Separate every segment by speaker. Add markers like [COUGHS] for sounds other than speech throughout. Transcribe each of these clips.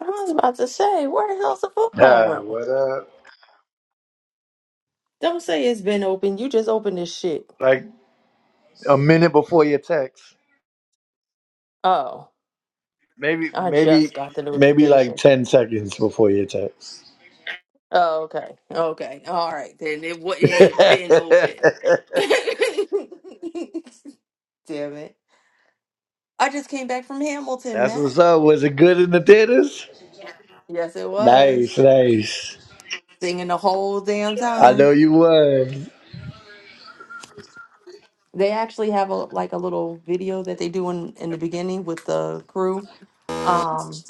Speaker 1: I was about to say, where the hell's the football
Speaker 2: Yeah,
Speaker 1: room?
Speaker 2: what up?
Speaker 1: Don't say it's been open. You just opened this shit.
Speaker 2: Like a minute before your text.
Speaker 1: Oh,
Speaker 2: Maybe
Speaker 1: I just
Speaker 2: maybe
Speaker 1: got the
Speaker 2: maybe like
Speaker 1: notification.
Speaker 2: ten seconds before your text.
Speaker 1: Oh, okay. Okay. All right. Then it, wa- it
Speaker 2: [LAUGHS]
Speaker 1: ain't been open. [LAUGHS] Damn it. I just came back from Hamilton,
Speaker 2: That's what's
Speaker 1: Mac.
Speaker 2: up. Was it good in the theaters?
Speaker 1: Yes, it
Speaker 2: Nice,
Speaker 1: was.
Speaker 2: nice.
Speaker 1: Singing the whole damn
Speaker 2: I know
Speaker 1: time.
Speaker 2: you won.
Speaker 1: They actually have a like a little video that they do in, in the beginning with the crew. Um,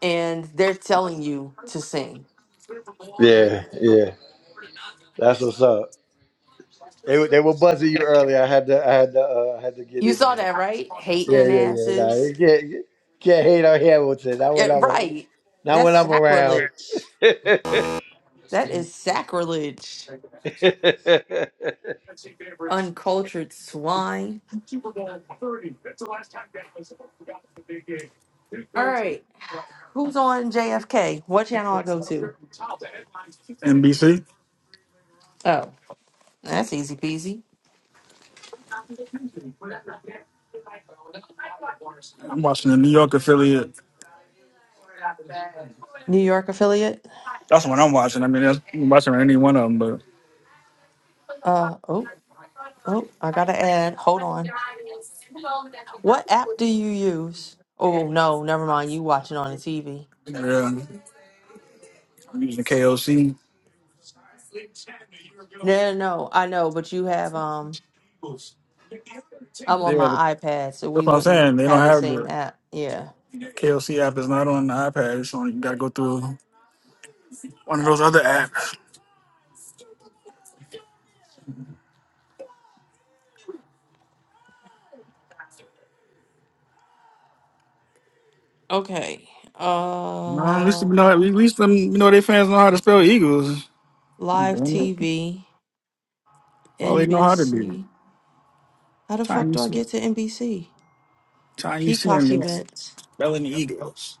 Speaker 1: and they're telling you to sing.
Speaker 2: Yeah, yeah. That's what's up. They were- they were buzzing you earlier. I had to I had to uh, I had to get
Speaker 1: You
Speaker 2: in
Speaker 1: saw
Speaker 2: there.
Speaker 1: that, right?
Speaker 2: Yeah,
Speaker 1: Hating
Speaker 2: yeah, yeah. Nah,
Speaker 1: asses.
Speaker 2: you can't you can't hate on Hamilton. Not
Speaker 1: It,
Speaker 2: when I'm a-
Speaker 1: right.
Speaker 2: not
Speaker 1: That's
Speaker 2: when I'm around.
Speaker 1: sacrilege. That is sacrilege.
Speaker 2: [LAUGHS]
Speaker 1: Uncultured swine. All right. Who's on JFK? What channel I go to?
Speaker 3: NBC.
Speaker 1: Oh, that's easy peasy.
Speaker 3: I'm watching the New York affiliate.
Speaker 1: New York affiliate.
Speaker 3: That's what I'm watching. I mean, that's, I'm watching any one of them, but
Speaker 1: Uh oh, oh, I gotta add. Hold on. What app do you use? Oh well, no, never mind. You watching on the TV.
Speaker 3: yeah, I'm using KOC.
Speaker 1: No, no, no, I know, but you have um I'm on
Speaker 3: Yeah,
Speaker 1: my iPad, so
Speaker 3: that's
Speaker 1: we
Speaker 3: what I'm
Speaker 1: wouldn't
Speaker 3: saying. They don't
Speaker 1: have the
Speaker 3: have
Speaker 1: same
Speaker 3: the
Speaker 1: app. Yeah.
Speaker 3: KOC app. Is not on the iPad. It's on. You gotta go through one of those other apps.
Speaker 1: Okay.
Speaker 3: Well, at least you
Speaker 1: Uh,
Speaker 3: know. At least them, you know, their fans know how to spell Eagles.
Speaker 1: live
Speaker 3: All
Speaker 1: TV,
Speaker 3: they know how to do.
Speaker 1: NBC. How the
Speaker 3: Time
Speaker 1: fuck
Speaker 3: you
Speaker 1: do I
Speaker 3: see,
Speaker 1: get to NBC?
Speaker 3: time you see
Speaker 1: Peacock
Speaker 3: him is
Speaker 1: events.
Speaker 3: spelling Eagles.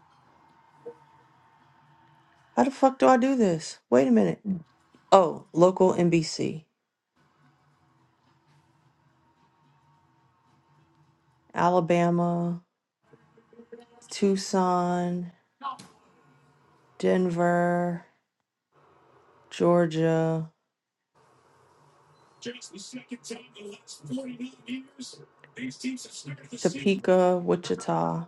Speaker 1: How the fuck do I do this? Wait a minute. Oh, local NBC. Alabama, Tucson, Denver, Georgia, Topeka, Wichita.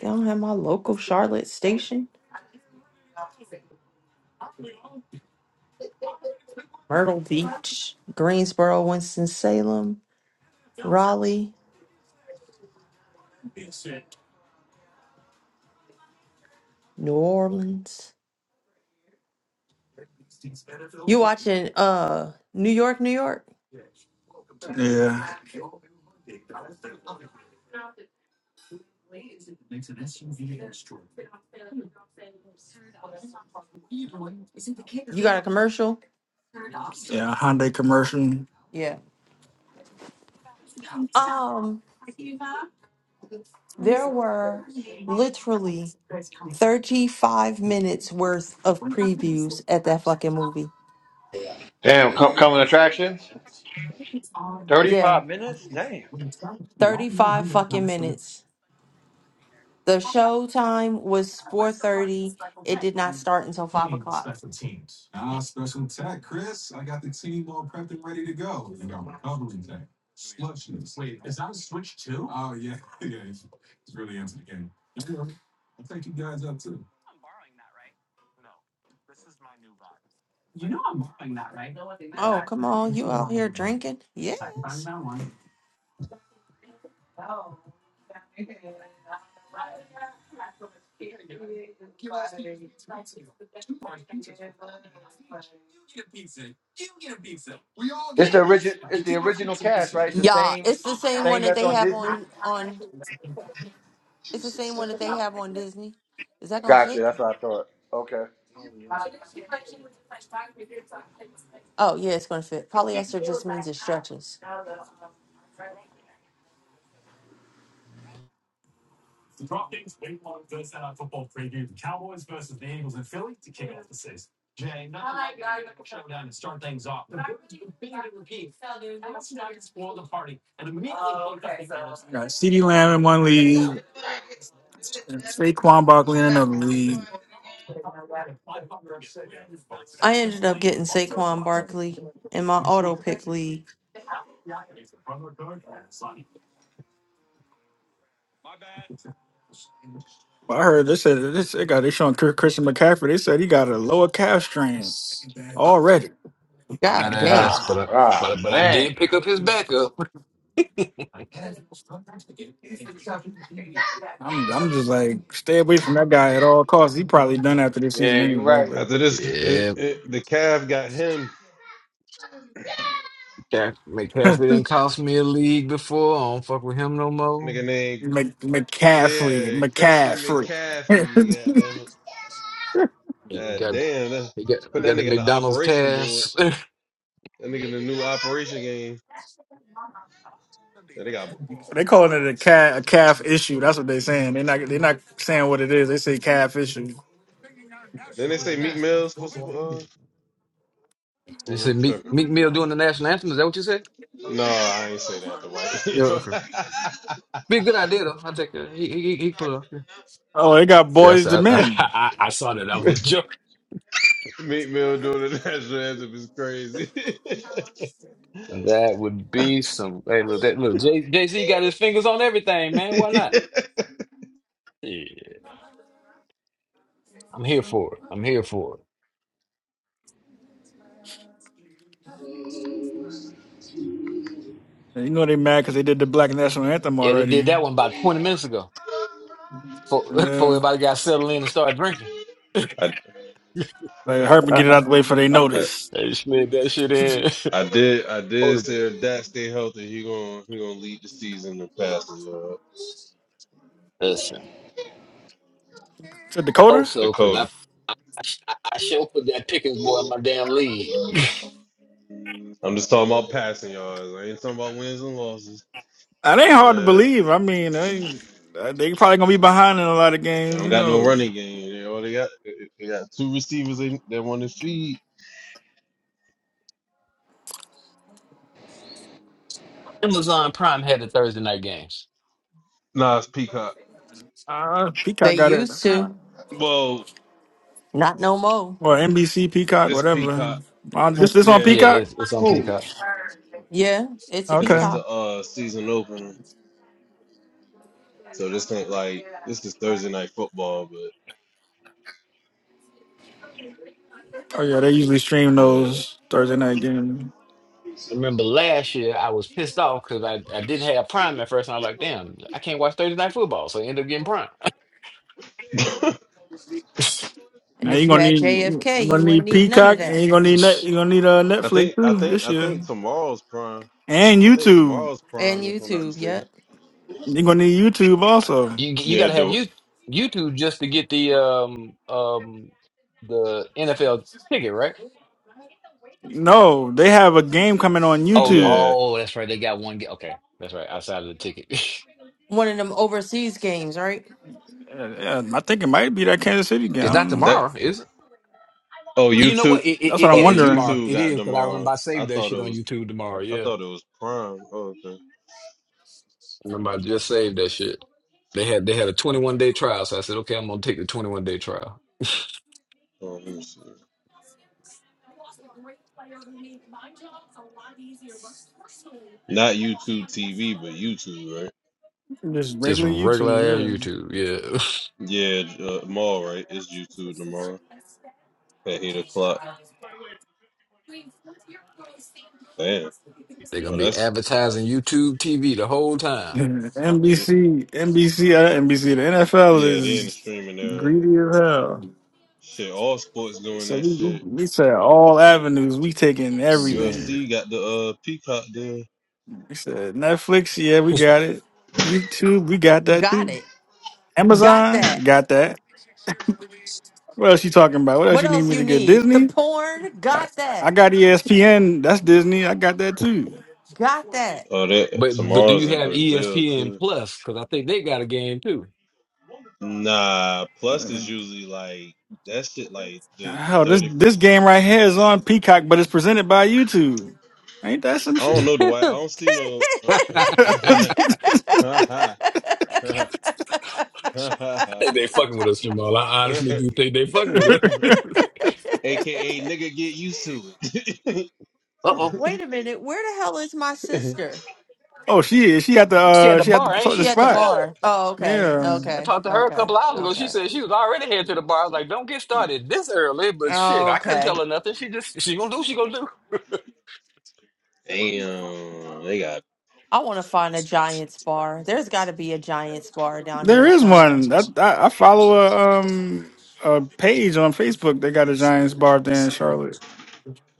Speaker 1: They don't have my local Charlotte station. Myrtle Beach, Greensboro, Winston-Salem, Raleigh, New Orleans. You watching uh New York, New York?
Speaker 3: Yeah,
Speaker 1: You got a commercial?
Speaker 3: yeah. Hyundai commercial.
Speaker 1: Yeah. Um, there were literally 35 minutes worth of previews at that fucking movie.
Speaker 2: Damn, co- coming attractions.
Speaker 1: Yeah,
Speaker 2: Thirty-five minutes. Damn.
Speaker 1: 35 fucking minutes. The show time was 4:30. It did not start until five o'clock. Oh, come on, you out here drinking? Yes.
Speaker 2: It's the original. It's the original cast, right? It's the
Speaker 1: Yeah,
Speaker 2: same
Speaker 1: it's the same one
Speaker 2: thing
Speaker 1: that
Speaker 2: that's
Speaker 1: they
Speaker 2: on
Speaker 1: have
Speaker 2: Disney.
Speaker 1: on on it's the same one that they have on Disney. Is that gonna
Speaker 2: Gotcha.
Speaker 1: fit?
Speaker 2: That's what I thought. Okay.
Speaker 1: Oh yeah, it's gonna fit. Polyester just means it stretches.
Speaker 3: I got Ceedee Lamb in one league, and Saquon Barkley in another league.
Speaker 1: I ended up getting Saquon Barkley in my auto pick league.
Speaker 3: But I heard they said this. They got they showing Chris- Christian McCaffrey. They said he got a lower calf strain already.
Speaker 4: on that
Speaker 1: God
Speaker 4: ass,
Speaker 1: damn.
Speaker 4: but
Speaker 2: Ah,
Speaker 4: I, but I,
Speaker 2: ah,
Speaker 4: but I
Speaker 2: man.
Speaker 4: did pick up his backup.
Speaker 3: I'm I'm just like stay away from that guy at all costs. He probably done after this season
Speaker 2: Yeah, you're
Speaker 3: anyway.
Speaker 2: right.
Speaker 3: But
Speaker 5: After this, uh,
Speaker 4: Yeah,
Speaker 5: uh, the calf got him,
Speaker 4: Caff- McCaffrey didn't cost me a league before. I don't fuck with him no
Speaker 5: nigga
Speaker 4: more.
Speaker 5: named
Speaker 3: Mc, McCaffrey,
Speaker 5: yeah Christian
Speaker 3: McCaffrey. [LAUGHS]
Speaker 5: McCaffrey.
Speaker 4: He
Speaker 5: God damn it! God
Speaker 4: got
Speaker 5: damn that.
Speaker 4: he got
Speaker 5: Put
Speaker 4: he
Speaker 5: that
Speaker 4: got the
Speaker 5: nigga in the
Speaker 4: McDonald's
Speaker 5: operation board.
Speaker 4: cast.
Speaker 5: That nigga in the new operation game. Then they got.
Speaker 3: They calling it a calf, a calf issue. That's what they saying. they not they not saying what it is. They say calf issue.
Speaker 5: Then they say Meat Mill's supposed to. Uh,
Speaker 4: [LAUGHS]
Speaker 5: oh,
Speaker 4: you
Speaker 5: I'm
Speaker 4: said Meek
Speaker 5: tripping.
Speaker 4: Meek Mill doing the national anthem. Is that what you said?
Speaker 5: No, I ain't say that. The
Speaker 4: Yeah, okay. Be a good idea though. I will take that. He he he he can pull it off. Yeah.
Speaker 3: Oh, they got
Speaker 4: Yes,
Speaker 3: boys to
Speaker 4: I, I, [LAUGHS]
Speaker 3: men.
Speaker 4: I I saw that. I was
Speaker 5: white
Speaker 4: joking.
Speaker 5: [LAUGHS] Meat Mill doing the national anthem is crazy.
Speaker 4: That would be some. Hey, look that look. Jay Z got his fingers on everything, man. Why not? Yeah, I'm here for it. I'm here for it.
Speaker 3: And you know they mad because they did the black national anthem
Speaker 4: Yeah, they did
Speaker 3: already.
Speaker 4: that one about 20 minutes ago before, [LAUGHS] before
Speaker 3: Yeah,
Speaker 4: everybody got settled in and started drinking.
Speaker 5: [LAUGHS] I,
Speaker 3: like hurt
Speaker 4: [LAUGHS]
Speaker 3: and get it out the way for they
Speaker 5: I,
Speaker 3: notice.
Speaker 4: they slid that shit in. [LAUGHS]
Speaker 5: I did. I
Speaker 4: oh,
Speaker 5: did
Speaker 4: the,
Speaker 5: say if Dak stay healthy, he gonna he gonna lead the season in passing. Uh,
Speaker 4: listen.
Speaker 3: To Dakota,
Speaker 4: Also, because
Speaker 5: Dakota.
Speaker 4: I, I, I I sure put that Pickens boy in my damn league.
Speaker 5: I'm just talking about passing yards. I ain't talking about wins and losses.
Speaker 3: that ain't hard to
Speaker 5: Yeah,
Speaker 3: believe. I mean, they uh, they probably gonna be behind in a lot of
Speaker 5: they
Speaker 3: games.
Speaker 5: don't
Speaker 3: Who
Speaker 5: got no
Speaker 3: knows?
Speaker 5: running game. They only got they got two receivers they, they want to feed.
Speaker 4: [LAUGHS] Amazon Prime had the Thursday night games.
Speaker 5: Nah, it's Peacock.
Speaker 3: Uh,
Speaker 1: They
Speaker 3: Peacock got it,
Speaker 1: used to.
Speaker 5: Well,
Speaker 1: Not no more.
Speaker 3: or NBC Peacock,
Speaker 5: it's
Speaker 3: whatever.
Speaker 5: Peacock.
Speaker 3: Uh, this this on
Speaker 4: Yeah,
Speaker 5: Yeah,
Speaker 3: Peacock?
Speaker 4: it's, it's on
Speaker 2: Ooh.
Speaker 4: Peacock.
Speaker 1: Yeah, it's a
Speaker 5: because it's
Speaker 3: Okay.
Speaker 1: peacock.
Speaker 5: the uh season opener. So this ain't like this is Thursday night football, but
Speaker 3: Oh yeah, they usually stream
Speaker 5: yeah.
Speaker 3: those Thursday night games.
Speaker 4: I remember last year I was pissed off because I, I didn't have Prime at first, and I was like, damn, I can't watch Thursday night football, so I ended up getting Prime.
Speaker 5: [LAUGHS]
Speaker 1: And
Speaker 3: Now you
Speaker 1: if you
Speaker 3: gonna
Speaker 1: had
Speaker 3: need you
Speaker 1: JFK, you
Speaker 3: gonna
Speaker 1: wouldn't
Speaker 3: need
Speaker 1: need none of
Speaker 3: Peacock and
Speaker 1: that.
Speaker 3: you gonna need
Speaker 4: [LAUGHS]
Speaker 3: net, you gonna need uh,
Speaker 5: I
Speaker 3: Netflix
Speaker 5: think I
Speaker 3: too
Speaker 5: think
Speaker 3: this
Speaker 5: I
Speaker 3: year
Speaker 5: think tomorrow's prime.
Speaker 3: and
Speaker 5: I think
Speaker 3: YouTube.
Speaker 5: tomorrow's
Speaker 1: And
Speaker 5: prime if I'm not
Speaker 1: YouTube,
Speaker 5: mistaken.
Speaker 1: yep.
Speaker 3: You gonna need YouTube also.
Speaker 4: You you
Speaker 5: Yeah,
Speaker 4: got to have
Speaker 5: dope.
Speaker 4: you YouTube just to get the um um the NFL ticket, right?
Speaker 3: No, they have a game coming on
Speaker 4: Oh
Speaker 3: YouTube.
Speaker 5: Yeah.
Speaker 4: oh, that's right. They got one. ga- Okay, that's right. Outside of the ticket,
Speaker 1: One of them overseas games, right?
Speaker 3: Uh, yeah, I think it might be that Kansas City
Speaker 4: [LAUGHS]
Speaker 3: game. I
Speaker 4: it's not
Speaker 3: don't know.
Speaker 5: That.
Speaker 4: tomorrow, is it?
Speaker 5: Oh,
Speaker 4: You know
Speaker 5: YouTube.
Speaker 4: what? It it,
Speaker 3: That's what
Speaker 4: it
Speaker 3: I'm
Speaker 5: Oh,
Speaker 4: it is
Speaker 3: wondering.
Speaker 4: tomorrow.
Speaker 5: YouTube
Speaker 4: It
Speaker 5: got
Speaker 4: is because I
Speaker 5: Demar.
Speaker 4: remember I
Speaker 5: I
Speaker 4: saved that
Speaker 5: thought
Speaker 4: shit
Speaker 5: it
Speaker 4: on
Speaker 5: was.
Speaker 4: YouTube tomorrow.
Speaker 5: I
Speaker 4: Yeah,
Speaker 5: thought it was Prime. Oh, okay.
Speaker 4: remember I just saved that shit. They had they had a twenty one day trial, so I said, okay, I'm gonna take the twenty one day trial.
Speaker 5: Oh, let me see. Not YouTube TV, but YouTube, right?
Speaker 3: Just
Speaker 4: Just
Speaker 3: regular
Speaker 4: regular air
Speaker 3: YouTube,
Speaker 4: YouTube. Yeah,
Speaker 5: Yeah, uh, tomorrow, right? It's YouTube tomorrow at eight o'clock. Damn.
Speaker 4: [LAUGHS] they're
Speaker 5: Oh,
Speaker 4: gonna be
Speaker 5: that's
Speaker 4: advertising YouTube TV the whole
Speaker 3: yeah. [LAUGHS]
Speaker 4: time.
Speaker 5: Y-
Speaker 3: NBC, NBC, uh, NBC. The NFL
Speaker 5: Yeah, they're in the
Speaker 3: is
Speaker 5: streaming era.
Speaker 3: greedy as hell.
Speaker 5: Shit, all sports doing
Speaker 3: So
Speaker 5: that
Speaker 3: we
Speaker 5: shit.
Speaker 3: we said all avenues. We taking everything.
Speaker 4: Shit.
Speaker 5: UFC got the uh Peacock deal.
Speaker 3: He said Netflix, yeah, we got it. YouTube, we got that
Speaker 1: Got
Speaker 3: too.
Speaker 1: it. Got
Speaker 3: Amazon,
Speaker 1: that.
Speaker 3: got that. What else you talking about? What else
Speaker 1: What
Speaker 3: you need
Speaker 1: else
Speaker 3: me
Speaker 1: you
Speaker 3: to get?
Speaker 1: need? The
Speaker 3: Disney?
Speaker 1: porn?
Speaker 3: I,
Speaker 1: Got
Speaker 3: I
Speaker 1: that.
Speaker 3: got ESPN. That's Disney. I got that too.
Speaker 1: Got that.
Speaker 5: Oh, that
Speaker 4: But but do
Speaker 5: tomorrow's
Speaker 4: you
Speaker 5: in
Speaker 4: have
Speaker 5: Brazil
Speaker 4: ESPN
Speaker 5: too.
Speaker 4: Plus? Because I think they got a game too.
Speaker 5: Nah, plus is usually like that shit like the
Speaker 3: Hell, this
Speaker 5: thirty.
Speaker 3: this game right here is on Peacock, but it's presented by YouTube. Ain't that some
Speaker 5: I don't
Speaker 3: shit?
Speaker 5: know Dwight. I
Speaker 4: [LAUGHS]
Speaker 5: don't see no.
Speaker 4: I
Speaker 3: [LAUGHS]
Speaker 5: [LAUGHS] [LAUGHS]
Speaker 1: [LAUGHS]
Speaker 4: think they fucking with us, Jamal. I honestly do think they fucking with us.
Speaker 5: AKA
Speaker 1: [LAUGHS]
Speaker 5: nigga, get used to it.
Speaker 4: Uh oh.
Speaker 1: Wait a minute. Where the hell is my
Speaker 5: [LAUGHS]
Speaker 1: sister?
Speaker 3: oh, she is. She at the
Speaker 4: She at
Speaker 3: uh,
Speaker 4: the
Speaker 3: she at the,
Speaker 4: bar, ain't
Speaker 3: pl- the
Speaker 1: She
Speaker 4: she?
Speaker 1: at the
Speaker 3: spot.
Speaker 4: Yeah.
Speaker 1: bar. Oh, okay.
Speaker 3: Yeah,
Speaker 4: I
Speaker 1: Okay.
Speaker 4: talked to her a
Speaker 1: Okay.
Speaker 4: couple hours ago. She
Speaker 1: Okay.
Speaker 4: said she was already headed to the bar. I was like, don't get started this early, but shit, I couldn't
Speaker 1: Okay.
Speaker 4: tell her nothing. She just she gonna do what she gonna do.
Speaker 5: Damn, they got
Speaker 1: I want to find a Giants bar. There's got to be a Giants bar down
Speaker 3: there
Speaker 1: here
Speaker 3: is
Speaker 1: somewhere.
Speaker 3: one. I, I I follow a um a page on Facebook. They got a Giants bar there in Charlotte.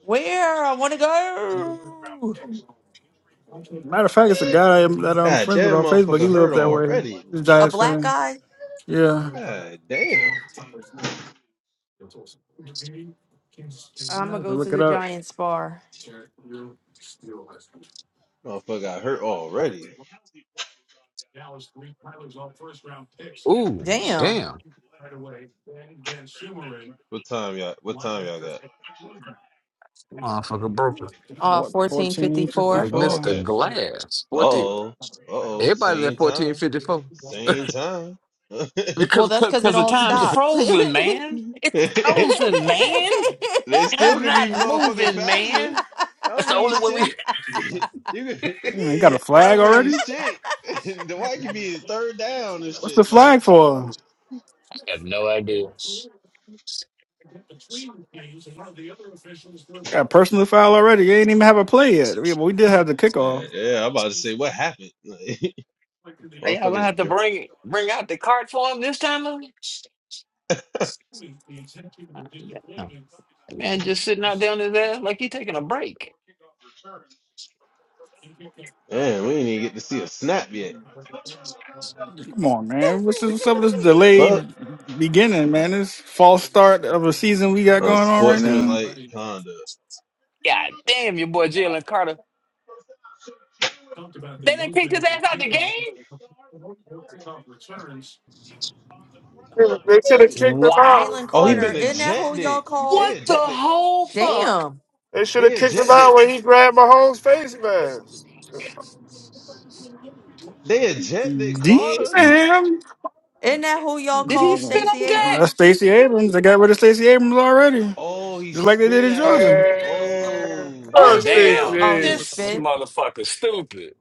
Speaker 1: Where? I want to go.
Speaker 3: Matter of fact, it's a guy I'm- that I'm
Speaker 5: God
Speaker 3: friends with
Speaker 5: damn
Speaker 3: on Facebook. He
Speaker 5: motherfucker
Speaker 3: live up
Speaker 5: hurt
Speaker 3: that way.
Speaker 5: already.
Speaker 3: He's a
Speaker 1: A
Speaker 3: Giants
Speaker 1: black
Speaker 3: fan.
Speaker 1: guy?
Speaker 3: Yeah. I
Speaker 5: God damn.
Speaker 1: I'm going
Speaker 3: have
Speaker 1: to
Speaker 3: to
Speaker 1: go to
Speaker 3: look it
Speaker 1: the
Speaker 3: up.
Speaker 1: Giants bar.
Speaker 5: Motherfucker got hurt already.
Speaker 4: [LAUGHS] Ooh,
Speaker 1: Damn.
Speaker 4: damn.
Speaker 5: What time y'all what time y'all got?
Speaker 4: Motherfucker broke her.
Speaker 1: Uh,
Speaker 3: Four-
Speaker 4: Like
Speaker 1: 1454.
Speaker 5: Oh
Speaker 3: 1454.
Speaker 4: Mr.
Speaker 5: okay.
Speaker 4: Glass.
Speaker 5: Uh
Speaker 4: 14,
Speaker 5: oh. Uh oh.
Speaker 4: everybody's at
Speaker 5: Same time.
Speaker 4: 1454.
Speaker 5: Same time.
Speaker 1: Well,
Speaker 4: Because
Speaker 1: that's because it
Speaker 4: because the
Speaker 1: all
Speaker 4: time's
Speaker 1: stopped.
Speaker 4: frozen,
Speaker 1: [LAUGHS]
Speaker 4: man. It's
Speaker 1: [LAUGHS]
Speaker 5: [LAUGHS]
Speaker 4: frozen, man.
Speaker 5: They
Speaker 4: Time's
Speaker 5: still can be
Speaker 4: not
Speaker 5: motherfucking
Speaker 4: moving,
Speaker 5: faster.
Speaker 4: man.
Speaker 5: I
Speaker 4: That's
Speaker 5: don't
Speaker 4: the
Speaker 5: mean
Speaker 4: only way
Speaker 5: shit.
Speaker 4: we
Speaker 5: [LAUGHS] you can,
Speaker 3: Yeah, he got a
Speaker 5: I
Speaker 3: flag
Speaker 5: don't mean
Speaker 3: already?
Speaker 5: shit. [LAUGHS] the white can be his third down and
Speaker 3: What's
Speaker 5: shit.
Speaker 3: the
Speaker 5: Like,
Speaker 3: flag for?
Speaker 4: [LAUGHS] I have no idea.
Speaker 3: Got a personal foul already. They ain't even have a play yet. We, we did have the
Speaker 5: yeah,
Speaker 3: kickoff.
Speaker 5: yeah. I'm about to say what happened. [LAUGHS]
Speaker 4: Are
Speaker 5: Like,
Speaker 4: y'all gonna
Speaker 5: motherfuckers.
Speaker 4: have to
Speaker 5: dr-
Speaker 4: bring bring out the cart for him this time? Louis? No. That man just sitting out there his ass like he taking a break.
Speaker 5: Man, we ain't even get to see a snap yet.
Speaker 3: Come on, man. What's, this, what's up with this
Speaker 5: Fuck.
Speaker 3: delayed beginning, man? This false start of a season we got going on
Speaker 5: Unsportsmanlike
Speaker 3: right
Speaker 5: conduct.
Speaker 4: God damn your boy Jalen Carter. They done kicked his ass out the game?
Speaker 6: They should have
Speaker 1: Wait,
Speaker 6: kicked him
Speaker 4: Wow.
Speaker 6: out.
Speaker 1: Jalen
Speaker 5: Oh, he been
Speaker 1: Carter,
Speaker 4: What
Speaker 1: isn't that who
Speaker 5: ejected.
Speaker 1: y'all
Speaker 5: They
Speaker 1: call?
Speaker 4: the
Speaker 5: ejected.
Speaker 4: whole fuck?
Speaker 1: Damn,
Speaker 6: They should
Speaker 5: They
Speaker 6: have kicked him out
Speaker 5: ejected.
Speaker 6: when he grabbed Mahomes' face mask.
Speaker 5: They
Speaker 3: now?
Speaker 5: ejected Carter.
Speaker 3: Damn.
Speaker 1: isn't that who y'all
Speaker 4: Did he
Speaker 1: call
Speaker 4: spit
Speaker 1: Stacey
Speaker 4: on that?
Speaker 3: That's
Speaker 1: Abrams?
Speaker 3: Stacey Abrams. They got rid of Stacey Abrams already,
Speaker 5: Oh, he
Speaker 3: just like they did
Speaker 5: spit
Speaker 3: in
Speaker 5: at him.
Speaker 3: Georgia.
Speaker 6: Man,
Speaker 5: Oh,
Speaker 1: What
Speaker 4: Oh
Speaker 6: oh,
Speaker 1: did he do?
Speaker 6: Stacey
Speaker 4: damn,
Speaker 1: Oh, he
Speaker 6: Abrams.
Speaker 4: this
Speaker 1: spit.
Speaker 4: motherfucker stupid.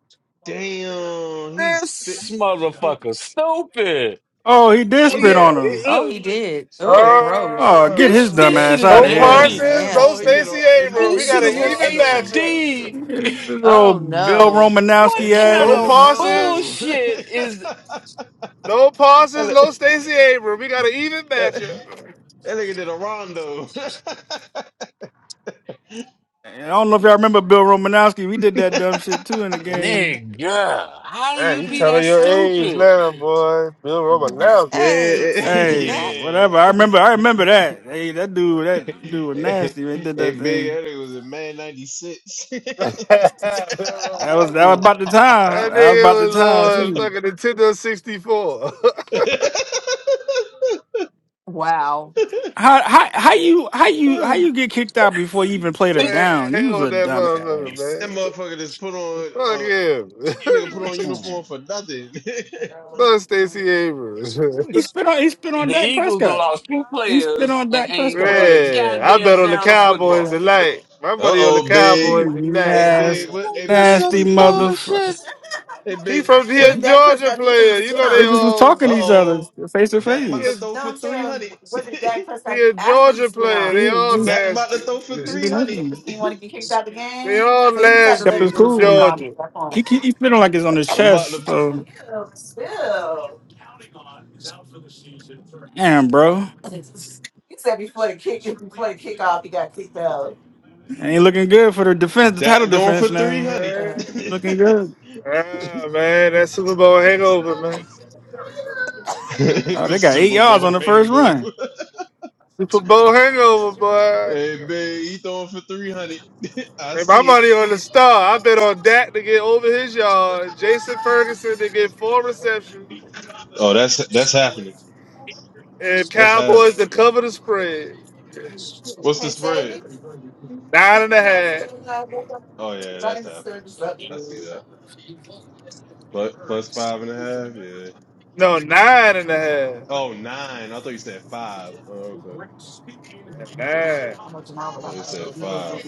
Speaker 5: damn. He spit.
Speaker 4: This
Speaker 5: He,
Speaker 4: motherfucker stupid.
Speaker 3: Oh, he did
Speaker 4: Oh
Speaker 5: he
Speaker 3: spit
Speaker 5: did a.
Speaker 4: yeah,
Speaker 3: on
Speaker 5: he-
Speaker 3: her.
Speaker 4: it-
Speaker 1: Oh, he
Speaker 4: look, look,
Speaker 1: did. Oh,
Speaker 5: And,
Speaker 3: Oh,
Speaker 1: gross.
Speaker 3: get
Speaker 4: this
Speaker 3: his
Speaker 6: Oh.
Speaker 3: dumb
Speaker 4: this
Speaker 5: and,
Speaker 4: shit
Speaker 3: ass
Speaker 4: is
Speaker 3: out
Speaker 4: in
Speaker 5: and
Speaker 6: No
Speaker 3: of
Speaker 1: Oh,
Speaker 5: more.
Speaker 4: HD.
Speaker 3: here.
Speaker 5: And
Speaker 6: Parsons, no
Speaker 5: more. He did
Speaker 1: nasty.
Speaker 5: a.
Speaker 6: Stacey
Speaker 5: And
Speaker 6: Abrams.
Speaker 5: more.
Speaker 6: We
Speaker 5: He
Speaker 4: This
Speaker 6: got
Speaker 5: did
Speaker 4: shit
Speaker 5: a
Speaker 4: is
Speaker 6: an
Speaker 4: in
Speaker 6: even
Speaker 5: rondo.
Speaker 6: matchup.
Speaker 4: HD.
Speaker 3: This
Speaker 1: Oh
Speaker 3: old Bill
Speaker 1: no.
Speaker 4: What
Speaker 3: Romanowski
Speaker 5: And more. He
Speaker 4: kind
Speaker 6: No
Speaker 5: did a
Speaker 4: of
Speaker 3: ass.
Speaker 6: Parsons,
Speaker 5: rondo. [LAUGHS] that,
Speaker 4: bullshit is
Speaker 6: no Parsons,
Speaker 5: li-
Speaker 6: no Stacey Abrams. We got an even
Speaker 5: that, that
Speaker 6: matchup.
Speaker 5: nigga did a rondo. [LAUGHS]
Speaker 3: And I don't know if y'all remember Bill Romanowski. We did that dumb shit too in the game.
Speaker 4: nigga? How do
Speaker 6: Man,
Speaker 4: you
Speaker 6: you
Speaker 4: be
Speaker 6: telling
Speaker 4: that
Speaker 6: your age
Speaker 4: stupid?
Speaker 6: now, boy. Bill Romanowski.
Speaker 1: Hey,
Speaker 5: Dead. [LAUGHS]
Speaker 1: thank you,
Speaker 3: Hey,
Speaker 1: Matt.
Speaker 5: yeah.
Speaker 3: whatever. I remember. I remember that. Hey, that dude. That dude was
Speaker 5: hey,
Speaker 3: nasty. They did
Speaker 5: hey,
Speaker 3: that
Speaker 5: big.
Speaker 3: thing.
Speaker 5: That nigga was in man ninety six.
Speaker 6: [LAUGHS] Bill
Speaker 3: That was that was
Speaker 6: Romanowski.
Speaker 3: about the time.
Speaker 6: That
Speaker 3: That was about the
Speaker 6: nigga was
Speaker 3: time
Speaker 6: on
Speaker 3: too.
Speaker 6: fucking Nintendo 64.
Speaker 1: Wow.
Speaker 3: How how how you how you how you get
Speaker 5: [LAUGHS] [LAUGHS]
Speaker 3: kicked out before you even played
Speaker 6: [LAUGHS]
Speaker 3: a
Speaker 4: It-
Speaker 6: man,
Speaker 3: down? You was
Speaker 6: hell with
Speaker 3: a
Speaker 6: that
Speaker 3: dumbass.
Speaker 5: That
Speaker 6: motherfucker, man.
Speaker 5: motherfucker just put on
Speaker 6: Fuck
Speaker 5: uh that nigga put on
Speaker 6: him.
Speaker 5: uniform for nothing. [LAUGHS]
Speaker 6: [LAUGHS] Fuck Stacey Abrams. [LAUGHS]
Speaker 3: He spit on he spit on
Speaker 4: The
Speaker 3: Dak
Speaker 4: Eagles done
Speaker 3: Prescott.
Speaker 4: lost two
Speaker 3: He spit
Speaker 4: players
Speaker 3: on
Speaker 4: and
Speaker 3: Dak
Speaker 4: ain't
Speaker 3: Prescott.
Speaker 4: played a
Speaker 6: man, I bet
Speaker 4: goddamn
Speaker 6: on the
Speaker 4: down of
Speaker 6: Cowboys
Speaker 4: football.
Speaker 6: tonight. My
Speaker 5: uh
Speaker 6: money on the
Speaker 5: oh, big.
Speaker 3: You
Speaker 6: Cowboys
Speaker 5: Hey
Speaker 6: tonight.
Speaker 5: big,
Speaker 3: nasty
Speaker 5: what hey
Speaker 4: That's
Speaker 5: big,
Speaker 3: nasty
Speaker 5: what's
Speaker 4: some
Speaker 3: motherfucker.
Speaker 4: bullshit.
Speaker 5: [LAUGHS] hey
Speaker 6: He
Speaker 5: big
Speaker 6: from he a Georgia player. You
Speaker 3: They
Speaker 6: know they
Speaker 3: just was
Speaker 6: all
Speaker 3: talking to
Speaker 5: uh
Speaker 3: each other
Speaker 5: oh.
Speaker 3: face to
Speaker 5: Dak about
Speaker 6: he
Speaker 5: to
Speaker 6: a,
Speaker 3: face.
Speaker 5: throw for three hundred. [LAUGHS]
Speaker 6: he a Georgia player. They
Speaker 3: on?
Speaker 6: all
Speaker 5: Dak about to
Speaker 6: nasty.
Speaker 5: throw for
Speaker 3: He
Speaker 5: three
Speaker 3: be
Speaker 5: hundred.
Speaker 3: listening.
Speaker 5: [LAUGHS]
Speaker 6: They all
Speaker 3: Kept it
Speaker 6: nasty from
Speaker 3: cool. spit him
Speaker 6: Georgia.
Speaker 3: He point. keep, he feeling like it's on his
Speaker 5: I'm about
Speaker 3: chest.
Speaker 5: to
Speaker 1: [LAUGHS]
Speaker 3: So damn, bro, ain't looking good for the defense, the
Speaker 5: Dak
Speaker 3: title
Speaker 5: throwing for
Speaker 3: defense
Speaker 5: three
Speaker 3: now.
Speaker 5: hundred. [LAUGHS]
Speaker 3: Ain't looking good.
Speaker 6: Ah man, that Super Bowl hangover, man.
Speaker 3: Oh,
Speaker 5: the
Speaker 3: they got eight
Speaker 5: Super
Speaker 3: yards on
Speaker 5: Bowl
Speaker 3: the first run.
Speaker 5: hangover.
Speaker 6: Super Bowl hangover, boy.
Speaker 5: Hey big, he throwing for three hundred. [LAUGHS] I
Speaker 6: And my
Speaker 5: see it.
Speaker 6: money on the star. I bet on Dak to get over his yard, Jason Ferguson to get four receptions,
Speaker 5: Oh, that's that's happening.
Speaker 6: and
Speaker 5: That's happening.
Speaker 6: Cowboys to cover the spread.
Speaker 5: What's the spread?
Speaker 6: Nine and a half.
Speaker 5: Oh yeah, that's happening. I see that. Plus plus five and a half. Yeah.
Speaker 6: No, nine and a half.
Speaker 5: Oh nine. I thought you said five. Oh, okay.
Speaker 6: Nine. Nine.
Speaker 5: I thought you said five.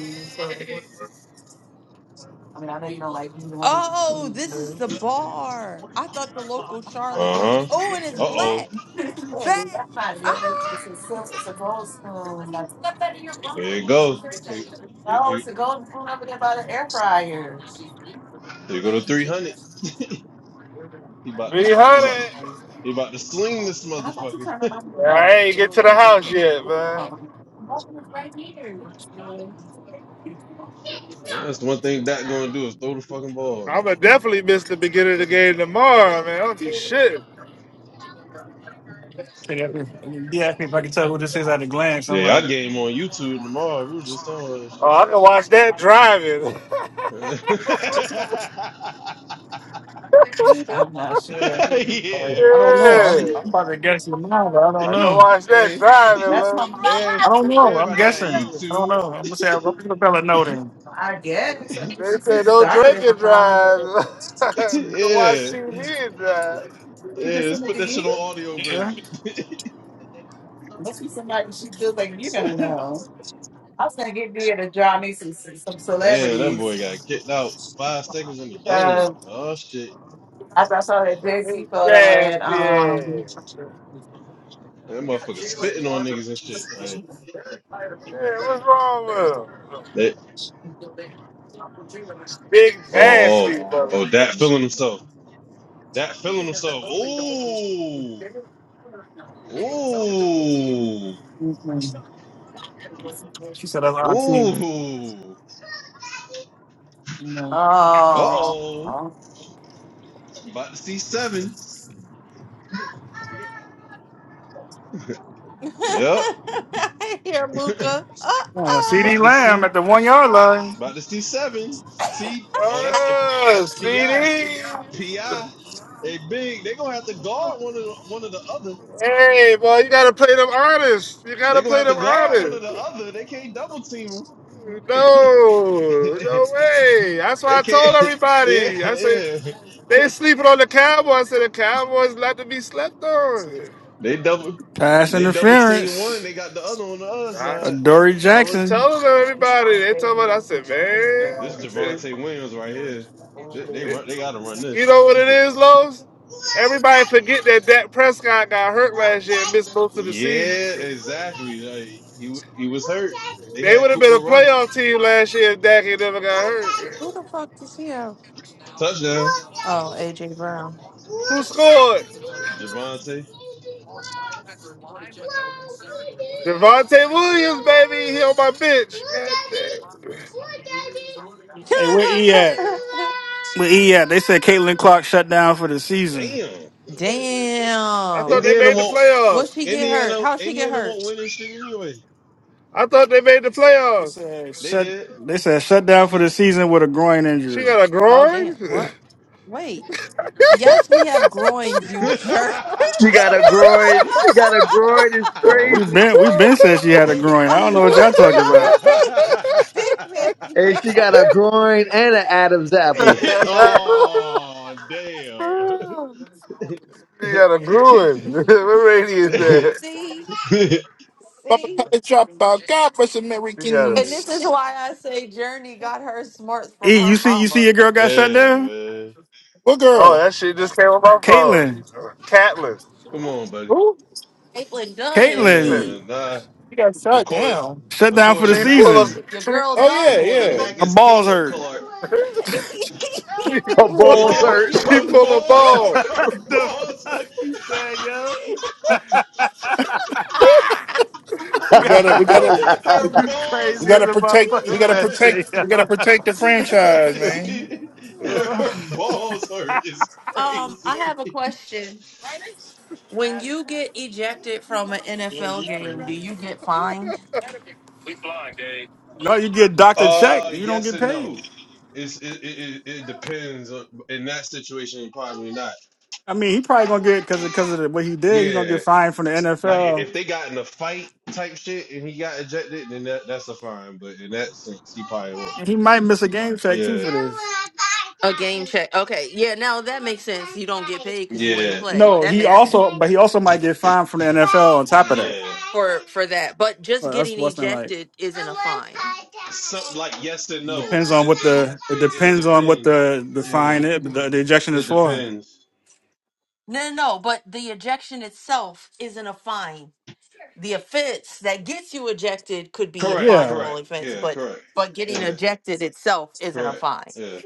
Speaker 1: Oh, this is the bar. I thought the local Charlotte
Speaker 5: Uh
Speaker 1: was.
Speaker 5: huh.
Speaker 1: Oh, and it's
Speaker 5: Uh oh.
Speaker 1: black. Back. Ah.
Speaker 5: Here you go. Here, here, here- here go to three hundred. [LAUGHS] He about to
Speaker 6: Three
Speaker 5: he
Speaker 6: hundred.
Speaker 5: about to, he about to sling this motherfucker. [LAUGHS]
Speaker 6: I ain't get to the house yet, man.
Speaker 5: That's one thing that gonna do is throw the fucking ball. Man.
Speaker 6: I'ma definitely miss the beginning of the game tomorrow, man. I'll be shit.
Speaker 3: They asked me they asked me if I could tell who this is at a glance. I'm
Speaker 5: Yeah,
Speaker 3: like,
Speaker 5: I game on YouTube tomorrow. We was just on
Speaker 6: Oh, I can watch that driving. [LAUGHS] yeah.
Speaker 5: that
Speaker 3: I'm
Speaker 5: shit.
Speaker 3: not sure.
Speaker 5: [LAUGHS] [LAUGHS]
Speaker 3: I don't.
Speaker 5: yeah. [LAUGHS]
Speaker 6: I
Speaker 5: [LAUGHS]
Speaker 6: can watch that
Speaker 5: hey, [LAUGHS]
Speaker 6: driving, look.
Speaker 5: hey, everybody got YouTube. [LAUGHS] yeah,
Speaker 6: They say don't drink and drive. [LAUGHS] we can watch TV and drive.
Speaker 5: yeah, let's put that shit on audio version. [LAUGHS] Damn, that boy got kicked out five seconds in the game. Oh shit.
Speaker 6: Nasty ass.
Speaker 5: That motherfucker spitting on niggas and shit. Like
Speaker 6: Yeah, what's wrong with him?
Speaker 5: that
Speaker 6: Big
Speaker 5: oh oh
Speaker 6: nasty
Speaker 5: oh that
Speaker 6: motherfucker.
Speaker 5: feeling himself. That feeling himself. Ooh. Ooh. Ooh. Uh oh. About to see seven.
Speaker 1: [LAUGHS]
Speaker 5: Yep.
Speaker 1: I hear
Speaker 5: [LAUGHS]
Speaker 1: Luca. Uh
Speaker 3: Uh, C.D.
Speaker 5: About to
Speaker 1: oh.
Speaker 3: Lamb
Speaker 5: see.
Speaker 3: at the one yard line.
Speaker 5: About to see seven.
Speaker 1: Uh
Speaker 5: See, oh, that's
Speaker 6: Oh,
Speaker 5: that's
Speaker 1: oh.
Speaker 6: CD.
Speaker 5: Pi.
Speaker 1: [COUGHS]
Speaker 5: Pi, big. They gonna have to guard one of the, one of the other.
Speaker 6: Hey, boy, you gotta play them artists. You
Speaker 5: They
Speaker 6: gotta
Speaker 5: gonna
Speaker 6: play
Speaker 5: have to
Speaker 6: them
Speaker 5: guard one of
Speaker 6: artists.
Speaker 5: the other. They can't double team them.
Speaker 6: No, no
Speaker 5: [LAUGHS]
Speaker 6: way. That's why
Speaker 5: they
Speaker 6: I told
Speaker 5: can't. [LAUGHS] Yeah,
Speaker 6: everybody. I said they
Speaker 5: yeah.
Speaker 6: sleeping on the Cowboys. I said the Cowboys not to be slept on.
Speaker 5: They double.
Speaker 3: Pass
Speaker 5: They double team one.
Speaker 3: interference.
Speaker 5: They got the other on the other
Speaker 6: I,
Speaker 5: side.
Speaker 3: Dory
Speaker 6: I was
Speaker 3: Jackson.
Speaker 6: telling everybody. They told me. I said, man,
Speaker 5: This
Speaker 6: I said,
Speaker 5: Javante Williams right here. They, they run.
Speaker 6: it-
Speaker 5: They gotta run this.
Speaker 6: you know what
Speaker 5: This.
Speaker 6: it
Speaker 5: Ja-
Speaker 6: is, Lowe's? Everybody forget that Dak Prescott got hurt last year and missed most of the season.
Speaker 5: Yeah, exactly. Like he w- he was hurt. They
Speaker 6: They
Speaker 5: had
Speaker 6: would have been
Speaker 5: Cooper
Speaker 6: a
Speaker 5: Rush
Speaker 6: playoff team last year if Dak had never got hurt.
Speaker 1: Who the fuck is here?
Speaker 5: touchdown.
Speaker 1: Oh, AJ Brown.
Speaker 5: Look,
Speaker 6: Who scored?
Speaker 5: Daddy, look. Javante.
Speaker 6: Devontae Williams, baby. He on my bench. God damn.
Speaker 3: Hey, where E at? But yeah, they said Caitlin Clark shut down for the season.
Speaker 5: Damn.
Speaker 1: [LAUGHS]
Speaker 6: I thought
Speaker 1: damn.
Speaker 6: they
Speaker 5: Indiana
Speaker 6: made the
Speaker 5: won't.
Speaker 1: What
Speaker 6: playoffs.
Speaker 1: she get hurt?
Speaker 5: Indiana.
Speaker 1: How she get
Speaker 5: Indiana
Speaker 1: hurt?
Speaker 5: won't win this shit anyway.
Speaker 6: I thought they made the
Speaker 3: They
Speaker 6: playoffs.
Speaker 3: said
Speaker 5: They
Speaker 3: shut.
Speaker 5: did.
Speaker 3: They said shut down for the season with a groin
Speaker 6: She
Speaker 3: injury.
Speaker 6: got a
Speaker 1: Oh
Speaker 6: groin?
Speaker 1: damn. What? Wait. Yes, we have groins, you jerk.
Speaker 2: She got a
Speaker 1: [LAUGHS] I
Speaker 5: [LAUGHS]
Speaker 2: groin. She got a
Speaker 6: [LAUGHS]
Speaker 2: groin. It's
Speaker 3: Oh, we
Speaker 2: crazy.
Speaker 3: been we been
Speaker 6: you
Speaker 3: said she had a groin. I don't know what
Speaker 1: swear
Speaker 3: y'all
Speaker 1: to
Speaker 3: talking
Speaker 1: God, I
Speaker 3: about.
Speaker 1: hate big men, [LAUGHS]
Speaker 2: And
Speaker 1: yo.
Speaker 2: she got a groin and an Adam's
Speaker 5: Yeah.
Speaker 2: apple.
Speaker 5: Oh damn. [LAUGHS]
Speaker 6: got a
Speaker 5: damn
Speaker 6: groove. [LAUGHS] what radio is that?
Speaker 1: See,
Speaker 7: Bubba
Speaker 1: see.
Speaker 7: Kelly dropout. God bless
Speaker 6: You got
Speaker 1: And
Speaker 6: a.
Speaker 1: this
Speaker 7: Americans.
Speaker 1: is why I say Journey got her smarts from
Speaker 3: E,
Speaker 1: her
Speaker 3: you see you see
Speaker 1: mama.
Speaker 3: your girl got shut down.
Speaker 5: man.
Speaker 7: What
Speaker 6: Oh,
Speaker 7: girl?
Speaker 6: that shit just came on my phone.
Speaker 3: Caitlin,
Speaker 6: Catlin.
Speaker 5: Come on, buddy.
Speaker 7: Who?
Speaker 1: Caitlin Dunn,
Speaker 6: Look,
Speaker 1: E.
Speaker 3: Caitlin
Speaker 5: Damn, nah.
Speaker 7: She got shot
Speaker 5: According,
Speaker 7: down.
Speaker 3: shut down for
Speaker 5: according
Speaker 3: the
Speaker 5: to
Speaker 6: she
Speaker 5: Matt,
Speaker 6: pull
Speaker 5: it's
Speaker 6: up.
Speaker 3: season.
Speaker 1: Your
Speaker 6: She
Speaker 1: girl
Speaker 7: Oh yeah,
Speaker 1: Dunn,
Speaker 5: According to
Speaker 1: E.
Speaker 7: yeah.
Speaker 6: pull,
Speaker 5: Mac,
Speaker 3: Her
Speaker 5: it's
Speaker 3: balls
Speaker 5: Caleb
Speaker 3: hurt.
Speaker 5: Clark.
Speaker 1: [LAUGHS]
Speaker 6: she
Speaker 2: Her
Speaker 5: No
Speaker 6: pull,
Speaker 5: one,
Speaker 2: balls
Speaker 5: no
Speaker 1: Jamal,
Speaker 5: one.
Speaker 2: hurt.
Speaker 5: [LAUGHS]
Speaker 1: you
Speaker 6: she
Speaker 5: her
Speaker 1: ain't
Speaker 6: pull a
Speaker 5: balls,
Speaker 1: shit. [LAUGHS]
Speaker 6: ball.
Speaker 5: her
Speaker 8: the
Speaker 5: balls,
Speaker 8: fuck you say, yo? [LAUGHS]
Speaker 6: [LAUGHS] oh,
Speaker 1: Ah!
Speaker 2: [LAUGHS]
Speaker 7: We gotta, we
Speaker 8: Yo,
Speaker 7: gotta,
Speaker 5: her
Speaker 8: you
Speaker 5: balls
Speaker 7: we
Speaker 8: crazy as
Speaker 7: gotta
Speaker 8: a
Speaker 7: protect.
Speaker 8: motherfucker
Speaker 7: We
Speaker 8: with
Speaker 7: gotta
Speaker 8: that shit,
Speaker 5: hurt.
Speaker 7: protect.
Speaker 8: yo.
Speaker 7: We gotta protect the franchise,
Speaker 5: [LAUGHS]
Speaker 7: man.
Speaker 5: she,
Speaker 6: yeah,
Speaker 3: Uh,
Speaker 5: her balls hurt. is
Speaker 1: um, I
Speaker 5: crazy.
Speaker 1: have a question. When you get ejected from an NFL game, do you get fined?
Speaker 3: [LAUGHS] no, you get doctor
Speaker 5: Uh,
Speaker 3: check. You don't
Speaker 5: yes
Speaker 3: get
Speaker 5: and
Speaker 3: paid.
Speaker 5: no. It's it it, it, it depends on in that situation. Probably not.
Speaker 3: I mean, he probably gonna get because because of 'cause of the, what he did. He gonna get
Speaker 5: Yeah,
Speaker 3: fined from the
Speaker 5: like
Speaker 3: NFL,
Speaker 5: if they got in a fight type shit and he got ejected, then that that's a fine. But in that sense, he probably won't.
Speaker 3: and he might miss a game check too
Speaker 5: Yeah.
Speaker 3: for this.
Speaker 1: A game check. Okay. Yeah, now that makes sense. You don't get paid because you ain't
Speaker 5: Yeah.
Speaker 1: play.
Speaker 3: No,
Speaker 1: That
Speaker 3: he
Speaker 1: makes sense
Speaker 3: also, but he also might get fined from the NFL on top of that.
Speaker 5: Yeah.
Speaker 1: for for that. But just
Speaker 3: But that's
Speaker 1: getting
Speaker 3: what's been Like,
Speaker 1: ejected isn't a fine.
Speaker 5: Some, like yes and
Speaker 3: it
Speaker 5: no.
Speaker 3: depends
Speaker 5: It,
Speaker 3: on
Speaker 5: it,
Speaker 3: what the it
Speaker 5: it,
Speaker 3: depends
Speaker 5: it
Speaker 3: on what
Speaker 5: depends.
Speaker 3: the the
Speaker 5: Yeah.
Speaker 3: fine is, the, the ejection is
Speaker 5: It
Speaker 3: for.
Speaker 5: depends.
Speaker 1: No, no, no, but the ejection itself isn't a fine. The offense that gets you ejected could be a
Speaker 5: Correct.
Speaker 3: Yeah,
Speaker 1: finable
Speaker 5: Correct.
Speaker 1: offense,
Speaker 5: Yeah.
Speaker 1: but
Speaker 5: Correct.
Speaker 1: but getting
Speaker 5: Yeah.
Speaker 1: ejected itself isn't a
Speaker 5: Correct.
Speaker 1: fine.
Speaker 5: Yeah.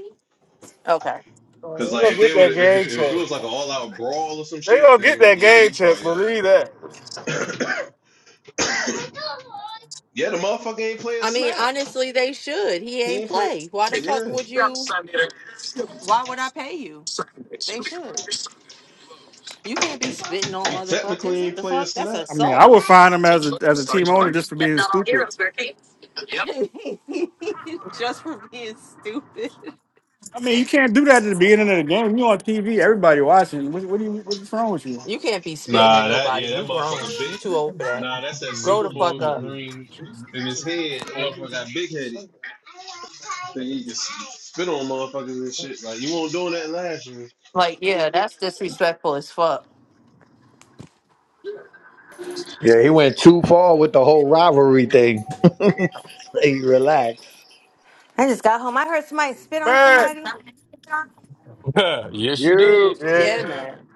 Speaker 1: Okay.
Speaker 6: they
Speaker 5: Cause like
Speaker 6: gonna
Speaker 5: if they
Speaker 6: get
Speaker 5: would
Speaker 6: that
Speaker 5: if, if
Speaker 6: game
Speaker 5: if it
Speaker 6: check.
Speaker 5: was like an all out brawl or some
Speaker 6: They
Speaker 5: shit,
Speaker 6: gonna get
Speaker 5: then
Speaker 6: that
Speaker 5: yeah,
Speaker 6: game
Speaker 5: you
Speaker 6: check.
Speaker 5: probably got.
Speaker 6: Believe that,
Speaker 5: [COUGHS] yeah, the motherfucker ain't play a
Speaker 1: I mean,
Speaker 5: snap.
Speaker 1: honestly, they should. He
Speaker 5: He
Speaker 1: ain't
Speaker 5: ain't play.
Speaker 1: play. Why the fuck
Speaker 5: Yeah.
Speaker 1: would you? Why would I pay you? They should. You can't be spitting on
Speaker 5: Technically,
Speaker 1: motherfuckers.
Speaker 5: he
Speaker 1: What
Speaker 5: ain't
Speaker 1: the
Speaker 5: play a
Speaker 1: fuck? That's
Speaker 5: snap.
Speaker 3: I mean,
Speaker 1: assault.
Speaker 3: I would fine him as a as a team owner just for being stupid.
Speaker 1: [LAUGHS] just for being stupid.
Speaker 3: I mean, you can't do that at the beginning of the game. You on TV, everybody watching. What, what do you? What's wrong with you?
Speaker 1: You can't be spitting at
Speaker 5: Nah, that
Speaker 1: nobody.
Speaker 5: yeah,
Speaker 1: You
Speaker 5: that
Speaker 1: grown.
Speaker 5: motherfucker big.
Speaker 1: You too old for that.
Speaker 5: Nah, that's that
Speaker 1: Grow
Speaker 5: Super
Speaker 1: the
Speaker 5: Bowl
Speaker 1: fuck up.
Speaker 5: ring in his head. That motherfucker got big headed. Think he can spit on motherfuckers and shit. Like you won't doing that last year.
Speaker 1: Like, yeah, that's disrespectful as fuck.
Speaker 2: yeah, he went too far with the whole rivalry thing. [LAUGHS] hey, relax.
Speaker 9: I just got home. I heard somebody spit on
Speaker 6: man.
Speaker 9: somebody.
Speaker 4: [LAUGHS] yes, you did.
Speaker 2: You.
Speaker 1: Yeah,
Speaker 6: Yeah.
Speaker 1: man.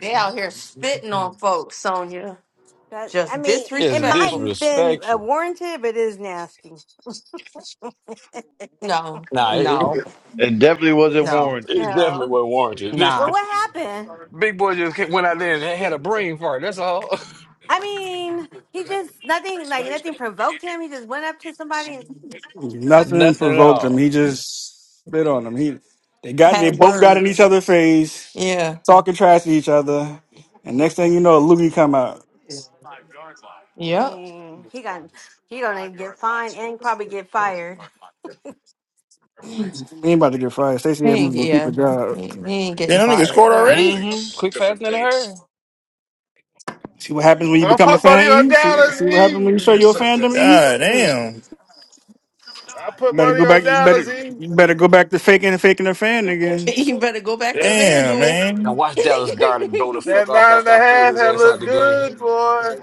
Speaker 1: They out here spitting on folks, Sonya.
Speaker 9: That I
Speaker 1: Just
Speaker 9: mean,
Speaker 4: It's
Speaker 9: it might
Speaker 1: disrespectful.
Speaker 9: have been uh,
Speaker 4: disrespectful.
Speaker 9: warranted, but it is nasty.
Speaker 1: No,
Speaker 4: Nah, it, it
Speaker 1: no,
Speaker 2: It definitely wasn't
Speaker 1: no,
Speaker 4: it
Speaker 2: warranted.
Speaker 4: definitely
Speaker 9: Oh.
Speaker 4: wasn't warranted.
Speaker 9: Well,
Speaker 1: nah.
Speaker 4: [LAUGHS]
Speaker 9: what happened?
Speaker 4: Big boy just came- went out there and had a brain fart. That's all.
Speaker 9: I mean, he just nothing like nothing provoked him. He just went up to somebody and
Speaker 4: [LAUGHS]
Speaker 3: Nothing
Speaker 4: Nothing at
Speaker 3: provoked him.
Speaker 4: all.
Speaker 3: He just spit on him. He they got they
Speaker 1: Had
Speaker 3: both got in each
Speaker 1: words.
Speaker 3: other's face,
Speaker 1: Yeah.
Speaker 3: talking trash to each other, and next thing you know, Lugie come out.
Speaker 1: Yep.
Speaker 9: dang, he got he gonna get fined and probably get fired.
Speaker 3: He ain't about to get fired. Stacey
Speaker 1: He
Speaker 3: Abrams
Speaker 1: ain't,
Speaker 3: gonna keep a
Speaker 1: yeah.
Speaker 3: job.
Speaker 1: He, he ain't getting
Speaker 7: Damn, them niggas
Speaker 1: fired.
Speaker 7: scored
Speaker 1: [LAUGHS]
Speaker 9: Yeah,
Speaker 7: already.
Speaker 9: this.
Speaker 4: Mm-hmm.
Speaker 7: Six
Speaker 4: Quick, fast,
Speaker 7: Different
Speaker 4: and in a hurry.
Speaker 7: dates.
Speaker 3: See what happens when you
Speaker 6: I
Speaker 3: become a
Speaker 6: put money
Speaker 3: fan,
Speaker 6: on
Speaker 3: E. See,
Speaker 6: Dallas,
Speaker 3: see what happens when you show
Speaker 7: You're
Speaker 6: E.
Speaker 3: your
Speaker 7: something.
Speaker 3: fandom, E.
Speaker 7: God
Speaker 9: Mm.
Speaker 7: damn,
Speaker 6: I put
Speaker 3: Better
Speaker 6: money
Speaker 3: go back.
Speaker 6: on
Speaker 3: You
Speaker 6: Dallas,
Speaker 3: better
Speaker 6: E.
Speaker 3: you better go back to faking and faking a fan again.
Speaker 1: You better go back to
Speaker 6: That,
Speaker 7: damn,
Speaker 1: FanDuel.
Speaker 4: Now
Speaker 7: man.
Speaker 4: watch Dallas Garner go the
Speaker 1: [LAUGHS]
Speaker 4: fuck
Speaker 6: that
Speaker 4: off
Speaker 6: nine and
Speaker 4: after
Speaker 6: a
Speaker 4: I pulled
Speaker 6: half
Speaker 4: his
Speaker 6: had
Speaker 4: ass out
Speaker 6: looked
Speaker 4: the game.
Speaker 6: good, boy.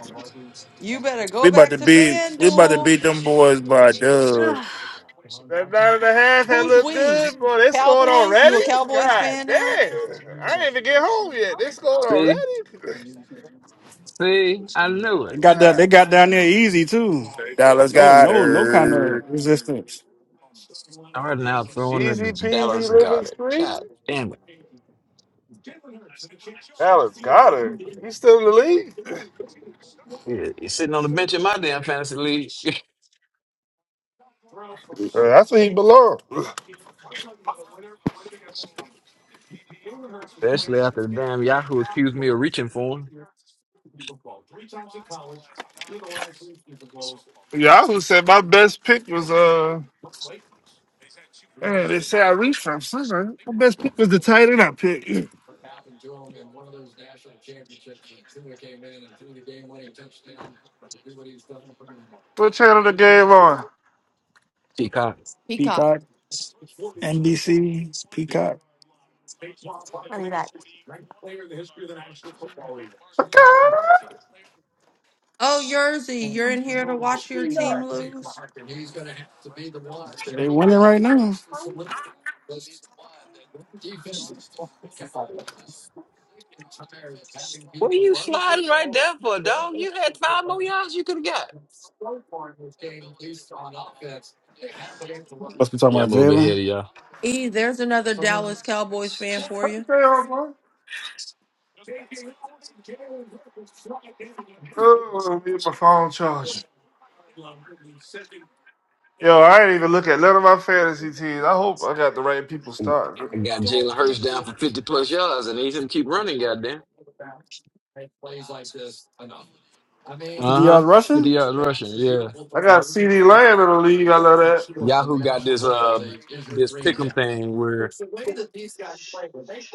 Speaker 1: You better go
Speaker 7: We about
Speaker 1: back
Speaker 7: to
Speaker 1: to
Speaker 7: beat. We about to
Speaker 1: FanDuel.
Speaker 7: beat them boys by a dub.
Speaker 9: Ugh,
Speaker 6: That nine and a half had
Speaker 1: Who's
Speaker 6: looked
Speaker 1: we?
Speaker 6: good, boy. They scored
Speaker 1: Cowboys?
Speaker 6: already?
Speaker 1: You a Cowboys
Speaker 6: God
Speaker 1: fan
Speaker 6: damn.
Speaker 1: now?
Speaker 6: I ain't even get home yet. They scored
Speaker 4: See,
Speaker 6: already?
Speaker 4: see, I knew
Speaker 3: They
Speaker 4: it.
Speaker 3: got that.
Speaker 6: Ah,
Speaker 3: They got down there easy too.
Speaker 7: Dallas
Speaker 3: No,
Speaker 7: got
Speaker 3: no, no kind of
Speaker 7: her.
Speaker 3: resistance.
Speaker 4: All right, now throwing
Speaker 6: easy
Speaker 4: the
Speaker 6: peasy,
Speaker 4: Dallas
Speaker 6: living
Speaker 4: Garner.
Speaker 6: street.
Speaker 4: God damn it.
Speaker 6: Dallas got it. He's still in the league.
Speaker 4: Yeah, he's sitting on the bench in my damn fantasy league. [LAUGHS]
Speaker 6: Uh, That's where he belongs.
Speaker 4: Especially after the damn Yahoo accused me of reaching for him.
Speaker 6: Yahoo said my best pick was, uh, man, they say I reached from somewhere. My best pick was the tight end I picked. What channel the game on?
Speaker 4: Peacock.
Speaker 1: Peacock.
Speaker 3: Peacock, NBC, Peacock.
Speaker 9: [SIGHS] I'll be back.
Speaker 6: Okay.
Speaker 1: Oh, Yerzy, you're in here to watch your team lose?
Speaker 3: They winning right now.
Speaker 4: What are you sliding right there for, dog? You had five more yards you could have got.
Speaker 3: Must be talking
Speaker 4: Yeah,
Speaker 3: about
Speaker 4: I'm a little bit
Speaker 3: Jalen.
Speaker 4: ahead of y'all.
Speaker 1: E, there's another Dallas
Speaker 6: What
Speaker 1: Cowboys fan for
Speaker 6: the
Speaker 1: you.
Speaker 6: hell, boy? Oh, get my phone charging. Yo, I ain't even look at none of my fantasy teams. I hope I got the right people starting.
Speaker 4: I got Jalen Hurts down for 50 plus yards and they him keep running, goddamn.
Speaker 3: Fifty
Speaker 4: Uh huh.
Speaker 3: yards
Speaker 4: 50
Speaker 3: rushing.
Speaker 4: yards rushing, yeah.
Speaker 6: I got CD Lamb in the league. I love that.
Speaker 4: Yahoo got this uh this pick'em thing where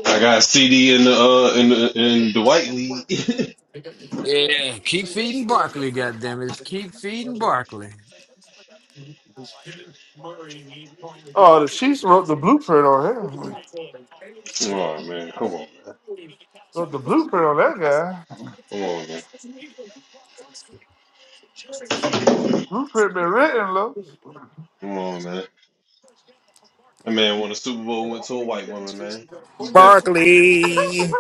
Speaker 5: I got CD in the uh in the in the white league. [LAUGHS]
Speaker 4: yeah, keep feeding Barkley, goddamn it, keep feeding Barkley.
Speaker 6: Oh, the Chiefs wrote the blueprint on him.
Speaker 5: Come on, man, come on man,
Speaker 6: Wrote the blueprint on that guy.
Speaker 5: come on man,
Speaker 6: Blueprint been written, look.
Speaker 5: come on man. That man won a Super Bowl and went to a white woman, man. He different.
Speaker 1: [LAUGHS]
Speaker 7: Barkley.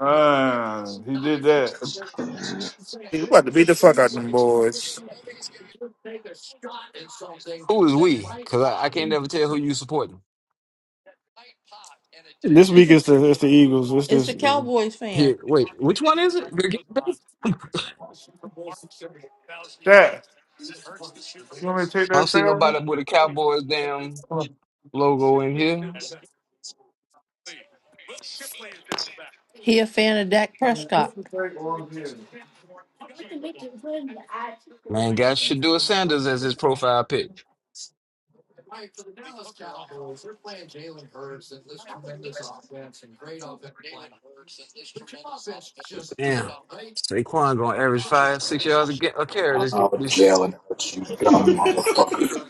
Speaker 6: Ah, he did that.
Speaker 5: [LAUGHS]
Speaker 7: We about to beat the fuck out them boys.
Speaker 4: Who is we? Cause I, I can't never tell who you supporting.
Speaker 3: And this
Speaker 1: He's
Speaker 3: week
Speaker 1: a
Speaker 3: it's the it's the Eagles. What's
Speaker 1: it's
Speaker 3: this
Speaker 1: a
Speaker 3: uh,
Speaker 1: Cowboys
Speaker 4: Here,
Speaker 1: fan.
Speaker 4: wait, which one is it? The Cowboys?
Speaker 6: Jack, you want me to take
Speaker 4: I don't
Speaker 6: that
Speaker 4: see
Speaker 6: therapy?
Speaker 4: nobody with a Cowboys damn
Speaker 6: Put
Speaker 4: logo in here.
Speaker 1: He a fan of Dak Prescott.
Speaker 6: the thing on
Speaker 4: Man, guys should do a Sanders as his profile pic. Damn. Saquon gonna average five, six yards a, ga- a carry this
Speaker 10: Oh,
Speaker 4: game. This.
Speaker 10: Jalen, what you dumb motherfucker.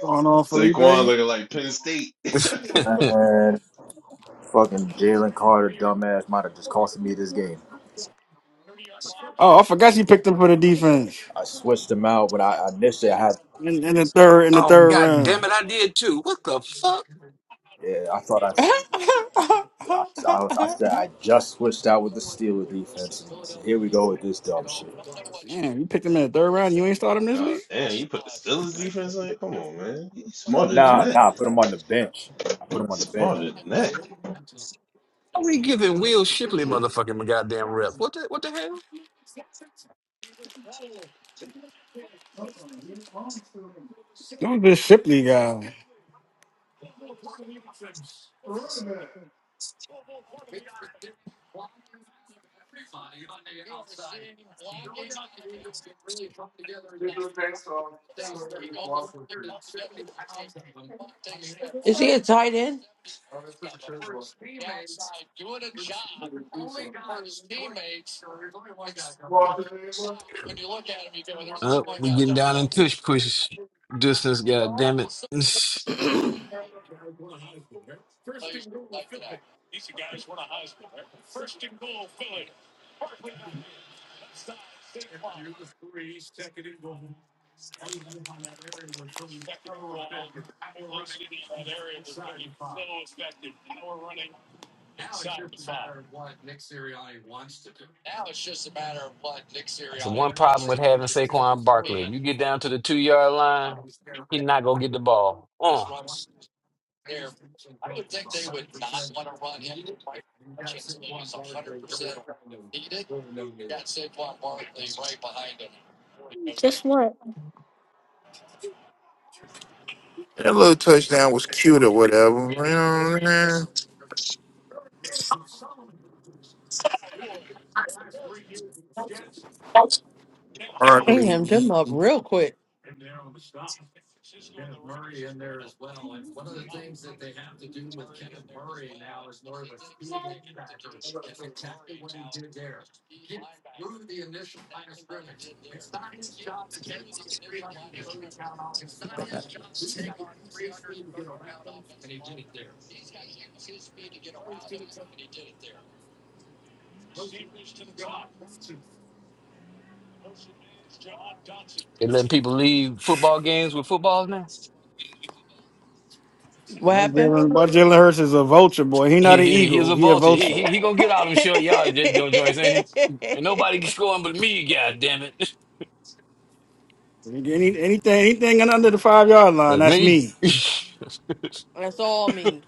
Speaker 3: going on,
Speaker 5: Saquon
Speaker 3: Felipe?
Speaker 5: looking like Penn State.
Speaker 4: sh-
Speaker 5: [LAUGHS]
Speaker 10: Man, fucking Jalen Carter, dumbass, might have just cost me this game.
Speaker 3: Oh, I forgot you picked him for the defense
Speaker 10: I switched him out, but I initially I had,
Speaker 3: in, in the third
Speaker 4: [LAUGHS]
Speaker 3: in the
Speaker 4: oh
Speaker 3: third
Speaker 4: god
Speaker 3: round.
Speaker 4: damn it! I did too. What the fuck?
Speaker 10: yeah, I thought I, s- I, I, was- I said I just switched out with the Steeler defense, and here we go with this dumb shit.
Speaker 3: Damn, you picked him in the third round. You ain't start him this week.
Speaker 5: God damn, you put the Steelers defense in? Come on, man. He's smarter than
Speaker 10: Nah,
Speaker 5: that.
Speaker 10: nah, I put him on the bench. I put
Speaker 5: He's
Speaker 10: him on the bench.
Speaker 5: Smarter than that.
Speaker 4: Are we giving Will Shipley motherfucking goddamn rep? What the what the hell?
Speaker 3: Don't be a Shipley guy.
Speaker 6: here. They were paying so I was just walking to.
Speaker 1: Is he a tight end?
Speaker 6: I mean, pretty sure it was. It was police officer. Walking in, what? Walking
Speaker 4: Uh,
Speaker 6: in. there.
Speaker 4: we getting down in tush push distance. God damn it! [SIGHS] [LAUGHS] That's the one problem with having Saquon Barkley. If you get down to the two yard line, he not gonna get the ball. Oh,
Speaker 7: That little touchdown was cute or whatever. You know what I'm saying?
Speaker 1: Damn him them
Speaker 7: Sparkly.
Speaker 1: up real quick.
Speaker 6: I'm not sure.
Speaker 4: they letting people leave football games with footballs
Speaker 1: What
Speaker 3: My
Speaker 1: happened?
Speaker 3: Jalen, my Jalen Hurts is a vulture boy. He not
Speaker 4: He,
Speaker 3: an
Speaker 4: he, he's
Speaker 3: eagle.
Speaker 4: a
Speaker 3: He a
Speaker 4: vulture. He,
Speaker 3: vulture.
Speaker 4: he, he gonna
Speaker 1: [LAUGHS]
Speaker 4: get out them short yardage jo- jo- joints, ain't he? And nobody can score him but me, god damn it. [LAUGHS]
Speaker 3: Any, anything, anything under the five yard line,
Speaker 4: That's
Speaker 3: that's
Speaker 4: me.
Speaker 3: me.
Speaker 4: [LAUGHS]
Speaker 1: That's all me.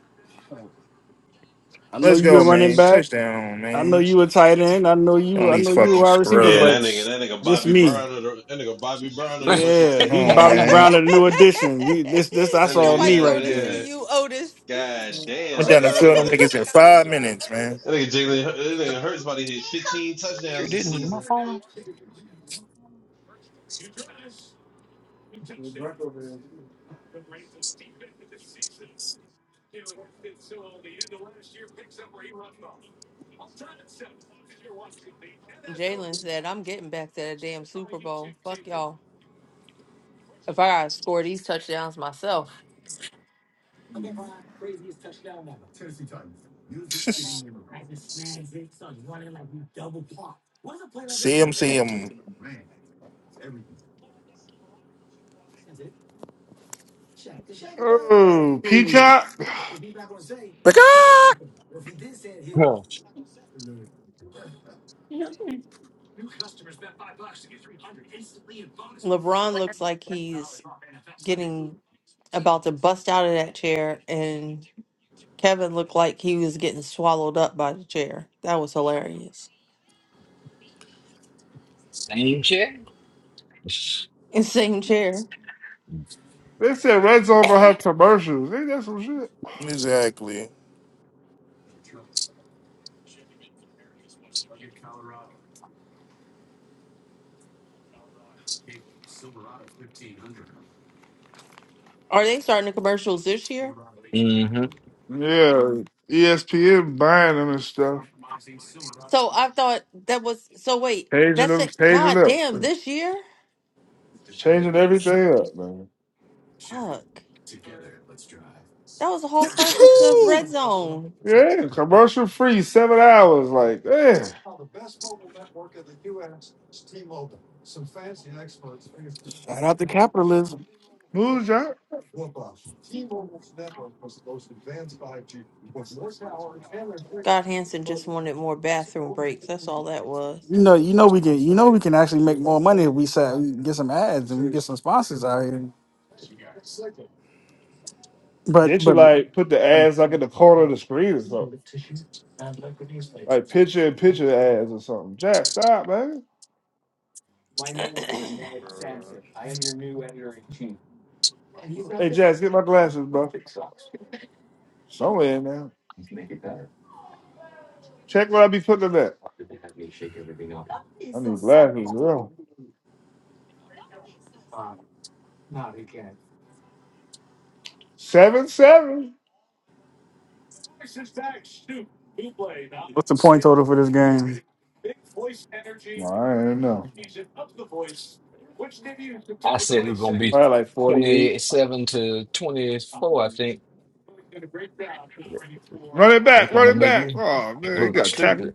Speaker 3: I know
Speaker 7: Let's
Speaker 3: you a
Speaker 7: go,
Speaker 3: running
Speaker 7: man.
Speaker 3: back.
Speaker 7: Touchdown,
Speaker 3: I know
Speaker 7: man.
Speaker 3: you a tight end. I know
Speaker 7: On
Speaker 3: you. I
Speaker 7: these
Speaker 3: know you a
Speaker 7: fucking
Speaker 3: wide receiver.
Speaker 5: Yeah,
Speaker 3: But
Speaker 5: that nigga,
Speaker 7: scrubs.
Speaker 5: that nigga
Speaker 3: this
Speaker 5: Bobby
Speaker 3: me.
Speaker 5: Brown of the that nigga Bobby Brown of the Russian
Speaker 3: Yeah, he
Speaker 1: [LAUGHS]
Speaker 7: Oh,
Speaker 5: TDs.
Speaker 3: Bobby
Speaker 7: man.
Speaker 3: Brown, a new addition. He, this this that's
Speaker 5: That
Speaker 1: Ain't
Speaker 3: all
Speaker 5: nigga
Speaker 1: nobody
Speaker 3: me
Speaker 5: got
Speaker 1: coming
Speaker 3: right
Speaker 1: to
Speaker 3: there.
Speaker 1: see
Speaker 5: there.
Speaker 1: you, Otis.
Speaker 5: God
Speaker 6: Oh, the
Speaker 7: Went
Speaker 5: damn,
Speaker 7: down the
Speaker 5: cuz
Speaker 7: field, them
Speaker 5: like
Speaker 7: niggas in
Speaker 1: [LAUGHS]
Speaker 7: five minutes, man.
Speaker 5: that nigga Jalen that nigga Hurts about to hit 15
Speaker 4: sure
Speaker 5: touchdowns this
Speaker 4: didn't.
Speaker 5: season.
Speaker 1: Jalen said, I'm getting back to that damn Super Bowl. Fuck y'all. If I gotta score these touchdowns myself.
Speaker 7: [LAUGHS] see him, see him.
Speaker 6: Oh, Peacock.
Speaker 1: LeBron looks like he's getting about to bust out of that chair and Kevin looked like he was getting swallowed up by the chair. That was hilarious. [LAUGHS]
Speaker 4: Same shit.
Speaker 1: And same chair.
Speaker 6: They said Red Zone gonna have commercials. They got some shit.
Speaker 7: Exactly. [LAUGHS]
Speaker 1: Are they starting the commercials this year?
Speaker 4: Mm-hmm.
Speaker 6: Yeah, ESPN buying them and stuff,
Speaker 1: So I thought that was so wait,
Speaker 6: changing
Speaker 1: that's
Speaker 6: them,
Speaker 1: it.
Speaker 6: changing
Speaker 1: God
Speaker 6: up,
Speaker 1: damn, this year?
Speaker 6: changing everything up, man.
Speaker 1: Fuck. That was the whole purpose of
Speaker 7: I
Speaker 1: Red Zone.
Speaker 6: Yeah, commercial free, seven hours. Like, eh,
Speaker 3: Shout out to capitalism.
Speaker 6: move, John.
Speaker 1: Scott Hansen just wanted more bathroom breaks. That's all that was.
Speaker 3: You know, you know we can. You know we can actually make more money if we sell, we get some ads and we get some sponsors out here. But
Speaker 6: They should
Speaker 3: but
Speaker 6: like put the
Speaker 3: but
Speaker 6: ads like in the corner of the screen or something. Like picture and picture ads or something. Jack, stop, man.
Speaker 1: [CLEARS THROAT]
Speaker 6: Hey Jack, get my glasses, bro. Somewhere in there. Check what I be putting in that. I need glasses, bro. Seven seven.
Speaker 3: what's the point total for this game?
Speaker 6: Well, I don't know. Probably like forty eight. Run it back, run it back. Oh man, he got tackled.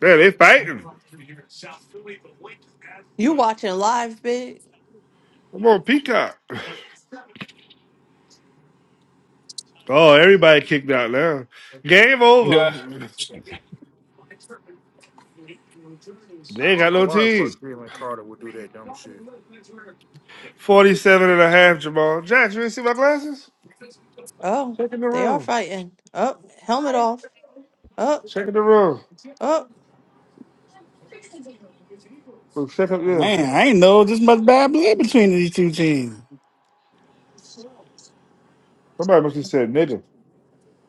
Speaker 6: Man, they fighting.
Speaker 1: you watching live, big?
Speaker 6: Come on, Peacock. Oh, everybody kicked out now. Game over.
Speaker 4: Yeah.
Speaker 6: They ain't
Speaker 7: don't
Speaker 6: got
Speaker 7: know
Speaker 6: no
Speaker 7: why the
Speaker 6: team.
Speaker 7: fuck Jalen Carter would do that dumb shit
Speaker 6: 47 and a half, Jamal. Jack, you didn't see my glasses?
Speaker 1: Oh,
Speaker 6: Check in the
Speaker 1: they are
Speaker 6: room.
Speaker 1: fighting. Up, helmet off. Up,
Speaker 6: Check in the room.
Speaker 1: up.
Speaker 6: Well, Check up, there.
Speaker 3: Man, I ain't know this much bad blood between these two teams.
Speaker 6: Somebody must have said nigga.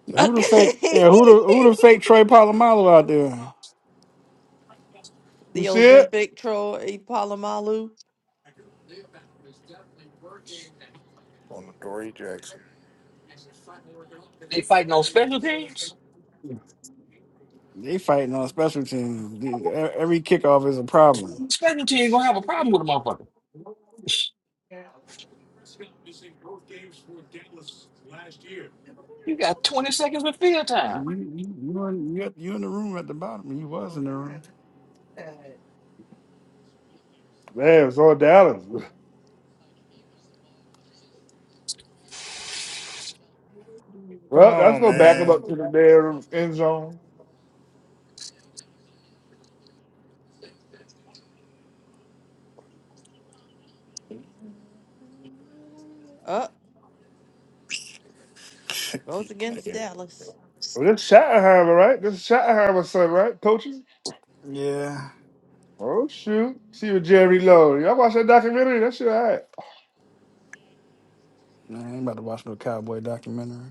Speaker 3: Who
Speaker 1: up. [LAUGHS]
Speaker 3: the fake?
Speaker 1: the
Speaker 3: Yeah, who the who the fake Troy Polamalu out there?
Speaker 6: You see it?
Speaker 1: Ozempic troll Ipalamalu.
Speaker 7: on Dory Jackson.
Speaker 4: They fighting on special teams.
Speaker 3: They fighting on special teams. The- e-, Every kickoff is a problem.
Speaker 4: Special team gonna have a problem with a motherfucker. You got 20 seconds of field time,
Speaker 3: You you you in, you, you in the room at the bottom. You was in the room.
Speaker 6: Man, it's all Dallas. [LAUGHS]
Speaker 7: Come
Speaker 6: Well, that's
Speaker 7: on,
Speaker 6: gonna back him
Speaker 7: man. [LAUGHS]
Speaker 6: up to the damn end zone.
Speaker 1: Up, goes against Dallas.
Speaker 6: Well, this Schottenheimer, right? This Schottenheimer son, right? Coaching?
Speaker 3: Yeah.
Speaker 6: Oh shoot. See with Jerry Lowe. Y'all watch that documentary? That shit alright.
Speaker 3: Man, I ain't about to watch no cowboy documentary.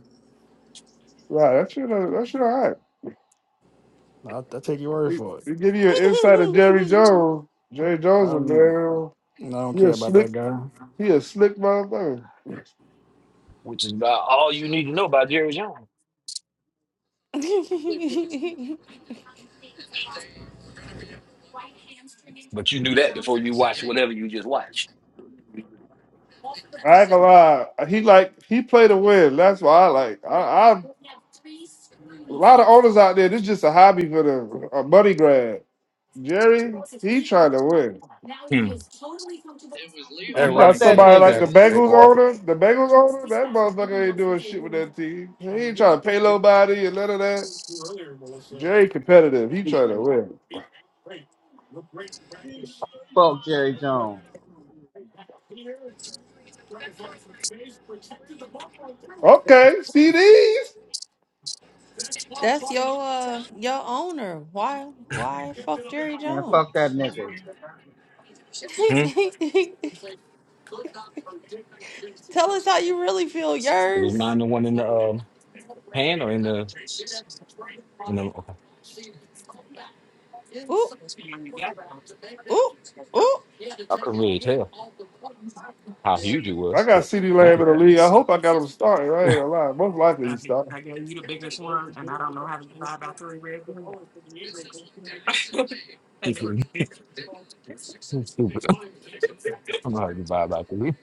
Speaker 6: Wow, that shit uh, that shit alright.
Speaker 3: I I take your word
Speaker 6: They
Speaker 3: for it.
Speaker 6: they give you an insight of Jerry Jones. Jerry
Speaker 3: I
Speaker 6: Jones was
Speaker 3: don't, I
Speaker 6: man.
Speaker 3: don't
Speaker 6: He a
Speaker 3: care about
Speaker 6: slick
Speaker 3: that guy.
Speaker 6: he a slick motherfucker.
Speaker 4: which is about all you need to know about Jerry Jones.
Speaker 1: [LAUGHS]
Speaker 4: But you knew that before you watched whatever you just watched.
Speaker 6: I ain't gonna lie. He like he play to win. That's why I like. I, I a lot of owners out there. This just a hobby for them, a money grab. Jerry, he trying to win.
Speaker 11: Man,
Speaker 7: that
Speaker 6: You got
Speaker 11: fuck
Speaker 7: running
Speaker 11: that
Speaker 7: game is
Speaker 6: somebody like
Speaker 11: nigga.
Speaker 6: the
Speaker 7: happening, big
Speaker 6: Bengals
Speaker 7: boy.
Speaker 6: owner, the Bengals owner. That motherfucker ain't doing shit with that team. He ain't trying to pay nobody and none of that. Jerry competitive. He trying to win.
Speaker 11: Fuck Jerry Jones.
Speaker 6: Okay, CDs.
Speaker 1: That's your uh your owner. Why why fuck Jerry
Speaker 11: Man, fuck that
Speaker 1: Jones?
Speaker 11: nigga.
Speaker 1: [LAUGHS]
Speaker 4: Hmm?
Speaker 1: Tell us how you really feel,
Speaker 4: It was
Speaker 1: yours.
Speaker 4: mine the one in the um, hand or in the, in the
Speaker 1: Ooh, ooh, ooh.
Speaker 4: I couldn't really tell. how huge it
Speaker 6: I
Speaker 4: was, but
Speaker 6: got CD
Speaker 4: okay.
Speaker 6: Lamb in the league. I hope I got him starting. I ain't gonna lie. Most likely he's starting.
Speaker 4: It's really [LAUGHS] stupid. I'm not even vibe about to lose.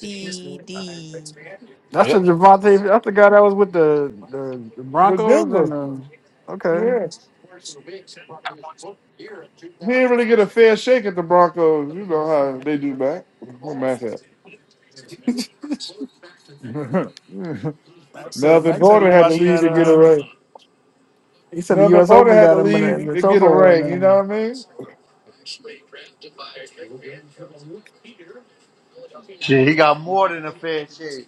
Speaker 1: C D
Speaker 3: That's the
Speaker 4: Yep.
Speaker 3: Javante. That's the guy that was with the the, the
Speaker 6: But
Speaker 3: Broncos
Speaker 6: Denver,
Speaker 3: and the. Okay.
Speaker 6: yeah. He didn't really get a fair shake at the Broncos. You know how they do, Matt. What Matt said. [LAUGHS]
Speaker 3: Max said
Speaker 6: Melvin
Speaker 3: Max said
Speaker 6: Gordon
Speaker 3: he
Speaker 6: had to
Speaker 3: watching
Speaker 6: leave
Speaker 3: that.
Speaker 6: to get a
Speaker 3: Uh,
Speaker 6: ring.
Speaker 3: he said the
Speaker 6: Melvin
Speaker 3: U.S.
Speaker 6: Gordon
Speaker 3: Open
Speaker 6: had to
Speaker 3: got him in the,
Speaker 6: leave
Speaker 3: in the
Speaker 6: to get a
Speaker 3: chokehold right
Speaker 6: ring. You
Speaker 3: now.
Speaker 6: know what I mean?
Speaker 2: Shit, he got more than a fair shake.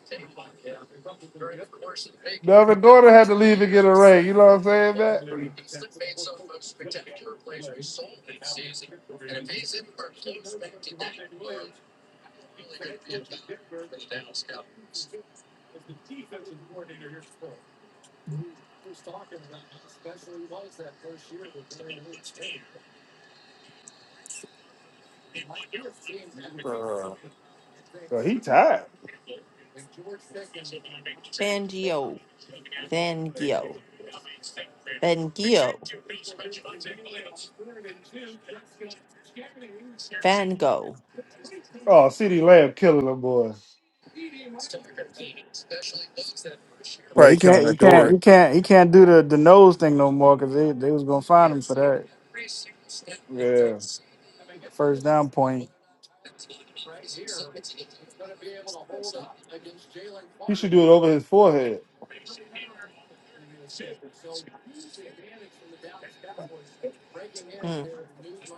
Speaker 6: Melvin Gordon had to leave to get a ring. You know what I'm saying, Matt?
Speaker 7: Uh,
Speaker 6: Bro, he tired.
Speaker 1: Fangio. Fangio. Fangio. Fango.
Speaker 6: Oh, CeeDee Lamb killing them boys.
Speaker 3: Yeah, he
Speaker 7: probably killing
Speaker 3: can't, he can't,
Speaker 7: Adore.
Speaker 3: he can't, he can't do the, the nose thing no more because they, they was gonna find him for
Speaker 6: Yeah.
Speaker 3: that first down point.
Speaker 6: He should do it over his forehead.
Speaker 1: Hmm.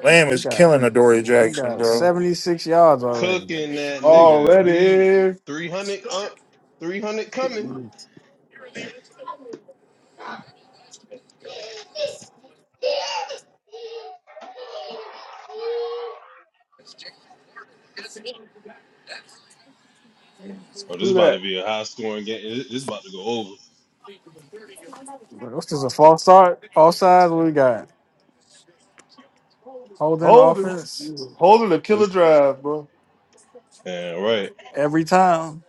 Speaker 7: Lamb
Speaker 3: He
Speaker 7: is
Speaker 3: got,
Speaker 7: killing Adore
Speaker 3: he
Speaker 7: Jackson,
Speaker 3: got
Speaker 7: bro.
Speaker 3: seventy six yards already.
Speaker 5: Cooking that
Speaker 3: Jeez.
Speaker 5: nigga.
Speaker 6: Already
Speaker 5: He
Speaker 6: is.
Speaker 5: 300 up, 300 coming.
Speaker 6: Who
Speaker 5: Oh, this about to
Speaker 6: that?
Speaker 5: be a high scoring game. This this about to go over.
Speaker 3: What's this? A false start? All What we got? Holding
Speaker 6: Holden.
Speaker 3: offense
Speaker 6: Holden a killer
Speaker 5: This-
Speaker 6: drive, bro.
Speaker 5: Yeah, right.
Speaker 3: every time.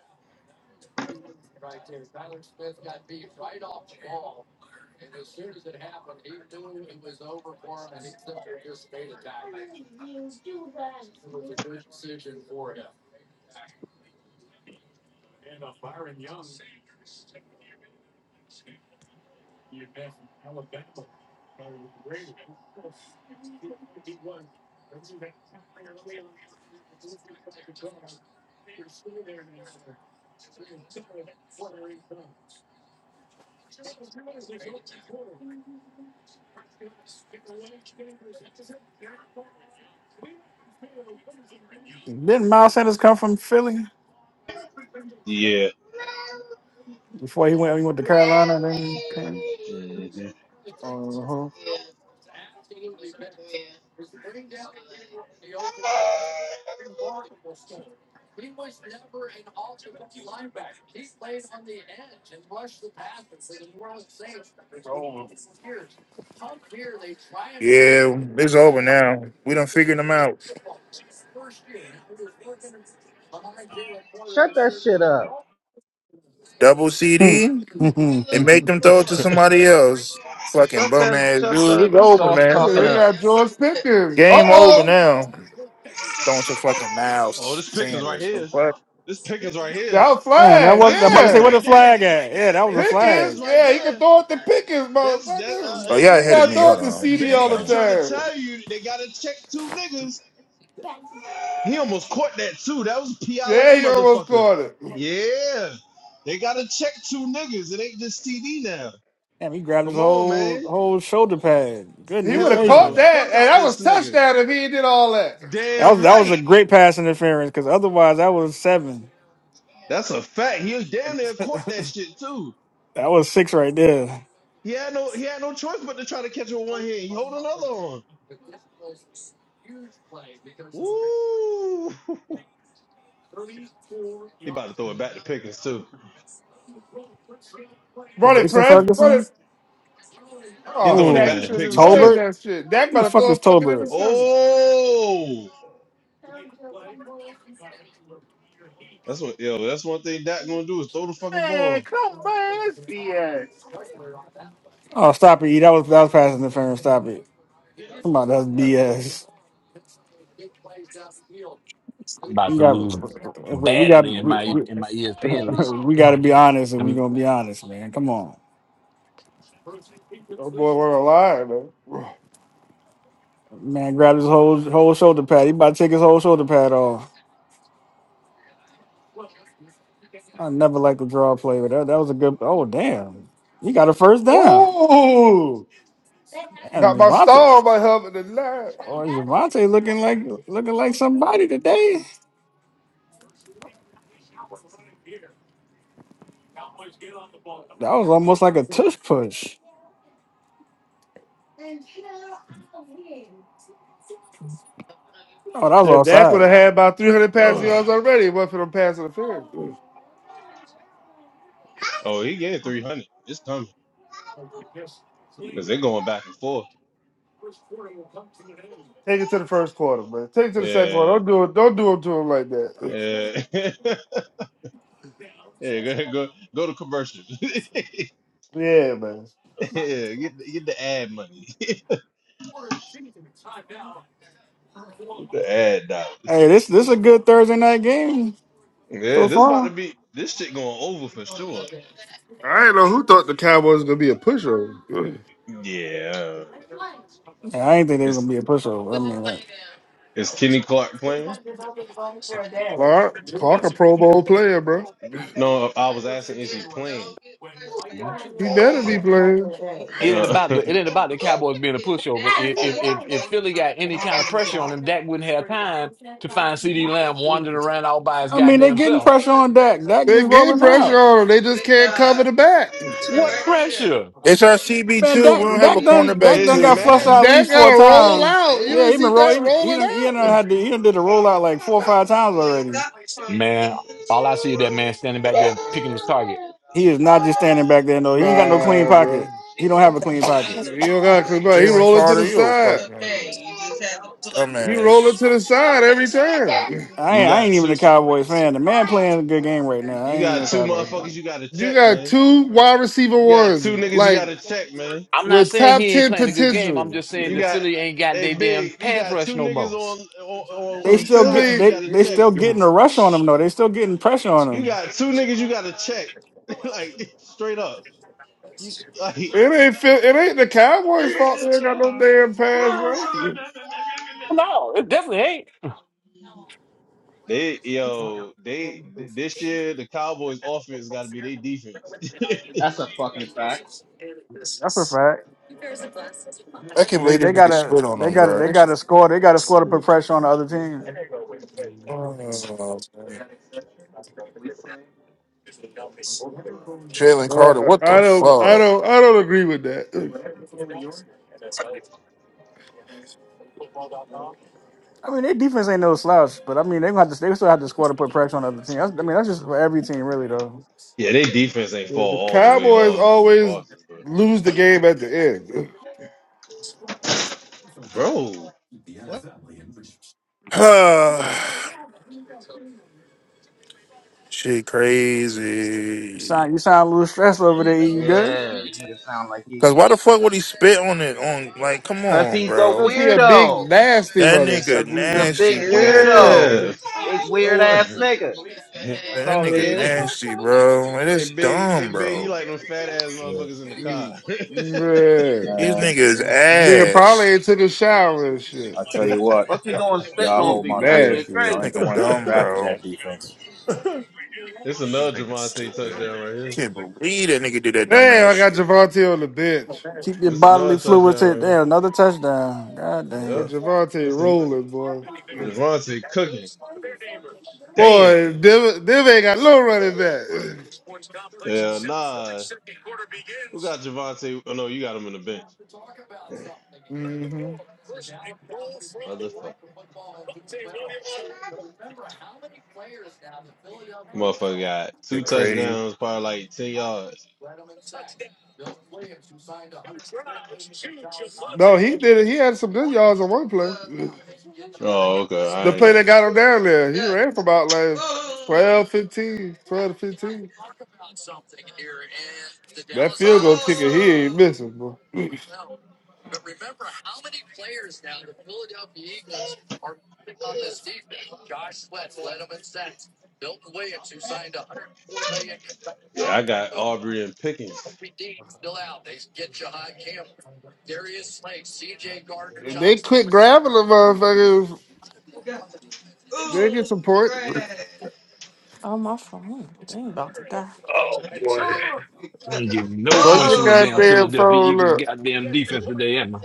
Speaker 3: Didn't Miles Sanders come from Philly
Speaker 5: Yeah.
Speaker 3: before he went? He went to Carolina and then
Speaker 5: Mhm.
Speaker 6: Uh-huh.
Speaker 7: Yeah, it's over now. We done figured them out.
Speaker 11: Shut that shit up.
Speaker 7: Double CD and
Speaker 3: he came.
Speaker 7: make them throw it to
Speaker 5: [LAUGHS]
Speaker 7: somebody else. Fucking
Speaker 11: Shut
Speaker 7: bum
Speaker 11: the,
Speaker 7: ass
Speaker 11: shut
Speaker 7: dude.
Speaker 11: the
Speaker 7: It's over,
Speaker 11: soft
Speaker 7: man.
Speaker 6: Yeah,
Speaker 11: talking
Speaker 6: they
Speaker 11: up.
Speaker 6: got George Pickens. Uh
Speaker 7: Game over
Speaker 6: oh.
Speaker 7: now. Throwing to fucking Miles
Speaker 5: oh, this Pickens right
Speaker 7: Sanders. The
Speaker 5: here.
Speaker 7: fuck?
Speaker 5: This Pickens right here.
Speaker 6: That
Speaker 3: [LAUGHS] Man, that
Speaker 6: flag,
Speaker 3: was. I'm
Speaker 5: That's
Speaker 3: about to say
Speaker 5: Pickens
Speaker 3: where
Speaker 6: yeah.
Speaker 3: the
Speaker 5: right there.
Speaker 3: flag at. Yeah, that was a
Speaker 5: That's Pickens
Speaker 3: flag.
Speaker 6: Pickens,
Speaker 5: right
Speaker 6: yeah, he can
Speaker 5: there.
Speaker 6: throw it to Pickens,
Speaker 5: That's that. Uh,
Speaker 6: motherfucker.
Speaker 7: Oh,
Speaker 5: hey,
Speaker 7: y'all
Speaker 6: He
Speaker 7: ahead of
Speaker 6: got to
Speaker 7: me.
Speaker 5: big,
Speaker 6: throw
Speaker 7: Hold
Speaker 6: it to
Speaker 7: on.
Speaker 6: CD
Speaker 7: You
Speaker 6: all
Speaker 5: big.
Speaker 6: the
Speaker 5: I'm
Speaker 7: can
Speaker 5: trying to
Speaker 6: time.
Speaker 5: tell you, they gotta check two niggas. He almost caught that too. That was pi like
Speaker 6: Yeah,
Speaker 5: a
Speaker 6: he almost
Speaker 5: motherfucker.
Speaker 6: caught it.
Speaker 5: Yeah, they gotta check two niggas. It ain't just TD now.
Speaker 3: Damn, he grabbed his
Speaker 5: Come on,
Speaker 3: whole
Speaker 5: man.
Speaker 3: whole shoulder pad.
Speaker 6: He
Speaker 3: Goodness
Speaker 6: would have
Speaker 5: Hell in
Speaker 6: caught
Speaker 5: the
Speaker 3: gracious.
Speaker 6: that,
Speaker 5: fuck
Speaker 6: and
Speaker 5: out
Speaker 6: that was
Speaker 5: this nigga.
Speaker 6: touchdown if he did all that.
Speaker 3: That was
Speaker 5: Damn
Speaker 3: that was a
Speaker 5: right.
Speaker 3: great pass interference because otherwise that was seven.
Speaker 5: That's a fact. He was damn near
Speaker 3: [LAUGHS]
Speaker 5: caught that
Speaker 3: that
Speaker 5: shit too.
Speaker 3: was six right there.
Speaker 5: He had no he had no choice but to try to catch it with one hand. He hold another on. Woo! [LAUGHS] he about to throw it back to Pickens too.
Speaker 6: Run it,
Speaker 3: Jason
Speaker 6: press,
Speaker 5: He,
Speaker 6: run
Speaker 3: Ferguson.
Speaker 6: it.
Speaker 5: he
Speaker 6: Oh,
Speaker 5: throwing it
Speaker 6: Dak,
Speaker 5: back
Speaker 6: you
Speaker 5: to
Speaker 6: should
Speaker 3: Oh,
Speaker 6: have just
Speaker 5: Pickens too.
Speaker 6: ran
Speaker 3: Tolbert.
Speaker 6: that shit. Dak
Speaker 3: Who the
Speaker 6: about to
Speaker 3: fuck
Speaker 6: throw
Speaker 3: is
Speaker 6: a fucking
Speaker 3: Tolbert?
Speaker 6: interception.
Speaker 5: Oh, that's what yo. That's one thing Dak gonna do is throw the fucking
Speaker 7: Man,
Speaker 5: ball.
Speaker 7: come on, That's BS.
Speaker 3: Oh, stop it! E. That was that was pass interference. Stop it. Come on, that's
Speaker 6: That's-
Speaker 3: BS.
Speaker 4: I'm about
Speaker 3: We
Speaker 4: to
Speaker 3: got
Speaker 4: lose
Speaker 3: wait, we got
Speaker 4: badly in
Speaker 3: we,
Speaker 4: my
Speaker 3: we,
Speaker 4: in my ESPN
Speaker 3: [LAUGHS]
Speaker 4: league.
Speaker 3: we got to be honest, and we
Speaker 4: I'm-
Speaker 3: gonna be honest, man. Come on,
Speaker 6: Oh boy, we're alive, man.
Speaker 3: man. Grab his whole whole shoulder pad. He about to take his whole shoulder pad off. I never liked the draw play, but that, that was a good. Oh damn, he got a first down.
Speaker 6: Ooh,
Speaker 3: And
Speaker 6: got my
Speaker 3: Javante,
Speaker 6: star on my helmet and line.
Speaker 3: or Javante looking like looking like somebody today. That was almost like a tush push. Oh, that was
Speaker 6: Yeah, Dak would have
Speaker 3: offside.
Speaker 6: had about 300 passing yards already. It wasn't for them pass interference.
Speaker 5: Oh, he getting three hundred. It's coming because they're going back and forth.
Speaker 6: Take it to the first quarter, man. Take it to the second quarter.
Speaker 5: Yeah,
Speaker 6: Don't do it. Don't do it to him like that.
Speaker 5: yeah, [LAUGHS] yeah. Go ahead, go go to commercial. [LAUGHS] yeah,
Speaker 6: Yeah, man.
Speaker 5: get the- get the ad money. Get the ad dollars.
Speaker 3: Hey, this this a good Thursday night game
Speaker 5: Yeah,
Speaker 3: so
Speaker 5: this
Speaker 3: far.
Speaker 5: about to be this shit going over for sure.
Speaker 6: I didn't know who thought the Cowboys was gonna be a pushover.
Speaker 5: Yeah,
Speaker 3: Yeah, I ain't think they were gonna
Speaker 5: is
Speaker 3: be a pushover. I mean, like,
Speaker 5: is Kenny Clark playing?
Speaker 6: Clark, Clark, a Pro Bowl player, bro.
Speaker 5: No, I was asking, is he playing?
Speaker 6: He better be playing.
Speaker 4: It ain't
Speaker 5: Uh,
Speaker 4: about
Speaker 5: [LAUGHS]
Speaker 4: the it ain't about the Cowboys being a pushover. If if if, if Philly got any kind of pressure on him, Dak wouldn't have time to find CD Lamb wandering around all by his
Speaker 3: I mean they
Speaker 4: goddamn
Speaker 3: getting
Speaker 4: self.
Speaker 3: pressure on Dak. Dak
Speaker 6: They
Speaker 3: just
Speaker 6: getting
Speaker 3: rolling
Speaker 6: pressure
Speaker 3: out.
Speaker 6: on him. They just can't cover the back.
Speaker 4: What pressure?
Speaker 7: It's our CB
Speaker 3: Man,
Speaker 7: two. We
Speaker 3: Dak
Speaker 7: don't have a
Speaker 3: Dak done Dak
Speaker 7: cornerback
Speaker 3: done
Speaker 5: it's
Speaker 7: too,
Speaker 3: got flushed
Speaker 7: man.
Speaker 3: out at
Speaker 5: mad.
Speaker 6: Dak
Speaker 3: least four
Speaker 6: gotta roll
Speaker 5: They
Speaker 3: times.
Speaker 6: out.
Speaker 5: they.
Speaker 6: You
Speaker 3: Yeah, he
Speaker 6: ain't
Speaker 3: been
Speaker 6: see
Speaker 3: roll.
Speaker 6: Dak
Speaker 3: He, he
Speaker 6: rolling
Speaker 3: done he done
Speaker 6: out.
Speaker 3: had to, he done did a rollout like four or five times already.
Speaker 4: Man, all I see is that man standing back there picking his target.
Speaker 3: He is not just standing back there. No, he ain't got no clean
Speaker 6: Nah, bro.
Speaker 3: pocket. He don't have a clean pocket.
Speaker 6: He don't got clip out. He
Speaker 7: Jalen
Speaker 6: rolling to
Speaker 7: Carter,
Speaker 6: the
Speaker 7: you a
Speaker 6: side.
Speaker 7: fucking
Speaker 6: He rolling
Speaker 7: dumbass.
Speaker 6: to the side every time.
Speaker 3: I
Speaker 5: You
Speaker 3: ain't, I
Speaker 5: got
Speaker 3: ain't even a
Speaker 5: two.
Speaker 3: Cowboys fan. The man playing a good game right now. I
Speaker 5: You
Speaker 3: ain't
Speaker 5: got
Speaker 3: no
Speaker 5: two
Speaker 3: Cowboys
Speaker 5: motherfuckers.
Speaker 3: fan.
Speaker 5: You got to
Speaker 6: You
Speaker 5: check,
Speaker 6: got
Speaker 5: man.
Speaker 6: two wide receiver
Speaker 5: You got
Speaker 6: ones,
Speaker 5: two niggas. You got
Speaker 6: like
Speaker 5: to check, man.
Speaker 4: I'm not
Speaker 6: with
Speaker 4: saying
Speaker 6: top
Speaker 4: he ain't
Speaker 6: ten
Speaker 4: playing a good game. I'm
Speaker 6: potential.
Speaker 4: just saying
Speaker 5: You
Speaker 4: the
Speaker 5: got
Speaker 4: Philly ain't got
Speaker 5: a
Speaker 4: their damn
Speaker 5: big. You
Speaker 4: pass
Speaker 5: got
Speaker 4: rush
Speaker 5: two
Speaker 4: no
Speaker 5: niggas
Speaker 4: more.
Speaker 5: on, on on
Speaker 3: They
Speaker 6: Uh,
Speaker 5: each
Speaker 3: still get
Speaker 5: side.
Speaker 6: Philly,
Speaker 5: You
Speaker 3: they
Speaker 5: got to
Speaker 3: they
Speaker 5: check.
Speaker 3: still
Speaker 6: uh,
Speaker 3: getting a rush on him though. They still getting pressure on
Speaker 5: You
Speaker 3: him.
Speaker 5: got two niggas. You got to check. [LAUGHS] like straight up. You like
Speaker 6: it ain't Phil, it ain't the Cowboys' fault. They ain't got no damn pass rush.
Speaker 4: No, it definitely ain't.
Speaker 5: they yo they th- this year the Cowboys offense got to be their defense. [LAUGHS]
Speaker 11: That's a fucking fact.
Speaker 3: That's a fact.
Speaker 7: I can not
Speaker 3: They
Speaker 7: believe this
Speaker 3: they
Speaker 7: nigga
Speaker 3: gotta
Speaker 7: spit on
Speaker 3: they
Speaker 7: him,
Speaker 3: gotta
Speaker 7: bro.
Speaker 3: they gotta
Speaker 7: This-
Speaker 3: score. They gotta score to put pressure on the other team.
Speaker 7: Oh, man. Jalen Carter,
Speaker 6: Uh,
Speaker 7: what
Speaker 6: I
Speaker 7: the
Speaker 6: don't, I
Speaker 7: fuck?
Speaker 6: don't, I don't agree with that.
Speaker 3: I mean, their defense ain't no slouch, but I mean they gonna have to they still have to score to put pressure on the other team. That's, I mean that's just for every team really though.
Speaker 5: Yeah, their defense ain't
Speaker 6: Yeah, the
Speaker 5: fall all the way
Speaker 6: Cowboys
Speaker 5: off for the
Speaker 6: always
Speaker 5: Boston, but
Speaker 6: lose the game at the end.
Speaker 5: bro, what?
Speaker 7: [SIGHS] Shit,
Speaker 3: You
Speaker 7: crazy.
Speaker 3: sound you sound a little stressed over there. You good?
Speaker 11: Yeah, nigga sound like he's
Speaker 7: Cause why the fuck would he spit on it? On like, come
Speaker 11: Cause
Speaker 7: on,
Speaker 11: he's a
Speaker 7: bro.
Speaker 6: Cause he a big
Speaker 11: weirdo.
Speaker 6: nasty
Speaker 7: That
Speaker 6: motherfucker.
Speaker 7: nigga
Speaker 11: Cause he's a
Speaker 7: nasty
Speaker 11: big
Speaker 7: for that,
Speaker 11: weirdo.
Speaker 7: bro.
Speaker 5: Yeah.
Speaker 11: Big weird ass
Speaker 5: Oh,
Speaker 11: nigga.
Speaker 5: [LAUGHS] hey,
Speaker 11: That's
Speaker 7: That
Speaker 11: all it
Speaker 7: nigga
Speaker 11: is.
Speaker 5: hey,
Speaker 7: nasty, bro. It is
Speaker 5: big, hey,
Speaker 7: dumb,
Speaker 5: big, you
Speaker 7: bro.
Speaker 5: like them fat ass
Speaker 10: Shit,
Speaker 5: motherfuckers in
Speaker 6: Mm.
Speaker 5: the
Speaker 7: These
Speaker 10: man.
Speaker 6: Yeah.
Speaker 7: niggas
Speaker 6: Nigga probably
Speaker 7: ass.
Speaker 6: ain't took a shower and shit.
Speaker 10: I tell you what,
Speaker 11: What's he
Speaker 10: y'all,
Speaker 11: going spitting
Speaker 10: y'all
Speaker 6: He
Speaker 11: on
Speaker 10: hold my
Speaker 11: people? That
Speaker 10: beer.
Speaker 11: shit
Speaker 6: nasty,
Speaker 7: This
Speaker 6: bro.
Speaker 10: Y'all
Speaker 11: crazy.
Speaker 10: ain't the
Speaker 7: nigga
Speaker 10: ones that
Speaker 7: dumb,
Speaker 10: drafted
Speaker 7: bro.
Speaker 10: that defense.
Speaker 5: car. [LAUGHS] It's
Speaker 7: This
Speaker 5: another
Speaker 7: nigga
Speaker 5: Javante
Speaker 7: stupid.
Speaker 5: touchdown right here.
Speaker 7: Can't believe that nigga did that dumb
Speaker 6: Damn,
Speaker 7: ass
Speaker 6: I got
Speaker 7: shit.
Speaker 6: Javante on the bench.
Speaker 3: Keep your
Speaker 5: It's
Speaker 3: bodily
Speaker 5: another
Speaker 3: fluids
Speaker 5: touchdown
Speaker 3: hit
Speaker 5: right here.
Speaker 3: there. Another touchdown. God
Speaker 6: But
Speaker 5: Yep.
Speaker 3: damn.
Speaker 6: Javante
Speaker 5: It's an
Speaker 6: rolling, boy.
Speaker 5: Javante cooking. Damn.
Speaker 6: Boy, Div, Div ain't got no running back.
Speaker 5: Yeah, nah. Who got Javante? Oh no, you got him in the bench.
Speaker 6: hmm
Speaker 5: Motherfucker. Motherfucker got two
Speaker 7: Get crazy.
Speaker 5: touchdowns, probably like ten yards.
Speaker 6: No, he did it. He had some good yards on one play.
Speaker 5: Oh, okay.
Speaker 6: The
Speaker 5: I
Speaker 6: play
Speaker 5: ain't,
Speaker 6: that got him down there, he ran for about like 12, 15, 12 to 15. That field goal kicker, he ain't missing, boy. And
Speaker 5: yeah, I got Aubrey and Pickens.
Speaker 6: they quit grabbing the motherfuckers. They get support.
Speaker 1: Oh my phone. They ain't about to die.
Speaker 4: Oh boy, we ain't getting no
Speaker 6: Fuck
Speaker 4: points
Speaker 6: your
Speaker 4: from the damn
Speaker 6: goddamn
Speaker 4: Philadelphia
Speaker 6: phone
Speaker 4: Eagles
Speaker 6: up.
Speaker 4: goddamn defense today, am I?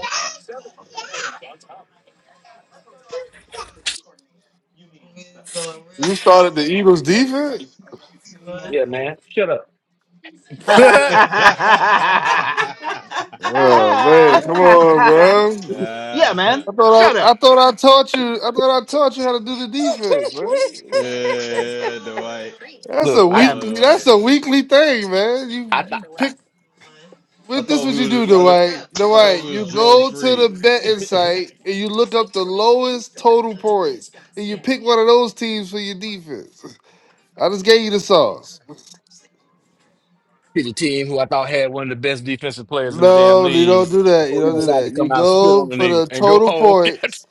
Speaker 6: You started the Eagles defense?
Speaker 4: Yeah, man.
Speaker 7: [LAUGHS]
Speaker 5: [LAUGHS]
Speaker 6: Oh man, come on, bro.
Speaker 11: [LAUGHS] yeah,
Speaker 5: Ah,
Speaker 11: man.
Speaker 6: I thought
Speaker 11: Shut
Speaker 6: I, I
Speaker 11: up.
Speaker 6: thought I taught you I thought I taught you how to do the defense, bro.
Speaker 5: Yeah, the white.
Speaker 6: That's a
Speaker 4: Look, I
Speaker 11: Yeah.
Speaker 5: Oh,
Speaker 6: weekly
Speaker 5: the white.
Speaker 6: that's a weekly thing, man.
Speaker 4: I
Speaker 6: You
Speaker 4: thought
Speaker 6: you pick
Speaker 5: I
Speaker 6: but this
Speaker 5: thought
Speaker 6: what
Speaker 5: we
Speaker 6: you
Speaker 5: was.
Speaker 6: do,
Speaker 5: I, th-
Speaker 6: Dwight.
Speaker 5: I thought
Speaker 6: Dwight,
Speaker 5: we
Speaker 6: you
Speaker 5: was drug
Speaker 6: go to the
Speaker 5: free.
Speaker 6: betting site and you look up the lowest total points and you pick one of those teams for your defense. I just gave you the sauce.
Speaker 4: he's a team who I thought had one of the best defensive players in the damn
Speaker 6: No, you don't
Speaker 4: league
Speaker 6: do that. You
Speaker 4: before he
Speaker 6: don't do
Speaker 4: decided to
Speaker 6: that. You
Speaker 4: come out and spit on
Speaker 6: go
Speaker 4: the
Speaker 6: for
Speaker 4: nigga
Speaker 6: the
Speaker 4: and go
Speaker 6: total
Speaker 4: home.
Speaker 6: points,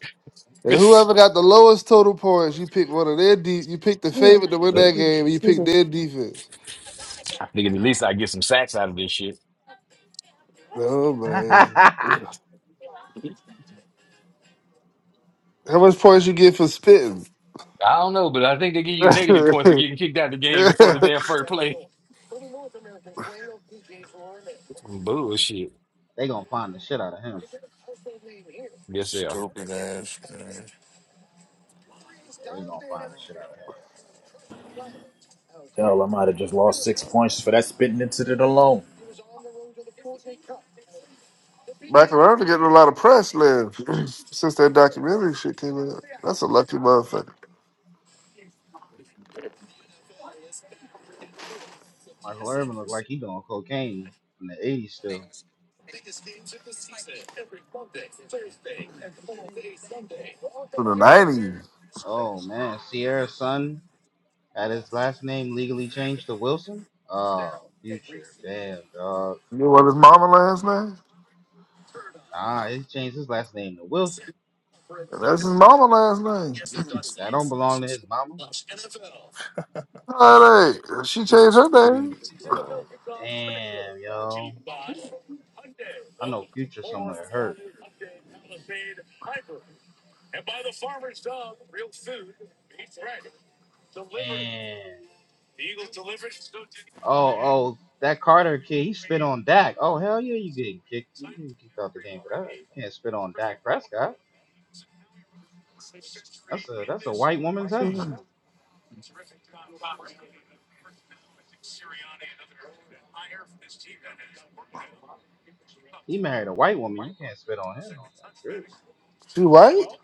Speaker 6: and
Speaker 4: [LAUGHS]
Speaker 6: whoever got the lowest total points, you pick one of their de- You pick the favorite to win that
Speaker 1: [LAUGHS]
Speaker 6: game, and you
Speaker 1: Excuse
Speaker 6: pick
Speaker 1: me.
Speaker 6: their defense.
Speaker 4: I think at least I get some sacks out of this shit.
Speaker 6: No
Speaker 11: [LAUGHS]
Speaker 6: man, Yeah. how much points you get for spitting?
Speaker 4: I don't know, but I think they give you negative points for
Speaker 6: [LAUGHS]
Speaker 4: getting kicked out of the game before the damn first play. Some bullshit.
Speaker 11: they gonna find the shit out of him.
Speaker 4: Yes, they are.
Speaker 7: stupid ass, man.
Speaker 11: Yeah, they gonna find the shit out of him.
Speaker 10: Hell, I might have just lost six points for that spitting incident alone.
Speaker 6: Michael Irvin getting a lot of press, man, [CLEARS THROAT] since that documentary shit came out. That's a lucky motherfucker.
Speaker 11: Michael Irvin looked like he doing cocaine in the '80s still.
Speaker 6: In the nineties,
Speaker 11: Oh man, Sierra's son had his last name legally changed to Wilson. Oh, future. Damn, dog.
Speaker 6: you know what his mama last name?
Speaker 11: Nah, he changed his last name to Wilson.
Speaker 6: That's his mama last name.
Speaker 11: That don't belong to his mama.
Speaker 6: All right, she
Speaker 7: This
Speaker 6: changed
Speaker 7: is
Speaker 6: her
Speaker 7: crazy.
Speaker 6: name.
Speaker 11: Damn, yo. I know Future somewhere hurt. Damn. Oh, oh, that Carter kid, he spit on Dak. Oh, hell yeah, you getting kicked. You getting kicked out the game for that. You can't spit on Dak Prescott. That's a that's a white woman's husband. He married a white woman. You can't spit on him. That's crazy.
Speaker 6: She white?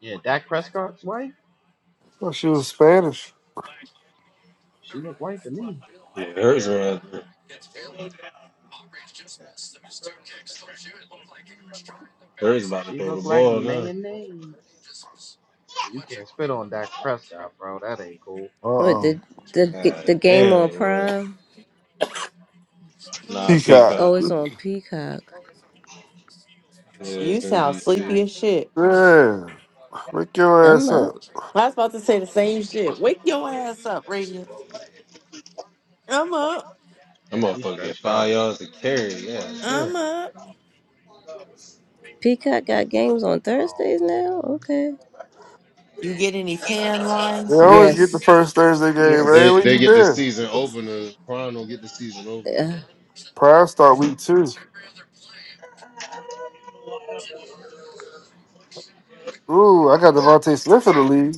Speaker 11: Yeah, Dak Prescott's wife.
Speaker 6: Oh, she was Spanish.
Speaker 11: She looked white to me.
Speaker 5: Yeah, hers was. Hers about to
Speaker 11: She
Speaker 5: throw
Speaker 11: looked
Speaker 5: the
Speaker 11: like
Speaker 5: ball now.
Speaker 11: mayonnaise. You can't spit on Dak Prescott, bro. That ain't cool.
Speaker 12: What
Speaker 6: Uh uh
Speaker 12: the the g-
Speaker 5: God
Speaker 12: the game
Speaker 5: damn,
Speaker 12: on
Speaker 5: boy.
Speaker 12: Prime?
Speaker 5: Nah,
Speaker 6: Peacock.
Speaker 12: Oh,
Speaker 5: Peacock.
Speaker 12: it's on Peacock.
Speaker 5: Yeah,
Speaker 1: You
Speaker 5: it's
Speaker 1: sound
Speaker 5: NBC.
Speaker 1: sleepy as shit.
Speaker 6: Yeah. Wake your
Speaker 12: I'm
Speaker 6: ass
Speaker 12: up.
Speaker 6: up.
Speaker 1: I was about to say the same shit. Wake your ass up, Radiant. I'm up.
Speaker 5: That
Speaker 11: She
Speaker 5: motherfucker get
Speaker 11: stretched
Speaker 5: five
Speaker 11: up.
Speaker 5: yards to carry. Yeah, yeah.
Speaker 1: I'm up.
Speaker 12: Peacock got games on
Speaker 11: Oh
Speaker 12: Thursdays now.
Speaker 11: man.
Speaker 12: Okay.
Speaker 1: You get any tan
Speaker 6: They
Speaker 1: lines,
Speaker 6: always
Speaker 1: Ray?
Speaker 6: get the
Speaker 12: Yes.
Speaker 6: first Thursday game, man.
Speaker 12: Yes.
Speaker 5: They
Speaker 6: Where
Speaker 5: they
Speaker 6: you
Speaker 5: get the
Speaker 6: been?
Speaker 5: season opener. Prime don't get the season opener.
Speaker 12: Yeah.
Speaker 6: Prime start week two. Ooh, I got Devontae Smith in the league.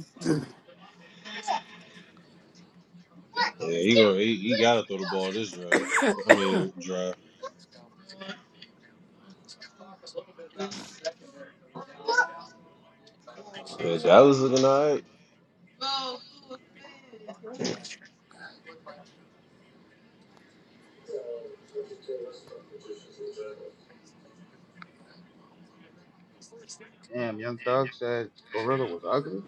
Speaker 5: Yeah, he gonna he, he gotta throw the ball this drive. I mean, drive. Yeah, Dallas looking alright.
Speaker 11: Damn, Young Thug said Gorilla was ugly.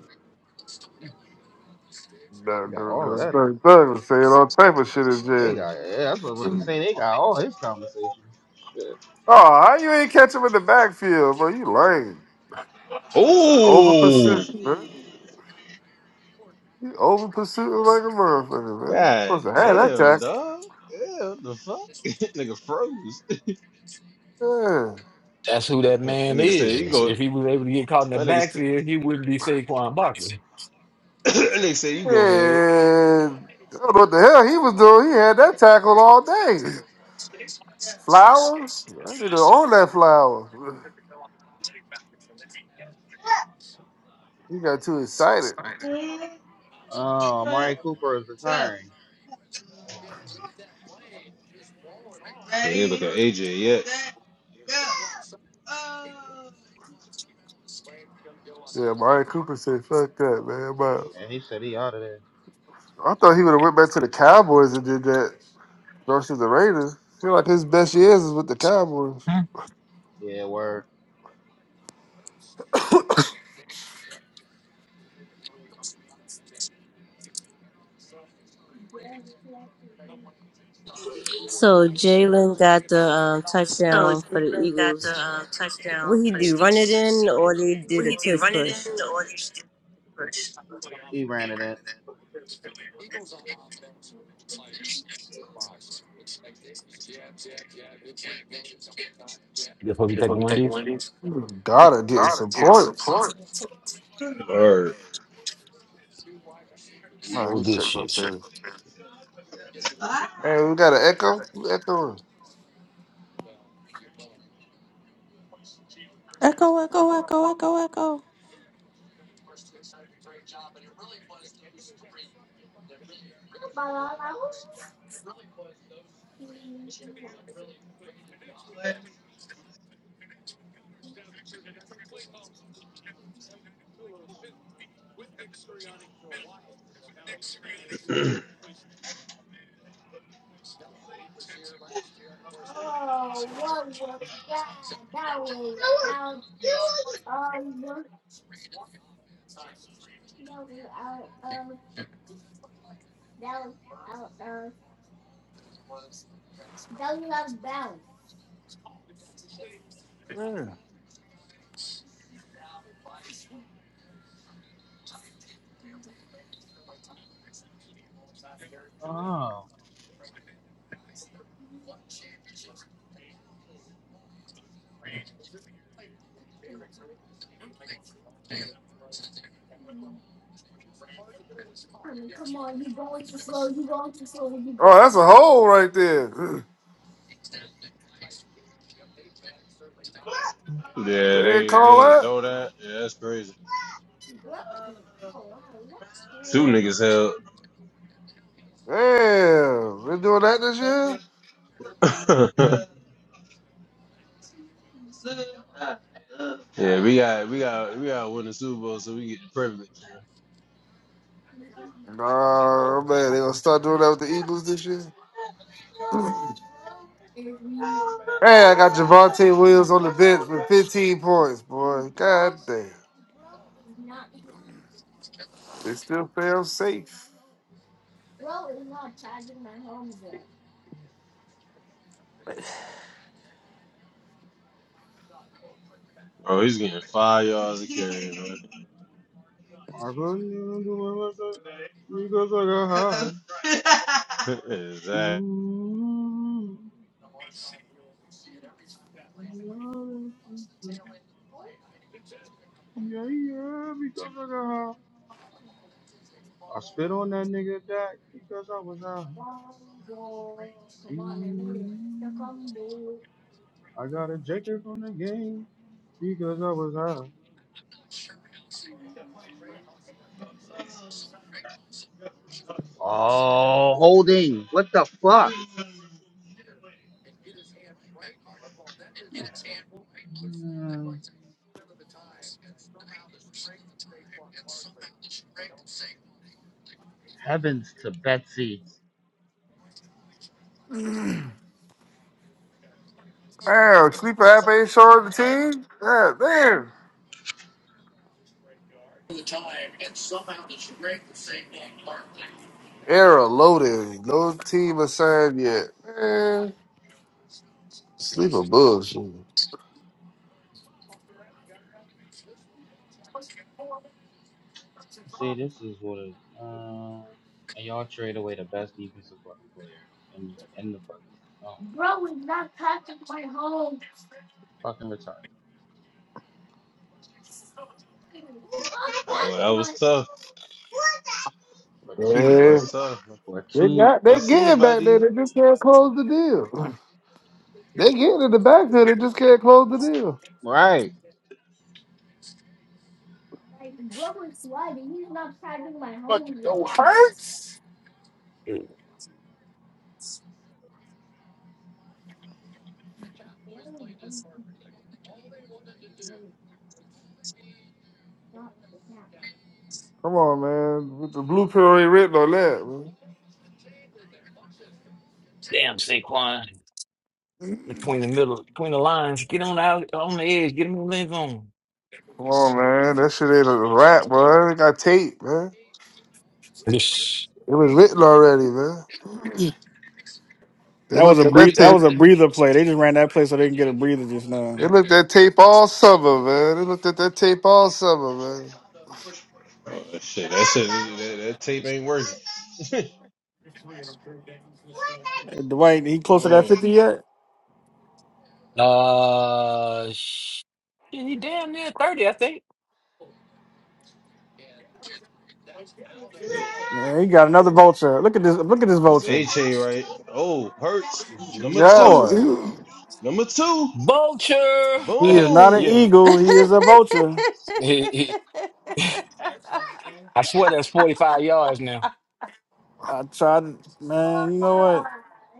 Speaker 6: No,
Speaker 11: They got
Speaker 6: no,
Speaker 11: all of
Speaker 6: no.
Speaker 11: that.
Speaker 6: Thug, thug was saying all type of shit in
Speaker 11: They
Speaker 6: jail.
Speaker 11: got yeah, that's what I was saying. They got all his conversations. Shit.
Speaker 6: Oh, how you ain't catch him in the backfield, bro? You lame. Over
Speaker 5: Ooh!
Speaker 6: pursuit, man. You over pursuit like a motherfucker, man.
Speaker 5: God
Speaker 6: Supposed to have that
Speaker 5: damn,
Speaker 6: tackle.
Speaker 5: dog. Yeah, what the fuck? [LAUGHS] That nigga froze. [LAUGHS]
Speaker 6: Yeah.
Speaker 4: That's who that
Speaker 5: that
Speaker 4: man
Speaker 5: nigga said, "You
Speaker 4: is.
Speaker 5: go."
Speaker 4: If he was able to get caught in the
Speaker 5: That nigga, said,
Speaker 4: backfield, he wouldn't be Saquon Barkley.
Speaker 5: [COUGHS] that nigga said, "You
Speaker 6: And
Speaker 5: go ahead."
Speaker 6: I don't know what the hell he was doing. He had that tackled all day. Flowers? I need to own that flower. He got too excited.
Speaker 11: Oh, Amari Cooper is retiring. Oh,
Speaker 5: He ain't look at AJ yet.
Speaker 6: Yeah, Mario Cooper said, fuck that, man. But
Speaker 11: and he said he out of there.
Speaker 6: I thought he would have went back to the Cowboys and did that versus the Raiders. feel like his best years is with the Cowboys.
Speaker 11: Yeah, word.
Speaker 12: So Jalen got the um,
Speaker 7: So
Speaker 12: touchdown for the
Speaker 7: Jalen got the
Speaker 12: Eagles.
Speaker 7: uh, touchdown
Speaker 12: What he
Speaker 7: for the
Speaker 12: do? Run it
Speaker 7: Eagles.
Speaker 12: in, or they did
Speaker 7: What
Speaker 12: a
Speaker 7: he do?
Speaker 12: touch
Speaker 7: Run it in
Speaker 12: push?
Speaker 7: or he do first?
Speaker 11: He ran it in.
Speaker 4: That's why we taking one of these.
Speaker 6: Gotta getting some points.
Speaker 5: Word.
Speaker 4: We
Speaker 6: All right,
Speaker 4: go
Speaker 6: let
Speaker 4: with
Speaker 6: me
Speaker 4: this
Speaker 6: check my
Speaker 4: shit.
Speaker 6: feelings. Hey, we got an echo. Who Echoing.
Speaker 1: Echo, echo, echo, echo, echo.
Speaker 6: Yeah.
Speaker 11: Oh,
Speaker 6: Oh, that's a hole right there. [LAUGHS]
Speaker 5: Yeah,
Speaker 6: They
Speaker 5: they
Speaker 6: ain't
Speaker 5: ain't they
Speaker 6: call
Speaker 5: ain't
Speaker 6: that?
Speaker 5: throw that. Yeah, that's crazy. Two niggas held.
Speaker 6: Damn. They doing that this year?
Speaker 5: [LAUGHS] yeah, we got we got we got to win the Super Bowl so we get the privilege.
Speaker 6: Nah, man. They gonna start doing that with the Eagles this year? Hey, I got Javante Williams on the bench with 15 points, boy. God damn. They still feel safe.
Speaker 5: Oh, he's getting five yards a carry, man.
Speaker 11: I couldn't even do my lesson because I got high.
Speaker 5: [LAUGHS] exactly.
Speaker 11: Ooh, yeah, yeah, because I got high. I spit on that nigga Dak because I was high. Ooh. I got ejected from the game because I was high. Oh, holding. What the fuck? Mm, Heavens to Betsy.
Speaker 6: Damn, Sleeper app ain't showing the team? God damn. Era loaded. No team assigned yet. Man. Sleeper bullshit.
Speaker 11: See, this is what it. Um, and y'all trade away the best defensive fucking player in in the fucking. Oh my god, that's right. fucking retarded.
Speaker 5: That was, that was tough.
Speaker 11: For two
Speaker 5: That
Speaker 11: for
Speaker 5: was
Speaker 6: Man.
Speaker 5: tough.
Speaker 11: for
Speaker 6: They
Speaker 11: two.
Speaker 6: got
Speaker 5: I
Speaker 6: they
Speaker 5: see,
Speaker 6: getting back there.
Speaker 5: buddy.
Speaker 6: They just can't close the deal. They getting in the backfield. They just can't close the deal.
Speaker 11: Right.
Speaker 6: Come on, man. With the blue pill ain't written on that, man.
Speaker 4: Damn Saquon, between the middle, between the lines, get on out on the edge, get him in the end zone.
Speaker 6: Come on, man. That shit ain't a rap, bro. It got tape, man.
Speaker 4: This-
Speaker 6: It was written already, man. They
Speaker 3: That was
Speaker 6: looked
Speaker 3: a
Speaker 6: at that
Speaker 3: breathe. That
Speaker 6: tape.
Speaker 3: was a breather play. They just ran that play so they can get a breather just now.
Speaker 6: They looked at tape all summer, man. They looked at that tape all summer, man.
Speaker 5: Oh, shit, that shit, that, that tape ain't working. [LAUGHS]
Speaker 3: Hey, Dwight, he close to that
Speaker 5: no,
Speaker 3: fifty yet?
Speaker 4: Uh, sh- he damn near thirty, I think.
Speaker 3: Yeah, he got another vulture. Look at this. Look at this
Speaker 5: it's A
Speaker 3: vulture.
Speaker 5: chain, right? Oh, Hurts.
Speaker 6: You
Speaker 5: Number
Speaker 6: got
Speaker 5: two.
Speaker 3: Boy,
Speaker 6: it.
Speaker 5: Number two.
Speaker 4: Vulture.
Speaker 3: he
Speaker 4: [LAUGHS]
Speaker 3: is not an
Speaker 4: yeah,
Speaker 5: Boom.
Speaker 3: eagle. He is
Speaker 1: [LAUGHS]
Speaker 3: a vulture.
Speaker 4: he, he, I swear that's forty-five yards now.
Speaker 3: I tried, man. You know what?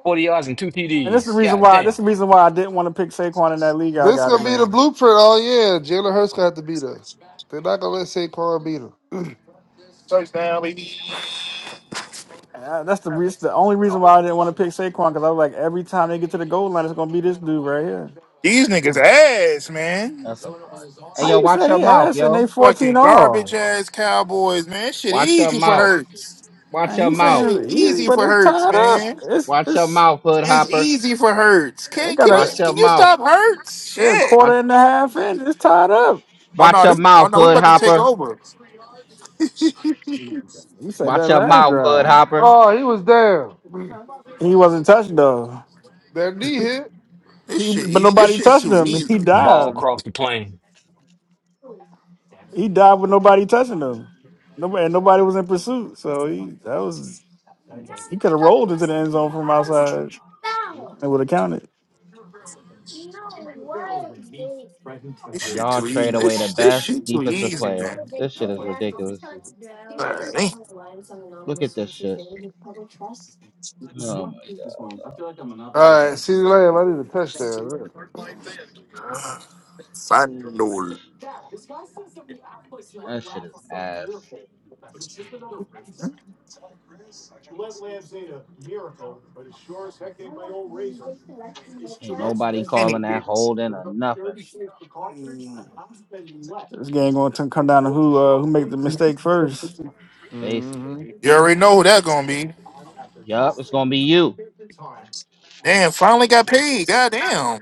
Speaker 4: Forty yards and two
Speaker 3: And this is the
Speaker 4: TDs.
Speaker 3: reason
Speaker 4: God
Speaker 3: why. This
Speaker 4: damn.
Speaker 3: is the reason why I didn't want to pick Saquon in that league.
Speaker 6: [LAUGHS] [CLEARS THROAT]
Speaker 3: I
Speaker 6: this
Speaker 3: got
Speaker 6: gonna
Speaker 3: him
Speaker 6: be the
Speaker 3: in.
Speaker 6: blueprint all year. Jalen Hurts gonna have to beat us. They're not gonna let Saquon beat him.
Speaker 3: Uh, that's the reason, the only reason why I didn't want to pick Saquon because I was like, every time they get to the goal line, it's gonna be this dude right here.
Speaker 7: These niggas ass, man.
Speaker 11: That's a lot. Hey,
Speaker 3: How
Speaker 11: yo,
Speaker 3: you
Speaker 11: watch
Speaker 3: saying
Speaker 11: your
Speaker 3: he
Speaker 11: mouth,
Speaker 3: ass and
Speaker 11: yo.
Speaker 3: they fourteen
Speaker 7: Fucking garbage
Speaker 3: all?
Speaker 7: ass cowboys, man. Shit
Speaker 11: Watch your
Speaker 7: easy for
Speaker 11: mouth.
Speaker 7: Hurts.
Speaker 11: Watch
Speaker 3: And
Speaker 11: your
Speaker 3: you
Speaker 11: mouth.
Speaker 3: saying it's
Speaker 7: Shit
Speaker 3: easy,
Speaker 7: easy
Speaker 3: but
Speaker 7: for
Speaker 3: it's
Speaker 7: Hurts,
Speaker 3: tied up.
Speaker 7: man.
Speaker 3: It's
Speaker 11: Watch your
Speaker 3: it's
Speaker 11: mouth, hood
Speaker 7: It's
Speaker 11: hopper.
Speaker 7: easy for Hurts.
Speaker 3: they
Speaker 7: Can
Speaker 3: got
Speaker 7: can he,
Speaker 3: a
Speaker 11: Watch your
Speaker 7: can you
Speaker 11: mouth.
Speaker 7: stop Hurts?
Speaker 3: they're a
Speaker 7: Shit.
Speaker 3: quarter
Speaker 11: Watch,
Speaker 3: and a half in. It's tied up.
Speaker 7: Oh
Speaker 11: watch
Speaker 7: no,
Speaker 11: your
Speaker 7: this oh
Speaker 11: mouth,
Speaker 7: no, we
Speaker 1: yeah.
Speaker 11: hood
Speaker 7: about to take
Speaker 11: hopper.
Speaker 7: over. [LAUGHS]
Speaker 3: You said that
Speaker 11: Watch your
Speaker 3: last
Speaker 11: mouth, Hood
Speaker 3: drive.
Speaker 11: Hopper.
Speaker 6: Oh, he was down. [CLEARS THROAT]
Speaker 1: Huh?
Speaker 3: He wasn't touched though.
Speaker 6: That knee hit.
Speaker 7: This
Speaker 3: He
Speaker 7: shit
Speaker 3: but
Speaker 7: ea- this
Speaker 3: nobody
Speaker 7: shit's
Speaker 3: touched
Speaker 7: too
Speaker 3: him. [LAUGHS] He
Speaker 7: easy.
Speaker 4: Ball
Speaker 1: Damn.
Speaker 3: dived.
Speaker 4: crossed the plane.
Speaker 3: He dived with nobody touching him. Nobody and nobody was in pursuit. So he that was. He could have rolled into the end zone from outside and would have counted.
Speaker 7: This
Speaker 11: And
Speaker 7: shit
Speaker 11: y'all
Speaker 7: too easy.
Speaker 11: trade away the
Speaker 7: This this
Speaker 11: best
Speaker 7: shit too
Speaker 11: defensive
Speaker 7: easy,
Speaker 11: player.
Speaker 7: man.
Speaker 11: This shit is ridiculous.
Speaker 7: God, damn.
Speaker 11: Look at this shit. Oh my god.
Speaker 6: All right, CeeDee Lamb, I need a touchdown.
Speaker 7: Final.
Speaker 11: That shit is ass. Ain't nobody calling
Speaker 7: Anyway,
Speaker 11: that holding or nothing,
Speaker 3: Mm. This game going to come down to who uh, who make the mistake first.
Speaker 11: basically.
Speaker 6: Mm-hmm.
Speaker 7: You already know who that gonna be.
Speaker 11: Yup, it's gonna be you.
Speaker 7: Damn, finally got paid. Goddamn.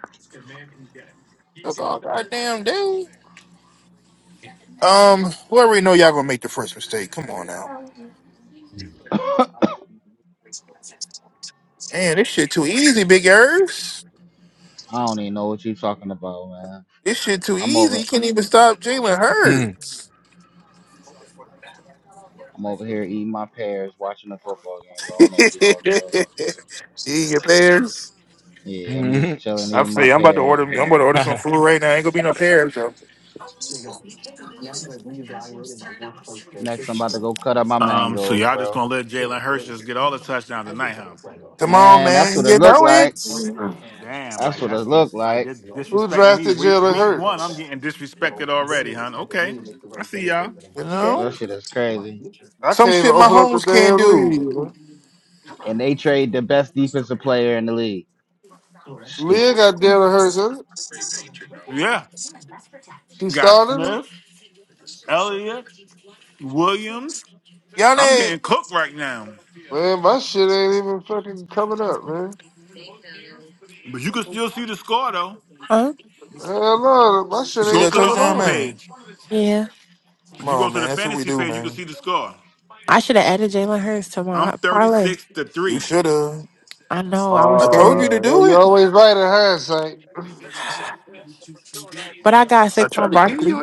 Speaker 7: Took all goddamn day. Um, we already know y'all gonna make the first mistake. Come on now.
Speaker 11: [COUGHS] I
Speaker 7: Man, this shit too easy, big Irvs.
Speaker 11: don't even know what you talking about, man.
Speaker 7: This shit too
Speaker 11: I'm
Speaker 7: easy.
Speaker 11: over
Speaker 7: You can't even stop Jalen
Speaker 4: Mm.
Speaker 7: Hurts.
Speaker 11: I'm over here eating my pears, watching the football game, bro.
Speaker 7: [LAUGHS]
Speaker 11: I don't know what you
Speaker 7: Eat
Speaker 11: talking about.
Speaker 7: your pears.
Speaker 11: Yeah, I'm just
Speaker 4: Mm.
Speaker 11: chilling,
Speaker 7: I
Speaker 11: eating my
Speaker 7: say I'm about to order.
Speaker 11: pears,
Speaker 7: I'm
Speaker 11: man.
Speaker 7: about to order some
Speaker 4: [LAUGHS]
Speaker 7: food right now. Ain't gonna be no pears though.
Speaker 11: Next I'm about to go cut up my
Speaker 8: Um, so
Speaker 11: mangoes,
Speaker 8: y'all just
Speaker 11: bro.
Speaker 8: gonna let Jalen Hurts just get all the touchdowns tonight, huh?
Speaker 7: Come on,
Speaker 11: Man, that's
Speaker 7: man.
Speaker 11: what it
Speaker 7: You
Speaker 11: looked
Speaker 7: know
Speaker 11: like.
Speaker 7: it.
Speaker 8: Damn,
Speaker 11: That's
Speaker 8: like
Speaker 11: what it
Speaker 8: that's
Speaker 11: looked
Speaker 8: just like
Speaker 11: like.
Speaker 8: this
Speaker 6: Who
Speaker 8: disrespecting me.
Speaker 6: drafted
Speaker 8: Week
Speaker 6: Jalen
Speaker 8: week one, I'm
Speaker 6: Hurts?
Speaker 8: getting disrespected already, huh? Okay, I see y'all.
Speaker 7: You
Speaker 11: Well,
Speaker 7: know
Speaker 11: That shit is crazy.
Speaker 6: I
Speaker 7: some
Speaker 6: can't even
Speaker 7: shit my
Speaker 6: open up the
Speaker 7: homes can't
Speaker 6: damn
Speaker 7: do.
Speaker 6: lead.
Speaker 11: And they trade the best defensive player in the league.
Speaker 6: Leah
Speaker 11: Stupid.
Speaker 6: got down on hers. huh?
Speaker 8: Yeah,
Speaker 6: She
Speaker 8: got
Speaker 6: started it.
Speaker 8: Smith, Elliott, Williams.
Speaker 7: Y'all
Speaker 8: I'm getting
Speaker 7: need.
Speaker 8: cooked right now.
Speaker 6: Man, my shit ain't even fucking coming up, man.
Speaker 8: But you can still see the score though.
Speaker 13: Huh?
Speaker 6: Hell no, my
Speaker 7: You
Speaker 6: shit
Speaker 7: see
Speaker 8: Go
Speaker 6: ain't
Speaker 7: that
Speaker 8: to the
Speaker 6: coming
Speaker 7: touchdown,
Speaker 8: home
Speaker 6: on.
Speaker 7: man?
Speaker 8: page.
Speaker 13: Yeah.
Speaker 7: Come
Speaker 8: If you go
Speaker 7: on,
Speaker 8: to
Speaker 7: man.
Speaker 8: the
Speaker 7: That's what we
Speaker 8: fantasy
Speaker 7: do,
Speaker 8: page, you can
Speaker 7: man.
Speaker 8: see the score.
Speaker 13: I should have added Jalen Hurts to
Speaker 8: I'm
Speaker 13: my parlay.
Speaker 8: 36 to
Speaker 7: You
Speaker 8: 3.
Speaker 7: shoulda.
Speaker 13: I know I was
Speaker 7: I told you
Speaker 13: scared.
Speaker 7: to
Speaker 6: Uh,
Speaker 7: do
Speaker 6: you
Speaker 7: it.
Speaker 6: always right in hindsight.
Speaker 13: But I got Saquon Barkley.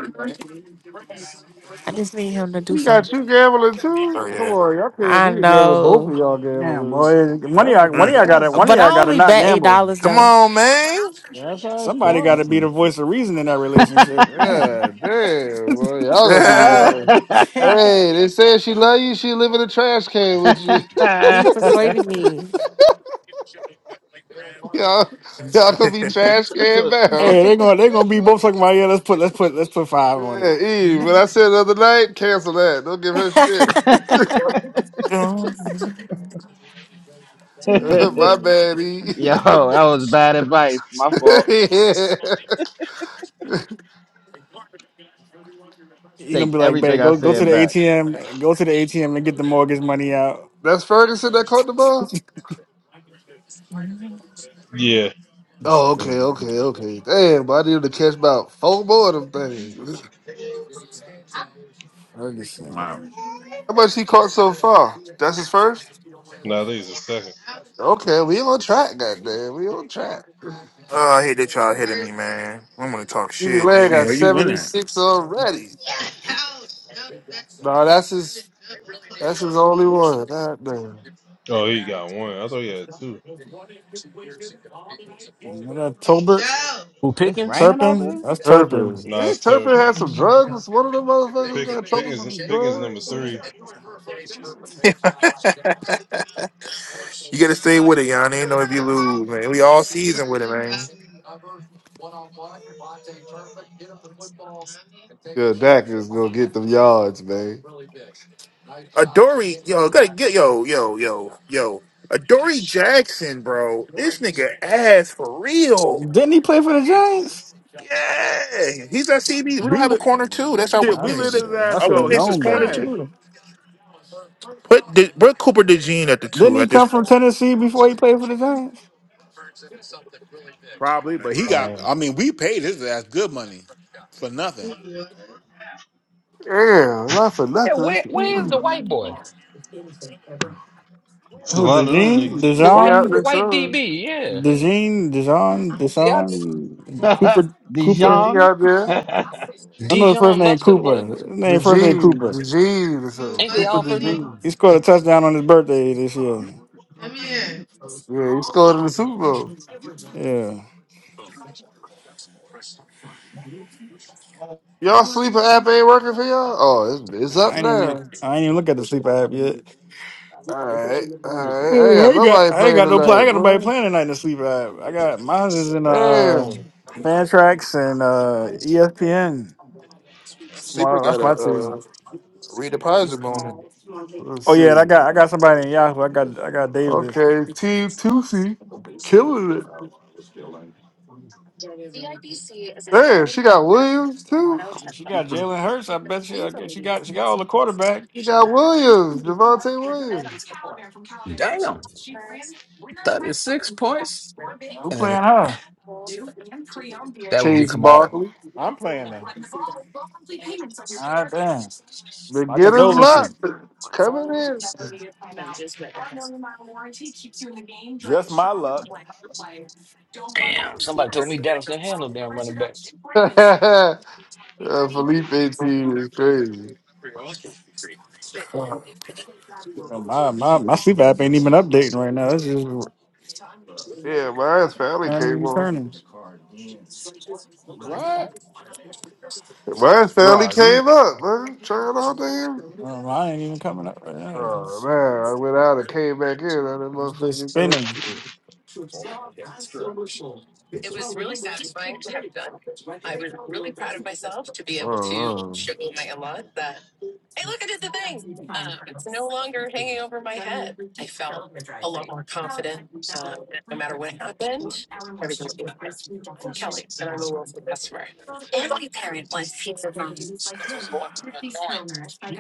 Speaker 13: I just need him to do
Speaker 6: You
Speaker 13: something.
Speaker 6: got you gambling
Speaker 7: Oh
Speaker 6: too? Come
Speaker 7: yeah.
Speaker 6: on, y'all can't
Speaker 13: I
Speaker 6: be together. Both of
Speaker 13: know.
Speaker 6: y'all
Speaker 3: Damn,
Speaker 6: gamblers.
Speaker 3: boy, one of
Speaker 6: That's a
Speaker 3: y'all, one of
Speaker 8: Mm.
Speaker 3: y'all got to, one
Speaker 6: disaster.
Speaker 3: of
Speaker 13: But I
Speaker 3: y'all got to
Speaker 13: only
Speaker 3: not
Speaker 13: bet eight
Speaker 3: gamble.
Speaker 13: dollars
Speaker 7: Come
Speaker 13: though.
Speaker 7: on, man. [LAUGHS]
Speaker 6: That's how it
Speaker 3: Somebody
Speaker 8: Mm,
Speaker 3: got to
Speaker 6: starts.
Speaker 3: be the
Speaker 8: mm,
Speaker 3: voice of reason in that
Speaker 11: [LAUGHS] Yo,
Speaker 3: relationship, man.
Speaker 6: Yeah, damn. Well, y'all gonna be.
Speaker 7: oh,
Speaker 6: Uh, hey, they said she love you. She live in a trash can with you. [LAUGHS]
Speaker 13: [LAUGHS] he persuaded me.
Speaker 6: Y'all, y'all gonna be trash can bound.
Speaker 3: Hey, they're gonna they're gonna be both talking about yeah. Let's put let's put let's put five on it.
Speaker 6: Yeah, Eve. When I said the other night, cancel that. Don't give her shit.
Speaker 13: [LAUGHS]
Speaker 6: [LAUGHS] My bad, Eve. [LAUGHS]
Speaker 11: that was bad advice. My fault.
Speaker 3: You're gonna
Speaker 11: Take
Speaker 3: be like,
Speaker 11: everything
Speaker 3: babe,
Speaker 11: I
Speaker 3: go go to
Speaker 6: yeah.
Speaker 11: said
Speaker 3: the
Speaker 11: back.
Speaker 3: ATM, go to the ATM and get the mortgage money out.
Speaker 6: That's Ferguson that caught the ball.
Speaker 5: Yeah.
Speaker 6: Oh, okay, okay,
Speaker 8: mm.
Speaker 6: okay. Damn, but I need to catch about four more of them things. [LAUGHS]
Speaker 3: Ferguson.
Speaker 8: Wow.
Speaker 6: How much he caught so far? That's his first.
Speaker 5: Nah, I think it's a second.
Speaker 6: Okay, we on track, goddamn. We on track. [LAUGHS]
Speaker 7: I hate that y'all hitting me, man. I'm gonna talk
Speaker 6: Edie
Speaker 7: shit,
Speaker 6: Land
Speaker 8: Man,
Speaker 6: got
Speaker 7: nigga.
Speaker 8: where you win
Speaker 6: seventy
Speaker 8: at?
Speaker 6: six already. No, that's his. That's his only one. Goddamn.
Speaker 5: Oh, he got one. I thought he had two.
Speaker 3: You know that Tolbert
Speaker 4: Who
Speaker 11: It's
Speaker 4: Pickens?
Speaker 11: raining out
Speaker 3: Turpin? That's Turpin.
Speaker 6: Turpin.
Speaker 5: Nah,
Speaker 6: Ain't
Speaker 5: it's
Speaker 6: Turpin
Speaker 5: serving.
Speaker 6: had some drugs? One of them motherfuckers got in
Speaker 5: Pick,
Speaker 6: trouble
Speaker 5: Pickens,
Speaker 6: with some
Speaker 5: Pickens
Speaker 6: drugs?
Speaker 5: number three.
Speaker 7: You gotta stay with it, y'all. Ain't no if you lose, man. We all season with it, man.
Speaker 6: Yeah, Dak is gonna get them yards, man.
Speaker 7: Adoree, yo, gotta get yo, yo, yo, yo. Adoree Jackson, bro. This nigga ass for real.
Speaker 3: Didn't he play for the Giants?
Speaker 7: Yeah. He's at CB. We don't
Speaker 8: We
Speaker 7: have a
Speaker 8: let
Speaker 7: corner two. That's our
Speaker 8: shit,
Speaker 3: I
Speaker 8: we
Speaker 3: should
Speaker 8: let
Speaker 7: weakness.
Speaker 8: his
Speaker 3: I
Speaker 8: ass
Speaker 7: Our
Speaker 3: should
Speaker 8: go.
Speaker 3: have
Speaker 8: He
Speaker 7: weakness is
Speaker 8: was
Speaker 3: known
Speaker 7: corner
Speaker 3: better.
Speaker 8: trash.
Speaker 7: two. Put De, put Cooper DeJean at the
Speaker 3: Didn't
Speaker 7: two
Speaker 3: he
Speaker 7: at this
Speaker 3: come from
Speaker 7: point.
Speaker 3: Tennessee before he played for the Giants?
Speaker 8: Probably, but he
Speaker 6: Uh,
Speaker 8: got I mean, we paid his ass good money for nothing.
Speaker 6: yeah, not for
Speaker 4: Yeah,
Speaker 6: nothing.
Speaker 4: where where is
Speaker 6: [CLEARS THROAT]
Speaker 4: the
Speaker 6: Mm.
Speaker 4: white boy?
Speaker 5: It's a
Speaker 3: Who
Speaker 5: lot of them
Speaker 3: Dejean?
Speaker 5: niggas.
Speaker 4: The
Speaker 6: he
Speaker 4: white
Speaker 6: out
Speaker 4: the
Speaker 3: DeJean,
Speaker 6: there
Speaker 4: white
Speaker 6: somewhere.
Speaker 4: DB, yeah.
Speaker 3: Dejean? DeJean,
Speaker 4: Yeah,
Speaker 3: Deshaun?
Speaker 11: there?
Speaker 3: Cooper
Speaker 11: [LAUGHS]
Speaker 3: Cooper?
Speaker 6: He
Speaker 11: Dijon?
Speaker 6: out
Speaker 11: [LAUGHS]
Speaker 6: there.
Speaker 11: that
Speaker 3: I know his first
Speaker 4: Dijon
Speaker 3: name
Speaker 4: Mustard or
Speaker 3: Cooper.
Speaker 4: whatever.
Speaker 3: His name
Speaker 6: The G,
Speaker 3: first name Cooper.
Speaker 6: the G, or something.
Speaker 4: Ain't they
Speaker 6: Cooper
Speaker 4: all
Speaker 6: the
Speaker 4: first name?
Speaker 6: G.
Speaker 3: He scored a touchdown on his birthday this year.
Speaker 6: Yeah, he scored in the Super Bowl.
Speaker 3: Yeah.
Speaker 6: Y'all sleeper app ain't working for y'all? Oh, it's, it's up
Speaker 3: I ain't even
Speaker 6: now.
Speaker 3: I ain't even look at the sleep app yet.
Speaker 6: All right, all right. I
Speaker 3: Ooh,
Speaker 6: ain't
Speaker 3: I
Speaker 6: got
Speaker 3: ain't got
Speaker 6: nobody
Speaker 3: I ain't
Speaker 6: playing
Speaker 3: got no plan. I
Speaker 6: tonight,
Speaker 3: ain't got nobody
Speaker 6: boy.
Speaker 3: playing tonight in the sleep app. I got mine is in uh
Speaker 6: Damn.
Speaker 3: Fantrax and uh ESPN. That's
Speaker 7: Sleeper
Speaker 3: my that's
Speaker 7: got a
Speaker 3: my team.
Speaker 7: uh, redeposit
Speaker 6: Mm-hmm.
Speaker 7: bonus.
Speaker 6: Let's
Speaker 3: Oh yeah, and I
Speaker 6: see.
Speaker 3: got I got somebody in Yahoo. I got I got Davis.
Speaker 6: Okay, Team Tusi killing it. Man, she got Williams too.
Speaker 3: She got Jalen Hurts. I bet you. I guess she got she got all the quarterback.
Speaker 6: She got Williams, Javante Williams,
Speaker 4: Damn. 36 points.
Speaker 3: Who
Speaker 4: And then
Speaker 3: playing her?
Speaker 4: that would be
Speaker 6: Chase
Speaker 4: Kamal.
Speaker 6: Barkley.
Speaker 8: I'm playing now.
Speaker 3: God damn.
Speaker 6: They're
Speaker 3: My condolences.
Speaker 6: lot coming in.
Speaker 8: Just my luck.
Speaker 4: Damn, Somebody told me Dallas didn't have no damn running back.
Speaker 6: [LAUGHS] uh, Felipe P is crazy.
Speaker 3: My, my, my sleep app ain't even updating right now. It's just
Speaker 6: Yeah, mine's finally
Speaker 3: turning
Speaker 6: came
Speaker 3: and
Speaker 6: on.
Speaker 3: turning.
Speaker 8: What?
Speaker 6: Mine's finally
Speaker 8: Bro, you-
Speaker 6: came up, man. Trying all damn.
Speaker 3: Um, I ain't even coming up right now. It's
Speaker 6: Oh
Speaker 3: just,
Speaker 6: man, I went out and came back in. I didn't
Speaker 3: it's just
Speaker 6: motherfucking doing
Speaker 3: spinning.
Speaker 6: shit. Oh, oh.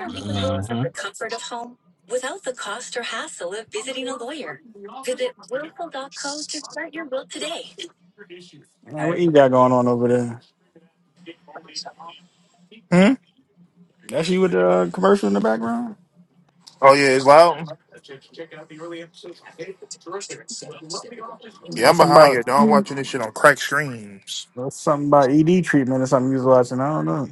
Speaker 4: hmm
Speaker 3: Man, what you got going on over there?
Speaker 7: Hmm?
Speaker 3: That's you with the uh, commercial in the background?
Speaker 7: Oh yeah, it's loud. Yeah,
Speaker 3: Or
Speaker 7: I'm
Speaker 3: something
Speaker 7: behind you.
Speaker 3: about
Speaker 7: Don't watching this shit on crack streams.
Speaker 3: that's something about ED treatment or something you was watching. I don't know.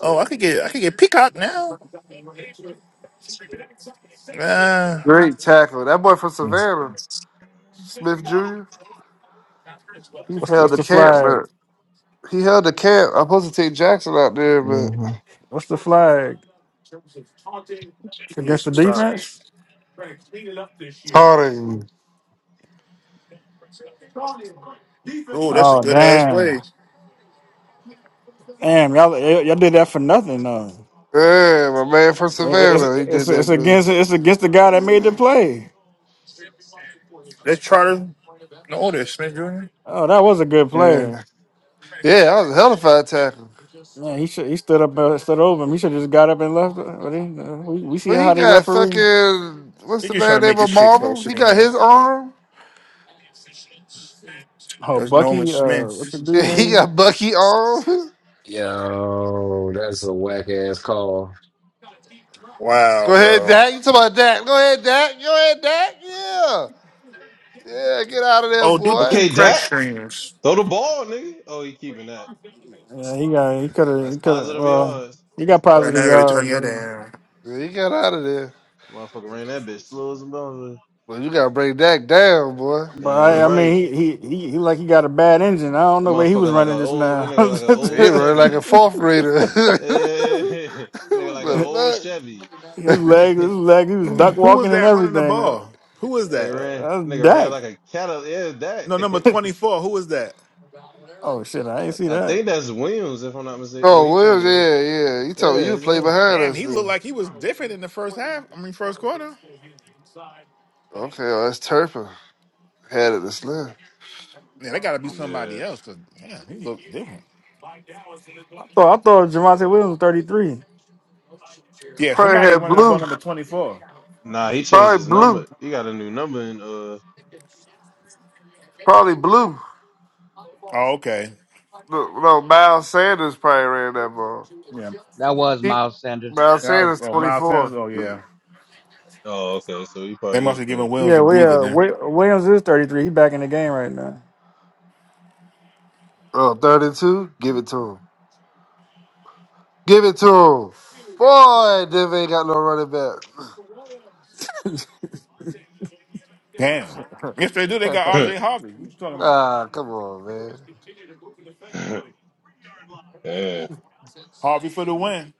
Speaker 7: Oh, I could get I could get Peacock now. Uh,
Speaker 6: Great tackle. That boy from Savannah, Smith Jr. He
Speaker 3: What's the,
Speaker 6: held
Speaker 3: what's
Speaker 6: the
Speaker 3: the
Speaker 6: camp,
Speaker 3: flag?
Speaker 6: but he held the camp. I'm supposed to take Jackson out there, but
Speaker 3: What's the flag
Speaker 7: we need
Speaker 3: against the
Speaker 7: some stops.
Speaker 3: defense?
Speaker 6: Harding.
Speaker 7: Oh, that's a
Speaker 3: Oh
Speaker 7: good ass
Speaker 3: damn,
Speaker 7: play.
Speaker 3: damn y'all y'all did that for nothing though.
Speaker 6: Yeah, my man from
Speaker 3: It's,
Speaker 6: Savannah, he
Speaker 3: it's,
Speaker 6: did
Speaker 3: it's
Speaker 6: that,
Speaker 3: against
Speaker 6: but
Speaker 3: it's against the guy that made the play.
Speaker 7: That's Charter. No, that's Smith Jr.
Speaker 3: Oh, that was a good play.
Speaker 6: yeah, yeah, that was a hell of a tackle.
Speaker 3: Man, he should he stood up uh, stood over him. He should just got up and left. But he, uh, we we see
Speaker 6: But
Speaker 3: how
Speaker 6: he
Speaker 3: they
Speaker 6: got
Speaker 3: referee.
Speaker 6: fucking what's
Speaker 7: They're
Speaker 6: the
Speaker 7: just trying
Speaker 6: man
Speaker 7: to make
Speaker 6: name
Speaker 7: this
Speaker 6: of
Speaker 7: shit
Speaker 6: Marvel?
Speaker 7: closer
Speaker 6: He
Speaker 7: to the
Speaker 6: got
Speaker 7: end.
Speaker 6: his arm. [LAUGHS]
Speaker 3: Oh,
Speaker 7: That's Nolan
Speaker 3: Bucky, uh, what the
Speaker 7: Smith.
Speaker 6: Yeah,
Speaker 3: dude
Speaker 6: he
Speaker 3: name?
Speaker 6: got Bucky arm. [LAUGHS]
Speaker 4: Yo, that's a whack ass call.
Speaker 7: Wow,
Speaker 6: Go ahead,
Speaker 7: bro.
Speaker 6: Dak. You talking about Dak? Go ahead, Dak. Go ahead, Dak. Yeah, yeah. Get out of there,
Speaker 7: Oh, do
Speaker 6: boy.
Speaker 7: do
Speaker 5: Okay,
Speaker 6: [LAUGHS]
Speaker 7: crack
Speaker 5: Dak.
Speaker 7: streams.
Speaker 5: Throw the ball, nigga. Oh, he keeping that.
Speaker 3: Yeah, he got he could have
Speaker 5: That's
Speaker 3: he could have
Speaker 5: positive
Speaker 3: well
Speaker 5: yards.
Speaker 3: he
Speaker 5: That's
Speaker 3: got
Speaker 7: Right
Speaker 3: positive
Speaker 7: now, I
Speaker 5: positive
Speaker 7: gotta
Speaker 5: yards.
Speaker 7: turn
Speaker 3: yards.
Speaker 7: you
Speaker 3: Yeah.
Speaker 7: down.
Speaker 6: Yeah, he got out of there.
Speaker 5: Motherfucker ran that bitch slow as a motherfucker.
Speaker 6: But you gotta bring Dak down, boy.
Speaker 3: But
Speaker 5: Damn
Speaker 3: I I mean
Speaker 5: right.
Speaker 3: he, he he he like he got a bad engine. I don't
Speaker 5: That
Speaker 3: know where he was
Speaker 5: motherfucker like a
Speaker 3: running just
Speaker 5: old that
Speaker 3: now. [LAUGHS]
Speaker 5: nigga like an old
Speaker 6: He run like a
Speaker 5: Chevy.
Speaker 6: fourth grader. [LAUGHS] the
Speaker 5: Yeah. [LAUGHS] That nigga like an old Chevy.
Speaker 6: fuck?
Speaker 3: his
Speaker 6: [CLEARS THROAT]
Speaker 5: [LAUGHS]
Speaker 3: leg his
Speaker 5: that
Speaker 3: leg he was duck
Speaker 6: [LAUGHS]
Speaker 8: who was
Speaker 3: walking and
Speaker 8: that running the
Speaker 3: everything.
Speaker 8: ball? Who was that?
Speaker 5: nigga ran
Speaker 3: Uh,
Speaker 5: that
Speaker 3: that's
Speaker 5: nigga ran
Speaker 3: Dak.
Speaker 5: like a Cadillac. Yeah,
Speaker 8: No, number
Speaker 5: that.
Speaker 8: 24. Who was that?
Speaker 3: Oh shit, I ain't
Speaker 5: [LAUGHS]
Speaker 3: see
Speaker 5: I, I
Speaker 3: that.
Speaker 5: think that's Williams, if I'm not mistaken. Oh,
Speaker 6: oh,
Speaker 5: he's
Speaker 6: Williams,
Speaker 5: 28.
Speaker 6: yeah, yeah. You
Speaker 5: Yeah,
Speaker 6: told you to
Speaker 5: it's
Speaker 6: play
Speaker 5: Williams.
Speaker 6: behind
Speaker 8: Damn,
Speaker 6: us
Speaker 8: he looked
Speaker 6: then.
Speaker 8: like he was different in the first half. I mean, first quarter.
Speaker 6: Okay, well, that's Turpin. Had it to Slim.
Speaker 8: Yeah, that got to be
Speaker 5: Yeah.
Speaker 8: somebody else because, damn, he looked different.
Speaker 3: I thought I thought Javante Williams was thirty three.
Speaker 8: Yeah,
Speaker 6: Probably
Speaker 8: somebody
Speaker 6: had
Speaker 8: running the ball
Speaker 6: blue.
Speaker 8: number 24.
Speaker 5: Nah, he changed
Speaker 6: Probably
Speaker 5: his
Speaker 6: blue.
Speaker 5: number. He got a new number in uh
Speaker 6: Probably blue.
Speaker 8: Oh, okay.
Speaker 6: No, no, Miles Sanders probably ran that ball.
Speaker 8: Yeah.
Speaker 11: was
Speaker 6: He,
Speaker 11: Miles Sanders.
Speaker 6: Miles
Speaker 8: yeah I was-
Speaker 6: Sanders
Speaker 8: oh, Miles
Speaker 6: 24.
Speaker 8: Sanders. Oh, yeah.
Speaker 5: oh okay, so he
Speaker 8: They
Speaker 5: probably
Speaker 8: must
Speaker 5: is
Speaker 8: have given
Speaker 5: 32.
Speaker 8: Williams
Speaker 3: Yeah,
Speaker 8: a
Speaker 3: well,
Speaker 8: breather
Speaker 3: uh,
Speaker 8: then.
Speaker 3: Wi- Williams is thirty three. He back in the game right now.
Speaker 6: Oh, 32. Give it to him. Give it to him. Boy, Denver ain't got no running back.
Speaker 8: Damn. Yes, they do. They got
Speaker 5: [LAUGHS]
Speaker 8: RJ Harvey. What you talking
Speaker 6: [LAUGHS]
Speaker 8: about?
Speaker 6: ah, come on, man.
Speaker 5: [LAUGHS] yeah,
Speaker 8: Harvey for the win.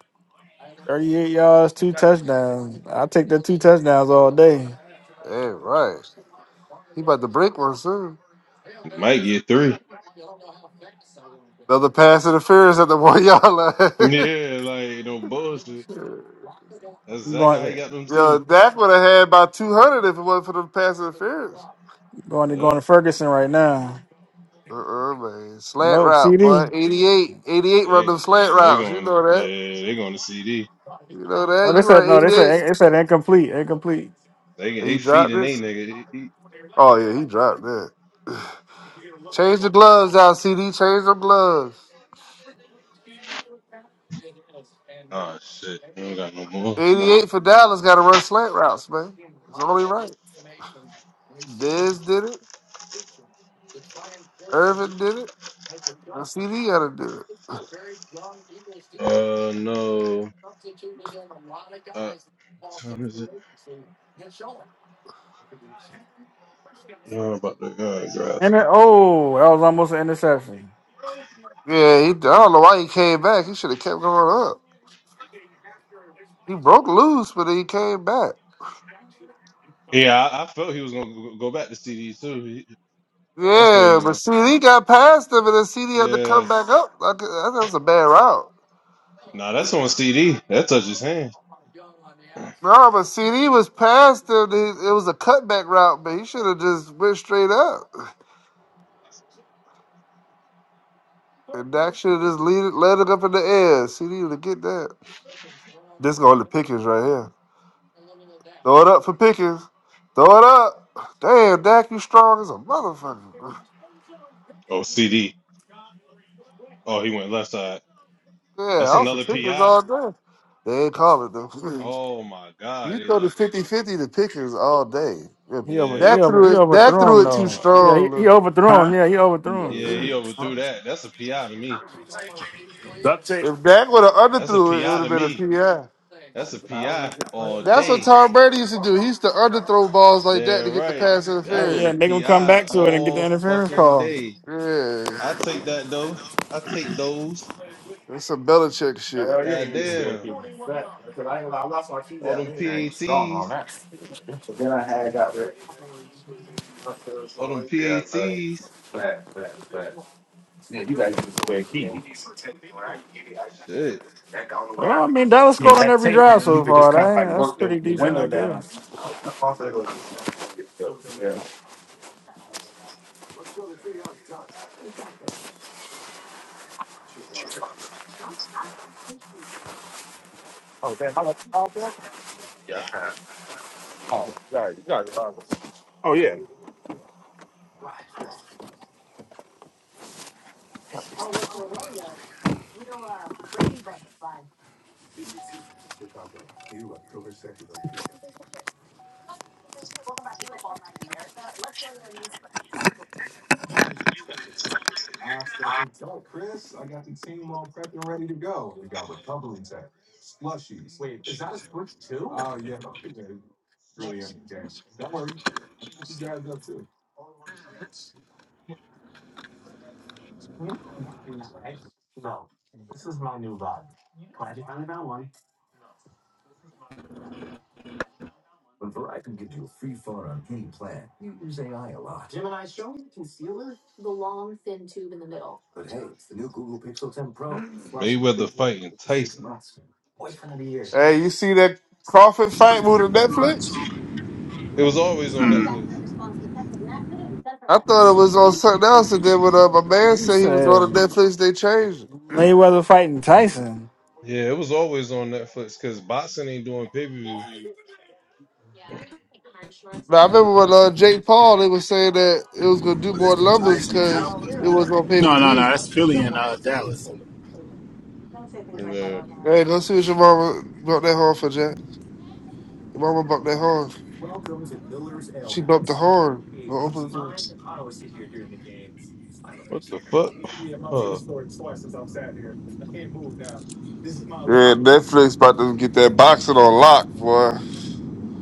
Speaker 3: Thirty eight yards, two touchdowns. I take the two touchdowns all day.
Speaker 6: Hey, right. He about to break one soon.
Speaker 5: might get three.
Speaker 6: Another pass interference at the [LAUGHS] one yard line.
Speaker 5: Yeah, like no bullshit. That's
Speaker 3: You
Speaker 5: exactly
Speaker 3: going
Speaker 5: how he
Speaker 3: to
Speaker 5: got them
Speaker 6: [LAUGHS] Yo,
Speaker 5: too.
Speaker 6: Dak would have had about 200 if it wasn't for the pass interference.
Speaker 3: going to going
Speaker 5: Yep.
Speaker 3: to Ferguson right now.
Speaker 6: Uh-uh, man. Slant
Speaker 3: No
Speaker 6: route, boy.
Speaker 3: CD.
Speaker 6: 88. 88 run them
Speaker 5: They
Speaker 6: slant
Speaker 5: they
Speaker 6: routes. You
Speaker 5: going
Speaker 6: know
Speaker 5: yeah
Speaker 6: that.
Speaker 5: they going to CD.
Speaker 6: You know
Speaker 3: Oh,
Speaker 6: that.
Speaker 3: they
Speaker 6: You
Speaker 3: said
Speaker 6: run
Speaker 3: no. They
Speaker 6: 88.
Speaker 3: said they said incomplete, incomplete.
Speaker 5: They
Speaker 6: And
Speaker 5: they
Speaker 6: He dropped
Speaker 5: feeding
Speaker 6: it.
Speaker 5: they nigga. He- he-
Speaker 6: Oh, yeah, he dropped that. [SIGHS] Change the gloves out, CD. Change the gloves.
Speaker 5: Oh shit, I ain't got no more. Uh
Speaker 6: 88 for Dallas got to run slant routes, man. It's only right. Diz did it. Irvin did it. And CD got to do it.
Speaker 5: uh, no. Uh, what time is it? No, I'm about to uh, grass.
Speaker 3: And then, oh, that was almost an interception.
Speaker 6: Yeah, he, I don't know why he came back. He should have kept going up. He broke loose, but he came back.
Speaker 5: Yeah, I, I felt he was gonna go go back to CD too. He, that's where he
Speaker 6: Yeah, but
Speaker 5: going.
Speaker 6: CD got past him, and then CD had to
Speaker 5: Yeah.
Speaker 6: come back up. Like, that was a bad route.
Speaker 5: Nah, that's on CD. That touches his hand.
Speaker 6: No, but CD was past him. He- It was a cutback route, but he should have just went straight up. And Dak should have just lead it, led it up in the air. CD would have get that. This going to Pickens right here. Throw it up for Pickens. Throw it up. Damn, Dak, you strong as a motherfucker.
Speaker 5: Oh CD. Oh, he went left side.
Speaker 6: Yeah,
Speaker 5: That's
Speaker 6: I was for
Speaker 5: another
Speaker 6: pickers
Speaker 5: PI.
Speaker 6: all day. They didn't call it though. [LAUGHS] [CLEARS THROAT]
Speaker 5: Oh my God,
Speaker 6: You
Speaker 5: he
Speaker 6: throw the
Speaker 5: lucky.
Speaker 6: fifty-fifty to pickers all day. If
Speaker 3: He over he
Speaker 5: Yeah,
Speaker 6: Dak
Speaker 3: over
Speaker 6: threw
Speaker 3: he
Speaker 6: it, Dak
Speaker 3: overthrew
Speaker 6: threw
Speaker 3: him
Speaker 6: it too
Speaker 3: though. Yeah, he,
Speaker 6: strong. Though.
Speaker 3: he overthrew
Speaker 8: Huh?
Speaker 3: him. Yeah, he overthrew him.
Speaker 5: yeah, he overthrew that. That's a PI to me.
Speaker 8: Duct tape.
Speaker 6: If Dak would have
Speaker 5: That's a
Speaker 6: underthrew it, it would
Speaker 5: PI to
Speaker 6: have
Speaker 5: me.
Speaker 6: been a PI.
Speaker 5: That's a PI all
Speaker 6: That's what
Speaker 5: day.
Speaker 6: Tom Brady used to do. He used to underthrow balls like that to
Speaker 5: Damn
Speaker 6: get the
Speaker 5: right.
Speaker 6: pass
Speaker 5: That was
Speaker 3: Yeah,
Speaker 6: interference.
Speaker 5: a
Speaker 3: and they gonna come back
Speaker 5: PI
Speaker 3: to it and get the
Speaker 5: all
Speaker 3: interference
Speaker 5: fucking
Speaker 3: call.
Speaker 5: day. I
Speaker 6: Yeah,
Speaker 5: take that though. I take those.
Speaker 6: that's some Belichick shit.
Speaker 8: Oh yeah, you
Speaker 5: God
Speaker 8: need to stay at
Speaker 5: damn.
Speaker 8: home. Fat. Because I ain't gonna lie, I lost my keys
Speaker 5: All
Speaker 8: at
Speaker 5: them
Speaker 8: Lincoln. Man, you strong on
Speaker 5: PATs.
Speaker 8: that. But then I had got rid of my first
Speaker 5: All them
Speaker 8: one. Yeah, fat,
Speaker 5: PATs.
Speaker 8: fat, fat, fat. Yeah, you guys need to stay keys.
Speaker 5: Shit.
Speaker 3: Oh, I mean Dallas scored
Speaker 8: Yeah,
Speaker 3: on
Speaker 8: that
Speaker 3: every
Speaker 8: tape, and
Speaker 3: drive
Speaker 8: then you
Speaker 3: so
Speaker 8: could just
Speaker 3: far.
Speaker 8: kind of like
Speaker 3: That, that's
Speaker 8: work the,
Speaker 3: pretty
Speaker 8: the
Speaker 3: decent,
Speaker 8: window
Speaker 3: I
Speaker 8: down.
Speaker 3: guess.
Speaker 8: I'm gonna go get the- Yeah. Oh, sorry, sorry. Oh, yeah.
Speaker 5: Mayweather fighting Tyson.
Speaker 6: Hey, you see that Crawford fight with the Netflix?
Speaker 5: It was always on Netflix.
Speaker 6: I thought it was on something else, and then when uh, my man
Speaker 3: You
Speaker 6: said he was
Speaker 3: said
Speaker 6: going to Netflix, they changed it.
Speaker 3: Mayweather fighting Tyson.
Speaker 5: Yeah, it was always on Netflix because boxing ain't doing pay per
Speaker 6: Now, I remember when uh, Jake Paul, they was saying that it was going to do
Speaker 8: Well, that's
Speaker 6: more
Speaker 8: the
Speaker 6: numbers
Speaker 8: Giants and the
Speaker 6: because
Speaker 8: Cowboys,
Speaker 6: it was on
Speaker 8: man.
Speaker 6: pay
Speaker 8: No,
Speaker 6: per
Speaker 8: no, no.
Speaker 6: view.
Speaker 8: That's Philly and uh, Dallas.
Speaker 5: view.
Speaker 6: Hey, go see what your mama bumped that horn for, Jack. Your mama bumped that horn. She bumped the horn. Go open the door.
Speaker 5: What the fuck? [SIGHS] Huh.
Speaker 6: Yeah, Netflix about to get that boxing on lock, boy.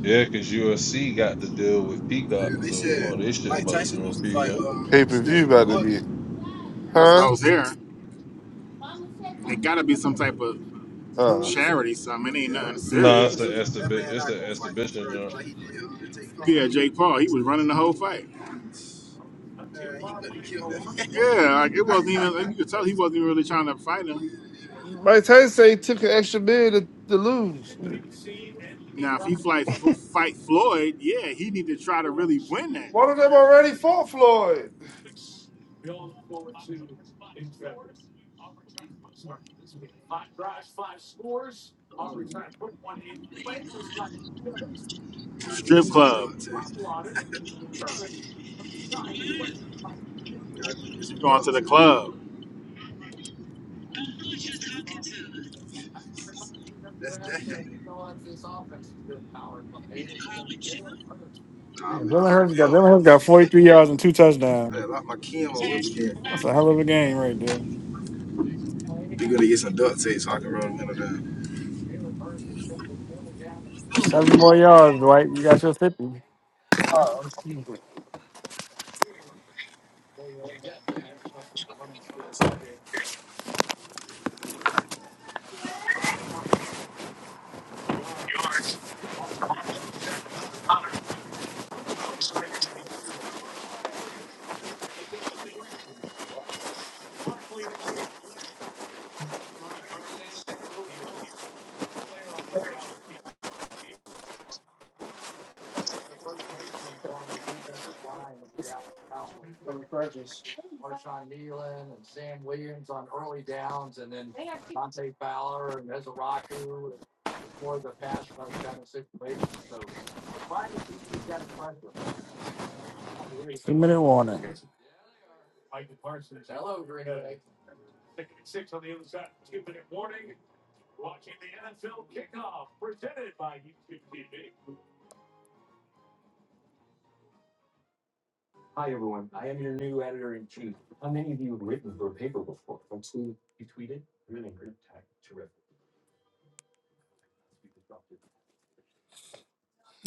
Speaker 5: Yeah, because USC got to deal with Peacock,
Speaker 8: Yeah, they
Speaker 5: so all
Speaker 8: said
Speaker 5: this shit's
Speaker 8: Mike
Speaker 5: about to be
Speaker 8: Tyson
Speaker 5: on
Speaker 8: supposed to fight
Speaker 5: Peacock.
Speaker 6: Pay
Speaker 8: uh
Speaker 6: per view
Speaker 8: Stan
Speaker 6: about to be,
Speaker 8: Floyd. That's what I
Speaker 6: huh?
Speaker 8: was hearing. It gotta be some type of
Speaker 6: Uh,
Speaker 8: charity, something. It ain't Yeah, nothing
Speaker 5: Nah,
Speaker 8: serious.
Speaker 5: it's an
Speaker 8: Cause that
Speaker 5: exhibi-
Speaker 8: man
Speaker 5: it's
Speaker 8: not
Speaker 5: an
Speaker 8: gonna fight no
Speaker 5: exhibition
Speaker 8: further.
Speaker 5: jump.
Speaker 8: like he did uh, Jake Paul. yeah, Jake Paul, he was running the whole fight. Man, he could have killed that man. [LAUGHS] Yeah, like it wasn't even. [LAUGHS] You could tell he wasn't even really trying to fight him. yeah, yeah,
Speaker 6: Mike Tyson say he took an extra million to, to lose.
Speaker 8: Now, if he fight fight Floyd, yeah, he need to try to really win that.
Speaker 6: One of
Speaker 8: yeah,
Speaker 6: them already fought Floyd.
Speaker 8: Strip club, going Yup, to the club. that's that.
Speaker 3: Yeah,
Speaker 8: Nah, I'm in the
Speaker 3: Jalen
Speaker 8: car
Speaker 3: Hurts
Speaker 8: with
Speaker 3: got
Speaker 8: him.
Speaker 3: Jalen Hurts got forty three yards and two
Speaker 8: I
Speaker 3: touchdowns.
Speaker 8: locked my cam on over there.
Speaker 3: That's a hell of a game right there.
Speaker 8: You gonna get some duct tape so I can roll the window down.
Speaker 3: Seven more yards, Dwight. You got your fifty.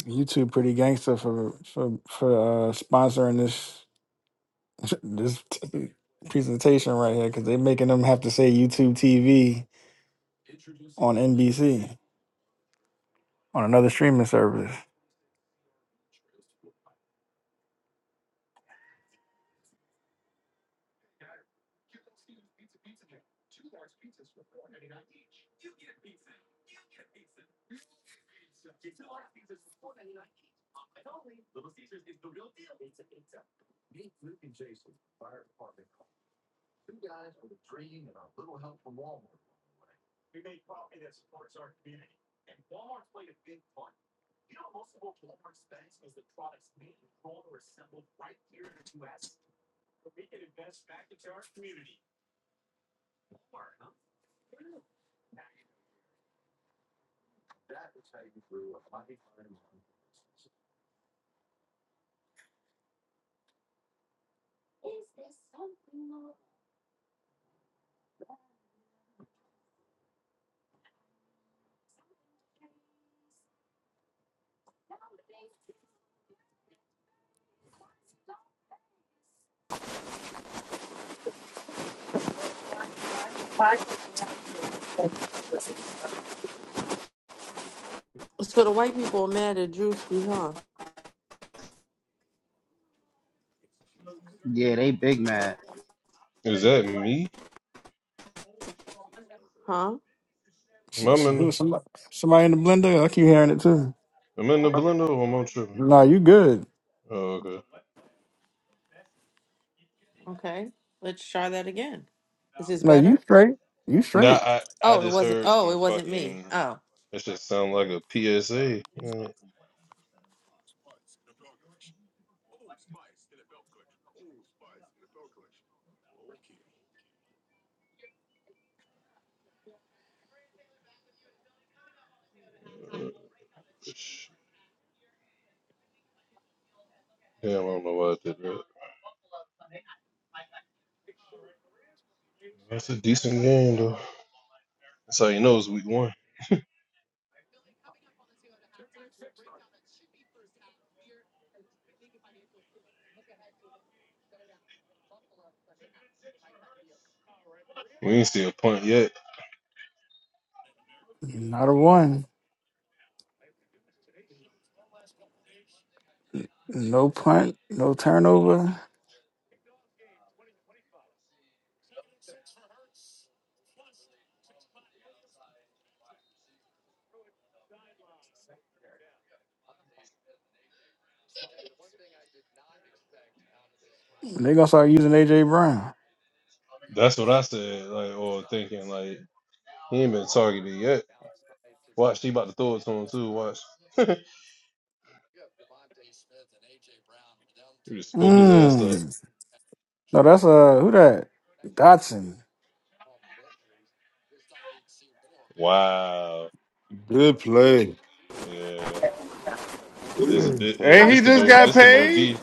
Speaker 3: You two pretty gangster for for for uh, sponsoring this [LAUGHS] this t- presentation right here because they're making them have to say YouTube TV on NBC. on another streaming service.
Speaker 1: So the white people are mad at Drewski, huh?
Speaker 11: Yeah, they big man.
Speaker 5: Is that me?
Speaker 1: Huh?
Speaker 3: S-
Speaker 5: Am I
Speaker 3: s-
Speaker 5: in
Speaker 3: Who
Speaker 5: the,
Speaker 3: somebody, somebody in the blender? I keep hearing it too.
Speaker 5: am I in the blender or am I tripping?
Speaker 3: No, you good.
Speaker 5: Oh, okay.
Speaker 1: Okay. Let's try that again. Is this
Speaker 3: No, you
Speaker 1: better?
Speaker 3: straight. You
Speaker 5: Nah,
Speaker 3: straight.
Speaker 5: I, I
Speaker 1: Oh, it
Speaker 5: just
Speaker 1: wasn't.
Speaker 5: heard
Speaker 1: Oh,
Speaker 5: some
Speaker 1: it wasn't me.
Speaker 5: fucking.
Speaker 1: Oh.
Speaker 5: That shit sound like a PSA. Yeah, Damn, I don't know why I did that. That's a decent game, though. That's how you know it's week one. We ain't see a punt yet.
Speaker 3: Not a one. No punt. No turnover. They gonna start using AJ Brown.
Speaker 5: That's what I said, like, or thinking, like, he ain't been targeted yet. Watch, he about to throw it to him, too. Watch. [LAUGHS] He just spoke his ass up.
Speaker 3: Mm. No, that's uh who that? Dotson.
Speaker 5: Wow.
Speaker 6: Good play.
Speaker 5: Yeah. This, thi- yeah,
Speaker 6: And
Speaker 5: this
Speaker 6: he
Speaker 5: the,
Speaker 6: just
Speaker 5: no-
Speaker 6: got
Speaker 5: this the no
Speaker 6: paid.
Speaker 5: D.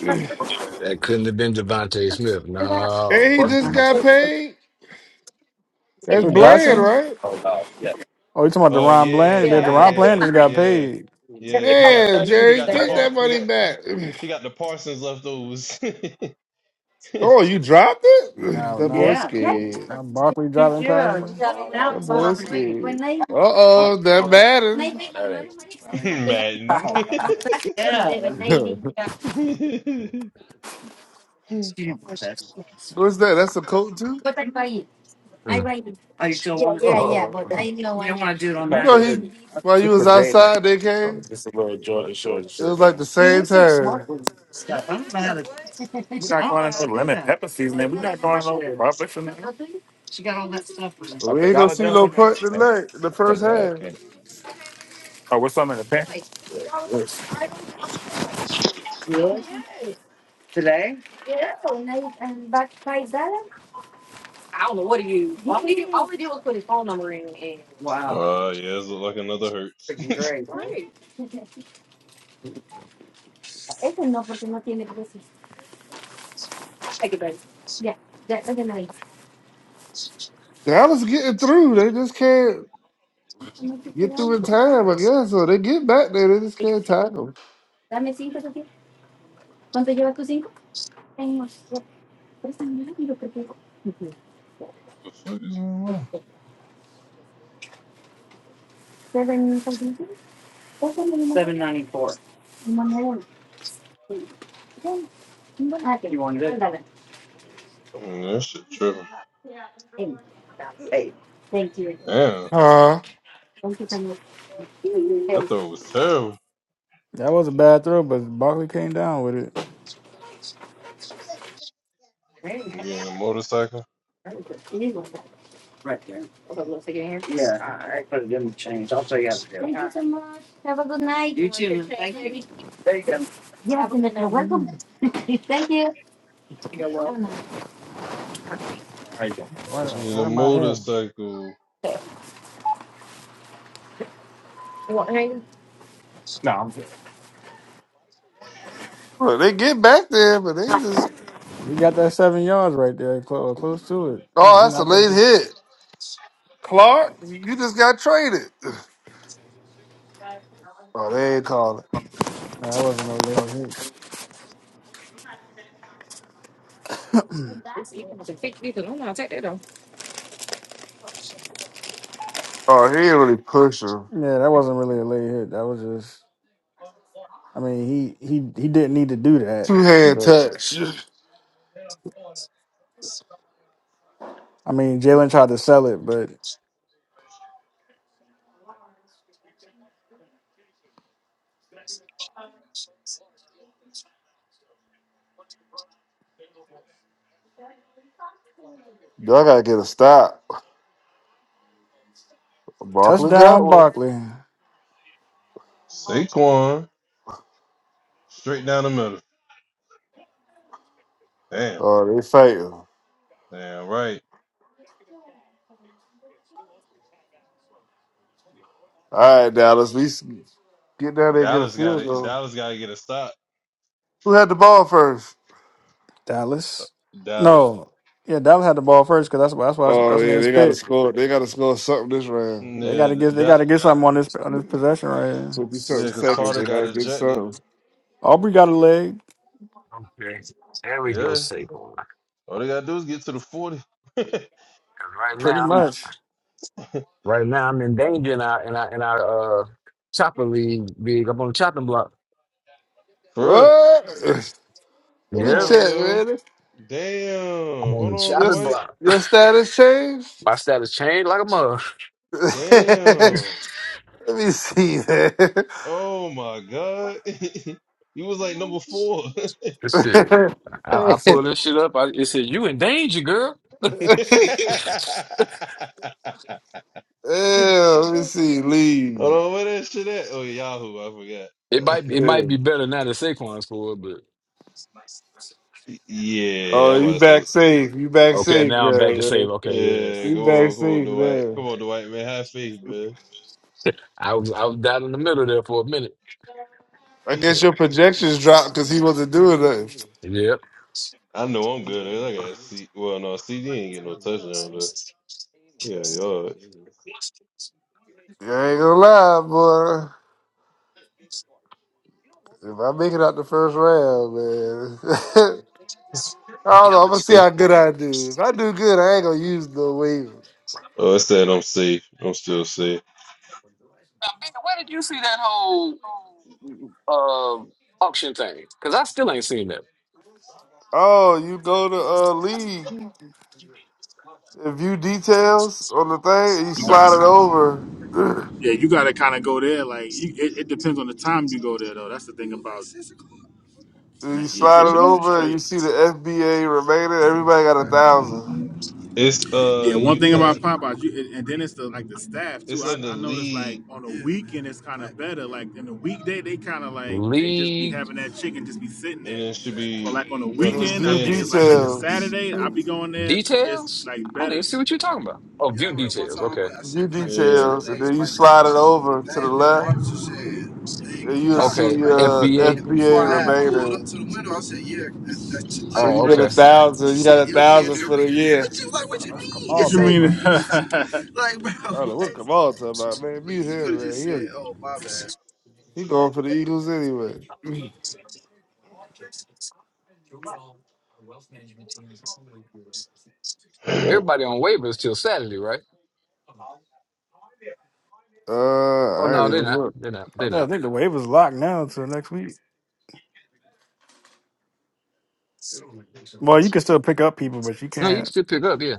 Speaker 4: That couldn't have been Devontae Smith.
Speaker 8: Yeah,
Speaker 4: No.
Speaker 6: And he just
Speaker 4: Mm-mm.
Speaker 6: got paid. That's
Speaker 5: Who,
Speaker 3: Who
Speaker 8: it's
Speaker 6: Bland,
Speaker 5: Dotson?
Speaker 3: Dotson?
Speaker 6: right?
Speaker 3: Oh, you talking about
Speaker 5: Oh
Speaker 3: Deron
Speaker 5: yeah,
Speaker 3: Bland? That
Speaker 5: yeah,
Speaker 3: Deron Bland
Speaker 5: yeah,
Speaker 3: just
Speaker 8: fine.
Speaker 3: got
Speaker 5: yeah,
Speaker 3: paid.
Speaker 8: They're,
Speaker 5: yeah.
Speaker 8: they're
Speaker 5: He
Speaker 8: all gonna
Speaker 5: got
Speaker 8: go.
Speaker 6: Man,
Speaker 8: You
Speaker 5: he
Speaker 8: can
Speaker 6: Jerry,
Speaker 5: got
Speaker 8: stay
Speaker 5: the
Speaker 6: take
Speaker 8: there.
Speaker 5: par
Speaker 6: that
Speaker 5: he
Speaker 6: money
Speaker 5: got
Speaker 6: back. [CLEARS THROAT]
Speaker 5: he got the Parsons leftovers. [LAUGHS]
Speaker 6: Oh, you dropped it? [SIGHS]
Speaker 3: Now,
Speaker 6: That
Speaker 3: now,
Speaker 6: boy's
Speaker 8: Yeah. Yeah,
Speaker 6: scared.
Speaker 3: now Barkley
Speaker 8: Yeah. you
Speaker 3: dropping
Speaker 8: got it
Speaker 3: passes.
Speaker 8: Now now.
Speaker 6: That
Speaker 8: it's all over
Speaker 6: boy's
Speaker 8: 80.
Speaker 6: scared.
Speaker 8: When they when
Speaker 6: Uh oh, that
Speaker 8: they
Speaker 6: Madden.
Speaker 8: make a lot of money,
Speaker 5: Madden.
Speaker 8: Yeah. seven eighty.
Speaker 6: [LAUGHS]
Speaker 5: [LAUGHS]
Speaker 8: She didn't want this.
Speaker 6: What's that? That's a coat too?
Speaker 8: But I buy it. I buy it. Oh, you still Yeah, want yeah, yeah.
Speaker 6: Oh.
Speaker 8: But I know You I don't am. want to do it on
Speaker 6: You
Speaker 8: Not that
Speaker 6: know
Speaker 8: sure
Speaker 6: he
Speaker 8: it is.
Speaker 6: while you was outside they
Speaker 8: Oh,
Speaker 6: came?
Speaker 8: This is a little Jordan Short
Speaker 6: It was
Speaker 8: shirt.
Speaker 6: like
Speaker 8: Yeah.
Speaker 6: the same time.
Speaker 8: stuff. I don't know how to, We I not don't going know how into to do lemon that. pepper season, man. We not Come going up over there. Robert She got all that stuff on her.
Speaker 6: But
Speaker 8: I
Speaker 6: we
Speaker 8: think.
Speaker 6: ain't gonna
Speaker 8: Dollar
Speaker 6: see no
Speaker 8: General.
Speaker 6: punt
Speaker 8: And I
Speaker 6: tonight in the first
Speaker 8: think uh,
Speaker 6: half.
Speaker 8: candy. Oh, what's some in the pantry? Yes. Really? Today? Wow.
Speaker 5: Oh yeah, it's like another Hurts. [LAUGHS] the
Speaker 8: Freaking great.
Speaker 6: Dallas getting through. They just can't get through in time, I guess. So they get back there, they just can't tackle.
Speaker 8: Seven
Speaker 5: fuck is
Speaker 8: ninety four. You wanted it?
Speaker 5: Mm, that shit tripping?
Speaker 8: Hey, Thank you.
Speaker 5: Damn,
Speaker 6: Huh?
Speaker 8: Thank you so much.
Speaker 5: that throw was terrible.
Speaker 3: That was a bad throw, but Barkley came down with it.
Speaker 5: Getting a motorcycle.
Speaker 8: right there. Yeah, I, I put it in the change. I'll tell you how to do it. Thank you so much. Have a good night. You too. Thank you. There you go. Yeah, I've been welcome. [LAUGHS] Thank you. Have a nice- Right there.
Speaker 5: Get
Speaker 3: What?
Speaker 5: a
Speaker 3: What am I hearing?
Speaker 5: motorcycle.
Speaker 6: Well, they get back there, but they just
Speaker 3: He got that seven yards right there, close, close to it. Damn,
Speaker 6: oh,
Speaker 3: he
Speaker 6: that's a
Speaker 3: knocked that.
Speaker 6: late
Speaker 3: Big.
Speaker 6: hit. Clark, you just got traded. Oh, they ain't calling.
Speaker 3: Nah, that wasn't no late hit. [CLEARS THROAT]
Speaker 6: Oh, he ain't really push him.
Speaker 3: yeah, that wasn't really a late hit. That was just. I mean, he he he didn't need to do that.
Speaker 6: Two hand
Speaker 3: But
Speaker 6: touch.
Speaker 3: I mean, Jalen tried to sell it, but
Speaker 6: Y'all gotta get a stop. Barkley got
Speaker 3: touchdown,
Speaker 6: one.
Speaker 3: Barkley,
Speaker 5: Saquon straight down the middle. Damn,
Speaker 6: Oh, they fighting. All
Speaker 5: damn right.
Speaker 6: right, Dallas, we s- get down there and get a
Speaker 5: Dallas got
Speaker 6: field
Speaker 5: it.
Speaker 6: goal.
Speaker 5: Dallas got to get a stop.
Speaker 6: Who had the ball first?
Speaker 5: Uh,
Speaker 3: Dallas.
Speaker 5: Dallas.
Speaker 3: No, yeah, Dallas had the ball first because that's why that's why
Speaker 6: Oh
Speaker 3: what's his
Speaker 6: yeah,
Speaker 3: name
Speaker 6: they gotta
Speaker 3: spit.
Speaker 6: score. They gotta score something this round.
Speaker 3: They got to get they
Speaker 5: Yeah,
Speaker 3: got to get something on this on this possession right here.
Speaker 6: Fifty
Speaker 5: Yeah,
Speaker 6: something
Speaker 5: because
Speaker 6: seconds.
Speaker 5: Carter
Speaker 6: They
Speaker 5: got
Speaker 6: gotta
Speaker 4: Mm.
Speaker 6: get
Speaker 5: ejected.
Speaker 6: something.
Speaker 3: Aubrey got a leg.
Speaker 4: Okay. There we go,
Speaker 5: Yeah.
Speaker 4: Saquon. 'Cause
Speaker 5: All they gotta do is get to the 40. [LAUGHS] For
Speaker 4: Right
Speaker 3: Pretty
Speaker 4: now, I'm
Speaker 3: much.
Speaker 4: right now I'm in danger in our in our in our uh chopper league. Big up on the chopping block.
Speaker 5: real.
Speaker 6: What? [LAUGHS] Let
Speaker 5: Hold
Speaker 6: me
Speaker 4: Yeah,
Speaker 5: on,
Speaker 6: check,
Speaker 5: yo.
Speaker 6: man.
Speaker 4: I'm
Speaker 5: Damn.
Speaker 4: on
Speaker 5: Hold
Speaker 4: the
Speaker 5: on,
Speaker 6: Your
Speaker 4: chopping
Speaker 5: Dwight.
Speaker 4: block. [LAUGHS]
Speaker 6: your status changed?
Speaker 4: My status changed like a mother. [LAUGHS]
Speaker 6: [LAUGHS] Let
Speaker 5: Damn.
Speaker 6: me see that.
Speaker 5: Oh my God. [LAUGHS] you was like number four. [LAUGHS]
Speaker 4: This
Speaker 6: [LAUGHS]
Speaker 4: shit. I, I pull this shit up. I, it says you in danger, girl.
Speaker 5: Hold
Speaker 6: yeah, let me see. Leave.
Speaker 5: on, where that shit at? Oh, Yahoo, I forgot.
Speaker 4: It might it
Speaker 6: Yeah.
Speaker 4: might be better now than Saquon's for, but
Speaker 5: [LAUGHS] yeah,
Speaker 6: Oh,
Speaker 5: I'm
Speaker 6: you
Speaker 5: about to say.
Speaker 6: back safe. You back
Speaker 4: okay,
Speaker 6: safe
Speaker 4: now I'm
Speaker 6: now,
Speaker 4: back to save."
Speaker 6: man.
Speaker 4: Okay,
Speaker 5: Yeah,
Speaker 4: yes.
Speaker 6: You
Speaker 5: come
Speaker 6: back
Speaker 5: on, come on,
Speaker 6: safe
Speaker 5: Dwight. Come
Speaker 6: now.
Speaker 5: on, Dwight, man. Have faith, man.
Speaker 4: I was I was down in the middle there for a minute.
Speaker 6: I
Speaker 5: [LAUGHS]
Speaker 6: guess your projections dropped because he wasn't doing nothing.
Speaker 4: Yep.
Speaker 5: I know I'm good. I got C. Well, no, CD ain't get no touchdown though. Yeah, yards.
Speaker 6: I ain't gonna lie, boy. If I make it out the first round, man, [LAUGHS] I don't
Speaker 4: Yep.
Speaker 6: know.
Speaker 4: Now,
Speaker 6: I'm gonna
Speaker 4: Big,
Speaker 6: see
Speaker 5: It's,
Speaker 6: how good I do. If I do good, I ain't gonna use no waiver.
Speaker 5: oh, it said I'm safe. I'm still safe.
Speaker 4: where did you see that whole? uh, auction thing because I still ain't seen that.
Speaker 6: Oh, you go to uh lead and view details on the thing, and you
Speaker 8: You got
Speaker 6: slide it over. [CLEARS THROAT]
Speaker 8: yeah, you got to kind of go there. Like you, it, it depends on the time you go there though. That's the thing about. And
Speaker 6: you
Speaker 8: that, yeah,
Speaker 6: slide
Speaker 8: they
Speaker 6: it
Speaker 8: should have been
Speaker 6: over, and you
Speaker 8: straight.
Speaker 6: see the FBA remainder. Everybody got a thousand.
Speaker 5: It's uh
Speaker 8: Yeah, one thing about
Speaker 5: UTAP.
Speaker 8: Popeyes, you, and and then it's the like the staff too.
Speaker 5: It's
Speaker 8: I,
Speaker 5: under
Speaker 8: I noticed like
Speaker 5: league,
Speaker 8: on the weekend man. it's kind of Fact. better. Like in the weekday, they kind of like they just be
Speaker 4: League
Speaker 8: having that chicken just be sitting
Speaker 5: and
Speaker 8: there.
Speaker 5: then should
Speaker 8: Fact. So
Speaker 5: be
Speaker 8: like on the
Speaker 6: And then
Speaker 8: weekend, I
Speaker 6: view
Speaker 8: think it's like
Speaker 5: understandings.
Speaker 8: like a
Speaker 6: details,
Speaker 8: Saturday. I be going there. It's
Speaker 4: details?
Speaker 8: like
Speaker 4: I don't even
Speaker 8: better.
Speaker 4: see what you're talking about. Oh,
Speaker 8: Yeah, "Yeah, I I I I I I
Speaker 4: view
Speaker 8: remember one
Speaker 4: details.
Speaker 8: time
Speaker 4: Okay.
Speaker 8: said, said,
Speaker 6: view
Speaker 8: said, "Can I get
Speaker 5: Yeah.
Speaker 8: two two legs
Speaker 6: details, and
Speaker 8: legs,
Speaker 6: then you
Speaker 8: spicy?"
Speaker 6: slide it
Speaker 8: The
Speaker 6: over
Speaker 8: the
Speaker 6: to the
Speaker 8: thing, little
Speaker 6: left,
Speaker 8: monitor said, "Leg
Speaker 6: and
Speaker 8: is
Speaker 6: you'll
Speaker 8: done." I
Speaker 6: see
Speaker 8: was
Speaker 4: Okay.
Speaker 8: like,
Speaker 6: uh
Speaker 4: FBA.
Speaker 8: and before
Speaker 6: FBA
Speaker 8: I had pulled
Speaker 6: remainder.
Speaker 8: up to the window, I said, "Yeah, that, that's two
Speaker 6: So
Speaker 8: legs,
Speaker 4: Oh,
Speaker 6: you
Speaker 8: right?"
Speaker 6: get
Speaker 4: okay.
Speaker 6: a
Speaker 8: She
Speaker 6: thousand. You
Speaker 8: said
Speaker 6: got a
Speaker 8: he'll be in
Speaker 6: thousand
Speaker 8: there.
Speaker 6: for the year.
Speaker 8: What you like? What
Speaker 3: Oh,
Speaker 8: you
Speaker 3: that's
Speaker 8: mean? What
Speaker 3: Kamal
Speaker 8: It's you
Speaker 3: background.
Speaker 8: mean? [LAUGHS] like, bro.
Speaker 6: I don't know
Speaker 8: What?
Speaker 6: what Kamal talking about, man. Mute
Speaker 8: You could
Speaker 6: him,
Speaker 8: have just said,
Speaker 6: man.
Speaker 8: "Oh my bad."
Speaker 6: He, he going for the Eagles anyway.
Speaker 4: Everybody on waivers till Saturday, right?
Speaker 6: Uh,
Speaker 4: Oh
Speaker 6: I
Speaker 4: no,
Speaker 6: ain't
Speaker 4: they're
Speaker 6: even look.
Speaker 4: not. They're not.
Speaker 3: I,
Speaker 4: They're
Speaker 3: thought, I
Speaker 4: not.
Speaker 3: think the wave is locked now until next week. Well, you can still pick up people, but you
Speaker 4: No, you can
Speaker 3: can't.
Speaker 4: still pick up. Yeah.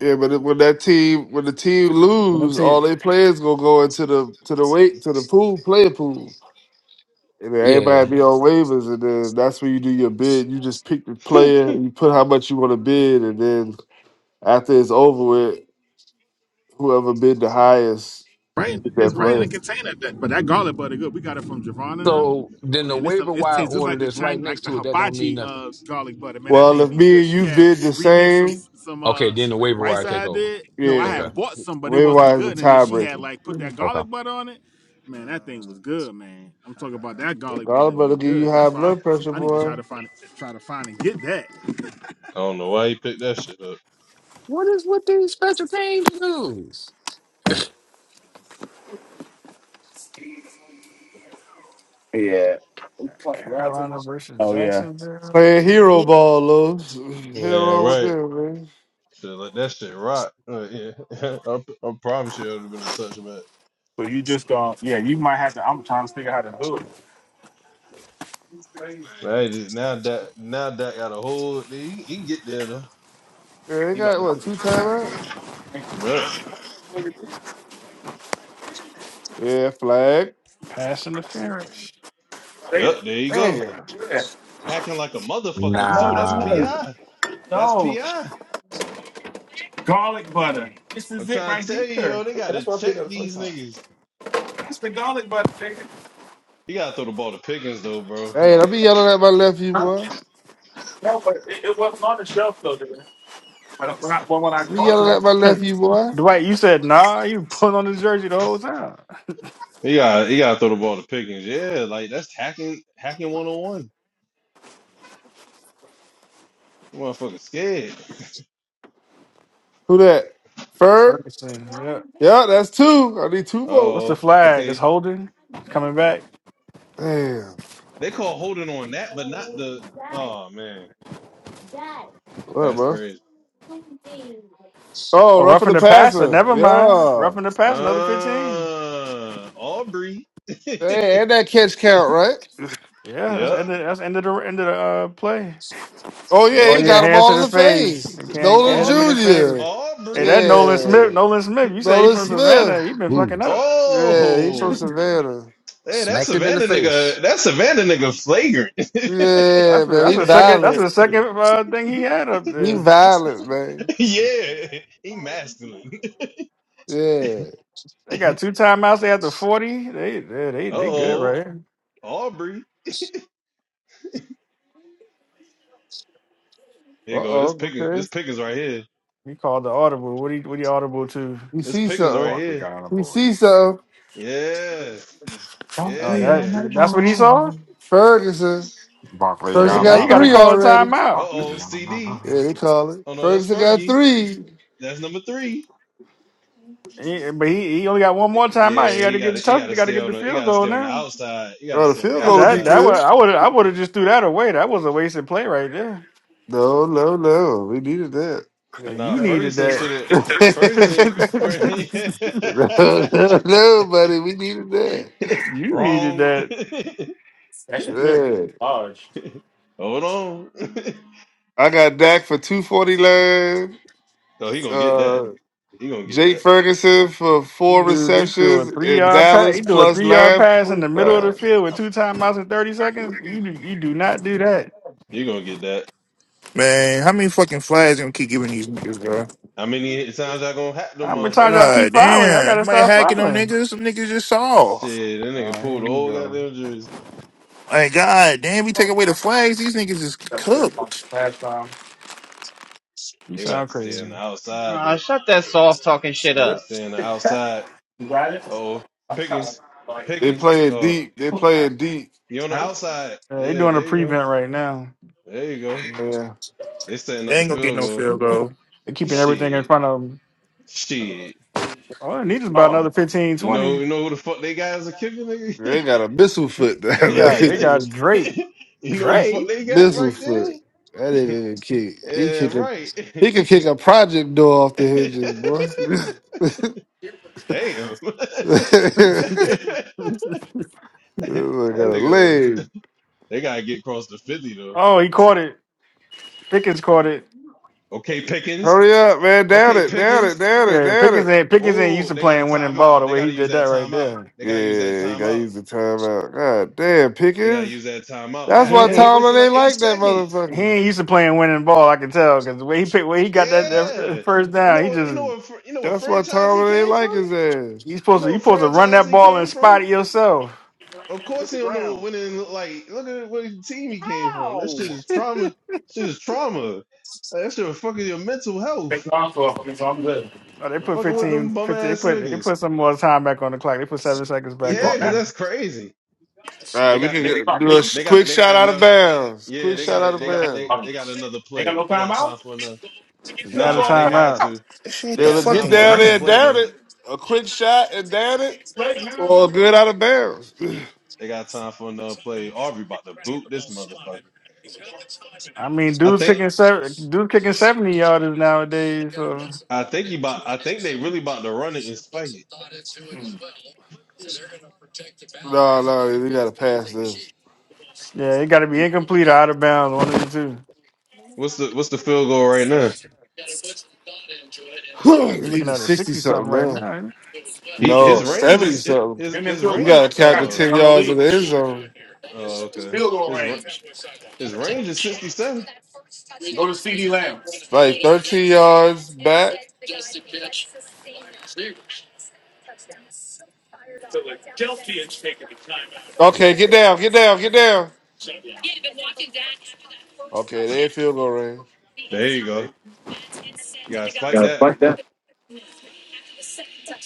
Speaker 6: Yeah, but it- when that team when the team
Speaker 3: When I
Speaker 6: lose,
Speaker 3: take
Speaker 6: all they players gonna go into the to the wait to the pool player pool, and then
Speaker 4: Yeah. yeah.
Speaker 6: everybody be on waivers, and then that's where you do your bid. You just pick the player, you put how much you want to bid, and then after it's over with, whoever bid the highest
Speaker 8: Right,
Speaker 6: get that
Speaker 8: it's right in
Speaker 6: player.
Speaker 8: the container. That, but that garlic butter good. We got it from Javon and them.
Speaker 4: So then the
Speaker 8: Man, this
Speaker 4: waiver
Speaker 8: it
Speaker 4: wire
Speaker 8: tastes just
Speaker 4: order
Speaker 8: like the
Speaker 4: that's right
Speaker 8: China,
Speaker 4: next
Speaker 8: like the
Speaker 4: to it that don't mean
Speaker 8: hibachi
Speaker 4: nothing.
Speaker 8: uh, garlic butter. Man, that
Speaker 6: Well,
Speaker 8: thing
Speaker 6: if
Speaker 8: be
Speaker 6: me
Speaker 8: good.
Speaker 6: and
Speaker 8: She
Speaker 6: you
Speaker 8: had
Speaker 6: bid the
Speaker 8: remixed some
Speaker 6: same,
Speaker 8: some
Speaker 4: Okay.
Speaker 8: uh,
Speaker 4: Then the
Speaker 8: She made her
Speaker 4: waiver
Speaker 8: rice
Speaker 4: wire
Speaker 8: that
Speaker 4: take
Speaker 8: I
Speaker 4: over.
Speaker 8: did. No, I
Speaker 6: yeah,
Speaker 4: Okay.
Speaker 8: had bought some, but it
Speaker 6: waiver
Speaker 8: wasn't
Speaker 6: wise the
Speaker 8: good. And then she had
Speaker 6: tiebreaker.
Speaker 8: like put that
Speaker 4: Okay.
Speaker 8: garlic butter on it. Man, that thing was good, man. I'm talking about that garlic
Speaker 6: I'm
Speaker 8: butter
Speaker 6: about to
Speaker 8: be
Speaker 6: give you
Speaker 8: good.
Speaker 6: high
Speaker 8: That's why I,
Speaker 6: blood pressure,
Speaker 8: I need to try
Speaker 6: boy.
Speaker 8: to find it, try to find and get that.
Speaker 5: I don't know why he picked that shit up.
Speaker 4: What is with these special teams news?
Speaker 3: Carolina versus
Speaker 8: Oh yeah.
Speaker 3: Jacksonville.
Speaker 6: Playing hero ball, Los. [LAUGHS] Hell
Speaker 5: Yeah,
Speaker 6: wrong with
Speaker 5: right.
Speaker 6: them, man.
Speaker 5: Should let that shit rock. Uh, yeah. [LAUGHS] I, I promise you, it would have been a touchback.
Speaker 8: So you just gonna yeah, you might have to I'm trying to figure out how to do it.
Speaker 5: Now he just now that now that got a hold. He, he can get there though.
Speaker 6: Yeah, they
Speaker 5: He about
Speaker 6: got
Speaker 5: to. [LAUGHS]
Speaker 6: what
Speaker 5: Th-
Speaker 6: two timeout?
Speaker 5: yep.
Speaker 6: Yeah, flag.
Speaker 3: Pass interference.
Speaker 8: Say
Speaker 5: Yep.
Speaker 8: it.
Speaker 5: There you go.
Speaker 6: Damn.
Speaker 8: Yeah.
Speaker 5: hacking like a motherfucker too. That's
Speaker 4: Nah.
Speaker 5: PI. That's PI.
Speaker 8: garlic butter. This
Speaker 5: I'm
Speaker 8: is it
Speaker 5: trying to
Speaker 8: right
Speaker 5: tell you, yo,
Speaker 8: here.
Speaker 5: they
Speaker 8: Yeah, that's
Speaker 5: gotta
Speaker 8: what I picked
Speaker 5: check
Speaker 8: up the first
Speaker 5: these
Speaker 8: time.
Speaker 5: niggas.
Speaker 8: That's the garlic butter, nigga.
Speaker 5: You gotta throw the ball to Pickens though, bro.
Speaker 6: Hey, I
Speaker 5: Like
Speaker 6: be yelling at my nephew, boy. I be yelling at my
Speaker 3: [LAUGHS]
Speaker 6: nephew, boy.
Speaker 3: Dwight, you said nah. You put on the jersey the whole time.
Speaker 5: you gotta you gotta throw the ball to Pickens. Yeah, like that's hacking hacking one on one. Motherfucker scared.
Speaker 6: Who that? Ferg?
Speaker 3: Ferguson, yeah.
Speaker 6: Yeah, that's two. I need two more.
Speaker 3: What's the
Speaker 5: Oh,
Speaker 3: flag? It's
Speaker 5: okay.
Speaker 3: holding. It's coming back.
Speaker 6: Damn.
Speaker 5: They call holding on that, but not the oh man.
Speaker 6: What,
Speaker 5: That's
Speaker 6: man?
Speaker 5: crazy.
Speaker 6: Oh,
Speaker 3: Oh,
Speaker 6: run for
Speaker 3: roughing
Speaker 6: the
Speaker 3: the passer.
Speaker 6: passer.
Speaker 3: Never mind.
Speaker 6: Yeah.
Speaker 3: Roughing the pass. Another fifteen.
Speaker 5: Uh Aubrey. [LAUGHS]
Speaker 6: Hey, and that catch count, right?
Speaker 3: Yeah, that's
Speaker 5: yep.
Speaker 3: ended. that's ended the end of the uh, play.
Speaker 6: Oh yeah,
Speaker 3: Oh
Speaker 6: he
Speaker 5: Yeah.
Speaker 3: yeah,
Speaker 6: got them
Speaker 3: hand to
Speaker 6: all in
Speaker 3: the
Speaker 6: the
Speaker 3: face.
Speaker 6: face.
Speaker 3: You can't can't
Speaker 6: Nolan
Speaker 3: hit him
Speaker 5: Aub-
Speaker 3: in the face.
Speaker 6: Jr.
Speaker 3: Hey,
Speaker 5: Aubrey.
Speaker 3: that Nolan
Speaker 6: Yeah.
Speaker 3: Smith. Nolan Smith. You say he
Speaker 6: Nolan
Speaker 3: from
Speaker 6: Smith.
Speaker 3: Savannah. He been fucking up.
Speaker 6: Yeah, he
Speaker 5: Oh,
Speaker 6: from Savannah.
Speaker 5: Hey, that
Speaker 4: Smacked him in the
Speaker 5: Savannah
Speaker 4: face.
Speaker 5: nigga, that Savannah nigga flagrant.
Speaker 6: Yeah,
Speaker 3: That's a,
Speaker 6: man,
Speaker 3: that's
Speaker 6: he
Speaker 3: a second. That's
Speaker 5: [LAUGHS]
Speaker 3: the
Speaker 6: violent.
Speaker 3: second uh, thing he had up
Speaker 6: He
Speaker 3: there.
Speaker 6: violent, man.
Speaker 5: yeah, he masculine.
Speaker 6: Yeah.
Speaker 5: [LAUGHS]
Speaker 3: They got two timeouts They after forty. They they they, they good right
Speaker 5: Uh-oh,
Speaker 3: here.
Speaker 5: Aubrey.
Speaker 6: Uh
Speaker 5: Here you go. This
Speaker 6: oh.
Speaker 5: Pickens,
Speaker 6: Okay.
Speaker 5: this Pickens right here.
Speaker 3: He called the audible. What he what he audible to?
Speaker 6: He
Speaker 5: This
Speaker 6: see
Speaker 5: Pickens right
Speaker 6: something.
Speaker 8: Barkley
Speaker 5: here.
Speaker 8: got on a
Speaker 6: He
Speaker 8: boy.
Speaker 6: see something.
Speaker 5: Yeah,
Speaker 3: Oh,
Speaker 8: Broccoli
Speaker 3: that
Speaker 5: yeah.
Speaker 8: on the
Speaker 3: that's what he saw.
Speaker 8: boy.
Speaker 6: Ferguson.
Speaker 8: Barkley
Speaker 3: Shit,
Speaker 6: Ferguson
Speaker 8: on
Speaker 3: now
Speaker 5: Uh-oh,
Speaker 6: got
Speaker 8: a
Speaker 3: you got to
Speaker 6: three
Speaker 8: boy.
Speaker 3: call a
Speaker 6: already.
Speaker 3: timeout.
Speaker 5: uh-oh,
Speaker 8: Barkley on a boy.
Speaker 5: CD.
Speaker 6: Yeah, they call it.
Speaker 5: Oh no, that's
Speaker 6: Ferguson got
Speaker 5: Fergie.
Speaker 6: three.
Speaker 5: That's number three.
Speaker 3: He, but he, he only got one
Speaker 5: Y-
Speaker 3: more
Speaker 5: Yeah,
Speaker 3: timeout. You got to
Speaker 5: he
Speaker 3: get the
Speaker 5: gotta, he
Speaker 3: tough.
Speaker 5: gotta
Speaker 3: You got to
Speaker 5: stay
Speaker 3: get
Speaker 5: on
Speaker 3: the
Speaker 5: the, he
Speaker 3: field
Speaker 5: gotta
Speaker 3: goal
Speaker 5: stay on the
Speaker 3: now.
Speaker 5: outside. He gotta
Speaker 6: Oh, the
Speaker 5: stay on the
Speaker 6: field
Speaker 3: Yeah,
Speaker 6: goal to be
Speaker 3: that
Speaker 5: outside.
Speaker 3: that was
Speaker 6: good.
Speaker 3: I would I would have just threw that away. That was a wasted play right there.
Speaker 6: No, no, no. We needed that.
Speaker 8: I mean,
Speaker 3: Uh,
Speaker 5: Nah,
Speaker 3: You needed
Speaker 5: Ferguson
Speaker 3: that.
Speaker 5: should have, Ferguson,
Speaker 6: [LAUGHS]
Speaker 5: Ferguson.
Speaker 3: [LAUGHS]
Speaker 6: no,
Speaker 5: [LAUGHS]
Speaker 6: no, no, buddy. We needed that.
Speaker 5: [LAUGHS]
Speaker 3: you needed
Speaker 5: Wrong.
Speaker 3: that.
Speaker 5: [LAUGHS]
Speaker 8: the actual fit
Speaker 6: Yeah.
Speaker 8: large.
Speaker 5: Hold on.
Speaker 6: I got Dak for 249.
Speaker 5: [LAUGHS] oh, he gonna get that.
Speaker 6: Uh,
Speaker 5: He gonna get
Speaker 6: Jake
Speaker 5: that.
Speaker 6: Ferguson for four
Speaker 3: Dude, he do a
Speaker 6: receptions
Speaker 3: three
Speaker 6: in
Speaker 3: yard pass.
Speaker 6: Dallas
Speaker 3: He do a
Speaker 6: plus
Speaker 3: three yard
Speaker 6: plus
Speaker 3: pass in
Speaker 6: forty
Speaker 3: the middle of
Speaker 6: five.
Speaker 3: the field with two timeouts in thirty seconds. You do- you do not do that.
Speaker 5: You gonna get that.
Speaker 7: Man, how many fucking flags gonna keep giving these niggas, bro?
Speaker 5: How many times I gonna hack them
Speaker 3: How many times y'all
Speaker 5: motherfuckers?
Speaker 3: keep
Speaker 7: God
Speaker 3: fouling? I
Speaker 7: damn.
Speaker 3: gotta
Speaker 7: Somebody
Speaker 3: stop
Speaker 7: hacking on
Speaker 3: fouling.
Speaker 7: niggas. Some niggas just saw.
Speaker 5: Shit, that nigga
Speaker 3: Oh, here
Speaker 5: pulled the
Speaker 3: you
Speaker 5: whole
Speaker 3: go.
Speaker 5: goddamn jersey.
Speaker 7: Like, God damn, we take away the flags. These niggas is
Speaker 8: That's good.
Speaker 7: cooked.
Speaker 8: Last time.
Speaker 3: You
Speaker 5: You got
Speaker 3: sound
Speaker 5: to stay
Speaker 3: crazy.
Speaker 5: on the outside
Speaker 11: Uh,
Speaker 5: though.
Speaker 11: shut that soft talking shit
Speaker 5: You got to
Speaker 11: up.
Speaker 5: stay on the
Speaker 8: [LAUGHS]
Speaker 5: outside.
Speaker 8: You got it?
Speaker 5: Oh,
Speaker 8: I'm sorry.
Speaker 5: Pickens,
Speaker 8: Like,
Speaker 6: They
Speaker 5: Pickens.
Speaker 6: playing
Speaker 5: Oh, uh,
Speaker 6: deep. They playing deep.
Speaker 5: you on the
Speaker 8: Huh?
Speaker 5: outside?
Speaker 3: Yeah, they
Speaker 5: Yeah,
Speaker 3: doing a
Speaker 5: there you go.
Speaker 3: prevent right now.
Speaker 5: There you go.
Speaker 6: Man,
Speaker 5: They setting up
Speaker 7: They
Speaker 5: the
Speaker 7: ain't gonna get
Speaker 5: field
Speaker 7: no
Speaker 5: goal.
Speaker 7: field goal.
Speaker 3: They're keeping everything in
Speaker 5: Shit,
Speaker 3: front of them.
Speaker 5: shit.
Speaker 3: All they need is about
Speaker 8: Oh,
Speaker 3: another 15
Speaker 5: You
Speaker 3: 20.
Speaker 5: know, you know who the fuck they guys are kicking, nigga. [LAUGHS]
Speaker 6: they got a missile foot
Speaker 5: [LAUGHS] you
Speaker 3: They
Speaker 6: down there.
Speaker 3: got they
Speaker 6: [LAUGHS]
Speaker 3: got Drake.
Speaker 5: know the fuck
Speaker 3: Drake.
Speaker 5: they got
Speaker 6: missile
Speaker 5: right there?
Speaker 6: foot. That nigga can kick. He
Speaker 5: Yeah,
Speaker 6: kick a.
Speaker 5: right.
Speaker 6: He can kick a project door off the
Speaker 5: [LAUGHS]
Speaker 6: hinges, boy. [LAUGHS]
Speaker 5: Damn. [LAUGHS] that
Speaker 6: I got a
Speaker 5: nigga,
Speaker 6: leg.
Speaker 5: they gotta get across the Philly though.
Speaker 3: Oh, he caught it. Pickens caught it.
Speaker 5: Okay, Pickens.
Speaker 6: Hurry up, man. Down
Speaker 5: Okay,
Speaker 6: it. Down it.
Speaker 5: Pickens.
Speaker 6: Down it.
Speaker 3: Yeah,
Speaker 6: Down
Speaker 3: Pickens
Speaker 6: it.
Speaker 3: ain't Pickens ain't used
Speaker 5: Oh,
Speaker 3: to
Speaker 5: they got a
Speaker 3: playing winning ball
Speaker 5: timeout.
Speaker 3: the
Speaker 5: They
Speaker 3: way he
Speaker 5: gotta use
Speaker 3: did that
Speaker 5: that
Speaker 3: right
Speaker 5: timeout.
Speaker 3: there.
Speaker 5: They gotta use that
Speaker 6: Yeah, you gotta
Speaker 5: timeout.
Speaker 6: use the timeout. God damn,
Speaker 5: They gotta
Speaker 6: Pickens.
Speaker 5: use that timeout.
Speaker 6: That's
Speaker 3: He
Speaker 5: God
Speaker 6: why
Speaker 3: ain't.
Speaker 5: damn, they wasted
Speaker 6: Tomlin ain't
Speaker 5: like eight
Speaker 6: like that
Speaker 5: seconds.
Speaker 3: He
Speaker 6: motherfucker.
Speaker 3: ain't used to playing winning ball. I can tell because the way he picked, way he got that, that
Speaker 5: Yeah.
Speaker 3: first
Speaker 5: You
Speaker 3: down,
Speaker 5: know
Speaker 3: he
Speaker 5: what? You
Speaker 3: just
Speaker 5: know what? fr- You know what
Speaker 6: That's why
Speaker 5: franchise he
Speaker 6: Tomlin ain't
Speaker 5: came
Speaker 6: like
Speaker 5: from?
Speaker 6: his ass.
Speaker 3: he's
Speaker 5: You
Speaker 3: supposed to
Speaker 5: know
Speaker 3: you
Speaker 5: what
Speaker 3: supposed to run
Speaker 5: franchise
Speaker 3: that
Speaker 5: he
Speaker 3: ball and
Speaker 5: came
Speaker 3: spot
Speaker 5: from?
Speaker 3: it yourself.
Speaker 5: Of course, he don't know what winning look like. Look at what team he came from. That shit is trauma. Shit is trauma. Like, that shit will fucking your mental health.
Speaker 8: big long for it, so I'm good.
Speaker 3: Oh, they put
Speaker 5: Fucking with
Speaker 3: 15,
Speaker 5: them bum
Speaker 3: fifteen they
Speaker 5: ass
Speaker 3: put they
Speaker 5: niggas.
Speaker 3: put some more time back on the clock. They put seven seconds
Speaker 8: You
Speaker 3: back up
Speaker 5: Yeah,
Speaker 8: thought
Speaker 5: cause
Speaker 3: there.
Speaker 8: that?
Speaker 5: that's crazy.
Speaker 6: All
Speaker 8: Yes.
Speaker 5: They
Speaker 6: right, we
Speaker 5: got
Speaker 6: can
Speaker 5: they
Speaker 8: Fuck,
Speaker 6: do a
Speaker 8: we-
Speaker 6: s-
Speaker 5: they got
Speaker 6: quick
Speaker 5: they got
Speaker 6: shot out of
Speaker 5: enough.
Speaker 6: bounds.
Speaker 5: Yeah,
Speaker 6: Quick
Speaker 5: they
Speaker 6: shot out
Speaker 5: got
Speaker 6: of
Speaker 5: they got
Speaker 8: I
Speaker 5: they
Speaker 6: bounds.
Speaker 5: they got
Speaker 8: ain't
Speaker 5: another
Speaker 8: got
Speaker 5: play.
Speaker 8: no
Speaker 5: They
Speaker 8: time
Speaker 5: got time for another.
Speaker 3: And they out of
Speaker 5: Nah,
Speaker 8: out.
Speaker 5: they had
Speaker 3: timeout.
Speaker 5: to.
Speaker 7: This shit hit
Speaker 5: They
Speaker 7: the
Speaker 6: They'll
Speaker 5: got time
Speaker 6: get
Speaker 7: fucking
Speaker 5: for
Speaker 6: down
Speaker 5: another
Speaker 6: there and
Speaker 7: ground.
Speaker 5: play
Speaker 6: down
Speaker 5: though.
Speaker 6: it. A quick shot and down it,
Speaker 8: Play
Speaker 6: or a
Speaker 8: him.
Speaker 6: good out of bounds. [SIGHS]
Speaker 5: They got time for another play. Aubrey about to boot this motherfucker.
Speaker 3: I mean,
Speaker 5: I
Speaker 3: dudes
Speaker 5: think
Speaker 3: kicking seven, dude kicking seventy yarders nowadays. So
Speaker 5: I think he about I think they really about to run it and spike it.
Speaker 8: Mm.
Speaker 6: No, no, we gotta pass this.
Speaker 3: yeah, it got to be
Speaker 5: Wh-
Speaker 3: incomplete or out of bounds, one of the two.
Speaker 5: What's the what's the field goal right now?
Speaker 6: [SIGHS]
Speaker 3: Yeah, we're
Speaker 6: he
Speaker 3: looking
Speaker 6: was
Speaker 3: at a
Speaker 6: sixty
Speaker 3: sixty something
Speaker 6: something
Speaker 3: right
Speaker 6: man.
Speaker 3: now.
Speaker 5: He his
Speaker 6: No,
Speaker 5: range
Speaker 6: seventy
Speaker 5: is hi-
Speaker 6: something.
Speaker 5: his
Speaker 8: Give me a
Speaker 5: his
Speaker 6: You
Speaker 8: clue,
Speaker 5: range.
Speaker 6: gotta count the
Speaker 8: man.
Speaker 5: Oh,
Speaker 6: ten
Speaker 8: Y'all
Speaker 6: yards of
Speaker 8: leave.
Speaker 6: the end zone.
Speaker 5: oh, okay. His ra- his range is sixty seven.
Speaker 8: See Lamb.
Speaker 6: It's Like thirteen yards back. Okay, get down, get down, get down. Okay, they in field goal range.
Speaker 5: There you go. You gotta spike that.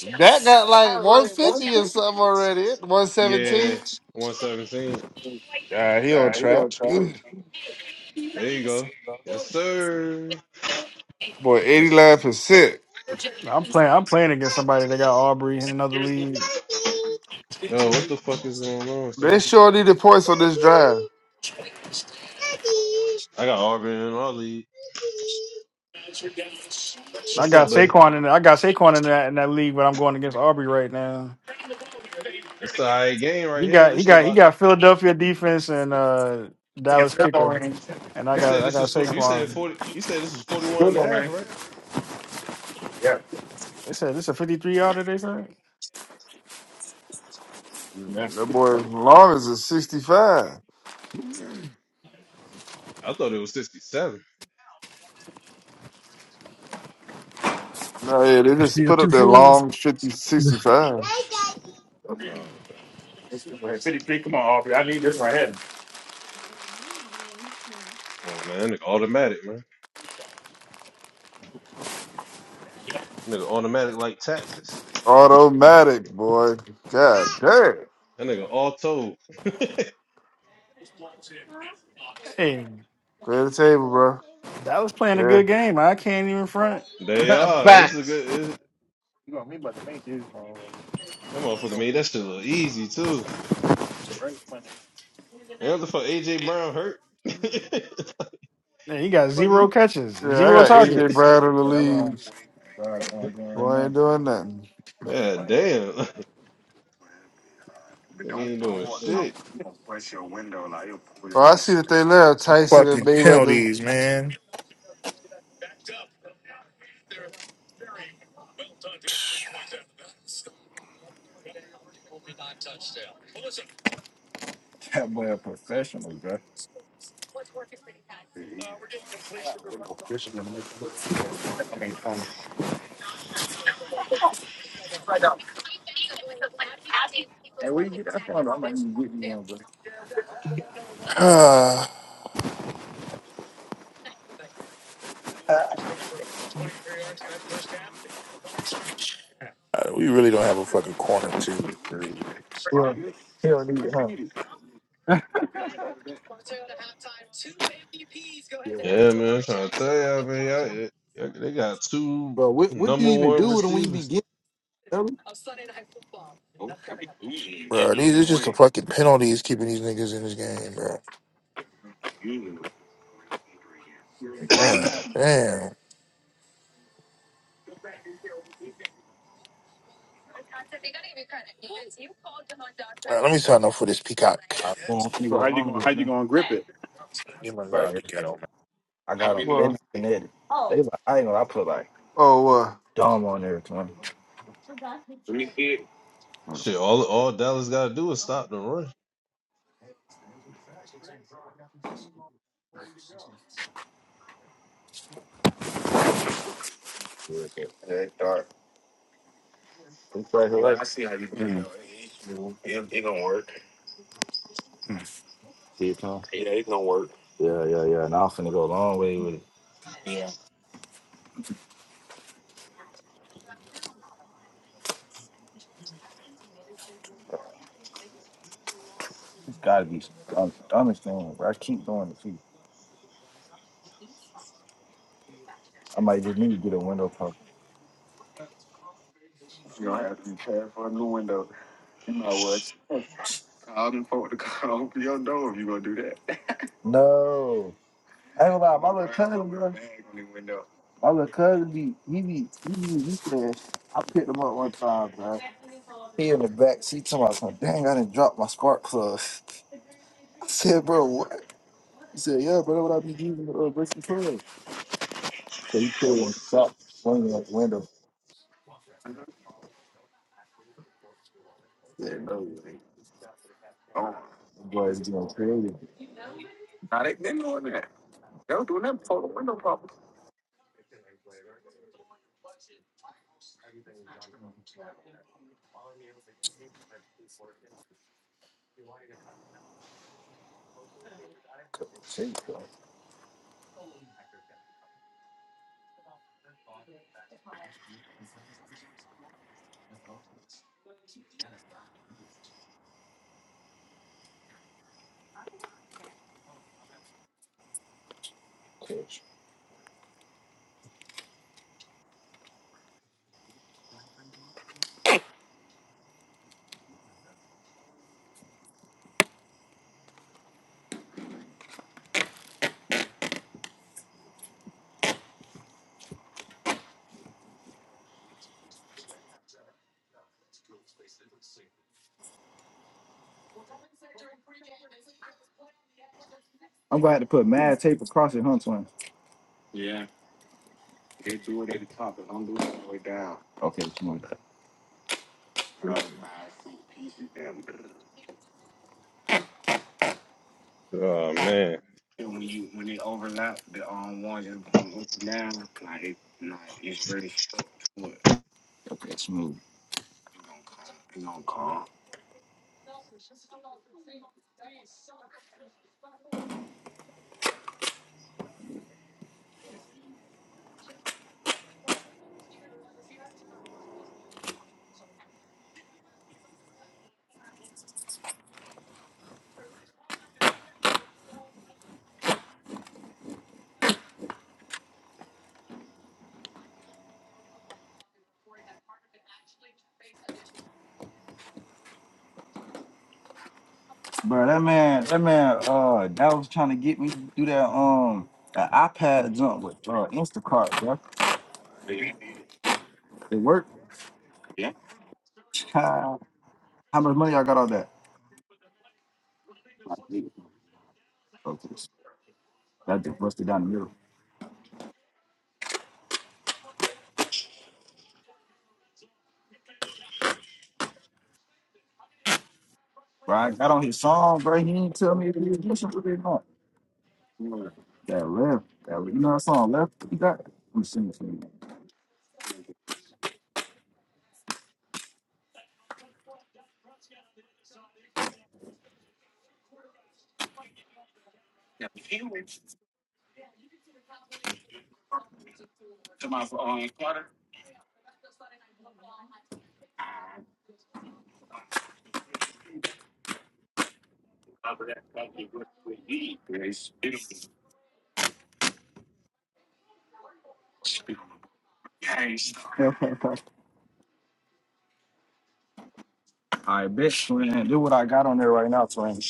Speaker 6: That got like one fifty or something already. One
Speaker 5: Yeah,
Speaker 6: seventeen.
Speaker 5: one seventeen.
Speaker 6: God, he on trap. [CLEARS THROAT]
Speaker 5: There you go. Yes, sir.
Speaker 6: boy,
Speaker 5: Yes.
Speaker 6: 89%.
Speaker 3: I'm playing. I'm playing against somebody that got Aubrey in another league.
Speaker 5: Yo, what the fuck is going on,
Speaker 6: They
Speaker 5: son?
Speaker 6: sure need the points on this drive.
Speaker 5: I got Auburn in our league.
Speaker 3: I
Speaker 5: What's
Speaker 3: got
Speaker 5: up, buddy?
Speaker 3: Saquon in. I got Saquon in that in that league, but I'm going against Aubrey right now.
Speaker 5: It's the all right game
Speaker 3: He
Speaker 5: right here.
Speaker 3: got he
Speaker 5: This shit
Speaker 3: got he
Speaker 5: about.
Speaker 3: got Philadelphia defense and uh Dallas kicker, and I
Speaker 5: You
Speaker 8: Yeah.
Speaker 3: got
Speaker 5: said
Speaker 3: I
Speaker 5: this
Speaker 3: got
Speaker 5: was fo- you said
Speaker 3: Saquon.
Speaker 5: forty. You said this was 41
Speaker 8: Good
Speaker 5: and a
Speaker 8: one,
Speaker 5: half,
Speaker 8: man.
Speaker 5: and
Speaker 8: Yeah.
Speaker 3: They said this is a 53 yarder. They said.
Speaker 8: Yeah.
Speaker 6: That
Speaker 8: Let's
Speaker 6: boy Lawrence is 65.
Speaker 5: I thought it was 67.
Speaker 6: No, yeah, they just put up their long 50 65
Speaker 5: Oh, okay.
Speaker 8: get right. City Come on, Aubrey. I need this right here.
Speaker 5: Come on, man. That nigga automatic, man. That nigga automatic like taxes.
Speaker 6: Automatic, boy. God damn.
Speaker 5: That nigga auto. [LAUGHS]
Speaker 3: Hey,
Speaker 6: Clear the table, bro.
Speaker 3: that was playing a
Speaker 6: Yeah.
Speaker 3: good game. I can't even front.
Speaker 5: They
Speaker 11: [LAUGHS]
Speaker 5: are. This
Speaker 11: Fact.
Speaker 5: is a good. This, that motherfucker made that shit look easy, too. Yeah, the fuck AJ Brown hurt. [LAUGHS]
Speaker 3: Man, he got
Speaker 5: fuck
Speaker 3: zero
Speaker 5: you.
Speaker 3: catches,
Speaker 6: Yeah, I
Speaker 3: zero
Speaker 6: got AJ
Speaker 3: targets.
Speaker 6: Brown in the lead. Boy, I ain't doing nothing.
Speaker 5: Yeah, damn. [LAUGHS] Nigga
Speaker 8: But don't
Speaker 5: ain't doing
Speaker 8: pull out.
Speaker 5: shit.
Speaker 8: You gonna bust your window like you'll pull your
Speaker 6: Oh, I
Speaker 8: window.
Speaker 6: see that they left Tyson and
Speaker 7: Fucking
Speaker 6: Mayweather.
Speaker 7: penalties, man.
Speaker 8: That boy a professional, bro. Hey, where you get that from? I'm like, even get me one, bro.
Speaker 7: Ah, we really don't have a fucking corner, too.
Speaker 5: Yeah, man. I'm trying to tell y'all, man. Y'all, y'all- they got two number one receivers.
Speaker 8: Oh, that'd be bougie. You give
Speaker 7: Bro,
Speaker 8: them
Speaker 7: these are
Speaker 8: one
Speaker 7: just the fucking penalties keeping these niggas in this game, bro. God damn. Alright, let me sign up for this Peacock.
Speaker 8: So how you how you gonna grip it?
Speaker 7: Get my girl out the ghetto, man.
Speaker 8: I got a bend.
Speaker 6: Well, oh, what?
Speaker 8: Let me see it.
Speaker 5: Shit, all all Dallas gotta do is stop the run.
Speaker 8: Wait, wait, Yeah, I see how you do it Mm. It, gonna work. Yeah, it's gonna work. Yeah. I might just need to get a window cover. You're gonna have to be paying for a new window. You know what? [LAUGHS] Call them folk to come open your door if you gonna do that. No. I ain't gonna lie, my little cousin, bro. Bag on the window. My little cousin be he be he be weekend. I picked him up one time, bro. He in the back seat talking about something. Dang, I didn't drop my spark plug. [LAUGHS] So he put one window. [LAUGHS] Yeah, no, it ain't [LAUGHS] gone. The Boys getting crazy. Nah, they been doing that. They were doing that before the window pop. Yeah, do it at the top and don't do it all the way down. uh, five, six pieces. Damn
Speaker 5: Oh man,
Speaker 8: And when you when they overlap, the um one is going up and down. Like like it's really stuck to it. You gonna call? You gonna call? Bro, that man, that man, uh, that was trying to get me to do that, um, that iPad jump with uh, Instacart, bro. It worked. Yeah. Child, How much money I got on that? Like it. Okay, so that just busted down the middle. Bro, I got on his song, bro. He didn't tell me that he was listening to it. That left. That you know that song left you got? Let me sing it for you. I bet Twin. Do what I got on there right now, Twin.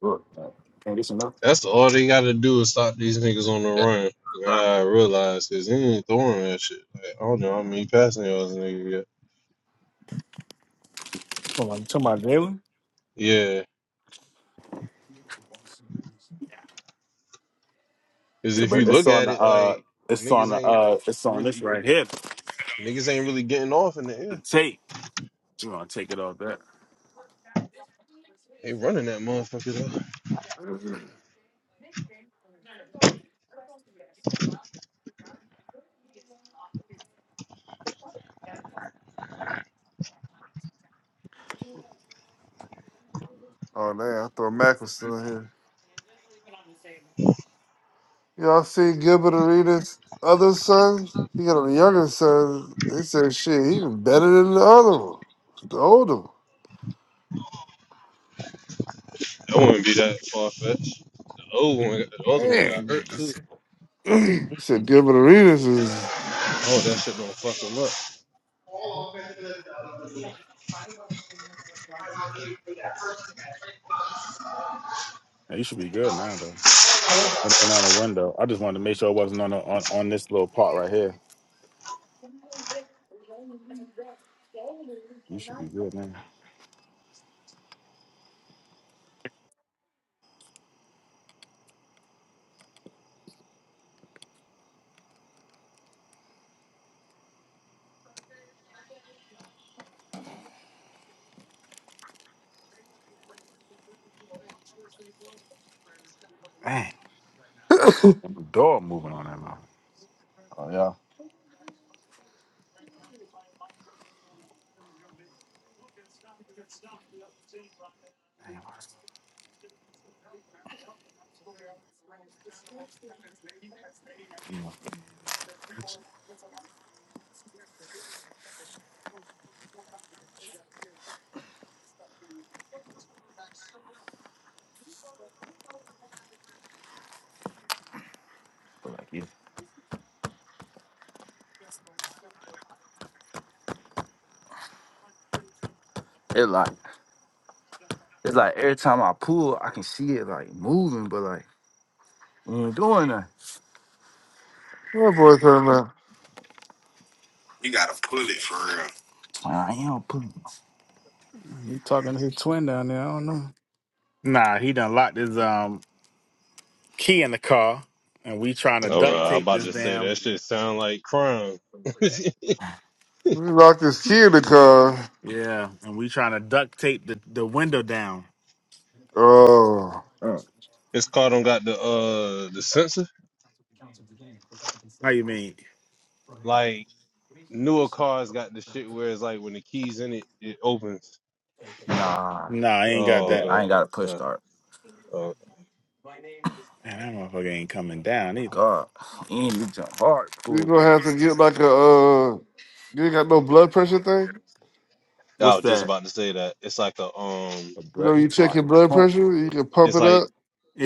Speaker 8: Look, man. Can this enough?
Speaker 5: that's all they gotta do is stop these niggas on the run. Yeah, I realize because he ain't throwing that shit. Like, I don't know how many passing yards a nigga got.
Speaker 3: Hold on, you talking about Jalen?
Speaker 5: Yeah, because
Speaker 8: Yeah,
Speaker 5: if you
Speaker 8: but it's
Speaker 5: look
Speaker 8: on
Speaker 5: at
Speaker 8: the
Speaker 5: it, like
Speaker 8: uh it's on the
Speaker 5: niggas ain't
Speaker 8: uh it's on this
Speaker 5: really
Speaker 8: right here.
Speaker 5: niggas ain't really getting off in the
Speaker 8: The
Speaker 5: air.
Speaker 8: tape. You going to take it off that.
Speaker 5: They running that motherfucker though.
Speaker 6: oh, damn. I thought Mac was still here. Y'all see Gilbert Arenas' other son? He got a younger son. He said, shit, he was better than the other one, the older one.
Speaker 5: That wouldn't be that far fetched. The old one, got- the other one got
Speaker 6: Hey.
Speaker 5: hurt too.
Speaker 6: [CLEARS THROAT] he said, Gilbert Arenas is,
Speaker 5: Oh, that shit don't fuck him up.
Speaker 8: Yeah, you should be good now though. It ain't on the window. I just wanted to make sure it wasn't on the, on, on this little part right here. You should be good now. Them dog moving on that mouth. Oh yeah. It like it's like every time I pull, I can see it like moving, but like it ain't doing that.
Speaker 6: my boy talking about,
Speaker 8: You gotta pull it for real. I am pulling.
Speaker 3: You talking to his twin down there. I don't know.
Speaker 8: Nah, he done locked his um key in the car, and we trying to
Speaker 5: Oh,
Speaker 8: duct
Speaker 5: I- I'm
Speaker 8: tape
Speaker 5: about
Speaker 8: this
Speaker 5: to say
Speaker 8: damn.
Speaker 5: that shit sound like crime. [LAUGHS]
Speaker 6: we locked his key in the car.
Speaker 8: Yeah, and we trying to duct tape the, the window down.
Speaker 6: Oh,
Speaker 8: Uh,
Speaker 5: This car don't got the uh the sensor.
Speaker 8: How you mean?
Speaker 5: Like newer cars got the shit where it's like when the keys in it, it opens.
Speaker 8: nah, Nah, I ain't got
Speaker 5: Oh,
Speaker 8: that. I
Speaker 5: okay.
Speaker 8: ain't got a push
Speaker 5: Uh,
Speaker 8: start.
Speaker 5: uh,
Speaker 8: Man, that motherfucker ain't coming down either. God, and you jump hard,
Speaker 6: we
Speaker 8: pull.
Speaker 6: gonna have to get like a, uh, you ain't got no blood pressure thing?
Speaker 5: I
Speaker 8: What's
Speaker 5: was just
Speaker 8: that?
Speaker 5: about to say that it's like a um,
Speaker 6: You know,
Speaker 8: But he
Speaker 6: you check
Speaker 8: trying
Speaker 6: your
Speaker 8: to
Speaker 6: blood
Speaker 8: pump.
Speaker 6: pressure, you can pump
Speaker 5: it's
Speaker 6: it
Speaker 5: like
Speaker 6: up,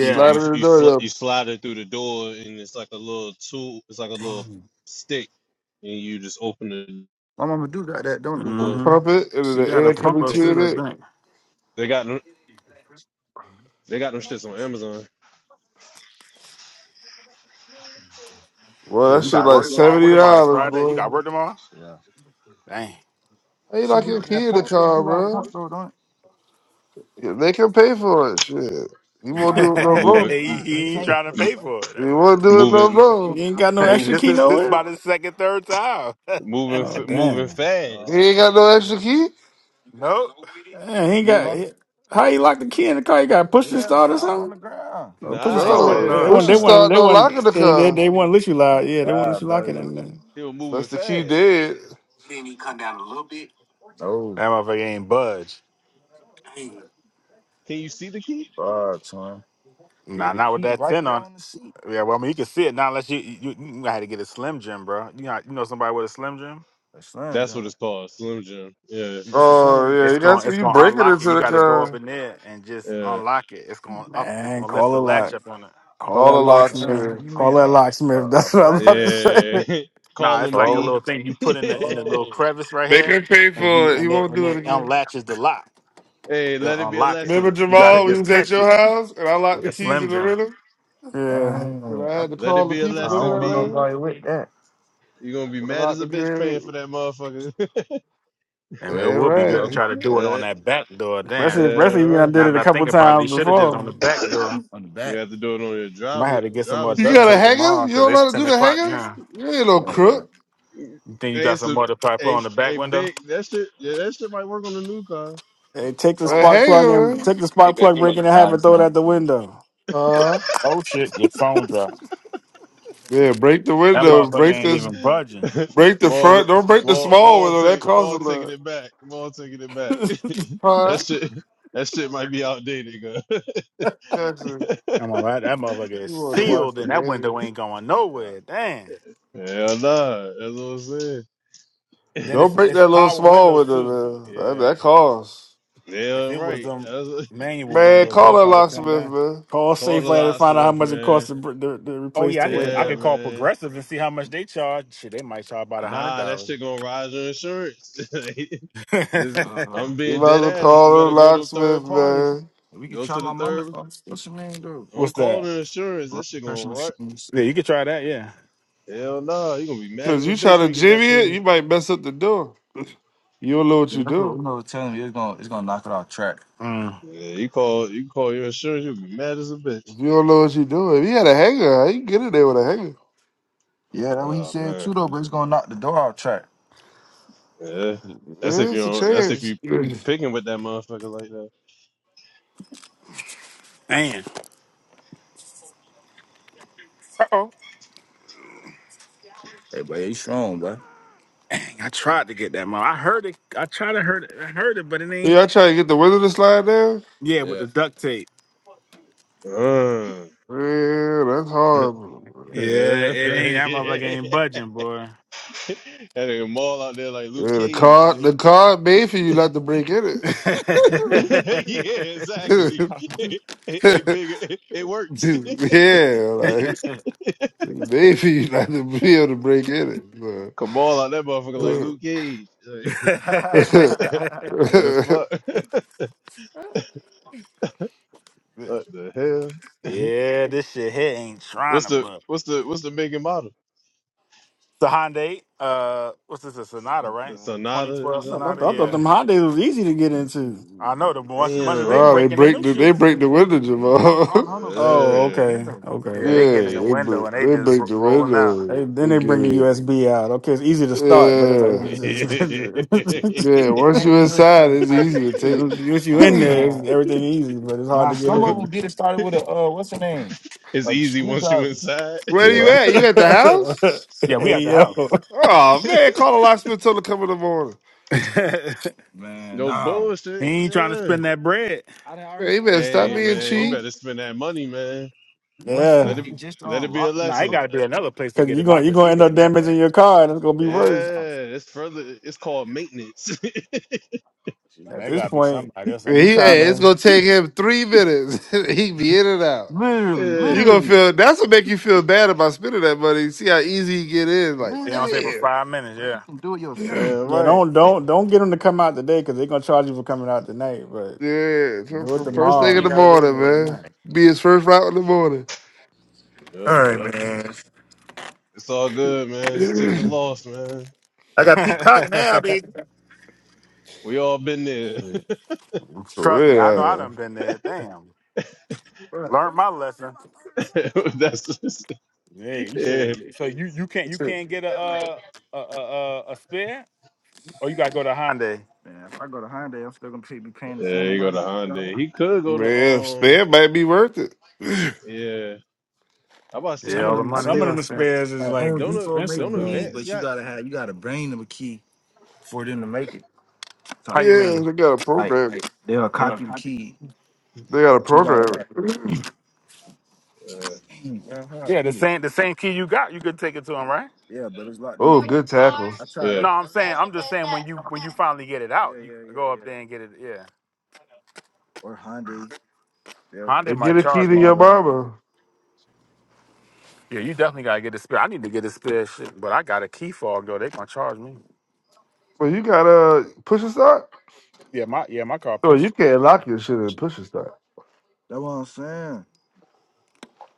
Speaker 5: you
Speaker 6: it
Speaker 5: you
Speaker 6: in the
Speaker 5: you
Speaker 6: door,
Speaker 5: sl- you
Speaker 6: it'll-
Speaker 5: slide it through the door and it's like a little tool. It's like a little
Speaker 8: Damn.
Speaker 5: stick, and you just open the
Speaker 8: My mama do got that, don't it?
Speaker 6: you can
Speaker 5: door.
Speaker 8: Mm-hmm.
Speaker 6: pump it, and then
Speaker 8: She
Speaker 6: the
Speaker 8: got a
Speaker 6: air
Speaker 8: pump
Speaker 6: coming
Speaker 5: They,
Speaker 8: upstairs,
Speaker 6: between
Speaker 8: I
Speaker 6: it.
Speaker 8: think.
Speaker 5: they got them, they got them shits on Amazon.
Speaker 6: Well,
Speaker 8: Well,
Speaker 6: that
Speaker 8: you
Speaker 6: shit
Speaker 8: got
Speaker 6: like
Speaker 8: work tomorrow. What
Speaker 6: seventy
Speaker 8: tomorrow? It's
Speaker 6: dollars,
Speaker 8: Friday. You
Speaker 6: boy.
Speaker 8: got work tomorrow? Yeah. Dang.
Speaker 6: How you
Speaker 8: She
Speaker 6: like
Speaker 8: do
Speaker 6: your
Speaker 8: got that
Speaker 6: kid a
Speaker 8: pump. She
Speaker 6: car,
Speaker 8: do got a
Speaker 6: bro?
Speaker 8: pump though, don't it?
Speaker 6: Yeah, They can pay for it. Shit, you won't
Speaker 8: Why
Speaker 6: do it
Speaker 8: I
Speaker 6: no
Speaker 8: can't? [LAUGHS]
Speaker 5: Moving,
Speaker 6: more.
Speaker 8: he, Why
Speaker 5: m-
Speaker 8: I he ain't can't trying to pay away? for it. That's,
Speaker 6: You won't do it no
Speaker 5: moving,
Speaker 6: more.
Speaker 3: He ain't got
Speaker 8: [LAUGHS]
Speaker 3: no
Speaker 8: hey,
Speaker 3: extra
Speaker 5: moving,
Speaker 8: this
Speaker 3: key
Speaker 8: is this
Speaker 3: nowhere.
Speaker 8: about his second, third time.
Speaker 5: moving,
Speaker 3: Oh
Speaker 5: f- moving
Speaker 3: damn!
Speaker 6: You
Speaker 5: fast.
Speaker 8: dog,
Speaker 6: ain't got no
Speaker 8: someone.
Speaker 6: extra key.
Speaker 8: Nope.
Speaker 3: Man, he ain't
Speaker 5: Move.
Speaker 3: got
Speaker 8: Huh?
Speaker 3: he- how he locked the key in the car. He got push the
Speaker 8: Yeah,
Speaker 3: start
Speaker 8: bro.
Speaker 3: or
Speaker 8: I was on the
Speaker 3: something.
Speaker 8: ground.
Speaker 3: Or push the
Speaker 5: Nah,
Speaker 8: I
Speaker 5: he
Speaker 3: start. What
Speaker 8: don't
Speaker 5: said
Speaker 6: No,
Speaker 3: they
Speaker 8: know.
Speaker 6: push
Speaker 3: want? They
Speaker 6: and
Speaker 5: nah.
Speaker 3: want.
Speaker 6: start,
Speaker 3: They
Speaker 6: no lock
Speaker 3: want.
Speaker 6: in the
Speaker 3: They they,
Speaker 6: car.
Speaker 3: they want to let you lock.
Speaker 8: Oh
Speaker 3: Yeah, they want to let you
Speaker 8: God,
Speaker 3: lock it
Speaker 8: baby.
Speaker 3: in there.
Speaker 5: He was moving
Speaker 6: That's the key
Speaker 5: fast.
Speaker 6: dead.
Speaker 8: No, That motherfucker ain't budge.
Speaker 5: Can you see the key?
Speaker 8: God, Nah, Baby, not with she that right ten there on. on the seat. Yeah, well, I mean, you can see it now unless you you, you you had to get a Slim Jim, bro. You know, you know somebody with a Slim Jim. A Slim
Speaker 5: That's what
Speaker 8: Jim.
Speaker 5: it's called, Slim Jim. Yeah,
Speaker 8: What's the Slim
Speaker 6: Oh
Speaker 8: Jim?
Speaker 6: yeah,
Speaker 8: It's
Speaker 6: you got
Speaker 8: gonna it's
Speaker 6: you
Speaker 8: gonna
Speaker 6: break it
Speaker 8: unlock it.
Speaker 6: into
Speaker 8: You
Speaker 6: the
Speaker 8: got to go up
Speaker 6: car.
Speaker 8: in there and just
Speaker 5: yeah,
Speaker 8: unlock it. It's gonna up. It's
Speaker 3: Man,
Speaker 8: gonna lift
Speaker 3: call
Speaker 8: the
Speaker 3: a lock.
Speaker 8: latch up on it.
Speaker 3: Call
Speaker 6: Call
Speaker 3: that
Speaker 6: the
Speaker 8: Slim
Speaker 3: locksmith.
Speaker 6: locksmith.
Speaker 8: Jim. You
Speaker 3: Call
Speaker 8: mean
Speaker 3: that
Speaker 8: a a,
Speaker 3: locksmith. [LAUGHS]
Speaker 8: a
Speaker 3: That's what I'm about to
Speaker 8: flathead?
Speaker 3: say.
Speaker 5: yeah. [LAUGHS] Call
Speaker 8: Nah, it's
Speaker 5: him
Speaker 8: like a
Speaker 6: Call.
Speaker 5: B.
Speaker 8: little
Speaker 6: him.
Speaker 8: thing you
Speaker 5: [LAUGHS] hey,
Speaker 8: put in the in the little Oh, crevice right
Speaker 6: Make
Speaker 8: here,
Speaker 6: him pay
Speaker 8: and you
Speaker 6: for it. He
Speaker 8: and they
Speaker 6: won't
Speaker 8: and
Speaker 6: do it
Speaker 8: it
Speaker 6: again.
Speaker 8: unlatches the lock.
Speaker 5: let
Speaker 8: It'll
Speaker 5: it be a
Speaker 8: unlock it.
Speaker 6: Remember
Speaker 5: lesson.
Speaker 8: You got to
Speaker 6: Jamal? We
Speaker 8: just
Speaker 6: was at
Speaker 8: catch
Speaker 6: your
Speaker 8: it
Speaker 6: house and I locked
Speaker 8: like
Speaker 6: the
Speaker 8: a
Speaker 6: keys
Speaker 8: Slim
Speaker 6: in the
Speaker 8: Jim.
Speaker 6: rhythm
Speaker 3: Yeah,
Speaker 6: and
Speaker 8: dang.
Speaker 6: I
Speaker 8: I,
Speaker 6: had to
Speaker 5: Let it
Speaker 6: call the
Speaker 5: be a
Speaker 6: people.
Speaker 8: I
Speaker 6: Remember
Speaker 5: lesson,
Speaker 8: don't
Speaker 6: that
Speaker 8: know
Speaker 5: B.
Speaker 6: lady?
Speaker 8: nobody with that.
Speaker 5: You're gonna be
Speaker 6: What
Speaker 5: mad
Speaker 6: about
Speaker 5: as a
Speaker 6: the
Speaker 5: bitch paying for
Speaker 6: girl?
Speaker 5: that motherfucker.
Speaker 8: I mean, it
Speaker 6: Yeah,
Speaker 8: would be good to Um,
Speaker 6: right.
Speaker 8: try to
Speaker 5: [LAUGHS]
Speaker 8: do it on
Speaker 5: all right.
Speaker 8: that back door. Damn.
Speaker 3: especially
Speaker 5: all
Speaker 3: especially when I
Speaker 5: right.
Speaker 3: did
Speaker 8: Now
Speaker 3: it
Speaker 8: that
Speaker 3: a
Speaker 8: I
Speaker 3: couple
Speaker 8: think about it, he
Speaker 3: times
Speaker 8: should have did it on
Speaker 3: before.
Speaker 8: the back door. on the
Speaker 5: [COUGHS] you
Speaker 8: back.
Speaker 5: have to do it on your
Speaker 8: Might
Speaker 5: driver
Speaker 8: have to get some more
Speaker 5: driver
Speaker 6: You
Speaker 8: duct
Speaker 6: got a
Speaker 5: side.
Speaker 8: tape
Speaker 6: hanger?
Speaker 8: tomorrow
Speaker 6: You
Speaker 8: because
Speaker 6: don't know how
Speaker 8: it's
Speaker 6: to do
Speaker 8: 10
Speaker 6: the
Speaker 8: o'clock
Speaker 6: hanger?
Speaker 8: now.
Speaker 6: You ain't no crook.
Speaker 5: Hey,
Speaker 8: You think you got
Speaker 5: It's
Speaker 8: some
Speaker 5: a
Speaker 8: more to probably put
Speaker 5: a
Speaker 8: on the back
Speaker 5: a
Speaker 8: window?
Speaker 5: big that shit. Yeah, that shit might work on the new car.
Speaker 3: Hey, take the
Speaker 6: A
Speaker 3: spark plug
Speaker 6: hanger,
Speaker 3: and
Speaker 6: man.
Speaker 3: take the spark plug, break it in half, and
Speaker 8: Nice,
Speaker 3: throw it out the window.
Speaker 6: Huh?
Speaker 8: Oh shit, your phone dropped.
Speaker 6: Yeah, break the
Speaker 8: That
Speaker 6: window.
Speaker 8: motherfucker
Speaker 6: Break
Speaker 8: ain't
Speaker 6: this.
Speaker 8: even budging.
Speaker 5: [LAUGHS]
Speaker 6: Break the
Speaker 5: more,
Speaker 6: front. Don't break the
Speaker 5: more,
Speaker 6: small
Speaker 5: more,
Speaker 6: window. That
Speaker 5: take,
Speaker 6: costs a
Speaker 5: more taking
Speaker 6: lot.
Speaker 5: it back. More taking it back.
Speaker 3: [LAUGHS]
Speaker 5: [LAUGHS] that
Speaker 6: Huh?
Speaker 5: shit, that shit might be outdated, girl. [LAUGHS]
Speaker 6: Jackson,
Speaker 8: I'm all right. That motherfucker is
Speaker 6: you wanted to watch
Speaker 8: sealed
Speaker 6: the
Speaker 8: and that
Speaker 6: game.
Speaker 8: window ain't going nowhere. Damn.
Speaker 5: Hell nah, that's what I'm
Speaker 8: Then
Speaker 5: saying. [LAUGHS]
Speaker 6: Don't
Speaker 8: it's
Speaker 6: break
Speaker 8: it's
Speaker 6: that little
Speaker 8: power
Speaker 6: small
Speaker 8: windows
Speaker 6: window
Speaker 8: too.
Speaker 6: there. That,
Speaker 8: Yeah.
Speaker 6: that costs.
Speaker 8: If
Speaker 5: Yeah,
Speaker 8: it was
Speaker 5: right.
Speaker 8: them
Speaker 5: That's what,
Speaker 8: manual
Speaker 6: Man,
Speaker 8: windows, they'll
Speaker 6: call that
Speaker 8: probably come
Speaker 6: locksmith,
Speaker 8: down.
Speaker 6: man.
Speaker 3: Call
Speaker 5: [LAUGHS] call the
Speaker 3: SafeLand and find out how
Speaker 5: locksmith,
Speaker 3: much it
Speaker 5: man.
Speaker 3: costs to, br- to, to
Speaker 8: Oh
Speaker 3: replace
Speaker 8: yeah, I
Speaker 3: the
Speaker 8: need to. I
Speaker 5: Yeah,
Speaker 8: could
Speaker 3: window.
Speaker 8: call
Speaker 5: man.
Speaker 8: Progressive and see how much they charge. Shit, they might charge about a hundred
Speaker 5: Nah, that
Speaker 8: dollars.
Speaker 5: shit
Speaker 8: [LAUGHS]
Speaker 5: gonna rise your insurance. [LAUGHS] Like, this,
Speaker 8: Uh,
Speaker 5: I'm
Speaker 6: You
Speaker 5: being
Speaker 6: might as
Speaker 5: dead
Speaker 6: well
Speaker 5: ass. You
Speaker 6: call
Speaker 5: better
Speaker 6: her
Speaker 5: go to
Speaker 6: locksmith,
Speaker 5: third parties.
Speaker 6: man.
Speaker 5: Go to the third.
Speaker 8: What's
Speaker 5: Don't call
Speaker 8: that?
Speaker 5: the insurance. That shit gonna rot.
Speaker 8: Yeah, you could try that. Yeah.
Speaker 5: Hell nah, you gonna be mad
Speaker 6: Cause
Speaker 5: as a
Speaker 6: you try
Speaker 5: bitch
Speaker 6: to
Speaker 5: when you get
Speaker 6: jimmy
Speaker 5: that
Speaker 6: it,
Speaker 5: premium.
Speaker 6: you might mess up the door. You don't know what you're doing.
Speaker 8: Mm.
Speaker 5: Yeah, you call you call your insurance, you'll be mad as a bitch.
Speaker 6: If you don't know what you doing, if you had a hanger, how you get in there with a hanger?
Speaker 8: yeah, that's what he
Speaker 5: Oh
Speaker 8: said
Speaker 5: man,
Speaker 8: too, though. But it's gonna knock the door out track.
Speaker 5: yeah. That's if
Speaker 6: Yeah,
Speaker 5: you
Speaker 6: it's a
Speaker 5: don't. That's if
Speaker 6: chance.
Speaker 5: you
Speaker 6: [LAUGHS] [CLEARS THROAT] yeah,
Speaker 5: picking with that motherfucker like that.
Speaker 8: Man, Hey, boy, you strong, boy. dang, I tried to get that mom. I heard it. I tried to heard it. I heard it, but it ain't.
Speaker 6: I try to get the window to slide down.
Speaker 8: Yeah, with Yeah. the duct tape.
Speaker 5: Uh,
Speaker 6: Man, that's hard.
Speaker 5: [LAUGHS]
Speaker 8: Yeah,
Speaker 5: yeah, [LAUGHS]
Speaker 8: it ain't. That motherfucker
Speaker 5: yeah.
Speaker 8: ain't budging, boy.
Speaker 5: that nigga Maul out there like Luke
Speaker 6: Yeah, the
Speaker 5: Cage.
Speaker 6: car,
Speaker 5: nigga.
Speaker 6: the car made for you not to break in it.
Speaker 5: [LAUGHS] yeah, exactly. [LAUGHS] it, it big. It, it works.
Speaker 6: [LAUGHS] yeah, like
Speaker 5: [LAUGHS]
Speaker 6: it's made for you not to be able to break in it.
Speaker 5: Kamal out that motherfucker like
Speaker 6: bro.
Speaker 5: Luke Cage. Like, [LAUGHS]
Speaker 6: [LAUGHS]
Speaker 8: [LAUGHS]
Speaker 5: yeah,
Speaker 8: [LAUGHS]
Speaker 5: fuck. [LAUGHS] what the
Speaker 8: [LAUGHS]
Speaker 5: hell?
Speaker 8: yeah, this shit here ain't
Speaker 5: [LAUGHS]
Speaker 8: trying
Speaker 5: what's
Speaker 8: to
Speaker 5: the
Speaker 8: budge.
Speaker 5: what's the what's the making model?
Speaker 8: The Hyundai, uh, what's this? A Sonata, right? 2012
Speaker 3: I
Speaker 5: Sonata.
Speaker 3: thought, I
Speaker 8: Sonata.
Speaker 3: thought, I thought
Speaker 8: Yeah,
Speaker 3: them Hondas was easy to get into.
Speaker 8: I'm
Speaker 6: Nah, they
Speaker 5: Damn.
Speaker 8: getting the
Speaker 6: break
Speaker 8: new
Speaker 6: the they
Speaker 8: shit.
Speaker 6: break the window, Jamal. [LAUGHS]
Speaker 3: Oh,
Speaker 5: Uh,
Speaker 3: okay,
Speaker 5: eh,
Speaker 3: okay.
Speaker 8: Yeah, they
Speaker 6: Yeah,
Speaker 8: getting in the
Speaker 5: eh.
Speaker 6: they
Speaker 8: window
Speaker 6: break,
Speaker 8: and they
Speaker 6: they
Speaker 8: just
Speaker 6: break
Speaker 8: ro-
Speaker 6: the
Speaker 8: rolling out.
Speaker 3: Hey,
Speaker 6: window
Speaker 3: then
Speaker 6: They
Speaker 3: they
Speaker 6: get
Speaker 3: bring the
Speaker 6: it.
Speaker 3: USB out. Okay, it's easy to start, but it's like
Speaker 5: [LAUGHS]
Speaker 6: Yeah, yeah.
Speaker 5: it's
Speaker 6: Once
Speaker 8: Man,
Speaker 6: you
Speaker 8: they were
Speaker 6: inside,
Speaker 8: so
Speaker 6: it's easy
Speaker 8: graphic.
Speaker 3: [LAUGHS]
Speaker 6: to take.
Speaker 3: once you
Speaker 8: Oh
Speaker 3: in
Speaker 6: [LAUGHS]
Speaker 3: there, it's,
Speaker 8: god.
Speaker 3: everything easy, but it's hard
Speaker 8: Nah,
Speaker 3: to get
Speaker 8: some
Speaker 3: in.
Speaker 8: of them get it started with a uh, what's the name? A
Speaker 5: easy once you
Speaker 8: screwdriver.
Speaker 5: inside.
Speaker 6: Where you
Speaker 8: Yeah.
Speaker 6: at? You at the house?
Speaker 3: there. [LAUGHS]
Speaker 8: Yeah, we at
Speaker 3: hey
Speaker 8: the house.
Speaker 3: yo,
Speaker 6: Oh man,
Speaker 5: [LAUGHS]
Speaker 6: call the locksmith till to come in the morning.
Speaker 8: [LAUGHS] Man,
Speaker 5: no
Speaker 8: no. he
Speaker 5: bullshit.
Speaker 8: ain't trying to
Speaker 5: Yeah.
Speaker 8: spend that bread. I done already
Speaker 6: Man, he
Speaker 8: spent
Speaker 6: better
Speaker 8: two
Speaker 6: stop
Speaker 5: Hey
Speaker 8: hundred
Speaker 6: being
Speaker 5: man, you
Speaker 8: before.
Speaker 6: cheap.
Speaker 5: better spend that money, man.
Speaker 8: One
Speaker 5: Let
Speaker 3: yeah,
Speaker 5: it
Speaker 8: fifty just
Speaker 5: let
Speaker 8: on
Speaker 5: it be a
Speaker 8: lock. Nah, it Oh,
Speaker 5: lesson.
Speaker 8: got to be another place to
Speaker 3: because
Speaker 8: get
Speaker 3: you're
Speaker 8: it.
Speaker 3: going you're
Speaker 8: Locker
Speaker 3: going to end
Speaker 8: cheaper
Speaker 3: up
Speaker 8: than that though.
Speaker 3: damaging your car, and it's gonna be
Speaker 8: yeah.
Speaker 3: worse.
Speaker 5: Yeah, it's further. It's called maintenance. [LAUGHS]
Speaker 3: At
Speaker 8: They
Speaker 3: this
Speaker 8: got to be
Speaker 3: point,
Speaker 8: somebody that
Speaker 6: Man,
Speaker 3: you
Speaker 8: can
Speaker 6: he,
Speaker 8: get
Speaker 3: trying
Speaker 6: hey,
Speaker 8: it.
Speaker 6: it's
Speaker 3: to
Speaker 6: gonna take him three minutes. [LAUGHS] he be in and out.
Speaker 8: Literally.
Speaker 5: yeah,
Speaker 6: You gonna feel that's what make you feel bad about spending that money. See how easy you get in.
Speaker 8: It
Speaker 6: Like,
Speaker 8: don't take Man, but
Speaker 6: damn.
Speaker 8: five minutes, you yeah. can do it
Speaker 5: yeah,
Speaker 8: yourself.
Speaker 6: [CLEARS THROAT]
Speaker 3: yeah
Speaker 5: right.
Speaker 3: don't don't don't get them to come out today because they're gonna charge you for coming out tonight. But
Speaker 6: yeah, fir-
Speaker 3: do it
Speaker 6: fir-
Speaker 8: Yeah,
Speaker 6: first
Speaker 8: but
Speaker 6: thing
Speaker 8: you
Speaker 6: in
Speaker 3: tomorrow.
Speaker 8: ain't
Speaker 6: the
Speaker 8: gotta wait
Speaker 6: morning,
Speaker 8: more
Speaker 6: man.
Speaker 8: than
Speaker 6: Be his first route in the morning.
Speaker 5: Yep.
Speaker 7: All right, man.
Speaker 5: It's all good,
Speaker 6: [CLEARS THROAT]
Speaker 5: man. Just take the
Speaker 6: For
Speaker 5: loss, man.
Speaker 7: I got Peacock
Speaker 8: that.
Speaker 7: now, baby.
Speaker 5: We all been
Speaker 8: [LAUGHS]
Speaker 5: there.
Speaker 8: Shit. Trust me, I know I
Speaker 6: real,
Speaker 8: done been there. Damn. But Learned my lesson.
Speaker 5: [LAUGHS] That's
Speaker 8: Yeah,
Speaker 5: [LAUGHS]
Speaker 8: you should
Speaker 5: yeah.
Speaker 8: have so you you can't you can't get a uh a a, a, a spare or you gotta go to Hyundai. still gonna be paying the
Speaker 5: Yeah,
Speaker 8: same
Speaker 5: he go
Speaker 8: amount.
Speaker 5: to
Speaker 8: of- money.
Speaker 5: Hyundai. He could
Speaker 6: uh,
Speaker 5: go to
Speaker 6: man,
Speaker 5: um.
Speaker 6: spam might be worth it. [CLEARS THROAT]
Speaker 5: Yeah, I about to say
Speaker 8: Yeah,
Speaker 3: Some of
Speaker 8: all
Speaker 5: you.
Speaker 8: the
Speaker 3: them
Speaker 5: I
Speaker 8: money
Speaker 3: some
Speaker 8: you
Speaker 3: of
Speaker 8: done
Speaker 3: them
Speaker 5: think
Speaker 8: spent.
Speaker 3: spares is
Speaker 8: Like
Speaker 3: like
Speaker 8: Home
Speaker 5: don't a-
Speaker 8: Depot make
Speaker 3: expensive
Speaker 5: don't
Speaker 8: keys,
Speaker 3: though.
Speaker 5: advance
Speaker 8: but you
Speaker 5: got.
Speaker 8: gotta have you gotta bring them a key for them to make it. So How you
Speaker 6: Yeah,
Speaker 8: mean?
Speaker 6: they got to
Speaker 8: Like
Speaker 6: program. it.
Speaker 8: they'll copy the key.
Speaker 6: They got to
Speaker 8: You gotta like
Speaker 6: program. it.
Speaker 5: Uh,
Speaker 8: Uh-huh. Yeah, the Yeah. same the same key you got, you could take it to him, right? yeah, but it's
Speaker 6: [CLEARS THROAT]
Speaker 8: locked in the
Speaker 6: Oh,
Speaker 8: car.
Speaker 6: good tackle.
Speaker 8: I tried that.
Speaker 5: yeah,
Speaker 8: No, I'm saying I'm just saying when you when you finally get it Yeah, out, Yeah, you yeah, yeah, go up yeah. there and get it. Yeah, Or Hyundai. Yeah. Hyundai
Speaker 6: And get
Speaker 8: might
Speaker 6: a key
Speaker 8: charge
Speaker 6: to
Speaker 8: more
Speaker 6: your
Speaker 8: though.
Speaker 6: mama.
Speaker 8: Yeah, you definitely gotta get a spare. I need to get a spare shit, but I got a key fog though. They gonna charge me.
Speaker 6: Well, you got a push a start.
Speaker 8: Yeah, my yeah my car
Speaker 6: No, you
Speaker 8: pushed.
Speaker 6: can't lock your shit and push a start.
Speaker 8: That's what I'm saying.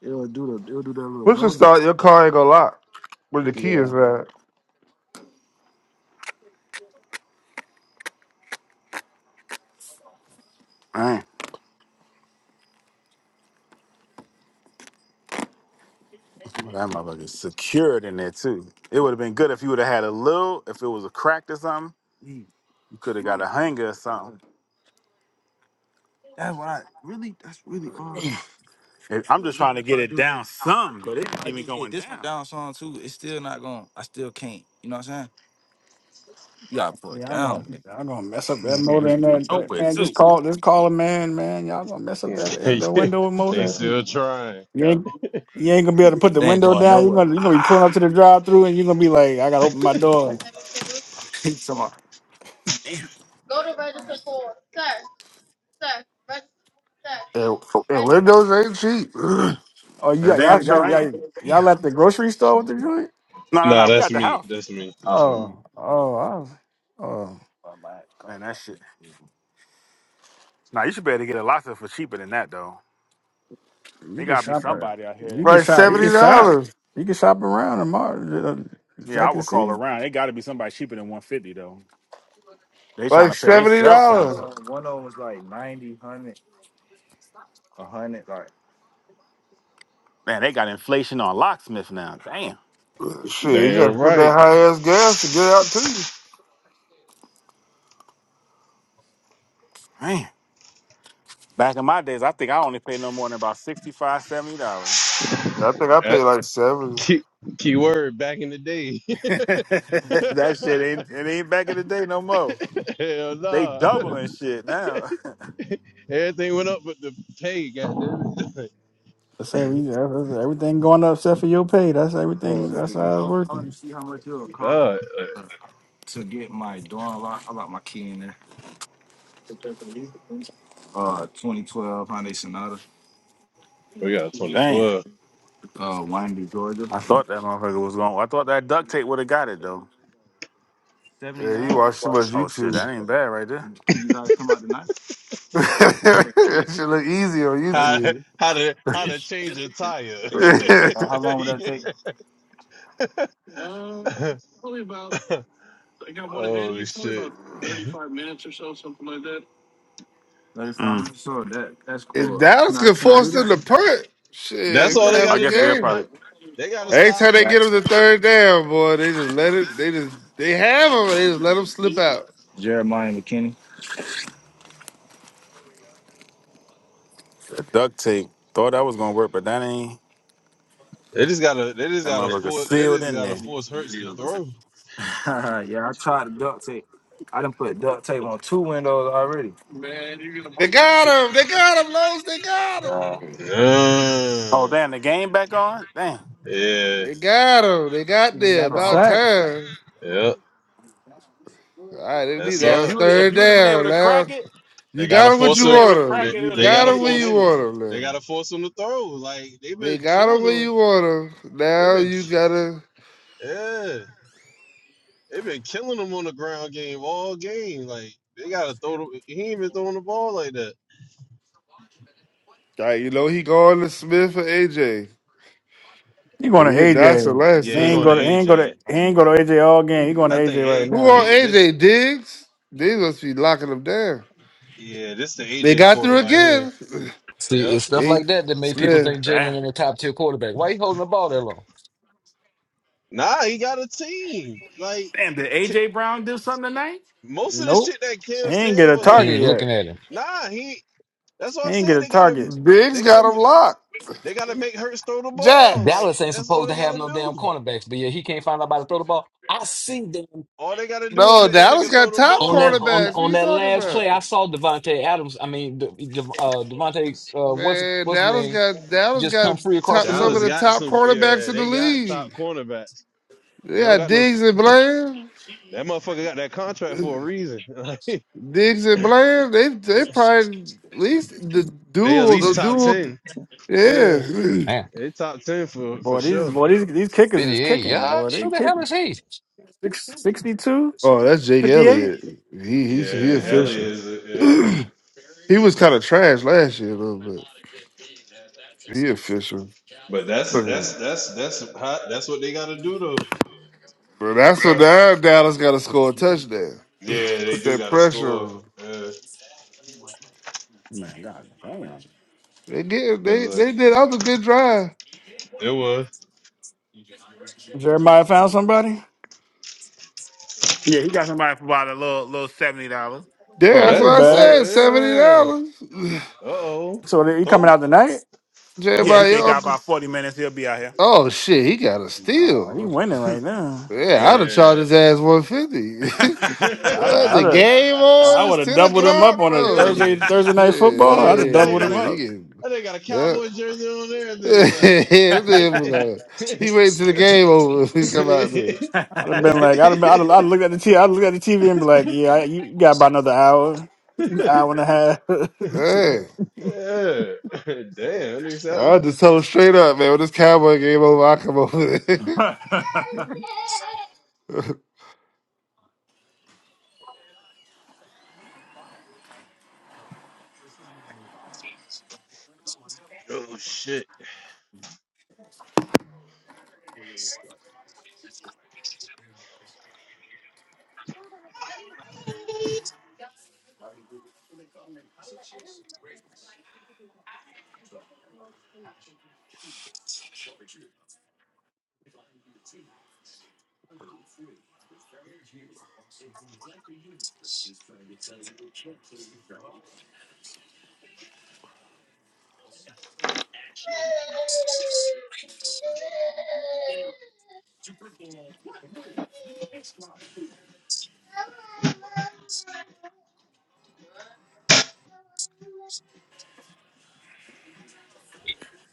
Speaker 8: It'll do the it'll do that little
Speaker 6: Push a start,
Speaker 8: noise.
Speaker 6: your car ain't gonna lock when the key
Speaker 8: Yeah,
Speaker 6: is not.
Speaker 8: man, that motherfucker secured in there too. It would have been good if you would have had a little. If it was a crack or something, you could have got a hanger or something. I'm just trying to get it down some, but
Speaker 3: Yeah, Y'all gonna y'all gonna mess up that
Speaker 8: [LAUGHS]
Speaker 3: motor in that
Speaker 8: nowhere.
Speaker 3: that- man. Just call just call a man, man. Y'all gonna mess up that
Speaker 5: [LAUGHS]
Speaker 3: in the window
Speaker 5: they
Speaker 3: motor.
Speaker 5: still trying.
Speaker 3: You
Speaker 8: Yeah.
Speaker 3: ain't you ain't gonna be able to put the window
Speaker 8: I
Speaker 3: down.
Speaker 8: know
Speaker 3: You're
Speaker 8: what
Speaker 3: gonna you gonna be pulling up to the drive through and you're gonna be like, I gotta open my door.
Speaker 8: [LAUGHS] he's talking about.
Speaker 6: And, and windows ain't cheap. [CLEARS THROAT]
Speaker 3: Oh, you
Speaker 8: The [LAUGHS] damn
Speaker 3: y'all
Speaker 8: sure
Speaker 3: y'all
Speaker 8: ain't.
Speaker 3: y'all, y'all
Speaker 8: Yeah,
Speaker 3: at the grocery store with the joint?
Speaker 8: No, no,
Speaker 5: Nah,
Speaker 8: no. We
Speaker 5: that's
Speaker 8: at the
Speaker 5: me.
Speaker 8: house.
Speaker 5: That's me. That's me.
Speaker 3: Oh, oh, I, was, oh.
Speaker 8: Oh, my God. Man, that shit. Nah, you should be able to get a lot of for cheaper than that though.
Speaker 3: You
Speaker 8: They
Speaker 3: can
Speaker 8: gotta be
Speaker 3: shop at
Speaker 8: somebody out here.
Speaker 3: you can
Speaker 6: like
Speaker 3: shop you
Speaker 8: And
Speaker 3: can
Speaker 6: seventy
Speaker 8: this,
Speaker 3: shop
Speaker 6: dollars.
Speaker 3: you can shop around tomorrow. uh,
Speaker 8: yeah, I
Speaker 3: Check and
Speaker 8: would call
Speaker 3: see.
Speaker 8: around. They gotta be somebody cheaper than one fifty though. They trying
Speaker 6: Like
Speaker 8: to pay their Like
Speaker 6: seventy
Speaker 8: cell phone
Speaker 6: dollars.
Speaker 8: bill. 90, 100, like Man, they got inflation on locksmith now. Damn,
Speaker 6: Shit, you gotta
Speaker 5: Damn
Speaker 6: put
Speaker 5: right.
Speaker 6: that high ass gas to get it out to you.
Speaker 8: man. Back in my days, I think I only paid no more than about 65 $70.
Speaker 6: I think I paid
Speaker 5: That,
Speaker 6: like seven.
Speaker 5: key, key word back in the day.
Speaker 8: [LAUGHS] that shit
Speaker 5: [LAUGHS]
Speaker 8: ain't it ain't back in the day no more.
Speaker 5: Hell
Speaker 8: They
Speaker 5: nah.
Speaker 8: doubling shit now.
Speaker 5: Everything went up but the pay. Goddamn it.
Speaker 3: Let's say we
Speaker 5: [LAUGHS]
Speaker 3: that's- that's everything going up except for your pay. That's
Speaker 5: oh
Speaker 3: everything.
Speaker 5: uh,
Speaker 3: That's how it's working.
Speaker 5: God, uh, we got
Speaker 8: [LAUGHS] Damn.
Speaker 5: 2012.
Speaker 8: I thought that motherfucker was going. I thought that duct tape would have got it though.
Speaker 6: Yeah, you watch too much
Speaker 8: Oh shit,
Speaker 6: YouTube.
Speaker 8: that ain't bad right there.
Speaker 6: [LAUGHS] that shit look easy on
Speaker 5: how to,
Speaker 6: YouTube.
Speaker 5: how to how to change a tire. [LAUGHS]
Speaker 6: [LAUGHS]
Speaker 5: oh shit!
Speaker 6: if Dallas could force them to punt,
Speaker 5: That's
Speaker 6: shit, we
Speaker 5: all
Speaker 6: might
Speaker 5: they
Speaker 6: have a
Speaker 8: I
Speaker 5: gotta
Speaker 8: guess
Speaker 5: do.
Speaker 8: they'll
Speaker 6: game.
Speaker 5: Uh,
Speaker 8: probably
Speaker 5: they gotta
Speaker 6: Every
Speaker 5: stop.
Speaker 6: time they get them to third down, boy, they just let it. They just they have them. They just let them slip out.
Speaker 8: duct tape. Thought that was gonna work, but that ain't
Speaker 5: They just gotta. They just
Speaker 8: that
Speaker 5: gotta
Speaker 8: motherfucker
Speaker 5: force. They
Speaker 8: sealed
Speaker 5: just
Speaker 8: in
Speaker 5: gotta
Speaker 8: there.
Speaker 5: force Hurts to throw.
Speaker 6: They got them. They got them. Lowe's. They got them.
Speaker 8: Oh
Speaker 5: Uh,
Speaker 8: damn, the game back on? Damn.
Speaker 5: yeah.
Speaker 6: They got them. They got there.
Speaker 3: Got a
Speaker 8: Oh, hold
Speaker 6: About
Speaker 8: on.
Speaker 3: sack.
Speaker 6: time.
Speaker 5: Yep.
Speaker 6: All right, they need
Speaker 5: That's
Speaker 8: Yeah,
Speaker 6: that.
Speaker 8: if
Speaker 5: all.
Speaker 6: It's
Speaker 8: you would if
Speaker 6: third
Speaker 8: you would have been able
Speaker 6: down
Speaker 8: to
Speaker 6: now.
Speaker 8: crack it,
Speaker 5: They
Speaker 6: You
Speaker 5: gotta
Speaker 6: got them
Speaker 8: you
Speaker 6: what
Speaker 8: would
Speaker 5: force
Speaker 8: have
Speaker 6: you
Speaker 8: been
Speaker 5: her.
Speaker 8: able
Speaker 6: want
Speaker 8: to crack
Speaker 5: They,
Speaker 8: it,
Speaker 6: them.
Speaker 8: it
Speaker 6: You
Speaker 8: would have
Speaker 5: they
Speaker 8: been
Speaker 6: got
Speaker 5: gotta
Speaker 8: you
Speaker 6: them
Speaker 8: would have
Speaker 6: where
Speaker 8: been
Speaker 6: you
Speaker 5: force.
Speaker 8: in there.
Speaker 6: want
Speaker 5: They
Speaker 6: them
Speaker 5: gotta force him to throw. Like they've
Speaker 6: They
Speaker 5: been
Speaker 6: gotta
Speaker 5: killing
Speaker 6: where
Speaker 5: him.
Speaker 6: you want him.
Speaker 5: They've
Speaker 6: Now
Speaker 5: been.
Speaker 6: you
Speaker 5: ki-
Speaker 6: gotta,
Speaker 5: Yeah. They've been killing him on the ground game all game. Like they gotta throw the he ain't been throwing the ball like that.
Speaker 6: like, you know, he going to Smith for AJ.
Speaker 3: He going to
Speaker 6: We hit Dotson
Speaker 3: AJ.
Speaker 6: last
Speaker 3: He
Speaker 5: Yeah, he
Speaker 3: ain't
Speaker 5: going
Speaker 8: I
Speaker 6: time.
Speaker 5: to
Speaker 3: go to he
Speaker 8: mean, I
Speaker 3: ain't
Speaker 8: mean,
Speaker 3: go to
Speaker 5: AJ.
Speaker 3: he
Speaker 8: that's what-
Speaker 3: ain't go to AJ all game. He going to
Speaker 5: I think
Speaker 3: AJ right
Speaker 5: eight
Speaker 6: Who on
Speaker 3: now.
Speaker 5: eight this
Speaker 6: AJ? Diggs? Diggs must be locking him down.
Speaker 5: yeah, this the
Speaker 6: They
Speaker 5: AJ
Speaker 6: got
Speaker 5: quarter
Speaker 6: through
Speaker 5: right here.
Speaker 6: again. [SIGHS]
Speaker 4: See,
Speaker 5: Yep.
Speaker 4: it's stuff
Speaker 6: They,
Speaker 4: like that that made people
Speaker 6: Smith.
Speaker 4: think Jalen
Speaker 8: Damn.
Speaker 4: in the top tier quarterback. Why he holding the ball that long?
Speaker 5: Nah, he got a team. Like
Speaker 8: Damn, did
Speaker 5: K-
Speaker 8: AJ Brown do something tonight?
Speaker 5: most of the
Speaker 3: Nope.
Speaker 5: shit that Kim
Speaker 3: He ain't
Speaker 5: said
Speaker 3: get a
Speaker 4: He
Speaker 8: Damn.
Speaker 3: target
Speaker 5: wasn't
Speaker 4: ain't
Speaker 3: yet.
Speaker 4: looking at him.
Speaker 5: Nah, he that's what
Speaker 3: He
Speaker 5: I
Speaker 3: ain't get
Speaker 5: said.
Speaker 3: a
Speaker 5: They gotta
Speaker 3: target.
Speaker 5: they
Speaker 6: Diggs
Speaker 5: gotta
Speaker 6: got him locked.
Speaker 5: they gotta make Hurts throw the ball. Like
Speaker 6: Jax.
Speaker 4: Dallas ain't
Speaker 5: that's all
Speaker 4: supposed
Speaker 5: they
Speaker 4: to have
Speaker 5: gotta
Speaker 4: no damn
Speaker 5: do.
Speaker 4: cornerbacks, but yeah, he can't find nobody to throw the ball. I see them
Speaker 5: All they gotta do is
Speaker 6: No,
Speaker 5: make that
Speaker 6: Dallas
Speaker 5: nigga throw
Speaker 6: got
Speaker 5: the
Speaker 6: top
Speaker 4: on that
Speaker 5: ball.
Speaker 4: on
Speaker 6: cornerbacks. What
Speaker 4: on
Speaker 6: you
Speaker 4: that
Speaker 6: talking
Speaker 4: last
Speaker 6: about?
Speaker 4: play. I saw Devontae Adams. I mean, De, De, uh, Devontae, uh, what's
Speaker 6: Man,
Speaker 4: what's his
Speaker 6: Dallas
Speaker 4: name?
Speaker 6: got Dallas
Speaker 4: Just
Speaker 6: got
Speaker 4: come free across
Speaker 6: top,
Speaker 4: the
Speaker 6: some of
Speaker 5: Dallas
Speaker 4: middle.
Speaker 6: the
Speaker 5: got
Speaker 6: top
Speaker 5: some
Speaker 6: cornerbacks
Speaker 5: yeah,
Speaker 6: in the
Speaker 5: they got
Speaker 6: league.
Speaker 5: top cornerbacks.
Speaker 6: They
Speaker 5: They don't
Speaker 6: got
Speaker 5: got no
Speaker 6: Diggs
Speaker 5: sh-
Speaker 6: and Bland.
Speaker 5: that motherfucker got that contract for a reason. [LAUGHS] Like,
Speaker 6: Diggs and Bland, they they probably at least the
Speaker 5: they at
Speaker 6: duel, the
Speaker 5: least top
Speaker 6: duel,
Speaker 5: ten. Yeah,
Speaker 6: yeah. [CLEARS THROAT]
Speaker 4: Man,
Speaker 5: they top ten for for
Speaker 3: Boy, these
Speaker 5: sure.
Speaker 3: boy these these kickers is
Speaker 4: fifty-eight
Speaker 3: kicking. Boy,
Speaker 4: yards.
Speaker 3: they
Speaker 4: Who the hell
Speaker 3: kicking
Speaker 4: is he? He
Speaker 3: six sixty two
Speaker 6: Oh, that's Jake
Speaker 3: fifty eight.
Speaker 6: Elliott. He he's he
Speaker 5: Yeah,
Speaker 3: Yeah.
Speaker 5: Ellie
Speaker 6: official.
Speaker 5: is.
Speaker 6: [CLEARS THROAT]
Speaker 5: Yeah,
Speaker 6: he was kind of trash last year a little bit. He official.
Speaker 5: but
Speaker 6: [CLEARS THROAT]
Speaker 5: that's that's
Speaker 6: [LAUGHS]
Speaker 5: that's that's hot. That's what they got to do though.
Speaker 6: But
Speaker 5: And
Speaker 6: that's what
Speaker 5: Try.
Speaker 6: now Dallas got to score a touchdown.
Speaker 5: Yeah, they
Speaker 6: Put
Speaker 5: do
Speaker 6: that
Speaker 5: got to
Speaker 6: pressure
Speaker 5: score.
Speaker 6: on. 'em.
Speaker 5: Yeah,
Speaker 6: They get
Speaker 5: cause
Speaker 6: they
Speaker 5: uh,
Speaker 6: they did other good drive.
Speaker 5: it was.
Speaker 3: Jeremiah found somebody.
Speaker 8: Yeah, he got somebody for about a little little seventy dollars.
Speaker 6: Yeah,
Speaker 5: Oh
Speaker 6: that's
Speaker 3: That
Speaker 6: what
Speaker 5: that.
Speaker 6: I
Speaker 5: Oh
Speaker 3: bad.
Speaker 6: said. Seventy
Speaker 5: yeah.
Speaker 6: dollars. [CLEARS THROAT]
Speaker 5: Uh oh.
Speaker 3: So he coming
Speaker 5: Throw
Speaker 3: out tonight?
Speaker 6: [SIGHS]
Speaker 8: Yeah, he
Speaker 6: Jeremiah,
Speaker 5: throwback
Speaker 8: said he
Speaker 6: your
Speaker 8: got
Speaker 6: uncle.
Speaker 8: about
Speaker 5: prices.
Speaker 8: forty minutes. He'll be out here.
Speaker 6: Oh shit, he got a
Speaker 3: No, he
Speaker 6: steal.
Speaker 3: winning right now.
Speaker 8: [LAUGHS]
Speaker 5: Oh
Speaker 6: Yeah, I'd
Speaker 8: yeah.
Speaker 6: have charged
Speaker 5: yeah.
Speaker 6: his ass 150.
Speaker 5: [LAUGHS]
Speaker 3: I'd
Speaker 6: [LAUGHS]
Speaker 5: yeah.
Speaker 3: I'd
Speaker 6: the
Speaker 3: have,
Speaker 6: game
Speaker 3: I
Speaker 6: on it's
Speaker 3: would have
Speaker 6: 10
Speaker 3: doubled him up
Speaker 6: o'clock.
Speaker 3: on a
Speaker 5: I
Speaker 6: Oh
Speaker 5: think
Speaker 3: Thursday Thursday
Speaker 6: shit.
Speaker 3: night football. I'd have
Speaker 5: I think
Speaker 6: Yeah,
Speaker 3: doubled
Speaker 5: got
Speaker 3: him
Speaker 6: yeah. He
Speaker 5: a
Speaker 3: up.
Speaker 6: get
Speaker 5: I think got a
Speaker 6: yeah.
Speaker 5: cowboy jersey on and
Speaker 6: [LAUGHS] yeah nigga
Speaker 5: everything.
Speaker 6: was like,
Speaker 5: Like. [LAUGHS]
Speaker 6: he waited till the game over. [LAUGHS] He come out
Speaker 5: yeah.
Speaker 6: there.
Speaker 3: I'd have been like, I'd have, been, I'd have, I'd have
Speaker 5: [LAUGHS]
Speaker 3: looked at the T, would look at the TV and be like, yeah, I- you you got about another hour, an hour and a half. [LAUGHS]
Speaker 6: Hey.
Speaker 5: Damn, they sound-
Speaker 6: I just told him straight up, man. When this cowboy game over, I come over there. [LAUGHS]
Speaker 5: Oh shit.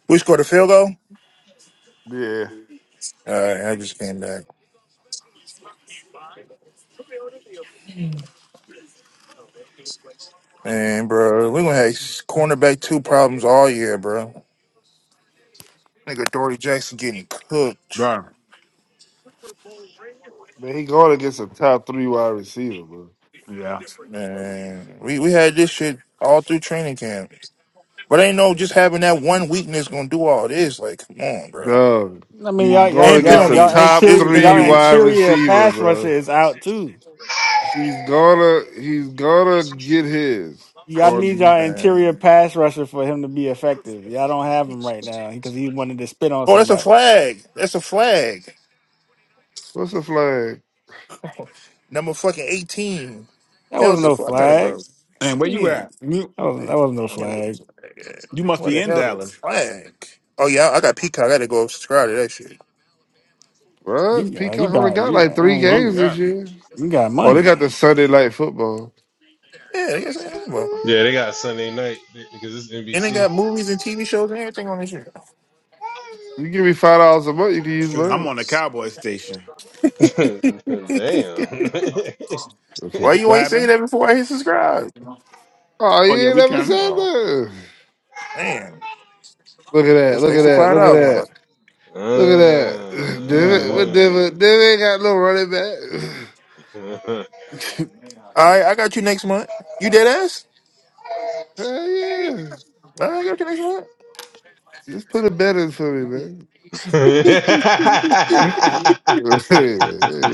Speaker 7: We scored a field goal.
Speaker 6: yeah.
Speaker 7: All right, I just came back. Man, bro, we gonna have cornerback two problems all year, bro. Nigga, Dory Jackson getting cooked.
Speaker 6: Man, he going against a top three wide receiver, bro.
Speaker 8: yeah.
Speaker 7: Man, we we had this shit all through training camp. But ain't no just having that one weakness gonna do all this. Like, come on, bro.
Speaker 6: Dog.
Speaker 3: I mean,
Speaker 6: He's
Speaker 3: y'all, y'all,
Speaker 6: going
Speaker 7: And
Speaker 6: against
Speaker 3: y'all,
Speaker 6: a
Speaker 3: y'all
Speaker 7: penalties.
Speaker 6: top
Speaker 7: It's
Speaker 3: interior, y'all
Speaker 6: three
Speaker 7: penalties.
Speaker 6: wide
Speaker 3: interior
Speaker 6: receiver,
Speaker 3: pass
Speaker 6: bro.
Speaker 3: rusher is out too.
Speaker 6: He's gonna he's gonna get his.
Speaker 3: Y'all
Speaker 6: Or
Speaker 3: need y'all
Speaker 7: man.
Speaker 3: interior pass rusher for him to be effective. Y'all don't have him right now because he wanted to spit on
Speaker 7: Oh, that's a
Speaker 3: somebody.
Speaker 7: flag. That's a flag.
Speaker 6: what's the flag?
Speaker 7: Number fucking 18.
Speaker 3: That
Speaker 7: Held
Speaker 3: wasn't
Speaker 7: the
Speaker 3: no
Speaker 7: fuck out of
Speaker 3: flag.
Speaker 7: bro.
Speaker 8: And where you
Speaker 3: Yeah.
Speaker 8: at? You
Speaker 3: That wasn't
Speaker 7: Like,
Speaker 3: that wasn't no
Speaker 7: Damn, what the
Speaker 3: flag.
Speaker 7: flag is.
Speaker 8: you must
Speaker 7: What
Speaker 8: be
Speaker 7: the
Speaker 8: in
Speaker 7: hell the
Speaker 8: Dallas.
Speaker 7: flag? Oh, yeah, I got Peacock. I gotta go subscribe to that shit.
Speaker 6: What?
Speaker 3: You, uh, you
Speaker 6: Peacock only
Speaker 3: got
Speaker 6: got
Speaker 3: you,
Speaker 6: like
Speaker 3: I
Speaker 6: three
Speaker 3: mean,
Speaker 8: Well,
Speaker 6: games
Speaker 3: you,
Speaker 6: this
Speaker 8: yeah.
Speaker 6: year.
Speaker 3: you got
Speaker 6: Oh, they got
Speaker 3: money.
Speaker 6: the Sunday night football.
Speaker 7: Yeah, I guess I am,
Speaker 5: Yeah, they got Sunday night because it's NBC.
Speaker 7: And they got movies and TV shows and everything on this shit.
Speaker 6: You give me five dollars a month, you can use
Speaker 8: Shoot, I'm
Speaker 6: mine.
Speaker 8: on the Cowboy station.
Speaker 7: [LAUGHS]
Speaker 5: [LAUGHS] Damn. [LAUGHS]
Speaker 6: Okay.
Speaker 7: Why you
Speaker 8: What
Speaker 7: ain't saying
Speaker 8: happened?
Speaker 7: that before I hit subscribe?
Speaker 6: Oh,
Speaker 8: Oh
Speaker 6: you
Speaker 8: yeah,
Speaker 6: ain't
Speaker 8: we
Speaker 6: never
Speaker 8: can.
Speaker 6: said
Speaker 7: Oh,
Speaker 6: that.
Speaker 7: man.
Speaker 6: Look at that,
Speaker 7: That's an
Speaker 6: look at
Speaker 7: extra
Speaker 6: that,
Speaker 7: $5
Speaker 6: look at
Speaker 7: dollars, on my
Speaker 6: that.
Speaker 7: pocket.
Speaker 6: Look at
Speaker 5: uh,
Speaker 6: that. [SIGHS] David what David David ain't got no running back. [SIGHS]
Speaker 5: uh.
Speaker 3: [LAUGHS]
Speaker 7: All right, I got you next month. You dead ass?
Speaker 6: Hell yeah.
Speaker 7: right, I got you next month.
Speaker 6: Just put a bet in for me, man. [LAUGHS] Hey,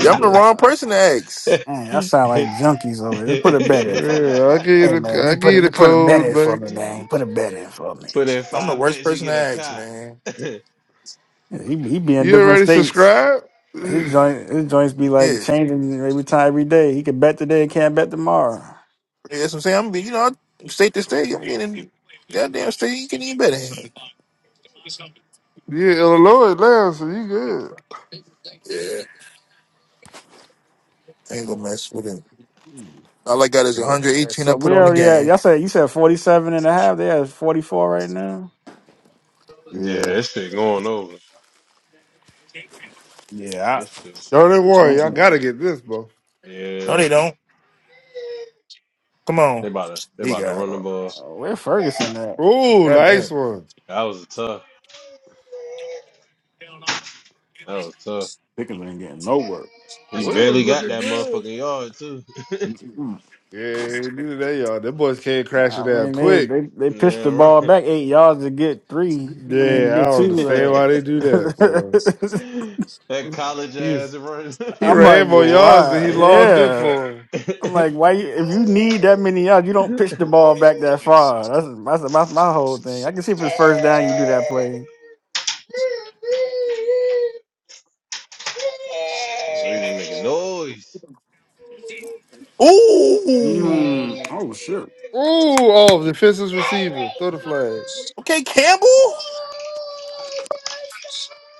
Speaker 7: Yeah, I'm the wrong person to ask.
Speaker 3: Man, I sound like
Speaker 5: [LAUGHS]
Speaker 3: junkies over here. Just put a bet in for it.
Speaker 6: Yeah, I give
Speaker 3: Hey
Speaker 6: you
Speaker 3: man,
Speaker 6: the I
Speaker 3: just
Speaker 6: give
Speaker 3: put
Speaker 6: you
Speaker 3: it
Speaker 6: the
Speaker 3: just put a bet
Speaker 6: code,
Speaker 3: in for
Speaker 6: man.
Speaker 3: me, man. Put a bet
Speaker 5: Hey,
Speaker 3: in for me.
Speaker 5: Put in
Speaker 7: I'm the
Speaker 5: five
Speaker 7: worst
Speaker 5: bets, you
Speaker 7: person to
Speaker 5: get a
Speaker 7: ask,
Speaker 5: cop.
Speaker 7: man.
Speaker 5: [LAUGHS] yeah,
Speaker 3: Yeah, He he be in
Speaker 6: You
Speaker 3: different
Speaker 6: already
Speaker 3: states.
Speaker 6: subscribed?
Speaker 3: His
Speaker 6: [SIGHS]
Speaker 3: joint his joints be
Speaker 7: Yeah,
Speaker 3: like changing every time every day. He can bet today, can't bet tomorrow.
Speaker 7: Yeah, that's what I'm saying. I'm, being, you know, I- state to state. I'm getting in goddamn state. You can even better. him.
Speaker 6: Yeah, Illinois now, so you good.
Speaker 7: Yeah, I ain't gonna mess with him. All I got is
Speaker 3: But-
Speaker 7: 118. I
Speaker 3: So
Speaker 7: put
Speaker 3: we
Speaker 7: on the
Speaker 3: already at,
Speaker 7: game.
Speaker 3: y'all said, you said 47 and a half. They at 44 right now.
Speaker 6: Yeah.
Speaker 5: that shit going over.
Speaker 8: Yeah,
Speaker 5: That
Speaker 8: I,
Speaker 5: shit.
Speaker 6: Thirty
Speaker 7: What's
Speaker 6: one,
Speaker 7: going
Speaker 6: y'all
Speaker 7: on?
Speaker 6: gotta get this, bro.
Speaker 7: No,
Speaker 5: Yeah,
Speaker 7: they don't. Come on,
Speaker 5: they about to they
Speaker 7: he
Speaker 5: about to
Speaker 7: got. it.
Speaker 5: run
Speaker 3: Uh,
Speaker 5: the ball.
Speaker 3: Where Ferguson at?
Speaker 6: Ooh, nice
Speaker 7: Goddamn.
Speaker 6: one.
Speaker 5: That was tough. That was tough.
Speaker 8: Pickens ain't getting no work.
Speaker 5: He
Speaker 6: Williams
Speaker 5: barely got
Speaker 6: looking
Speaker 5: that
Speaker 6: good.
Speaker 5: motherfucking yard too. [LAUGHS]
Speaker 8: Mm-mm.
Speaker 6: Yeah, neither they y'all. Them boys came crashing
Speaker 3: I
Speaker 6: down
Speaker 3: mean, they,
Speaker 6: quick.
Speaker 3: they, they pitched
Speaker 5: yeah,
Speaker 3: the ball
Speaker 5: right.
Speaker 3: back eight yards to get three. I mean, to
Speaker 6: Yeah, I
Speaker 3: get
Speaker 6: don't
Speaker 3: two.
Speaker 6: understand why they
Speaker 3: Uh,
Speaker 6: do that, boy.
Speaker 3: [LAUGHS]
Speaker 5: [LAUGHS] that college
Speaker 6: He
Speaker 5: ass run.
Speaker 6: he
Speaker 3: I'm
Speaker 6: ran
Speaker 3: like,
Speaker 6: more yards than
Speaker 3: why?
Speaker 6: he logged
Speaker 5: [LAUGHS]
Speaker 6: in
Speaker 3: Yeah.
Speaker 6: for. Ooh,
Speaker 3: I'm like, why? You, if you need that many yards, you
Speaker 5: We
Speaker 3: don't
Speaker 5: just
Speaker 3: pitch the ball back that far. That's that's my, my whole thing. I can see if it's first down, you do that play.
Speaker 5: Making noise.
Speaker 8: Mm. Oh shit.
Speaker 6: oh, the defenseless receiver. Throw the flag.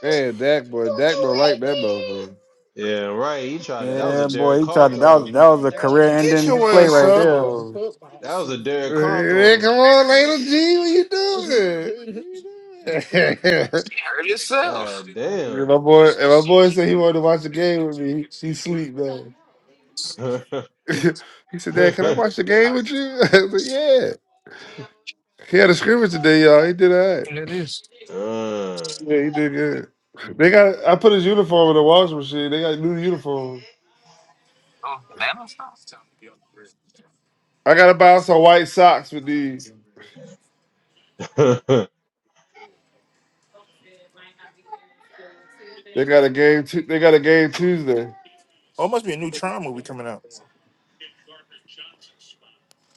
Speaker 6: Man, Dak boy. Dak don't like that motherfucker.
Speaker 5: Yeah, right. He tried it. That was a
Speaker 3: Yeah,
Speaker 5: Derek
Speaker 3: boy, he
Speaker 5: Carr
Speaker 3: tried to. That
Speaker 5: throw.
Speaker 3: was that was a career
Speaker 7: Get
Speaker 3: ending
Speaker 7: your
Speaker 3: play
Speaker 7: ass
Speaker 3: right
Speaker 7: up.
Speaker 3: there.
Speaker 6: Oh.
Speaker 5: That was a Derek Carr
Speaker 6: Hey,
Speaker 5: throw.
Speaker 6: come on, Layla G, what you doing? [LAUGHS] What you doing? [LAUGHS]
Speaker 4: Hurt himself.
Speaker 5: God
Speaker 6: And
Speaker 5: damn.
Speaker 6: my boy, and my boy said he wanted to watch the game with me. He, he sleep though.
Speaker 5: [LAUGHS] uh,
Speaker 6: [LAUGHS] he said, "Dad, can I watch the game with you?" [LAUGHS] I said, "Yeah." He had a scrimmage today, y'all. He did all right. Yeah, he did good. They got. I put his uniform in the washing machine. They got a new uniform. I gotta buy him some white socks with these.
Speaker 5: [LAUGHS]
Speaker 6: They got a game. Tu- they got a game Tuesday.
Speaker 7: Oh, it must be a new Tron movie coming out.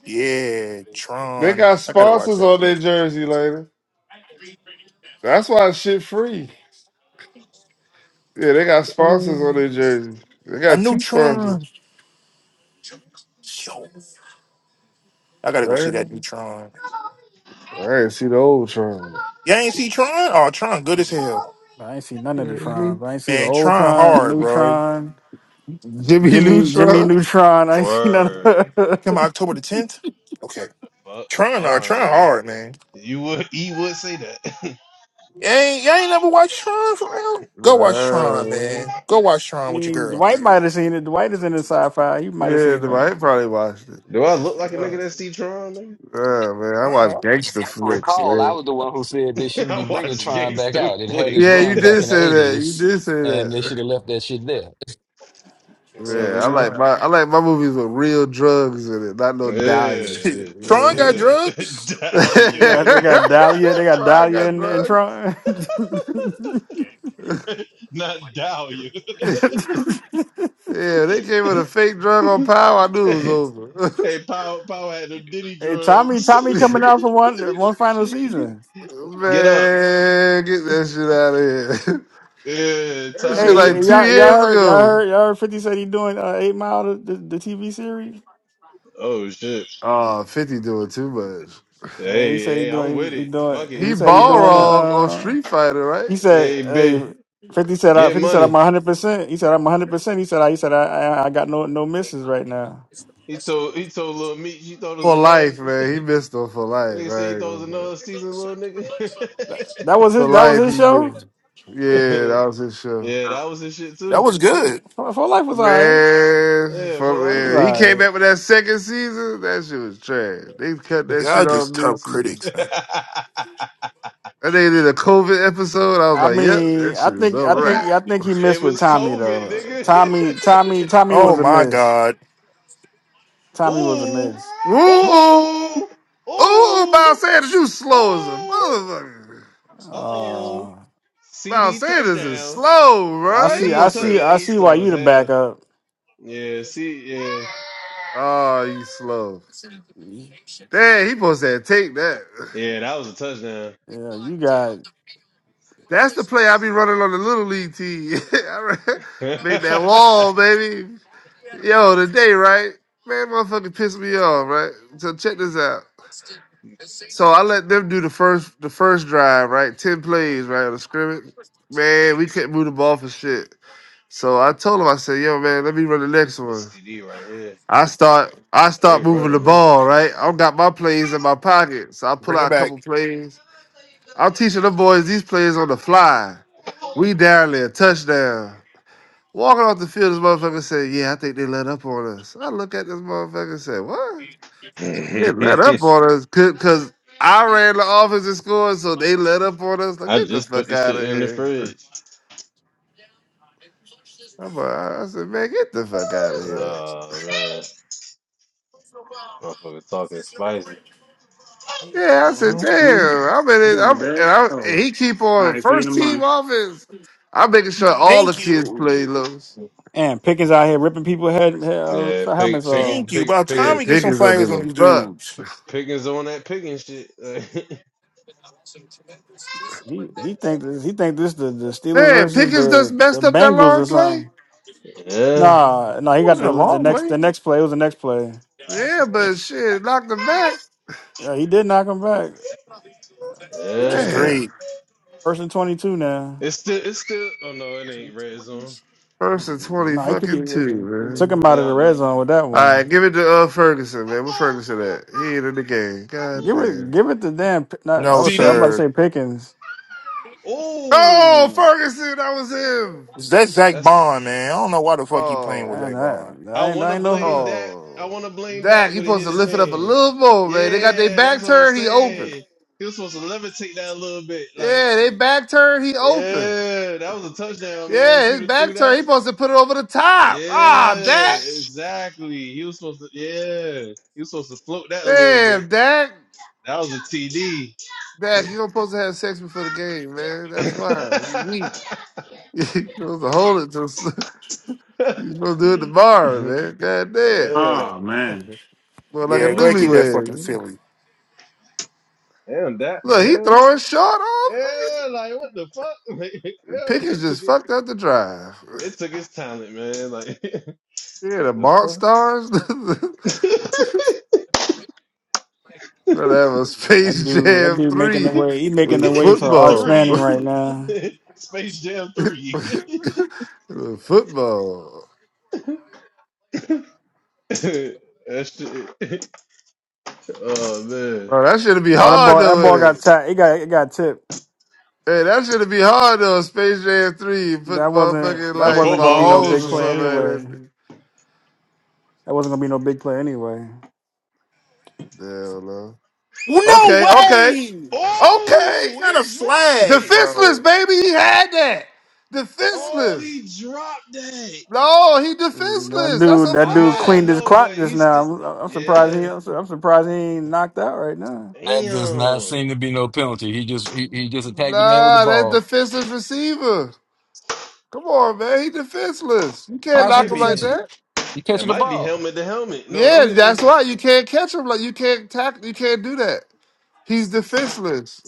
Speaker 7: Yeah,
Speaker 6: They
Speaker 7: Tron.
Speaker 6: got
Speaker 7: I gotta watch
Speaker 6: sponsors
Speaker 7: that.
Speaker 6: on their jersey, later. That's why it's shit free. Yeah, they got sponsors on their jerseys. They
Speaker 7: A
Speaker 6: got
Speaker 7: new
Speaker 6: two sponsors.
Speaker 7: Tron. Yo, I gotta go see that new
Speaker 6: Damn.
Speaker 7: Tron.
Speaker 6: I ain't see the old Tron.
Speaker 7: Y'all ain't see Tron? Oh, Tron, good as hell.
Speaker 3: I ain't see none of the
Speaker 6: Mhm.
Speaker 3: Trons. I ain't see the
Speaker 7: Man,
Speaker 3: old
Speaker 7: trying
Speaker 3: Tron,
Speaker 7: hard,
Speaker 3: new
Speaker 7: bro. You
Speaker 3: Tron.
Speaker 6: Jimmy
Speaker 3: Jimmy Jimmy
Speaker 6: Neutron.
Speaker 3: Neutron. I ain't seen none.
Speaker 5: word.
Speaker 3: Of
Speaker 7: come out
Speaker 3: it.
Speaker 7: October the 10th? Okay.
Speaker 5: fuck,
Speaker 7: Trying hard,
Speaker 5: Tron,
Speaker 7: trying
Speaker 5: nigga.
Speaker 7: hard, man.
Speaker 5: You would, he would say that.
Speaker 7: You ain't, you ain't never watched Tron for real? Go watch
Speaker 6: Nah,
Speaker 7: Tron,
Speaker 6: man.
Speaker 7: man. Go watch
Speaker 3: I
Speaker 7: Tron with your
Speaker 3: mean,
Speaker 7: girl, man.
Speaker 3: Dwight might have seen it. Dwight is in the sci-fi. He might have
Speaker 6: Yeah,
Speaker 3: seen
Speaker 6: the- I probably watched it.
Speaker 5: [LAUGHS] Do I look like a nigga
Speaker 7: Tron
Speaker 5: that see Tron, nigga?
Speaker 6: Nah, man, I
Speaker 7: Tron
Speaker 6: watch
Speaker 7: hard.
Speaker 4: If
Speaker 6: gangster
Speaker 4: you
Speaker 6: flicks,
Speaker 4: recall, I
Speaker 6: man.
Speaker 4: was the one who said they
Speaker 5: [LAUGHS]
Speaker 4: shouldn't be
Speaker 5: I
Speaker 4: bringing
Speaker 5: watch
Speaker 4: Tron back
Speaker 5: gangster
Speaker 4: out. It had its
Speaker 5: flicks.
Speaker 6: Yeah,
Speaker 5: [LAUGHS]
Speaker 6: you
Speaker 4: run back
Speaker 6: did
Speaker 4: in the
Speaker 6: say that. You
Speaker 4: 80s,
Speaker 6: did say
Speaker 4: and they should
Speaker 6: that.
Speaker 4: have left that shit there.
Speaker 5: Yeah,
Speaker 7: No,
Speaker 6: man. I
Speaker 5: nigga.
Speaker 6: like
Speaker 7: Tron.
Speaker 6: my I like my movies with real drugs in it, not no
Speaker 5: Yeah,
Speaker 6: Dalian
Speaker 7: [LAUGHS]
Speaker 6: shit. You know
Speaker 7: Tron got
Speaker 3: it. [LAUGHS]
Speaker 5: yeah.
Speaker 7: drugs?
Speaker 5: [LAUGHS]
Speaker 6: what I'm
Speaker 3: They
Speaker 5: Dahlia.
Speaker 3: got, they got Dahlia. They
Speaker 6: saying? [LAUGHS]
Speaker 3: got
Speaker 6: Try
Speaker 3: Dahlia
Speaker 6: got
Speaker 3: and, and
Speaker 6: drugs.
Speaker 3: Tron. [LAUGHS]
Speaker 5: [LAUGHS] Not Dahlia.
Speaker 6: [LAUGHS] Yeah, they came with a fake
Speaker 5: [LAUGHS]
Speaker 6: drug on power. I knew it was
Speaker 5: hey,
Speaker 6: over. [LAUGHS] Man,
Speaker 5: Power, Power had them Diddy
Speaker 3: hey, Tommy,
Speaker 5: drugs. [LAUGHS]
Speaker 3: Tommy coming out for one one final season.
Speaker 5: Get up.
Speaker 6: get that shit out of here. [LAUGHS]
Speaker 5: Yeah,
Speaker 6: That
Speaker 5: Tommy
Speaker 6: shit
Speaker 5: got
Speaker 3: Hey, y-
Speaker 6: like
Speaker 5: them.
Speaker 6: two
Speaker 3: y'all, y'all
Speaker 6: years
Speaker 3: heard, y'all
Speaker 6: ago.
Speaker 3: heard, y'all heard. Fifty said he doing uh, Eight Mile, the, the, the TV series.
Speaker 5: Oh, shit.
Speaker 6: Oh, Fifty doing too much.
Speaker 3: Uh, he
Speaker 5: Hey,
Speaker 3: said he
Speaker 5: hey, I'm
Speaker 3: doing,
Speaker 5: with
Speaker 3: he, he
Speaker 5: it.
Speaker 3: doing.
Speaker 5: Fuck it.
Speaker 3: He
Speaker 6: He
Speaker 3: said he
Speaker 5: Get
Speaker 6: ball
Speaker 3: doing
Speaker 5: money.
Speaker 6: wrong on
Speaker 3: the.
Speaker 6: Street Fighter, right?
Speaker 3: He said,
Speaker 5: Hey,
Speaker 3: "Hey,
Speaker 5: bitch,
Speaker 3: Fifty said, I,
Speaker 5: get
Speaker 3: Fifty said I'm
Speaker 5: money.
Speaker 3: 100. percent He said I'm 100. percent He said, I, he said I, I, I got no no misses right now.
Speaker 5: He told he told Lil Meek she thought it was
Speaker 6: For
Speaker 5: another
Speaker 6: life, man. He missed him for life.
Speaker 5: nigga said he
Speaker 6: I ain't
Speaker 5: thought it
Speaker 6: gonna
Speaker 5: was another
Speaker 6: front.
Speaker 5: season, little nigga.
Speaker 3: That, that was
Speaker 6: For
Speaker 3: his. That was
Speaker 6: life,
Speaker 3: his
Speaker 6: he
Speaker 3: show.
Speaker 6: missed. Yeah,
Speaker 5: [LAUGHS]
Speaker 6: that was his show.
Speaker 5: yeah, that was his shit
Speaker 7: That
Speaker 5: too.
Speaker 7: was good.
Speaker 3: For, for life was alright.
Speaker 6: Man,
Speaker 5: Yeah, for
Speaker 6: for,
Speaker 5: life
Speaker 3: It was
Speaker 5: was
Speaker 6: yeah, he
Speaker 5: good.
Speaker 6: came
Speaker 3: alright.
Speaker 6: back with that second season. That shit was trash. They cut that shit
Speaker 7: Y'all
Speaker 6: off
Speaker 7: just tough
Speaker 6: this season.
Speaker 7: critics, man.
Speaker 5: [LAUGHS]
Speaker 6: And they did a COVID episode. I was
Speaker 3: I
Speaker 6: like, yep,
Speaker 3: mean,
Speaker 6: that
Speaker 3: I
Speaker 6: shit is
Speaker 3: think,
Speaker 6: a
Speaker 3: I think,
Speaker 6: wrap.
Speaker 3: I think he
Speaker 5: it
Speaker 3: missed with
Speaker 5: was
Speaker 3: Tommy
Speaker 5: COVID,
Speaker 3: though.
Speaker 5: nigga.
Speaker 3: Tommy, Tommy, Tommy
Speaker 7: Oh
Speaker 3: was a
Speaker 7: my
Speaker 3: miss.
Speaker 7: God.
Speaker 5: [LAUGHS]
Speaker 3: Tommy was a
Speaker 5: Ooh,
Speaker 3: miss.
Speaker 6: Ooh, ooh,
Speaker 5: ooh,
Speaker 6: ooh, Miles
Speaker 5: ooh,
Speaker 6: Sanders, you slow as a
Speaker 5: ooh.
Speaker 6: motherfucker.
Speaker 5: Uh oh.
Speaker 3: Uh,
Speaker 6: Miles
Speaker 5: CD
Speaker 6: Sanders is
Speaker 5: touchdown.
Speaker 6: slow,
Speaker 3: I
Speaker 6: bro. He
Speaker 3: see,
Speaker 5: CD,
Speaker 3: I
Speaker 6: supposed
Speaker 5: tou-
Speaker 3: see,
Speaker 6: to.
Speaker 5: yeah,
Speaker 3: I
Speaker 5: he's
Speaker 3: see why
Speaker 5: slow
Speaker 3: you
Speaker 5: as
Speaker 3: the
Speaker 5: hell.
Speaker 3: backup.
Speaker 5: Yeah, see, yeah,
Speaker 6: Oh, you slow.
Speaker 3: Yeah,
Speaker 6: Damn, he supposed to take that.
Speaker 5: yeah, that was a touchdown.
Speaker 3: you got
Speaker 6: That's the play I be running on the little league team. [LAUGHS] I re- Make that wall, baby. Yo, today, right? Man, motherfucker pissed me off, right? So check this out.
Speaker 5: [LAUGHS]
Speaker 6: So I let them do the first the first drive, right? Ten plays, right? On The scrimmage. Man, we couldn't move the ball for shit. So I told him, I said, yo, man, let me run the next
Speaker 5: this
Speaker 6: one.
Speaker 5: CD right here,
Speaker 6: I start I
Speaker 5: they
Speaker 6: start moving the
Speaker 5: running
Speaker 6: ball, right? I got my plays in my pocket. So I pull
Speaker 7: Bring it
Speaker 6: out a couple
Speaker 7: back.
Speaker 6: plays. I'm teaching the boys these plays on the fly. We down there, touchdown. Walking off the field, this motherfucker said, Yeah, I think they let up on us. I look at this motherfucker and said, What?
Speaker 5: it.
Speaker 6: It let up
Speaker 5: [LAUGHS]
Speaker 6: on us because I ran the offense and scored, so they let up on us. Like,
Speaker 5: I
Speaker 6: get the
Speaker 5: just put
Speaker 6: fuck
Speaker 5: this
Speaker 6: out
Speaker 5: shit
Speaker 6: of
Speaker 5: in the
Speaker 6: here. [LAUGHS]
Speaker 5: fridge.
Speaker 6: I'm like, I said, man, get the fuck out of here.
Speaker 5: Oh man, motherfucker talking spicy.
Speaker 6: Yeah, I said,
Speaker 7: Mhm.
Speaker 8: Mm.
Speaker 6: damn. I'm in
Speaker 8: You
Speaker 6: it.
Speaker 8: going to
Speaker 6: I'm and
Speaker 8: bed?
Speaker 6: I
Speaker 8: Oh.
Speaker 6: and he keep
Speaker 8: All
Speaker 6: on
Speaker 8: right. See you in a
Speaker 6: first team
Speaker 8: month.
Speaker 6: offense. I'm making sure all the
Speaker 7: Thank
Speaker 6: kids
Speaker 7: you.
Speaker 6: play loose.
Speaker 3: and Pickens out here ripping people head, head uh,
Speaker 5: Yeah,
Speaker 3: for
Speaker 5: pig,
Speaker 3: helmets
Speaker 5: picking,
Speaker 3: off.
Speaker 7: Thank you.
Speaker 5: pig,
Speaker 7: About
Speaker 6: Yeah,
Speaker 7: time
Speaker 5: picking
Speaker 7: we get some
Speaker 6: Pickens don't
Speaker 7: flags
Speaker 6: give
Speaker 7: on
Speaker 6: a
Speaker 7: these
Speaker 6: fuck.
Speaker 7: dudes.
Speaker 5: Pickens on that picking shit. [LAUGHS]
Speaker 3: He he think this he think this the, the Steelers
Speaker 6: Man,
Speaker 3: versus
Speaker 6: Pickens just
Speaker 3: the,
Speaker 7: It
Speaker 3: the
Speaker 6: messed up that
Speaker 3: Bengals or
Speaker 6: long play.
Speaker 3: something.
Speaker 5: yeah,
Speaker 3: Nah, no, he got
Speaker 7: wasn't a
Speaker 3: the the
Speaker 7: long
Speaker 3: next
Speaker 7: play,
Speaker 3: the next play. It was the next play.
Speaker 6: Yeah, but shit, knocked him back.
Speaker 3: Yeah, he did knock him back.
Speaker 7: which
Speaker 5: yeah.
Speaker 7: is
Speaker 6: Man,
Speaker 7: great.
Speaker 3: First and twenty two now.
Speaker 5: It's still, it's still. Oh no, it ain't red zone.
Speaker 6: first and twenty
Speaker 3: No, he could it,
Speaker 6: fucking
Speaker 3: it,
Speaker 6: two,
Speaker 3: it
Speaker 5: They,
Speaker 3: took
Speaker 6: man.
Speaker 3: him out
Speaker 5: they
Speaker 3: of the
Speaker 5: out
Speaker 3: red
Speaker 5: there.
Speaker 3: zone with that
Speaker 6: All right,
Speaker 3: one.
Speaker 6: give it to uh, Ferguson, man. Where Ferguson at? He ain't in the game. God
Speaker 3: Give it
Speaker 6: damn.
Speaker 3: give it to damn P- not I
Speaker 7: No,
Speaker 3: would say I'm about
Speaker 5: CD.
Speaker 3: to
Speaker 7: sir.
Speaker 3: say Pickens.
Speaker 6: Oh,
Speaker 5: Oh,
Speaker 6: Ferguson, that was him.
Speaker 7: That's Zach Bond, man.
Speaker 5: that's.
Speaker 7: I don't know why the fuck you playing with
Speaker 6: Oh,
Speaker 3: And
Speaker 7: Zach
Speaker 3: I
Speaker 7: Bond.
Speaker 5: I
Speaker 3: I ain't
Speaker 5: want
Speaker 3: I
Speaker 5: to
Speaker 3: ain't
Speaker 5: blame
Speaker 3: know
Speaker 5: Dak. I
Speaker 6: oh.
Speaker 5: want to blame Dak,
Speaker 6: Dak, he
Speaker 5: but it
Speaker 6: supposed
Speaker 5: hit
Speaker 6: to
Speaker 5: his
Speaker 6: lift it up a
Speaker 5: hands.
Speaker 6: little more, man. They got their
Speaker 5: Yeah, that's
Speaker 6: back
Speaker 5: what I'm
Speaker 6: turn, he open.
Speaker 5: saying. He was supposed to levitate that a little bit. Like,
Speaker 6: Yeah, they back turn, he open.
Speaker 5: yeah, that was a touchdown, man. If
Speaker 6: Yeah, his
Speaker 5: you threw
Speaker 6: back turn,
Speaker 5: that,
Speaker 6: he supposed to put it over the top. Ah, Dak.
Speaker 5: yeah, exactly. He was supposed to. Yeah, he was supposed to float that a little bit.
Speaker 6: Damn, Dak.
Speaker 5: That was a TD.
Speaker 6: Dak, you don't supposed to have sex before the game, man. That's why. You weak. [LAUGHS] you supposed to hold it till You supposed to do it tomorrow,
Speaker 5: [LAUGHS]
Speaker 6: man. God damn.
Speaker 5: yeah.
Speaker 8: Oh man.
Speaker 6: Well, like a
Speaker 7: Yeah, go
Speaker 5: Oh,
Speaker 7: ahead, kick
Speaker 5: see.
Speaker 7: that fucking
Speaker 6: newlywed.
Speaker 7: Philly.
Speaker 5: Damn, Dak. The
Speaker 6: Look, he
Speaker 5: hell.
Speaker 6: throwing short off.
Speaker 5: Yeah, like what the fuck? [LAUGHS] Like, yeah, they
Speaker 6: Pickens just
Speaker 5: took it.
Speaker 6: fucked up the drive.
Speaker 5: They took his talent, man. Like [LAUGHS]
Speaker 6: Yeah, the
Speaker 5: what the
Speaker 6: Mont
Speaker 5: fuck?
Speaker 6: Stars. [LAUGHS]
Speaker 5: [LAUGHS]
Speaker 6: Gonna have a
Speaker 3: that
Speaker 6: Space
Speaker 3: dude that
Speaker 6: Jam
Speaker 3: dude making the
Speaker 6: 3
Speaker 3: way he making the
Speaker 6: with
Speaker 3: way for Arch
Speaker 6: football. [LAUGHS]
Speaker 3: Manning right
Speaker 5: three,
Speaker 3: now.
Speaker 5: [LAUGHS] Space Jam three.
Speaker 6: with football.
Speaker 5: [LAUGHS] that shit. Oh man,
Speaker 6: Oh, that should be
Speaker 3: Oh that
Speaker 6: hard
Speaker 3: ball that
Speaker 6: though,
Speaker 3: ball
Speaker 6: with
Speaker 3: got
Speaker 6: it?
Speaker 3: tapped. It got it got tipped.
Speaker 6: Hey, that should be hard though. Space Jam 3, you put
Speaker 3: That
Speaker 6: the motherfucking
Speaker 3: wasn't that
Speaker 5: a
Speaker 6: like
Speaker 3: wasn't
Speaker 6: my
Speaker 3: gonna be
Speaker 5: football
Speaker 3: no
Speaker 6: holes
Speaker 3: big
Speaker 6: or
Speaker 5: edition,
Speaker 3: play
Speaker 6: something
Speaker 5: yeah.
Speaker 3: anyway.
Speaker 6: like that.
Speaker 3: That wasn't gonna be no big play anyway.
Speaker 6: Damn, no.
Speaker 7: No
Speaker 6: Okay, okay.
Speaker 7: way!
Speaker 6: Okay.
Speaker 7: It's
Speaker 5: Oh,
Speaker 7: not a
Speaker 5: he dropped
Speaker 7: flag,
Speaker 5: it.
Speaker 7: bro.
Speaker 6: Defenseless, baby. He had that.
Speaker 5: Oh,
Speaker 6: Defenseless.
Speaker 5: he dropped that.
Speaker 6: No, he
Speaker 3: Mm, That
Speaker 6: defenseless. That's
Speaker 3: dude,
Speaker 6: a
Speaker 3: that
Speaker 5: I
Speaker 3: dude
Speaker 5: know, I
Speaker 6: flag.
Speaker 3: cleaned his
Speaker 5: know,
Speaker 3: clock
Speaker 5: but
Speaker 3: just
Speaker 5: he's
Speaker 3: now.
Speaker 5: still.
Speaker 3: I'm, I'm surprised he.
Speaker 5: Yeah,
Speaker 3: I'm, su- I'm surprised he ain't knocked out right now.
Speaker 4: That does not
Speaker 5: damn.
Speaker 4: seem to be no penalty. He just he, he just attacked the man with the
Speaker 6: Nah, that
Speaker 4: ball.
Speaker 6: defenseless receiver. Come on, man. He defenseless. You can't
Speaker 5: That
Speaker 4: How's he
Speaker 6: lock
Speaker 5: might
Speaker 6: him like
Speaker 5: be.
Speaker 4: defensive?
Speaker 6: that.
Speaker 4: He
Speaker 5: That
Speaker 4: catching the
Speaker 5: might be
Speaker 4: ball.
Speaker 5: helmet to helmet. No, don't
Speaker 6: Yeah,
Speaker 5: hit
Speaker 6: that's
Speaker 5: the
Speaker 6: why you can't catch him. Like you can't tackle. You can't do that. He's defenseless.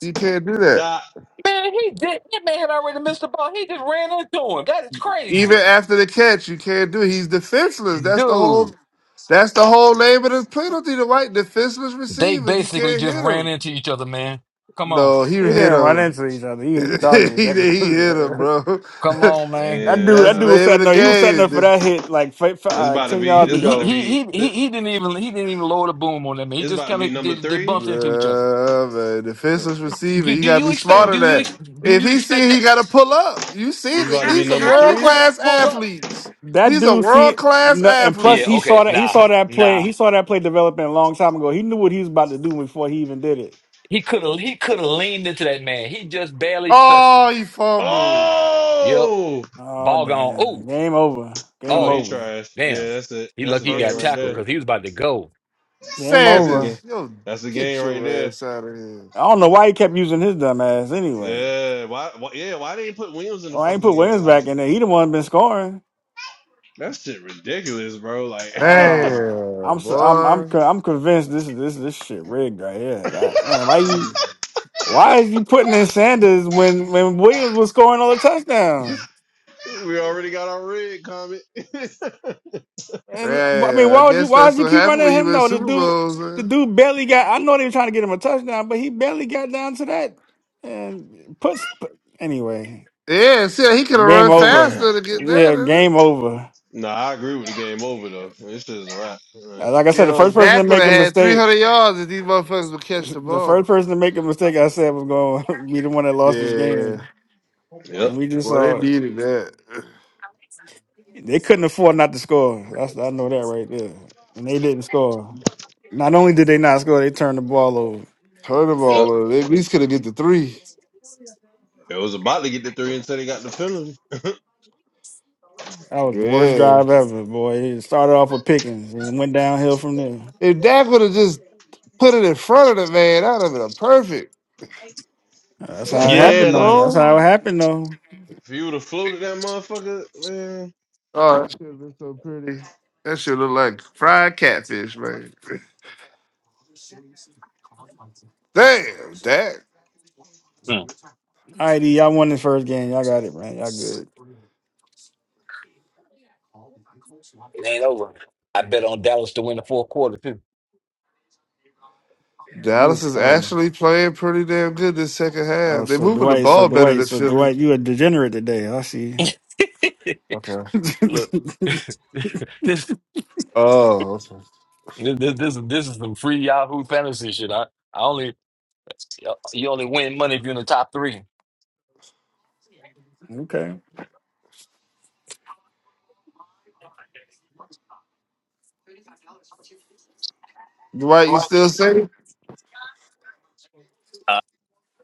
Speaker 6: You can't do that.
Speaker 5: stop.
Speaker 4: Man, he did. That man had already missed the ball. He just ran into him. That is
Speaker 6: Even
Speaker 4: crazy.
Speaker 6: after the catch, you can't do. It. He's defenseless. That's the whole.
Speaker 4: Dude,
Speaker 6: That's the whole name of the penalty. The white defenseless
Speaker 4: they
Speaker 6: receiver. You
Speaker 4: basically
Speaker 6: can't
Speaker 4: just
Speaker 6: hit
Speaker 4: ran
Speaker 6: him.
Speaker 4: into each other, man. Come on.
Speaker 6: No, he
Speaker 3: He
Speaker 6: hit
Speaker 3: didn't run
Speaker 6: him.
Speaker 3: into each other.
Speaker 6: [LAUGHS]
Speaker 3: He, he
Speaker 6: he,
Speaker 3: targeted that [LAUGHS]
Speaker 6: he hit
Speaker 3: dude.
Speaker 6: him, bro. [LAUGHS]
Speaker 4: Come on, man.
Speaker 3: That
Speaker 5: And
Speaker 3: dude, that
Speaker 6: That's the
Speaker 3: dude was
Speaker 5: uh,
Speaker 6: name of
Speaker 3: setting
Speaker 6: the
Speaker 3: up. He was setting
Speaker 6: game.
Speaker 3: up for
Speaker 6: The,
Speaker 3: that hit like fi- fi- uh,
Speaker 5: this
Speaker 3: like,
Speaker 5: about to
Speaker 3: ten
Speaker 5: be
Speaker 3: yards
Speaker 5: this
Speaker 4: He he
Speaker 5: about to
Speaker 4: he
Speaker 3: ago.
Speaker 5: be
Speaker 4: he he
Speaker 5: this,
Speaker 4: he didn't even he didn't even lower the boom on that man. He
Speaker 5: it's
Speaker 4: just
Speaker 5: about to
Speaker 4: kind
Speaker 5: be
Speaker 4: of they,
Speaker 5: number
Speaker 4: they
Speaker 5: three.
Speaker 4: bumped into each other.
Speaker 6: uh, man,
Speaker 5: Oh
Speaker 6: defenseless
Speaker 5: shit.
Speaker 6: receiver.
Speaker 4: Do,
Speaker 6: You
Speaker 4: do
Speaker 6: gotta
Speaker 4: you
Speaker 6: be
Speaker 4: expect?
Speaker 6: smarter
Speaker 5: Thank
Speaker 6: than
Speaker 5: you,
Speaker 4: Do you
Speaker 5: thank
Speaker 6: that.
Speaker 4: ex-
Speaker 5: you.
Speaker 4: do
Speaker 6: If
Speaker 4: you
Speaker 6: he see,
Speaker 4: expect
Speaker 6: it, he
Speaker 4: that?
Speaker 6: gotta pull up. You
Speaker 5: This
Speaker 6: see,
Speaker 4: How,
Speaker 5: is about
Speaker 6: that-
Speaker 5: to
Speaker 4: how,
Speaker 5: be
Speaker 6: these are
Speaker 5: number
Speaker 4: how
Speaker 6: world
Speaker 4: you
Speaker 5: three.
Speaker 4: gonna
Speaker 6: class
Speaker 4: pull up?
Speaker 6: athletes.
Speaker 3: That
Speaker 6: These are
Speaker 3: dude
Speaker 6: world
Speaker 3: see,
Speaker 6: class
Speaker 3: no, and plus
Speaker 4: Yeah.
Speaker 3: he
Speaker 6: athletes.
Speaker 3: saw
Speaker 4: Okay.
Speaker 3: that he
Speaker 4: Nah.
Speaker 3: saw that play.
Speaker 4: Nah.
Speaker 3: He saw that play developing a long time ago. He knew what he was about to do before he even did it.
Speaker 4: He could have. He could have leaned into that man. He just barely touched him.
Speaker 6: Oh, he fumbled.
Speaker 4: Yep.
Speaker 5: Oh
Speaker 3: Oh
Speaker 4: Ball gone.
Speaker 3: damn!
Speaker 4: Oh.
Speaker 3: Game over. Game
Speaker 5: Oh, he
Speaker 4: Oh.
Speaker 3: over.
Speaker 5: trash. Yeah,
Speaker 4: Damn.
Speaker 5: that's it.
Speaker 4: He
Speaker 5: That's a
Speaker 4: lucky he
Speaker 6: First
Speaker 5: game
Speaker 4: got
Speaker 5: right
Speaker 4: tackled
Speaker 5: there.
Speaker 6: mistake.
Speaker 4: because he was about to go.
Speaker 3: Game
Speaker 5: That's the game.
Speaker 3: over.
Speaker 6: Sanders, yo,
Speaker 5: That's the
Speaker 6: get
Speaker 5: game right
Speaker 6: your
Speaker 5: there.
Speaker 6: ass out of here.
Speaker 3: I don't know why he kept using his dumb ass anyway.
Speaker 5: Yeah. Why, why yeah, why they put Williams in the
Speaker 3: Oh, I ain't
Speaker 5: fucking
Speaker 3: put
Speaker 5: game?
Speaker 3: Williams
Speaker 5: Like
Speaker 3: back in there. He the one been scoring.
Speaker 5: that shit ridiculous, bro. Like [LAUGHS]
Speaker 3: Ah,
Speaker 6: Damn,
Speaker 3: I'm so, I'm I'm
Speaker 6: boy.
Speaker 3: con- I'm convinced this is this this shit rigged right here. God damn! Why you?
Speaker 6: [SIGHS]
Speaker 3: Why is you putting in Sanders when when Williams was scoring all the touchdowns?
Speaker 5: we already got our red comment.
Speaker 3: And I mean,
Speaker 6: Yeah, I
Speaker 3: why would you
Speaker 6: guess
Speaker 3: why
Speaker 6: that's
Speaker 3: would you
Speaker 6: what
Speaker 3: keep
Speaker 6: happened
Speaker 3: running
Speaker 6: when you
Speaker 3: him
Speaker 6: win
Speaker 3: though? The
Speaker 6: Super
Speaker 3: dude
Speaker 6: Bowls.
Speaker 3: the
Speaker 6: huh?
Speaker 3: dude barely got. I know they were trying to get him a touchdown, but he barely got down to that. And puts put, anyway.
Speaker 6: Yeah, see, he could have
Speaker 3: Game
Speaker 6: run
Speaker 3: over.
Speaker 5: [LAUGHS]
Speaker 6: faster to get that.
Speaker 3: Yeah,
Speaker 6: isn't it?
Speaker 3: game over.
Speaker 5: Nah, I agree with the game over though. This shit is a wrap. Like,
Speaker 3: Uh, Like I said, the
Speaker 6: Yo,
Speaker 3: first person to
Speaker 6: Dak would
Speaker 3: make
Speaker 6: have
Speaker 3: a
Speaker 6: had
Speaker 3: mistake,
Speaker 6: 300 yards if these motherfuckers would catch the
Speaker 3: the
Speaker 6: ball.
Speaker 3: first person to make a mistake, I said was going to [LAUGHS] be the one that lost this
Speaker 6: Yeah,
Speaker 3: game, and
Speaker 5: Yep,
Speaker 3: we just
Speaker 6: boy, they
Speaker 3: saw.
Speaker 6: needed that.
Speaker 3: They couldn't afford not to score. That's I know that right there. And they didn't score. Not only did they not score, they turned the ball over.
Speaker 6: Turn the
Speaker 5: yep.
Speaker 6: ball over. They at least could have get the three.
Speaker 5: It was about to get the three until they got the penalty. [LAUGHS]
Speaker 3: That was the worst
Speaker 6: Yeah.
Speaker 3: drive ever, boy. It started off with Pickens and went downhill from there.
Speaker 6: If Dak would have just put it in front of the man, that would have been a perfect.
Speaker 3: That's how
Speaker 6: Dak
Speaker 3: it
Speaker 5: Yeah,
Speaker 3: happened, though.
Speaker 5: like
Speaker 3: That's how it
Speaker 6: underthrown.
Speaker 3: happened, though.
Speaker 5: If you would have floated that motherfucker, man.
Speaker 6: Oh, that should have been so pretty. That should look like fried catfish, man. [LAUGHS] Damn, Dak.
Speaker 4: Hmm.
Speaker 3: All right, D, y'all won the first game. Y'all got it, man. Y'all good.
Speaker 4: It ain't over. I bet on Dallas to win the fourth quarter
Speaker 6: Dallas
Speaker 3: You-
Speaker 6: is
Speaker 3: Oh, yeah.
Speaker 6: actually playing pretty damn good this second
Speaker 3: oh,
Speaker 6: half. They're
Speaker 3: so
Speaker 6: moving the
Speaker 3: Dwight, so
Speaker 6: ball better
Speaker 3: Dwight,
Speaker 6: than
Speaker 3: so
Speaker 6: Philly.
Speaker 3: Dwight, you a degenerate today. I see.
Speaker 4: too.
Speaker 6: Okay.
Speaker 3: [LAUGHS]
Speaker 4: [LAUGHS] Look. [LAUGHS] this. This,
Speaker 6: Oh, okay.
Speaker 4: this this this is some free Yahoo fantasy shit. I, I only you only win money if you're in the top three.
Speaker 3: okay.
Speaker 6: Dwight, you still safe?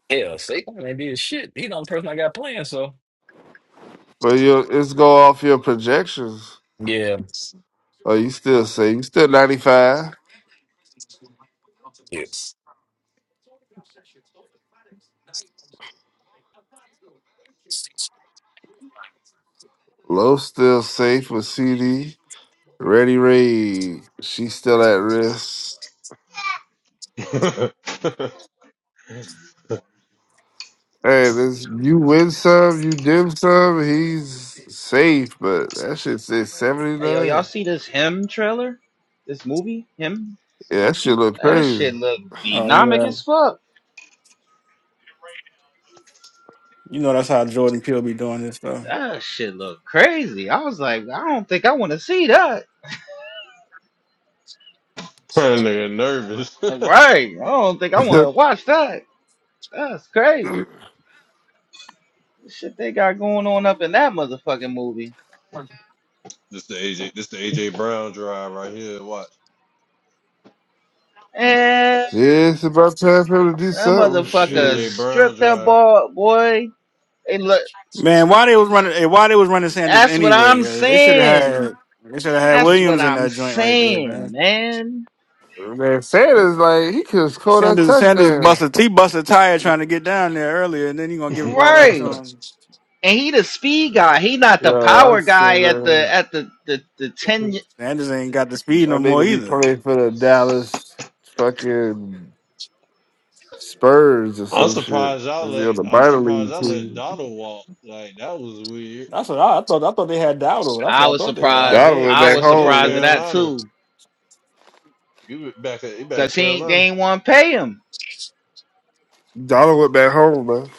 Speaker 4: Hell, Saquon ain't did shit. He the only person I got playing, so
Speaker 6: But you it's go off your projections.
Speaker 4: yeah,
Speaker 6: Oh, you still safe. You still 95.
Speaker 4: yes.
Speaker 6: Low still safe with CD. Ready Ray, she's still at risk.
Speaker 5: [LAUGHS] that
Speaker 6: Hey, this you win some, you dim some, he's safe, but that shit says
Speaker 11: Hey yo, y'all
Speaker 6: 79.
Speaker 11: see this him trailer? This movie, him?
Speaker 6: Yeah, that shit look
Speaker 11: That
Speaker 6: crazy.
Speaker 11: shit look
Speaker 3: Oh,
Speaker 11: dynamic
Speaker 3: yeah.
Speaker 11: as fuck.
Speaker 3: You know that's how Jordan Peele be doing this stuff.
Speaker 11: That shit look crazy. I was like, I don't think I want to see that.
Speaker 5: nigga nervous.
Speaker 11: Like,
Speaker 5: [LAUGHS]
Speaker 11: right? I don't think I want to watch that. That's crazy.
Speaker 6: [LAUGHS]
Speaker 11: The shit they got going on up in that motherfucking movie.
Speaker 5: this the AJ, this the AJ Brown drive right here. Watch,
Speaker 11: And
Speaker 6: Yeah, it's about time for him to do
Speaker 11: that
Speaker 6: something.
Speaker 5: this the
Speaker 11: motherfucker
Speaker 6: Shit.
Speaker 5: AJ Brown
Speaker 11: stripped that
Speaker 5: drive.
Speaker 11: ball, boy. Hey, look,
Speaker 3: Man, why they was running? eh, Why they was running Sanders
Speaker 11: that's what
Speaker 3: anyway?
Speaker 11: I'm
Speaker 3: Yo? They should have had.
Speaker 11: saying.
Speaker 3: They should have had
Speaker 11: That's what
Speaker 3: Williams in
Speaker 11: I'm
Speaker 3: that joint right there,
Speaker 11: saying,
Speaker 3: man.
Speaker 11: man.
Speaker 6: Man, Sanders, like, he could have scored that
Speaker 3: Sanders, Sanders
Speaker 6: touchdown.
Speaker 3: busted, he busted a tire trying to get down there earlier, and then you gonna give the ball back to
Speaker 11: Right.
Speaker 3: him.
Speaker 11: And he the speed guy. He not the
Speaker 6: Yeah, I
Speaker 11: power
Speaker 6: said,
Speaker 11: guy at the
Speaker 6: man,
Speaker 11: at the the, the ten.
Speaker 6: that
Speaker 3: Sanders ain't got the speed no more
Speaker 6: nigga be
Speaker 3: either.
Speaker 6: playing for the Dallas fucking Spurs or
Speaker 5: [LAUGHS] I'm
Speaker 6: some shit.
Speaker 5: surprised
Speaker 6: They
Speaker 5: y'all
Speaker 6: be on
Speaker 5: let.
Speaker 6: the
Speaker 5: I'm
Speaker 6: minor
Speaker 5: surprised
Speaker 6: league
Speaker 5: I let
Speaker 6: team.
Speaker 5: Donald walk. Like that was weird.
Speaker 3: That's what I, I thought. I thought they had Dowdle. That's
Speaker 11: I
Speaker 3: what I
Speaker 11: was
Speaker 3: thought they
Speaker 5: Nah,
Speaker 11: surprised.
Speaker 3: had.
Speaker 5: he
Speaker 6: Donald
Speaker 5: in,
Speaker 6: went
Speaker 11: I
Speaker 6: back
Speaker 11: was
Speaker 5: he in
Speaker 11: surprised at
Speaker 6: home, man.
Speaker 11: that
Speaker 5: Carolina.
Speaker 11: too,
Speaker 5: You be- back at you back
Speaker 11: cause
Speaker 5: at
Speaker 11: he ain't, they
Speaker 5: Carolina.
Speaker 11: ain't want to pay him.
Speaker 6: Donald went back home, man.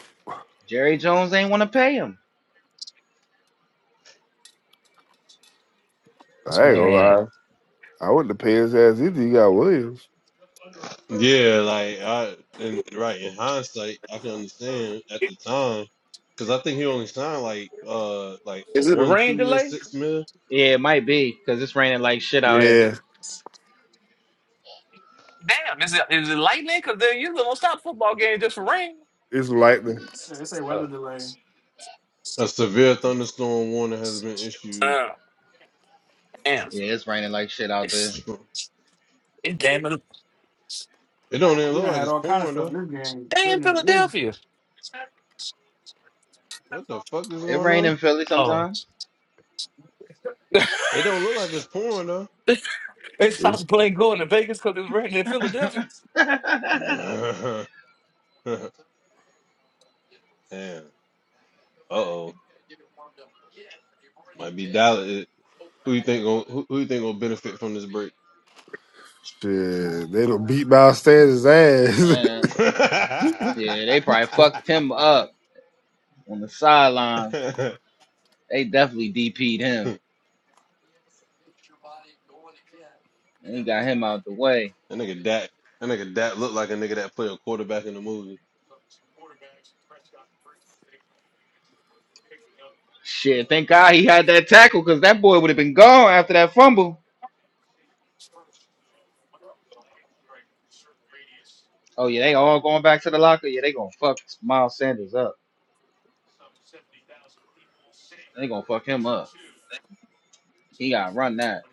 Speaker 11: Jerry Jones ain't want to pay him.
Speaker 4: This
Speaker 6: I ain't gonna
Speaker 4: man,
Speaker 6: lie. I wouldn't have paid his ass either. You got Williams.
Speaker 5: Yeah, like I and right in hindsight, I can understand at the time because I think he only signed like uh like a
Speaker 4: is it a
Speaker 5: one
Speaker 4: rain
Speaker 5: two year
Speaker 4: delay?
Speaker 5: six mil.
Speaker 11: Yeah, it might be, cause it's raining like shit out here.
Speaker 6: Yeah,
Speaker 4: Damn, is it is it lightning? Because they usually gonna stop football games just for rain.
Speaker 6: it's lightning.
Speaker 3: Yeah, they say weather
Speaker 4: Oh,
Speaker 3: delay.
Speaker 5: A severe thunderstorm warning has been issued.
Speaker 4: uh, damn,
Speaker 11: Yeah, it's raining like shit out
Speaker 4: it's,
Speaker 11: there.
Speaker 5: Stro-
Speaker 4: it's damn, it-
Speaker 5: It don't even
Speaker 3: We
Speaker 5: look
Speaker 3: done
Speaker 5: like
Speaker 3: had
Speaker 5: it's
Speaker 3: all kind of
Speaker 5: pouring
Speaker 3: stuff
Speaker 5: though.
Speaker 3: in this game.
Speaker 4: damn
Speaker 3: Goodness gracious.
Speaker 4: Philadelphia.
Speaker 5: What the fuck is
Speaker 11: It
Speaker 5: going
Speaker 11: rain
Speaker 5: on?
Speaker 11: in Philly
Speaker 4: Oh,
Speaker 11: sometimes.
Speaker 4: [LAUGHS]
Speaker 5: It don't look like it's pouring though.
Speaker 4: they
Speaker 6: It's,
Speaker 4: stopped playing going to Vegas because it's raining in Philadelphia.
Speaker 11: [LAUGHS] yeah,
Speaker 5: [LAUGHS] Damn. Uh oh. Might be Dallas. Who you think gon' who, who you think gonna benefit from this break?
Speaker 6: shit, they done beat Miles Sanders' ass. [LAUGHS]
Speaker 5: [LAUGHS]
Speaker 11: yeah,
Speaker 5: That
Speaker 11: they probably fucked him up on the sideline. They definitely DP'd him. They got him out the way.
Speaker 5: nigga Dak. That nigga Dak looked like a nigga that played a quarterback in the movie.
Speaker 11: Shit, thank God he had that tackle because that boy would have been gone after that fumble. Oh yeah, they all going back to the locker. Yeah, they gonna fuck Miles Sanders up. They gonna fuck him up. He gotta run that.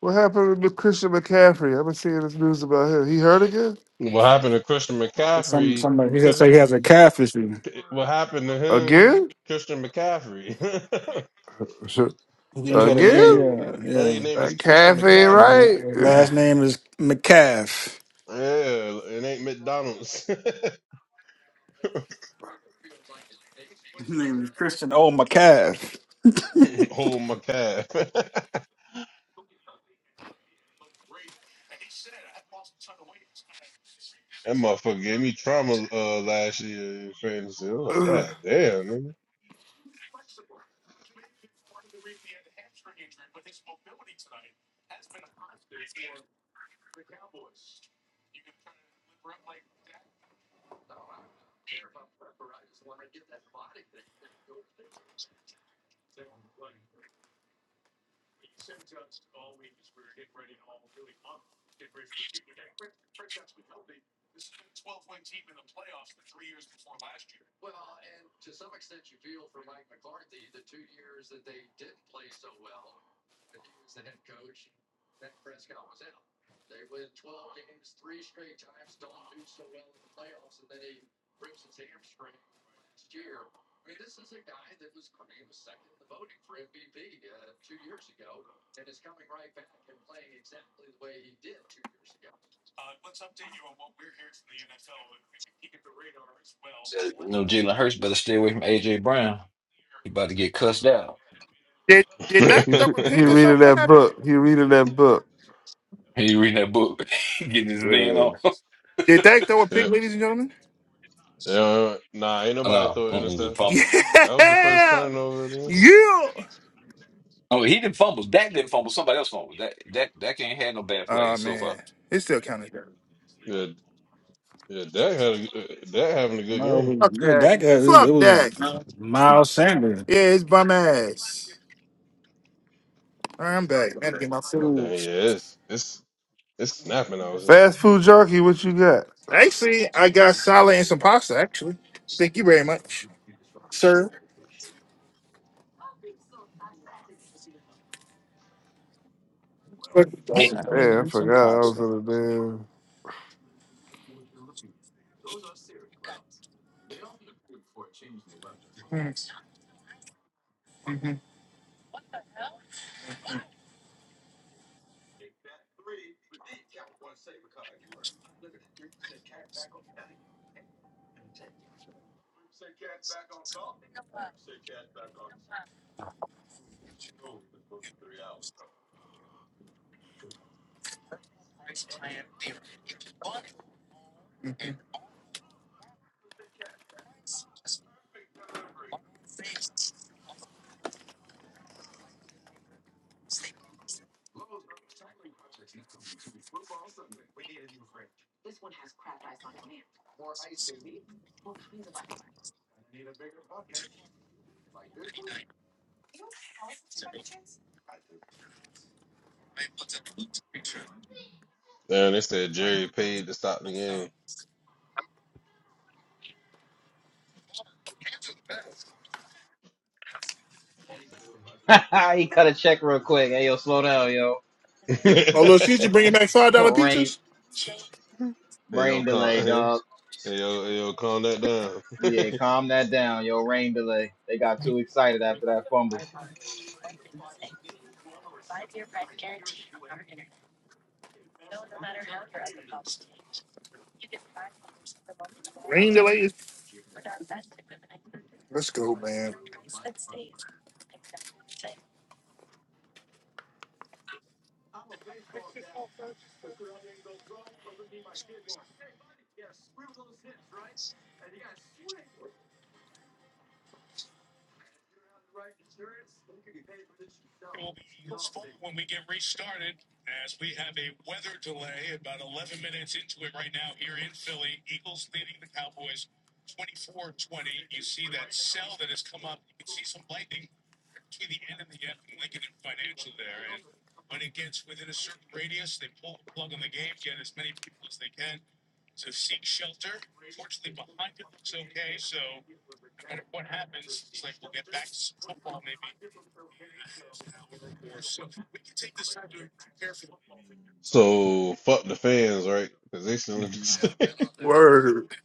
Speaker 6: What happened to Christian McCaffrey? I've been seeing this news about him. He hurt again?
Speaker 5: What happened to Christian
Speaker 3: Some
Speaker 5: McCaffrey?
Speaker 3: somebody he said
Speaker 5: Chris,
Speaker 3: say he has a calf issue.
Speaker 5: what happened to him?
Speaker 6: Again?
Speaker 5: Christian McCaffrey. [LAUGHS] that
Speaker 6: Sure.
Speaker 3: You saw
Speaker 5: nigga
Speaker 3: the game,
Speaker 5: name.
Speaker 6: Again?
Speaker 3: yeah,
Speaker 5: That
Speaker 3: yeah.
Speaker 5: nigga name is
Speaker 6: That
Speaker 5: Christian
Speaker 6: cafe,
Speaker 5: McCaffrey.
Speaker 6: right?
Speaker 3: His last
Speaker 6: [SIGHS]
Speaker 3: name is McCaff.
Speaker 5: Yeah, it ain't McDonald's.
Speaker 3: His name is Christian O. McCaff.
Speaker 5: [LAUGHS] Hold my calf. [LAUGHS] That motherfucker gave me trauma uh, last year in fantasy. I was like,
Speaker 6: Ugh.
Speaker 5: God damn,
Speaker 4: You know, Jalen Hurts better stay away from AJ Brown. He about to get cussed out.
Speaker 7: Did did that
Speaker 6: he,
Speaker 7: throw a
Speaker 6: he
Speaker 7: pick or
Speaker 5: nigga.
Speaker 6: reading
Speaker 7: something? What
Speaker 6: that
Speaker 7: happened?
Speaker 6: book. He reading that book.
Speaker 4: He reading that book, [LAUGHS] getting his van
Speaker 6: Yeah.
Speaker 4: on. [LAUGHS]
Speaker 7: Did that throw a
Speaker 5: [LAUGHS]
Speaker 7: pick,
Speaker 5: yep.
Speaker 7: ladies and gentlemen?
Speaker 5: Yeah, nah, ain't nobody
Speaker 4: no,
Speaker 5: throw an
Speaker 4: mm-mm, the
Speaker 5: interception.
Speaker 4: fumble.
Speaker 5: That was the first
Speaker 7: Yeah,
Speaker 5: turnover there.
Speaker 7: yeah.
Speaker 4: Oh, he didn't fumble. Dak didn't fumble. Somebody else fumbled. That that that can't have no bad
Speaker 7: Oh
Speaker 4: plays so far.
Speaker 7: man, it still counted.
Speaker 5: Yeah, yeah, Dak had a, uh, Dak having a good
Speaker 3: No, it
Speaker 5: game.
Speaker 3: was-
Speaker 7: Fuck
Speaker 3: yeah,
Speaker 7: that.
Speaker 3: that guy. It it
Speaker 7: Fuck
Speaker 3: was
Speaker 7: that. Yeah,
Speaker 3: Miles Sanders.
Speaker 7: it's bum ass. All right, I'm back. Man, get my-
Speaker 5: Oh damn, yeah, it's it's it's snapping. I was
Speaker 6: Fast food junkie, what you got?
Speaker 7: Actually, I got salad and some pasta. Actually, thank you very much.
Speaker 6: Yeah, I forgot I was in the damn.
Speaker 5: damn. They said Jerry paid to stop the game.
Speaker 11: [LAUGHS] he cut a check real quick. Hey yo, slow down, yo.
Speaker 7: Oh, little
Speaker 5: [LAUGHS]
Speaker 7: Caesar bringing back five dollar
Speaker 11: Yo, rain
Speaker 7: pizzas.
Speaker 5: hey yo,
Speaker 11: rain delay,
Speaker 5: calm, [LAUGHS] hey
Speaker 11: dog.
Speaker 5: hey, yo, hey, yo, calm that
Speaker 11: Yeah,
Speaker 5: down.
Speaker 11: calm that down, yo. Rain delay. They got too excited after that fumble.
Speaker 7: Rain delays. Let's go, man.
Speaker 5: [LAUGHS] so fuck the fans, right? Because they still in
Speaker 7: Word.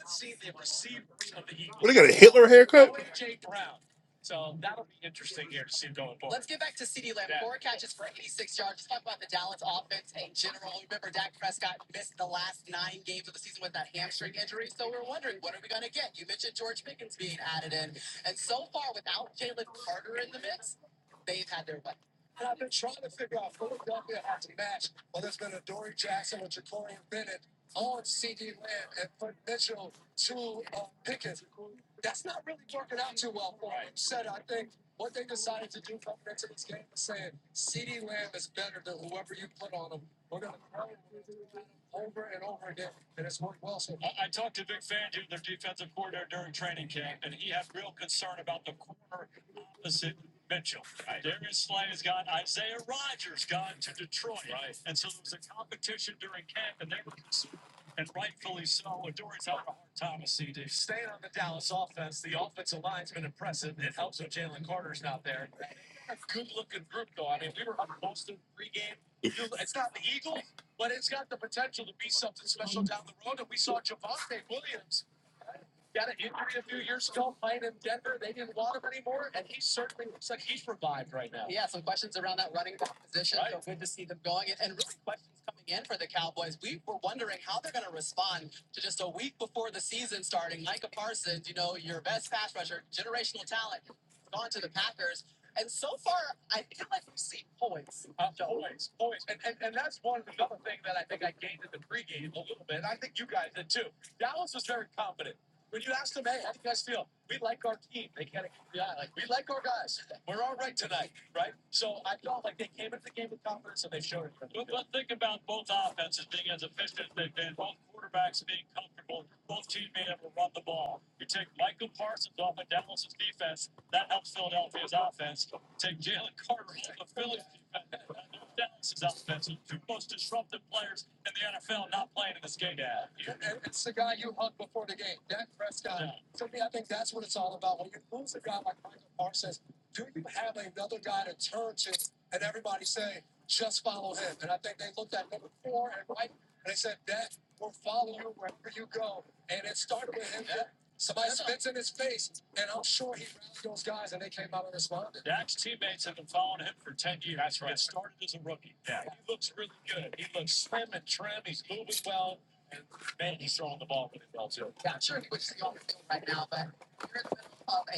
Speaker 7: What, they got a Hitler haircut? Damn,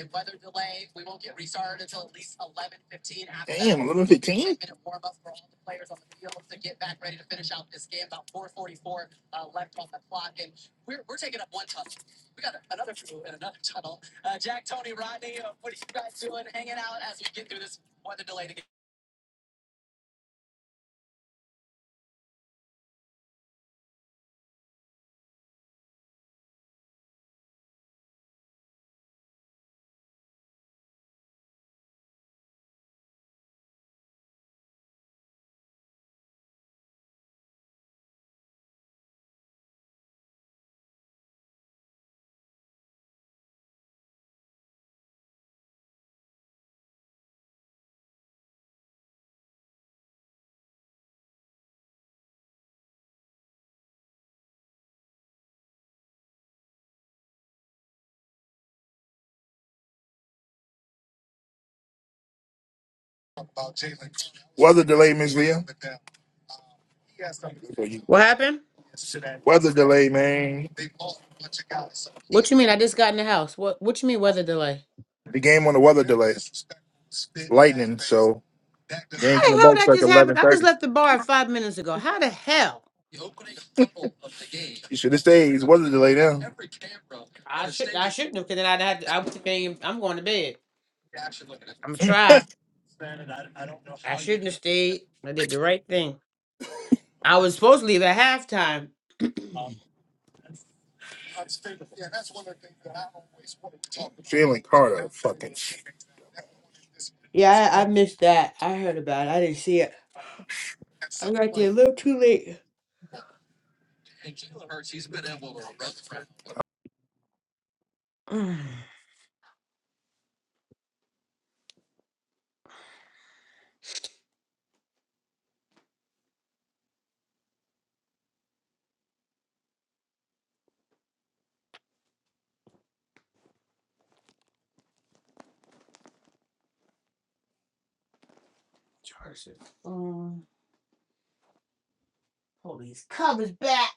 Speaker 7: 1115? Weather delay, Miss Leah. Good for you.
Speaker 14: What happened?
Speaker 7: Weather delay, man.
Speaker 14: What you mean? I just got in the house. What What you mean weather delay?
Speaker 7: The game on the weather delay. Lightning, so
Speaker 14: How
Speaker 7: they ain't coming
Speaker 14: the
Speaker 7: back.
Speaker 14: hell that just happened? I just left the bar five minutes ago. How the hell?
Speaker 7: Shit, this day is weather delay now.
Speaker 14: I should I shouldn't have because then I'd had I was thinking I'm going to bed. I'm gonna try. I shouldn't have stayed. I did the right thing. I was supposed to leave at halftime. [CLEARS THROAT]
Speaker 7: Yeah, that's one of the things that I always wanted to talk about. Jalen Carter, fucking shit.
Speaker 14: yeah, I, I missed that. I heard about it. I didn't see it. I got there a little too late. [SIGHS] Charge it. Um, Hold these covers back.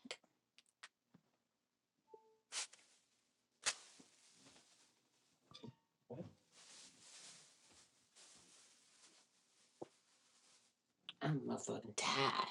Speaker 14: I'm motherfucking tired.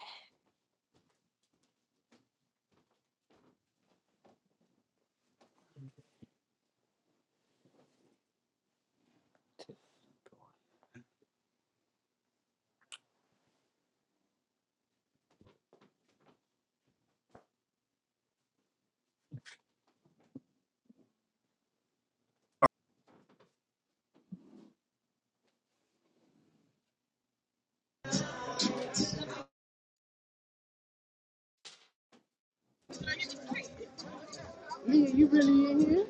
Speaker 15: Mia, you really in here?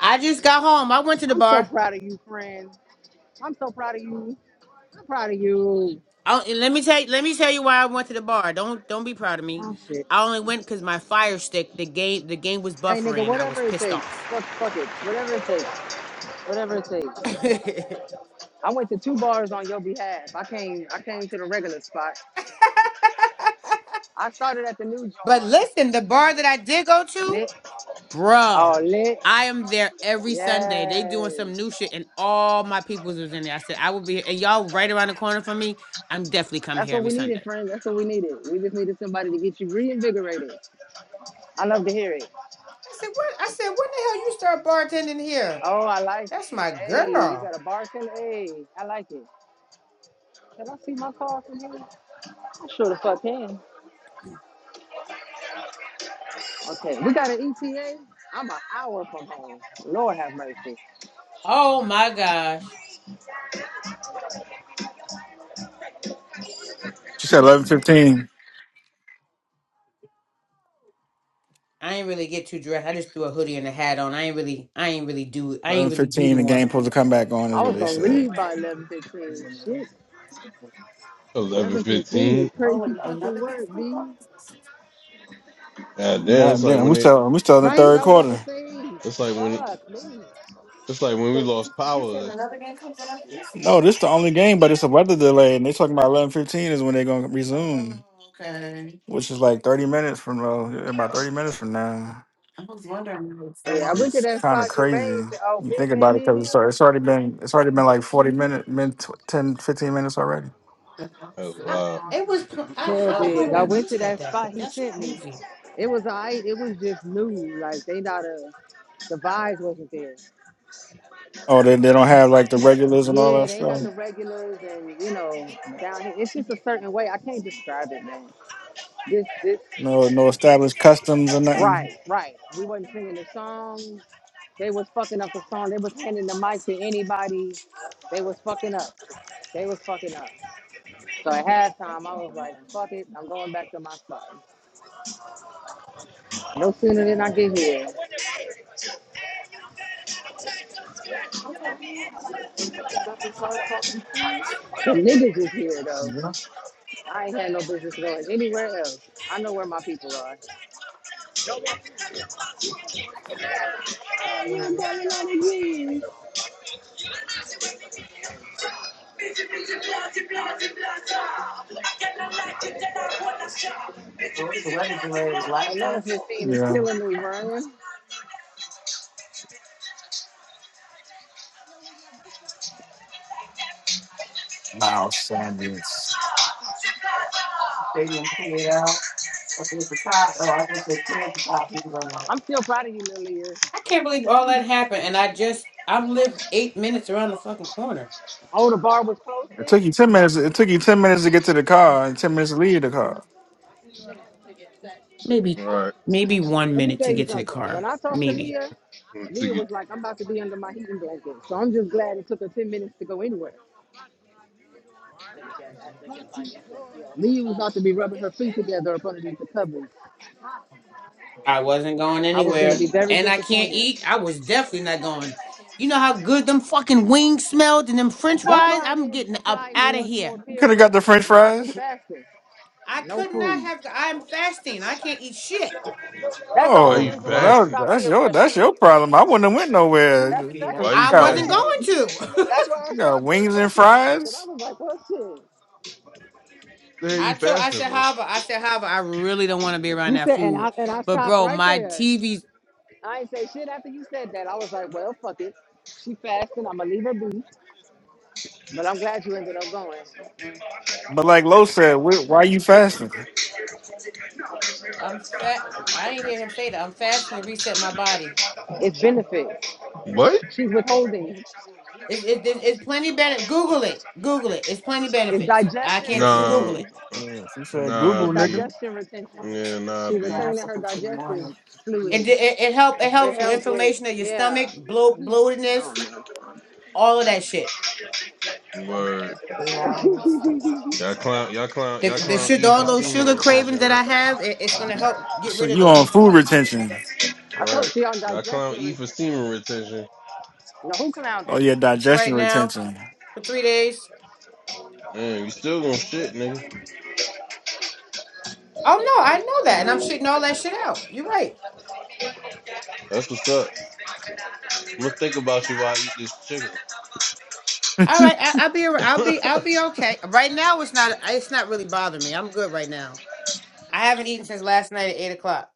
Speaker 14: I just got home. I went to the
Speaker 15: I'm so
Speaker 14: bar.
Speaker 15: proud of you, friend. I'm so proud of you. I'm proud of you.
Speaker 14: I, and let me tell you, let me tell you why I went to the bar. Don't don't be proud of me.
Speaker 15: Oh shit.
Speaker 14: I only went because my fire stick the game the game was
Speaker 15: Hey nigga,
Speaker 14: buffering and I
Speaker 15: whatever
Speaker 14: was
Speaker 15: it
Speaker 14: pissed
Speaker 15: takes.
Speaker 14: off.
Speaker 15: Fuck, fuck it. Whatever it takes. Whatever it takes.
Speaker 14: [LAUGHS] but
Speaker 15: I went to two bars on your behalf. I came I came to the regular spot. I started at the new joint.
Speaker 14: listen, the bar that I did go to,
Speaker 15: Lit.
Speaker 14: bro,
Speaker 15: Oh lit.
Speaker 14: I am there every Sunday. They
Speaker 15: Yes.
Speaker 14: doing some new shit and all my peoples was in there. I said I will be and y'all right around the corner from me. I'm definitely coming
Speaker 15: That's
Speaker 14: here
Speaker 15: what
Speaker 14: every
Speaker 15: we needed,
Speaker 14: Sunday.
Speaker 15: friend. That's what we needed. We just needed somebody to get you reinvigorated. I love to hear it.
Speaker 14: I said what? I said when the hell you start bartending here?
Speaker 15: Oh, I like it.
Speaker 14: That's my
Speaker 15: Hey, you
Speaker 14: girl.
Speaker 15: got a bartender? Hey, I like it. Can I see my car from here? I sure the fuck can. Okay, we got an ETA. I'm an hour from home. Lord have mercy.
Speaker 14: Oh my gosh.
Speaker 3: She said eleven fifteen.
Speaker 14: I ain't really get too dressed. I just threw a hoodie and a hat on. I ain't really, I ain't really do, I
Speaker 3: Eleven
Speaker 14: ain't really do
Speaker 3: fifteen, The
Speaker 14: do on
Speaker 3: game
Speaker 14: them.
Speaker 3: supposed to come back on is
Speaker 15: I
Speaker 3: what
Speaker 15: was
Speaker 3: they
Speaker 15: gonna
Speaker 3: said.
Speaker 15: leave by eleven fifteen. Shit,
Speaker 5: [LAUGHS] eleven
Speaker 15: eleven fifteen
Speaker 5: fifteen.
Speaker 15: is crazy fucking work, B.
Speaker 5: God damn, it's
Speaker 3: Not
Speaker 5: like
Speaker 3: then.
Speaker 5: when
Speaker 3: We
Speaker 5: they,
Speaker 3: still we still in the
Speaker 15: Right?
Speaker 3: third
Speaker 15: I was about to
Speaker 3: quarter.
Speaker 15: say,
Speaker 5: it's like when,
Speaker 15: fuck me.
Speaker 5: it's like when we lost power.
Speaker 3: No, this the only game, but it's a weather delay, and they talking about eleven fifteen is when they're gonna resume, Oh, which is like thirty minutes from uh, about thirty minutes from now.
Speaker 15: Yeah, I went to
Speaker 3: It's
Speaker 15: that
Speaker 3: kind of
Speaker 15: spot Jermaine
Speaker 3: crazy.
Speaker 15: said, "Oh,
Speaker 3: You
Speaker 15: big
Speaker 3: think about
Speaker 15: man
Speaker 3: it
Speaker 15: in." here."
Speaker 3: because it's, al- it's already been it's already been like forty minutes, min, tw- 10, fifteen minutes already.
Speaker 5: That's
Speaker 14: I,
Speaker 5: wild.
Speaker 14: it was, pl- I,
Speaker 15: Tell
Speaker 14: how the hell
Speaker 15: big.
Speaker 14: did
Speaker 15: I
Speaker 14: I
Speaker 15: went
Speaker 14: miss
Speaker 15: to
Speaker 14: that
Speaker 15: that
Speaker 14: that
Speaker 15: spot
Speaker 14: quick?
Speaker 15: he
Speaker 14: That's
Speaker 15: sent me.
Speaker 14: crazy.
Speaker 15: It was alright. It was just new. Like they not a the vibes wasn't there.
Speaker 3: Oh, they they don't have like the regulars and all
Speaker 15: Yeah,
Speaker 3: that
Speaker 15: they ain't got
Speaker 3: stuff.
Speaker 15: the regulars, and you know, down here, it's just a certain way. I can't describe it, man. This, this,
Speaker 3: No, no established customs or nothing.
Speaker 15: right, right. We wasn't singing the song. They was fucking up the song. They was handing the mic to anybody. They was fucking up. They was fucking up. So at halftime, I was like, fuck it, I'm going back to my spot. No sooner than I get here, the niggas is here though. I ain't had no business going anywhere else. I know where my people are. Another 15 is
Speaker 3: Yeah,
Speaker 15: killing me, Ryan. I'm still proud of you, Lilia.
Speaker 14: I can't believe all that happened, and I just, I live eight minutes around the fucking corner.
Speaker 15: Oh, the bar was
Speaker 3: it
Speaker 15: posted.
Speaker 3: took you ten minutes. It took you ten minutes to get to the car and ten minutes to leave the car.
Speaker 14: Maybe,
Speaker 5: All right.
Speaker 14: maybe one
Speaker 15: Let me
Speaker 14: minute
Speaker 15: tell
Speaker 14: to
Speaker 15: you
Speaker 14: get to the
Speaker 15: something. When
Speaker 14: car.
Speaker 15: I talked to
Speaker 14: Maybe
Speaker 15: Leah,
Speaker 5: Let's
Speaker 15: Leah
Speaker 5: see.
Speaker 15: was like, I'm about to be under my heating blanket. So I'm just glad it took her 10 minutes to go anywhere. Leah was about to be rubbing her feet together up underneath the covers.
Speaker 14: I wasn't going
Speaker 15: I was going to
Speaker 14: anywhere,
Speaker 15: be very
Speaker 14: and I can't
Speaker 15: disappointed.
Speaker 14: eat. I was definitely not going. You know how good them fucking wings smelled and them French
Speaker 15: That's
Speaker 14: fries.
Speaker 15: why I
Speaker 14: I'm
Speaker 15: didn't
Speaker 14: getting up
Speaker 15: apply too
Speaker 14: out of
Speaker 15: much more
Speaker 14: here.
Speaker 15: peer
Speaker 3: Could have got the
Speaker 15: pressure.
Speaker 3: French
Speaker 15: Nah, she
Speaker 3: fries.
Speaker 15: fasted.
Speaker 14: I
Speaker 15: No
Speaker 14: could not
Speaker 15: food.
Speaker 14: have. I'm fasting. I can't eat shit.
Speaker 15: That's the
Speaker 5: Why
Speaker 15: only
Speaker 5: you
Speaker 3: Oh,
Speaker 15: reason
Speaker 3: well,
Speaker 15: why I
Speaker 3: that,
Speaker 5: fasting?
Speaker 15: stopped
Speaker 3: that's
Speaker 15: peer
Speaker 3: your that's
Speaker 15: pressuring
Speaker 3: your
Speaker 15: you.
Speaker 3: problem. I wouldn't have went nowhere.
Speaker 15: That's
Speaker 3: Yeah.
Speaker 15: exactly
Speaker 5: Why
Speaker 3: You
Speaker 15: what
Speaker 5: you
Speaker 14: I
Speaker 3: got
Speaker 14: wasn't
Speaker 5: fasting?
Speaker 3: you
Speaker 14: going
Speaker 15: she said.
Speaker 14: to.
Speaker 15: That's why I
Speaker 3: got
Speaker 15: stopped peer
Speaker 3: wings and
Speaker 15: pressuring her because I
Speaker 3: fries,
Speaker 15: was like, "Well,
Speaker 5: The
Speaker 14: [LAUGHS]
Speaker 5: hell
Speaker 14: I
Speaker 5: you
Speaker 14: told I
Speaker 5: fasting
Speaker 14: said
Speaker 5: for?
Speaker 14: however, I said however, I really don't want to be
Speaker 15: shit."
Speaker 14: around
Speaker 15: You
Speaker 14: that
Speaker 15: said, and
Speaker 14: food.
Speaker 15: I and I
Speaker 14: But
Speaker 15: stopped
Speaker 14: bro,
Speaker 15: right
Speaker 14: my
Speaker 15: there.
Speaker 14: TV's
Speaker 15: I ain't say shit after you said that. I was like, well, fuck it. She fasting. I'm gonna leave her be. But I'm glad you ended up going.
Speaker 14: Mm-mm.
Speaker 3: but like Lo said, wh- why you fasting?
Speaker 14: I'm fat I didn't hear him say that. I'm fasting to reset my body.
Speaker 15: It's benefits.
Speaker 5: What?
Speaker 15: She's withholding.
Speaker 14: It's it, it, it's plenty benefit. Google it. Google it. It's plenty
Speaker 15: It's
Speaker 14: benefits. I
Speaker 15: digestion
Speaker 14: can't
Speaker 3: She
Speaker 14: t-
Speaker 5: Nah,
Speaker 14: Google
Speaker 15: retention.
Speaker 14: it.
Speaker 5: uh,
Speaker 3: said, she said,
Speaker 5: nah,
Speaker 15: It's
Speaker 3: "Google
Speaker 5: b.
Speaker 3: nigga."
Speaker 15: digestion retention.
Speaker 5: Yeah, nah,
Speaker 15: She's
Speaker 5: b.
Speaker 15: retaining her digestive
Speaker 14: It
Speaker 15: fluid.
Speaker 14: it, it help it
Speaker 15: It
Speaker 14: helps with
Speaker 15: helps with
Speaker 14: inflammation of your
Speaker 15: yeah.
Speaker 14: stomach, bloat, bloatedness, all of that shit.
Speaker 5: Word. Y'all clown, y'all clown,
Speaker 14: The
Speaker 5: y'all
Speaker 14: the
Speaker 5: clown
Speaker 14: shit,
Speaker 5: E
Speaker 14: all
Speaker 5: for
Speaker 14: those
Speaker 5: semen
Speaker 14: sugar
Speaker 5: retention,
Speaker 14: cravings that
Speaker 5: right?
Speaker 14: I have, it, it's gonna help get
Speaker 3: So
Speaker 14: rid of
Speaker 3: you on
Speaker 14: those.
Speaker 3: food retention
Speaker 15: I told
Speaker 5: Right.
Speaker 15: she on
Speaker 5: Y'all clown
Speaker 15: digestion
Speaker 5: E for
Speaker 15: retention.
Speaker 5: semen retention.
Speaker 15: Now who clowned him?
Speaker 3: or your
Speaker 14: For
Speaker 3: digestion
Speaker 14: right now.
Speaker 3: retention?
Speaker 14: for three days.
Speaker 5: Man, you still gonna shit, nigga.
Speaker 14: Oh no, I know that, and I'm shitting all that shit out. You're right.
Speaker 5: That's what's up. I'm gonna think about you while I eat this chicken.
Speaker 14: All right, I, I'll be, ar- I'll be, I'll be okay. Right now,
Speaker 5: [LAUGHS]
Speaker 14: it's not, it's not really bothering me. I'm good right now. I haven't eaten since last night at eight o'clock,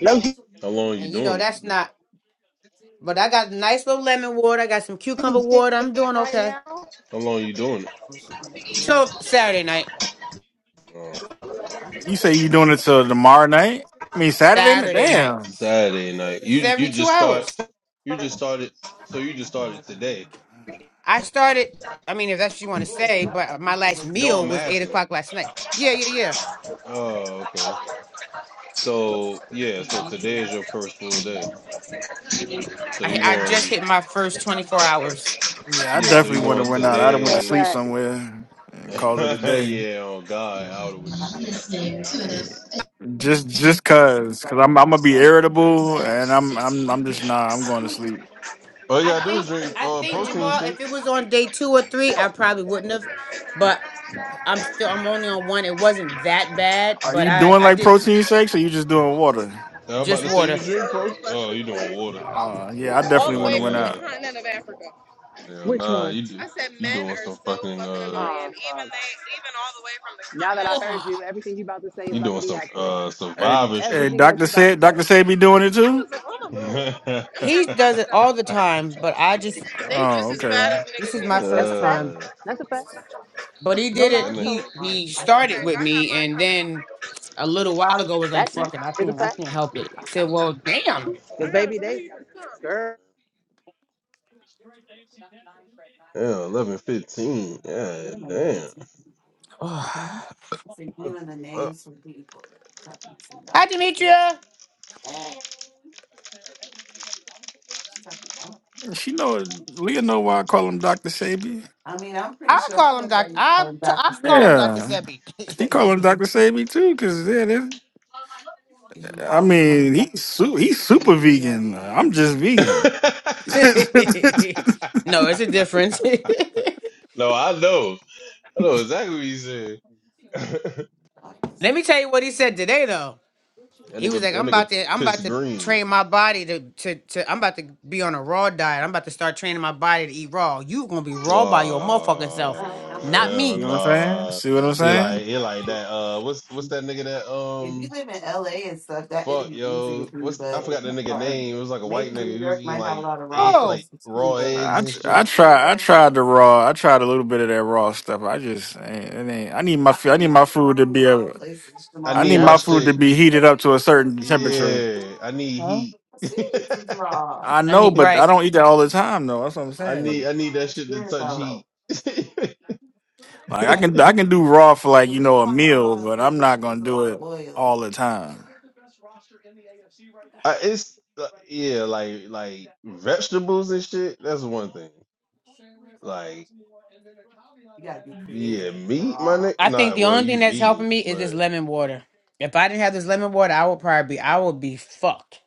Speaker 15: No she-
Speaker 5: How long you
Speaker 14: and you know
Speaker 5: doing it?
Speaker 14: that's not. But I got a nice little lemon water. I got some cucumber water. I'm doing okay.
Speaker 5: How long you doing it?
Speaker 14: So Saturday night.
Speaker 5: Uh,
Speaker 3: You say you doing it till tomorrow night? I mean Saturday night?
Speaker 14: Saturday night.
Speaker 3: Damn.
Speaker 5: Saturday night. You you
Speaker 14: Seventy-two
Speaker 5: just start.
Speaker 14: hours.
Speaker 5: You just started. So you just started today.
Speaker 14: I started. I mean, if that's what you want to say, but my last
Speaker 5: No,
Speaker 14: meal
Speaker 5: I'm
Speaker 14: was eight
Speaker 5: asking.
Speaker 14: o'clock last night. Yeah, yeah, yeah.
Speaker 5: Oh, okay. So yeah. So today is your first full day. So
Speaker 14: I
Speaker 5: you
Speaker 14: I just
Speaker 5: going?
Speaker 14: hit my first twenty-four hours.
Speaker 3: Yeah, I
Speaker 5: Yeah. So
Speaker 3: definitely
Speaker 5: you
Speaker 3: wouldn't
Speaker 5: going
Speaker 3: have went out. I'd have went to
Speaker 5: today?
Speaker 3: sleep
Speaker 15: facts.
Speaker 3: somewhere and
Speaker 5: [LAUGHS]
Speaker 3: called it a day.
Speaker 5: yeah. Oh God, I would have went to sleep.
Speaker 3: Just just cause, cause I'm I'm gonna be irritable and I'm I'm I'm just nah. I'm going to sleep.
Speaker 5: All you
Speaker 14: I
Speaker 5: gotta do is
Speaker 14: think
Speaker 5: drink
Speaker 14: I
Speaker 5: uh,
Speaker 14: think
Speaker 5: protein
Speaker 14: Jamal, if it
Speaker 5: shakes.
Speaker 14: was on day two or three, I probably wouldn't have. But I'm still I'm only on one. It wasn't that bad,
Speaker 3: Are
Speaker 14: but
Speaker 3: you
Speaker 14: I
Speaker 3: doing
Speaker 14: I
Speaker 3: like
Speaker 14: did come
Speaker 3: protein shakes or you just doing water?
Speaker 5: Now, I'm about
Speaker 14: just
Speaker 5: to
Speaker 15: Men
Speaker 5: say
Speaker 15: are
Speaker 5: you
Speaker 14: water.
Speaker 5: drink
Speaker 15: so
Speaker 5: pro. Oh,
Speaker 15: fucking
Speaker 5: you doing
Speaker 15: annoying.
Speaker 5: water?
Speaker 3: Uh, yeah, I
Speaker 15: All the
Speaker 3: definitely
Speaker 5: Oh
Speaker 3: wouldn't
Speaker 15: way
Speaker 3: have went
Speaker 15: from the
Speaker 3: out.
Speaker 5: yeah,
Speaker 15: continent of Africa.
Speaker 5: yeah.
Speaker 15: Which
Speaker 5: Nah,
Speaker 15: one?
Speaker 5: you do.
Speaker 15: I said
Speaker 5: You
Speaker 15: men
Speaker 5: doing
Speaker 15: are
Speaker 5: some
Speaker 15: so
Speaker 5: fucking
Speaker 15: fucking
Speaker 5: uh,
Speaker 15: annoying. Oh, Even fuck. they, even all the way from the Now that I
Speaker 14: Ugh.
Speaker 15: heard you, everything you about to say is
Speaker 5: you
Speaker 15: about to
Speaker 5: doing
Speaker 15: be
Speaker 5: some
Speaker 15: accurate.
Speaker 5: uh
Speaker 3: And,
Speaker 5: survivor shit.
Speaker 3: and
Speaker 15: Everything else
Speaker 3: doctor
Speaker 15: you about to
Speaker 3: said
Speaker 15: say.
Speaker 3: doctor said be doing it
Speaker 15: I
Speaker 3: too.
Speaker 15: was like
Speaker 5: [LAUGHS]
Speaker 15: on the move.
Speaker 5: uh,
Speaker 15: I'm
Speaker 14: He
Speaker 15: packing my
Speaker 14: does it
Speaker 15: shit up.
Speaker 14: all the
Speaker 15: I'm
Speaker 14: time, but I just
Speaker 15: going. They
Speaker 3: Oh,
Speaker 15: just as
Speaker 3: okay.
Speaker 15: bad as niggas
Speaker 14: this is
Speaker 15: here.
Speaker 14: my
Speaker 15: That's a
Speaker 14: first
Speaker 15: fact.
Speaker 14: time.
Speaker 15: That's a fact.
Speaker 14: But he
Speaker 15: No
Speaker 14: did
Speaker 5: and
Speaker 14: it.
Speaker 15: lies
Speaker 5: then,
Speaker 15: told.
Speaker 14: He
Speaker 15: It's
Speaker 14: he
Speaker 15: okay. God got
Speaker 14: started with me,
Speaker 15: mine
Speaker 14: and then
Speaker 15: coming.
Speaker 14: a little while ago was like,
Speaker 15: That too
Speaker 14: "Fuck it, I
Speaker 15: is a
Speaker 14: can't, I can't
Speaker 15: fact.
Speaker 14: help it." I said, "Well, damn."
Speaker 15: Because baby, they girl.
Speaker 5: yeah, eleven fifteen. Yeah, damn.
Speaker 14: Ugh.
Speaker 5: What
Speaker 14: Hi, Demetria.
Speaker 3: She know Leah know why I call him Doctor Sabi.
Speaker 14: I call him Doc. I I call him Doctor
Speaker 3: Yeah, he
Speaker 14: Sebi.
Speaker 3: call
Speaker 14: [LAUGHS]
Speaker 3: him Doctor Sabi too, cause yeah, that's, I mean he's su- he's super vegan. I'm just
Speaker 5: the
Speaker 3: vegan.
Speaker 5: fuck?
Speaker 14: [LAUGHS] no, it's a
Speaker 5: [LAUGHS]
Speaker 14: difference. [LAUGHS] Let
Speaker 5: no, I know. I know exactly what you said. [LAUGHS] that
Speaker 14: me tell you what he said today though. He was
Speaker 5: nigga,
Speaker 14: like,
Speaker 5: that
Speaker 14: I'm
Speaker 5: nigga
Speaker 14: about to I'm about
Speaker 5: pissed
Speaker 14: to
Speaker 5: green.
Speaker 14: train my body to to, to I'm about to be on a raw diet. I'm about to start training my body to eat raw. You gonna be raw by your motherfucking self,
Speaker 5: Oh
Speaker 14: not
Speaker 3: [LAUGHS]
Speaker 5: hell
Speaker 3: See
Speaker 14: me.
Speaker 3: what I'm saying?
Speaker 5: nah.
Speaker 3: See what I'm
Speaker 5: He
Speaker 3: saying?
Speaker 5: like he like that. Uh, what's what's that nigga that um fuck yo? What's I forgot the nigga name. It was like a white nigga. He was eating like egg,
Speaker 14: Oh.
Speaker 5: like raw eggs
Speaker 3: I
Speaker 5: and
Speaker 3: tr- I
Speaker 5: shit.
Speaker 3: try I tried the raw. I tried a little bit of that raw stuff. I just ain't, it ain't. I need my I f- I need my food to be a, I
Speaker 5: I
Speaker 3: need
Speaker 5: need my
Speaker 14: Yep.
Speaker 3: my food to
Speaker 5: shit.
Speaker 3: be heated up to a certain temperature.
Speaker 5: Yeah, I need heat. [LAUGHS]
Speaker 3: I
Speaker 14: I
Speaker 3: know,
Speaker 14: need
Speaker 3: but I
Speaker 14: right.
Speaker 3: don't eat that all the time though. That's what I'm Okay, but
Speaker 5: I
Speaker 3: saying.
Speaker 5: need I need that shit to touch heat.
Speaker 3: Like I can I can do raw for like you know a meal, but I'm not gonna do it all the time.
Speaker 5: [LAUGHS] I, it's uh, yeah, like like vegetables and shit. That's one thing. Like. Yeah, meat, my nigga.
Speaker 14: I
Speaker 5: Nah,
Speaker 14: think the
Speaker 5: well,
Speaker 14: only
Speaker 5: you
Speaker 14: thing that's
Speaker 5: vegan,
Speaker 14: helping me is this
Speaker 5: but
Speaker 14: lemon water. If I didn't have this lemon water, I would probably be I would be fucked.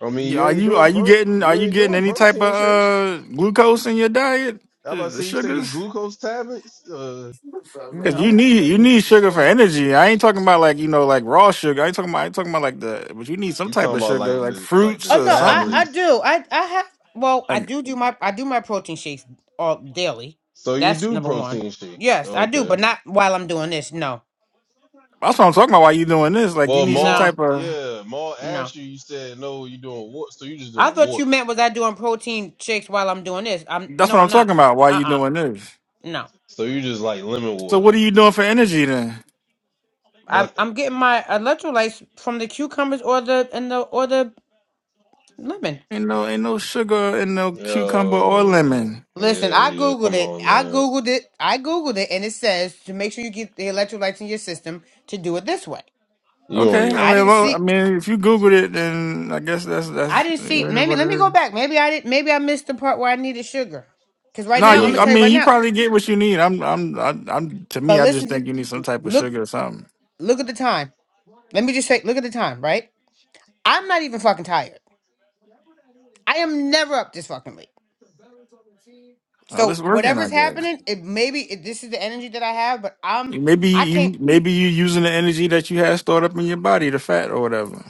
Speaker 5: I mean,
Speaker 3: Yeah,
Speaker 5: you
Speaker 3: are
Speaker 5: ain't
Speaker 3: you are
Speaker 5: doing
Speaker 3: you
Speaker 5: pro,
Speaker 3: getting are
Speaker 5: you
Speaker 3: you
Speaker 5: ain't
Speaker 3: getting
Speaker 5: doing
Speaker 3: any type of
Speaker 5: protein shakes.
Speaker 3: uh glucose in your diet?
Speaker 5: How about
Speaker 3: The
Speaker 5: to
Speaker 3: the
Speaker 5: say you taking
Speaker 3: sugars?
Speaker 5: glucose tablets. Uh,
Speaker 3: Cause you
Speaker 14: No.
Speaker 3: need you need sugar for energy. I ain't talking about like you know like raw sugar. I ain't talking about I ain't talking about like the but you need some
Speaker 5: you
Speaker 3: type
Speaker 5: talking
Speaker 3: of
Speaker 5: about
Speaker 3: sugar
Speaker 5: like
Speaker 3: like
Speaker 5: the like
Speaker 3: fruits
Speaker 5: the
Speaker 14: Oh
Speaker 3: or
Speaker 14: no, I I
Speaker 3: something.
Speaker 5: tablets?
Speaker 14: do. I I have well, I
Speaker 3: Like
Speaker 14: do do my I do my protein shakes all daily.
Speaker 5: So you
Speaker 14: That's
Speaker 5: do
Speaker 14: number one.
Speaker 5: protein shakes?
Speaker 14: Yes, I do,
Speaker 5: Okay.
Speaker 14: but not while I'm doing this. No,
Speaker 3: that's what I'm talking about. Why you doing this? Like you
Speaker 5: Well,
Speaker 3: need some
Speaker 5: Maul,
Speaker 14: no,
Speaker 3: type of
Speaker 5: yeah, Maul
Speaker 14: no.
Speaker 5: asked you. You said no. You doing what? So you just
Speaker 14: I
Speaker 5: doing
Speaker 14: thought
Speaker 5: water.
Speaker 14: you meant was I doing protein shakes while I'm doing this. I'm
Speaker 3: that's what
Speaker 14: no,
Speaker 3: I'm
Speaker 14: I'm
Speaker 3: talking
Speaker 14: not.
Speaker 3: about. Why
Speaker 14: Uh
Speaker 3: you
Speaker 14: uh
Speaker 3: doing this?
Speaker 14: no.
Speaker 5: So you just like lemon
Speaker 3: So what are
Speaker 5: water,
Speaker 3: you doing for energy then?
Speaker 14: I'm
Speaker 5: nothing.
Speaker 14: I'm getting my electrolytes from the cucumbers or the and the or the lemon.
Speaker 3: Ain't no ain't no sugar in no cucumber or
Speaker 5: Yo,
Speaker 3: lemon.
Speaker 14: Listen,
Speaker 5: yeah,
Speaker 14: I
Speaker 5: Leah,
Speaker 14: googled
Speaker 5: come
Speaker 14: it.
Speaker 5: on,
Speaker 14: I
Speaker 5: man.
Speaker 14: googled it. I googled it, and it says to make sure you get the electrolytes in your system to do it this way.
Speaker 5: You on
Speaker 3: Okay, I
Speaker 5: your?
Speaker 14: I
Speaker 3: mean,
Speaker 14: didn't
Speaker 3: well, I
Speaker 14: see.
Speaker 3: mean, if you Googled it, then I guess that's
Speaker 14: I
Speaker 3: that's
Speaker 14: didn't
Speaker 3: yeah,
Speaker 14: see.
Speaker 3: it is
Speaker 14: Maybe
Speaker 3: what
Speaker 14: let
Speaker 3: it
Speaker 14: me go
Speaker 3: is.
Speaker 14: back. Maybe I didn't. Maybe I missed the part where I needed sugar. Because right
Speaker 3: No,
Speaker 14: now I'm
Speaker 5: You
Speaker 3: you.
Speaker 5: and
Speaker 14: gonna
Speaker 3: I
Speaker 5: your
Speaker 14: tell you
Speaker 3: mean,
Speaker 14: right
Speaker 3: you
Speaker 14: now.
Speaker 3: probably get what you need. I'm, I'm, I, I'm. To me,
Speaker 14: But
Speaker 3: I just
Speaker 14: listen to
Speaker 3: think you need some type of
Speaker 14: look
Speaker 3: sugar or something.
Speaker 14: look at the time. Let me just say look at the time. Right. I'm not even fucking tired. I am never up this fucking late.
Speaker 3: Well,
Speaker 14: So
Speaker 3: it's working, I
Speaker 14: whatever's
Speaker 3: guess.
Speaker 14: happening, it maybe it, this is the energy that I have. But I'm
Speaker 3: Maybe
Speaker 14: I can't.
Speaker 3: you, maybe you using the energy that you had stored up in your body, the fat or whatever.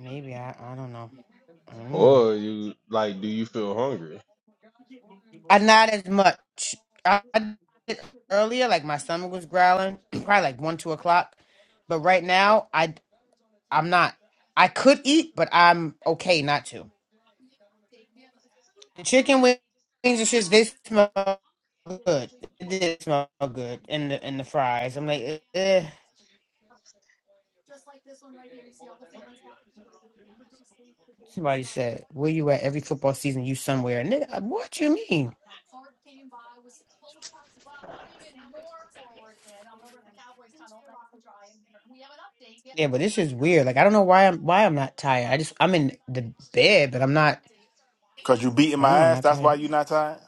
Speaker 14: Maybe I I don't know. Mm.
Speaker 5: or you like, do you feel hungry?
Speaker 14: I not as much. I I did earlier like my stomach was growling [CLEARS THROAT] probably like one two o'clock. But right now I I'm not. I could eat, but I'm okay not to. The chicken wings and shit, they smell good. It did smell good. And the and the fries. I'm like, eh. eh. Somebody said, "Where you at every football season? You somewhere?" And nigga, what you mean? Yeah, but this is weird. Like, I don't know why I'm why I'm not tired. I just I'm in the bed, but I'm not.
Speaker 8: Cause you beating
Speaker 14: I don't
Speaker 8: my
Speaker 14: know, I'm
Speaker 8: ass.
Speaker 14: not
Speaker 8: That's why
Speaker 14: tired.
Speaker 8: you not tired.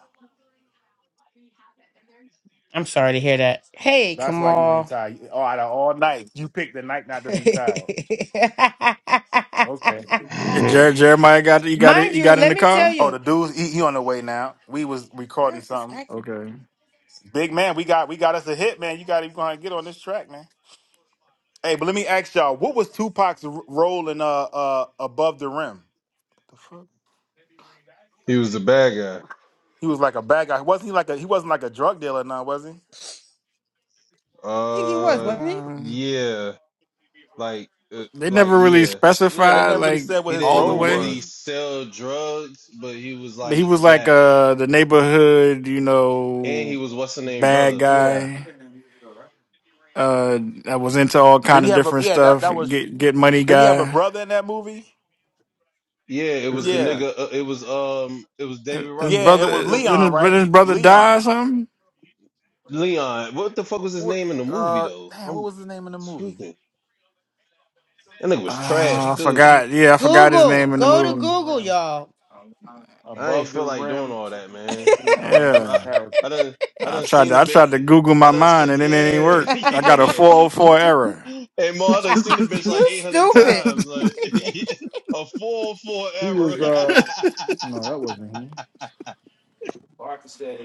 Speaker 14: I'm sorry to hear that. Hey,
Speaker 8: That's why you ain't
Speaker 14: Kamal.
Speaker 8: tired. Oh, out of all night, you picked the night not to
Speaker 14: [LAUGHS]
Speaker 8: be tired. Okay.
Speaker 3: And
Speaker 5: [CLEARS THROAT]
Speaker 3: Jer- Jeremiah got you got it.
Speaker 14: Mind
Speaker 3: You
Speaker 14: you,
Speaker 3: got in
Speaker 14: let
Speaker 3: the
Speaker 14: me tell
Speaker 3: car.
Speaker 8: Oh, the
Speaker 14: you.
Speaker 8: dudes, he, he on the way now. We was
Speaker 14: Where
Speaker 8: recording
Speaker 14: is this
Speaker 8: something.
Speaker 14: acting?
Speaker 3: Okay.
Speaker 8: Big man, we got we got us a hit, man. You got to go ahead and get on this track, man. Hey, but let me ask y'all, what was Tupac's r- role in uh uh above the rim? The fuck?
Speaker 5: he was the bad guy.
Speaker 8: He was like a bad guy. Wasn't he like a he wasn't like a drug dealer now, was he?
Speaker 14: I think he was,
Speaker 5: Uh,
Speaker 14: wasn't he?
Speaker 3: Um,
Speaker 5: yeah, like, uh,
Speaker 3: they
Speaker 5: like,
Speaker 3: never really
Speaker 5: yeah.
Speaker 8: Yeah, they
Speaker 3: specified
Speaker 8: never really
Speaker 3: like
Speaker 8: said what
Speaker 5: He
Speaker 8: his
Speaker 3: all the
Speaker 5: didn't
Speaker 8: role
Speaker 3: way.
Speaker 5: really
Speaker 8: was.
Speaker 5: sell drugs, but he was
Speaker 3: But he
Speaker 5: like
Speaker 3: was like
Speaker 5: that,
Speaker 3: uh the neighborhood, you
Speaker 5: and he
Speaker 3: know,
Speaker 5: was what's the name
Speaker 3: bad
Speaker 5: brother.
Speaker 8: Yeah.
Speaker 3: guy. Uh, that was into all kind
Speaker 8: Did he
Speaker 3: of
Speaker 8: have a
Speaker 3: different
Speaker 8: yeah, that,
Speaker 3: stuff.
Speaker 8: that was
Speaker 3: Get get money
Speaker 8: did he have a
Speaker 3: guy.
Speaker 8: brother in that movie?
Speaker 5: Yeah, it was the
Speaker 3: Uh,
Speaker 8: Yeah.
Speaker 5: nigga. Uh, it was um, it was David
Speaker 3: His
Speaker 8: Yeah,
Speaker 5: Ruffin.
Speaker 8: it
Speaker 5: What the
Speaker 8: was
Speaker 3: brother,
Speaker 5: fuck was
Speaker 3: then
Speaker 5: it?
Speaker 3: his,
Speaker 8: Leon,
Speaker 3: then
Speaker 8: right?
Speaker 3: his brother died or
Speaker 8: Leon.
Speaker 3: something.
Speaker 5: Leon. What the fuck was his name in the movie though? I'm tweaking. That nigga was trash
Speaker 3: Uh, I
Speaker 5: too.
Speaker 3: forgot. Yeah, I forgot his
Speaker 14: Google.
Speaker 8: Oh,
Speaker 3: name in the
Speaker 14: Go to
Speaker 8: above the
Speaker 3: movie.
Speaker 14: Google,
Speaker 8: rim.
Speaker 14: y'all.
Speaker 5: I ain't
Speaker 8: Above the
Speaker 5: feel like doing
Speaker 8: rim
Speaker 5: all that, man.
Speaker 8: um,
Speaker 5: I'm
Speaker 3: Yeah,
Speaker 5: I
Speaker 8: character.
Speaker 5: I done I
Speaker 3: I
Speaker 5: done
Speaker 3: tried
Speaker 5: seen
Speaker 3: to
Speaker 5: the
Speaker 3: I
Speaker 5: bit.
Speaker 3: tried to Google my
Speaker 5: I done
Speaker 3: mind
Speaker 5: see
Speaker 3: and it didn't
Speaker 5: yeah
Speaker 3: work. I got a four hundred
Speaker 5: [LAUGHS]
Speaker 3: four error.
Speaker 5: yeah. Hey Mo, I done seen the bitch
Speaker 14: [LAUGHS]
Speaker 5: like
Speaker 14: you
Speaker 5: eight hundred
Speaker 3: [LAUGHS]
Speaker 14: stupid.
Speaker 5: times. Like [LAUGHS] a full full
Speaker 8: He was
Speaker 5: error. [LAUGHS]
Speaker 8: uh no, that wasn't him. So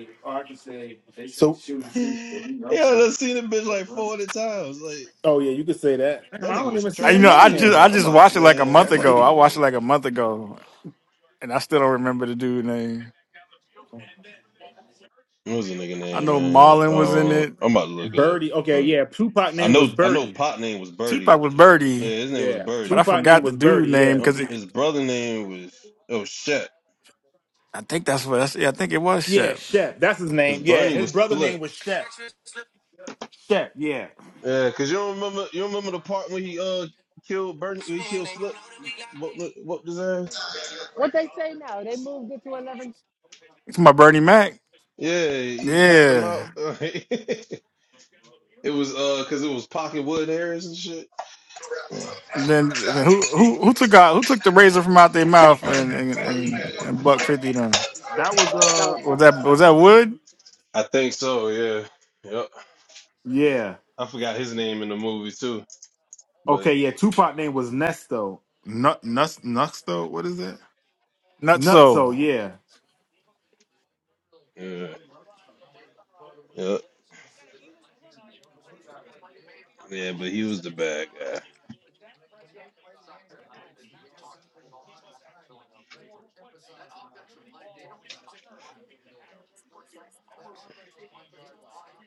Speaker 5: yeah, I done seen the bitch like four hundred times. Like
Speaker 8: oh yeah, you could say that. Damn,
Speaker 5: that
Speaker 8: I
Speaker 5: nigga
Speaker 8: don't
Speaker 5: was
Speaker 8: even
Speaker 3: I,
Speaker 8: see
Speaker 3: you
Speaker 8: him
Speaker 3: know,
Speaker 5: trash
Speaker 3: I
Speaker 8: on
Speaker 5: too.
Speaker 3: just
Speaker 8: here.
Speaker 3: I
Speaker 5: Like I'm
Speaker 3: just
Speaker 5: about
Speaker 3: watched it like a
Speaker 5: man, I'm
Speaker 3: month
Speaker 5: about to
Speaker 3: ago. I
Speaker 5: Google
Speaker 3: watched it
Speaker 5: that
Speaker 3: like a
Speaker 5: shit.
Speaker 3: month ago. and I still don't remember the dude name.
Speaker 5: What was the nigga
Speaker 3: I
Speaker 5: name,
Speaker 3: know
Speaker 5: man?
Speaker 3: Marlon was in
Speaker 5: Um,
Speaker 3: it.
Speaker 5: I'm about to look it up.
Speaker 8: Birdie. Okay,
Speaker 5: But
Speaker 8: yeah. Tupac
Speaker 5: I
Speaker 8: name
Speaker 5: know
Speaker 8: was
Speaker 5: I know
Speaker 8: Birdie.
Speaker 5: pot name was Birdie.
Speaker 3: Tupac was
Speaker 5: Yeah,
Speaker 3: Birdie,
Speaker 5: his name was
Speaker 8: Yeah.
Speaker 5: Birdie.
Speaker 3: but I
Speaker 8: Tupac name
Speaker 3: forgot the
Speaker 8: was Birdie,
Speaker 3: dude name
Speaker 8: yeah.
Speaker 5: Uh,
Speaker 3: because
Speaker 5: his brother name was oh shit,
Speaker 3: I think that's what that's, yeah, I think it was
Speaker 8: Yeah,
Speaker 3: Shep.
Speaker 8: Shep. That's his
Speaker 5: cause
Speaker 8: name. Yeah.
Speaker 5: Bernie
Speaker 8: His
Speaker 5: was
Speaker 8: brother
Speaker 5: Flip.
Speaker 8: name was Shep. Shep, yeah.
Speaker 5: Yeah, cause you don't remember you don't remember the part when he uh killed Bernie, he killed Flip, what what his ass?
Speaker 15: What they say now? They moved it to eleven.
Speaker 3: It's my Bernie Mac.
Speaker 5: Yeah, he packed him out.
Speaker 3: Yeah.
Speaker 5: [LAUGHS] it was uh cause it was Pocket Wood Harris and shit.
Speaker 3: Then then who who who took out who took the razor from out their mouth and and and, and buck fifty them?
Speaker 8: That was uh
Speaker 15: Don't.
Speaker 3: Was that was that Wood?
Speaker 5: I think so. Yeah, yep.
Speaker 8: yeah.
Speaker 5: I forgot his name in the movie too, but
Speaker 8: Okay, yeah, Tupac name was Nesto. Nut Nus Nuxto, what is it?
Speaker 3: Not so.
Speaker 8: Nutso, yeah.
Speaker 5: yeah, yep. Yeah, but he was the bad guy.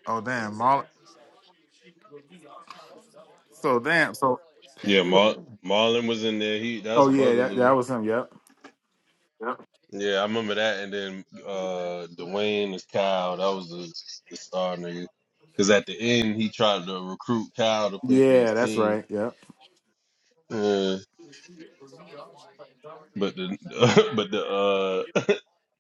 Speaker 8: Oh damn, Mol- so damn, so
Speaker 5: Yeah, Mar- Marlon was in there. He that's
Speaker 8: Oh yeah, that, that
Speaker 5: Bugaloo.
Speaker 8: was him. Yep.
Speaker 5: Yeah, I remember that. And then uh Dwayne is Kyle. That was the, the star nigga. Cause at the end he tried to recruit Kyle to play for his
Speaker 8: Yeah, that's
Speaker 5: team.
Speaker 8: right. Yep.
Speaker 5: Uh, but the [LAUGHS] but the uh [LAUGHS]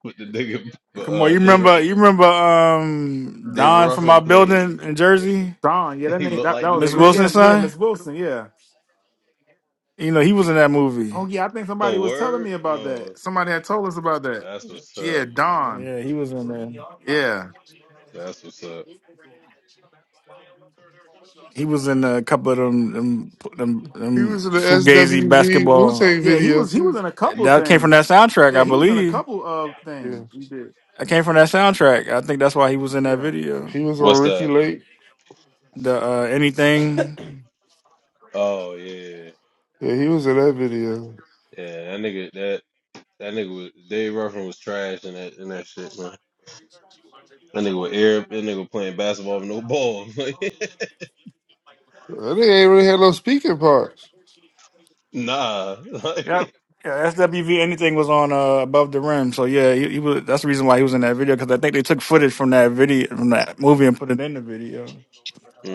Speaker 5: but the nigga but,
Speaker 3: Come on,
Speaker 5: uh
Speaker 3: you
Speaker 5: David
Speaker 3: remember you remember um
Speaker 5: David
Speaker 3: Don from
Speaker 5: Ruffin
Speaker 3: our
Speaker 5: played.
Speaker 3: building in Jersey,
Speaker 8: Don. Yeah,
Speaker 5: [LAUGHS]
Speaker 8: that
Speaker 5: He
Speaker 8: name.
Speaker 5: looked
Speaker 8: That, that
Speaker 5: like the
Speaker 8: was.
Speaker 3: Miss
Speaker 8: Mi-
Speaker 5: nigga.
Speaker 8: Yeah,
Speaker 3: Wilson's
Speaker 5: [LAUGHS]
Speaker 8: yeah.
Speaker 3: son.
Speaker 8: Miss Wilson. Yeah.
Speaker 3: You know he was in that movie.
Speaker 8: Oh yeah, I think somebody
Speaker 5: Oh
Speaker 8: was telling
Speaker 5: word.
Speaker 8: me about
Speaker 5: Oh,
Speaker 8: that. somebody had told us about that.
Speaker 5: that's what's up.
Speaker 8: Yeah, Don.
Speaker 3: Yeah, he was in there.
Speaker 8: Yeah.
Speaker 5: That's what's up.
Speaker 3: He was in a couple of them them them,
Speaker 6: He
Speaker 3: them
Speaker 6: was in the
Speaker 3: fugazi
Speaker 6: SWV Wu
Speaker 3: basketball.
Speaker 6: Tang
Speaker 8: Yeah, he
Speaker 6: video
Speaker 8: was. He
Speaker 6: too.
Speaker 8: was in a couple
Speaker 3: That came from that
Speaker 8: things.
Speaker 3: soundtrack, I
Speaker 8: Yeah, he was in a
Speaker 3: believe.
Speaker 8: couple of
Speaker 6: Yeah,
Speaker 8: things. He did.
Speaker 3: That came from that soundtrack. I think that's why he was in that
Speaker 8: Yeah.
Speaker 3: video.
Speaker 6: he was on
Speaker 5: What's
Speaker 6: Ricky
Speaker 5: that?
Speaker 6: Lake.
Speaker 3: The uh, anything.
Speaker 5: Oh yeah,
Speaker 6: Yeah, he was in that video.
Speaker 5: yeah. That nigga, that that nigga was Dave Ruffin was trash in that in that shit, man. That nigga with air, that nigga was playing basketball with no ball. [LAUGHS]
Speaker 6: They ain't really had no speaking parts.
Speaker 5: nah. [LAUGHS]
Speaker 3: Yep. Yeah, SWV anything was on uh, above the rim. So yeah, he, he was. That's the reason why he was in that video because I think they took footage from that video from that movie and put it in the video.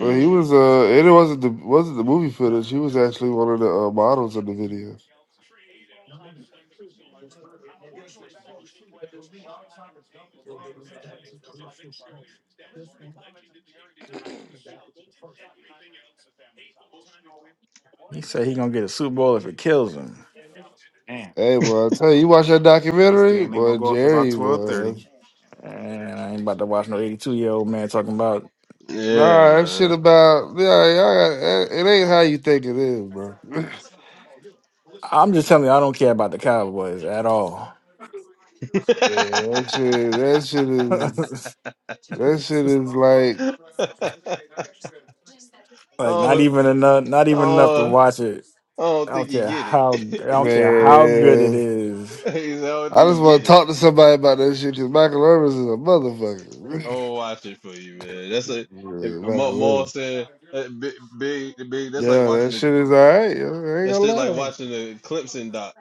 Speaker 6: Well, he was uh, and it wasn't the wasn't the movie footage. He was actually one of the uh, models in the video.
Speaker 8: trade and all the stuff that was going on in Tampa. And they say, shoot, we shoot. talked we i trying to jump the ball That's around. As the head coach. As mentioned earlier, is that Marty Legend in the game did not get to the Super Bowl, did everything else, eighth all time in win,
Speaker 3: He said he gonna get a Super Bowl if it kills him.
Speaker 8: Damn,
Speaker 6: Hey, boy, I tell you, you watch that
Speaker 8: this
Speaker 6: documentary,
Speaker 8: thing ain't gonna
Speaker 6: boy,
Speaker 8: go off about
Speaker 6: Jerry,
Speaker 8: twelve
Speaker 6: boy.
Speaker 8: thirty.
Speaker 6: That's,
Speaker 3: And I ain't about to watch no eighty two year old man talking about
Speaker 5: Yeah,
Speaker 6: nah, that shit about yeah, yeah, it it ain't how you think it is, bro. [LAUGHS] man,
Speaker 3: I'm just telling you, I don't care about the Cowboys at all.
Speaker 6: that shit, that shit
Speaker 5: man.
Speaker 3: [LAUGHS]
Speaker 5: [LAUGHS]
Speaker 6: is
Speaker 3: like
Speaker 6: that shit is
Speaker 5: [LAUGHS]
Speaker 6: like,
Speaker 3: not
Speaker 5: oh,
Speaker 3: even enough, not even enough to
Speaker 5: oh,
Speaker 3: watch it.
Speaker 5: I
Speaker 3: I
Speaker 5: don't think
Speaker 3: don't
Speaker 5: you
Speaker 3: care
Speaker 5: get it.
Speaker 3: how, I don't
Speaker 5: [LAUGHS]
Speaker 3: care how good it
Speaker 6: man.
Speaker 3: is.
Speaker 5: He said, I don't
Speaker 6: I
Speaker 5: think you
Speaker 6: just want
Speaker 5: get
Speaker 6: to
Speaker 5: it.
Speaker 6: talk to somebody about that shit because Michael Irvin is a motherfucker. [LAUGHS]
Speaker 5: Oh, watch it for you, man. That's a
Speaker 6: yeah,
Speaker 5: Ma-
Speaker 14: [LAUGHS]
Speaker 6: Michael
Speaker 5: Maul
Speaker 6: Irvin.
Speaker 5: said that big, big, big. That's like
Speaker 6: Yeah,
Speaker 5: watching
Speaker 6: that
Speaker 5: the
Speaker 6: shit is alright. I ain't
Speaker 5: that
Speaker 6: gonna
Speaker 5: shit like
Speaker 6: lie.
Speaker 5: watching the Clemson doc.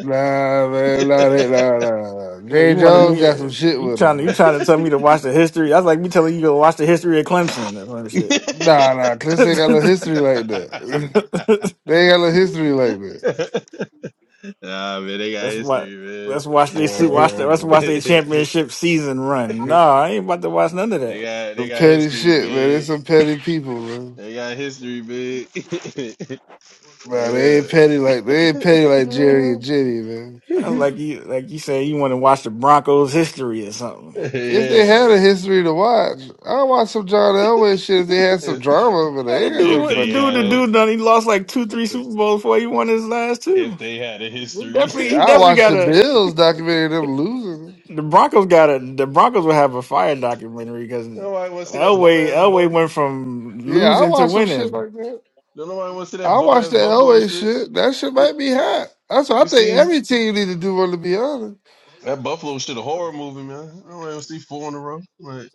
Speaker 6: Nah, man, nah, that, nah, nah, nah.
Speaker 3: Yeah, You
Speaker 6: Jay
Speaker 3: wanted
Speaker 6: Jones
Speaker 3: me,
Speaker 6: got some shit
Speaker 3: you
Speaker 6: with him.
Speaker 3: trying to, you
Speaker 6: man.
Speaker 3: trying to tell me to watch the history? That's like me telling you to watch the history of Clemson or
Speaker 6: Nah, nah, Clips ain't got
Speaker 3: some
Speaker 6: no history like
Speaker 8: [LAUGHS]
Speaker 6: that.
Speaker 3: shit. [LAUGHS]
Speaker 6: [LAUGHS] they ain't got no history like that.
Speaker 5: [LAUGHS] [LAUGHS] Nah, man, they got
Speaker 3: Let's watch.
Speaker 5: history,
Speaker 3: Let's watch they su-
Speaker 5: man.
Speaker 3: watch. The,
Speaker 6: Man,
Speaker 3: let's
Speaker 5: [LAUGHS]
Speaker 3: watch their
Speaker 6: man.
Speaker 5: they
Speaker 3: championship season run. No, I ain't about to watch none of that.
Speaker 5: got they
Speaker 6: Some
Speaker 5: got
Speaker 6: petty
Speaker 5: history,
Speaker 6: shit, man. There's
Speaker 5: big.
Speaker 6: some petty people, man.
Speaker 5: They got history, big. [LAUGHS]
Speaker 6: Nah, they
Speaker 5: yeah.
Speaker 6: ain't petty like they ain't petty like Jerry and Jenny, man.
Speaker 3: That's like you, like you say, you want to watch the Broncos' history or
Speaker 5: [LAUGHS]
Speaker 3: something.
Speaker 6: If they had
Speaker 5: yeah.
Speaker 6: a history to watch, I watch some John Elway shit if they had
Speaker 5: [LAUGHS]
Speaker 6: some drama, but
Speaker 3: Yeah,
Speaker 6: they
Speaker 3: the
Speaker 6: ain't had
Speaker 3: dude,
Speaker 6: no
Speaker 5: If
Speaker 3: what- the
Speaker 5: they
Speaker 6: fucking
Speaker 3: dude, the
Speaker 5: had
Speaker 6: drama.
Speaker 5: it,
Speaker 3: dude done. He lost like two, three Super Bowls before he won his last two.
Speaker 5: if they had a
Speaker 3: He
Speaker 5: history.
Speaker 3: Definitely,
Speaker 6: Yeah,
Speaker 3: he
Speaker 6: I
Speaker 3: definitely
Speaker 6: watched
Speaker 3: got
Speaker 6: the
Speaker 3: a.
Speaker 6: Bills documentary of them losing.
Speaker 3: The Broncos got a. The Broncos will have a fire documentary because
Speaker 5: [LAUGHS] nobody wanna see that bum
Speaker 3: Elway,
Speaker 5: ass
Speaker 3: Elway
Speaker 5: buff.
Speaker 3: went from
Speaker 6: Yeah, I
Speaker 3: losing to
Speaker 6: watched some shit
Speaker 3: winning.
Speaker 6: like that.
Speaker 5: No, nobody wanna see that
Speaker 6: I
Speaker 5: bum
Speaker 6: watched
Speaker 5: ass
Speaker 6: the
Speaker 5: buffalo
Speaker 6: Elway
Speaker 5: shit.
Speaker 6: shit. That shit
Speaker 5: We
Speaker 6: might be hot. That's
Speaker 5: we
Speaker 6: what I think
Speaker 5: see
Speaker 6: every team need to do. Want to be honest?
Speaker 5: that buffalo shit a horror movie, man. Nobody wanna see four in a row. Like,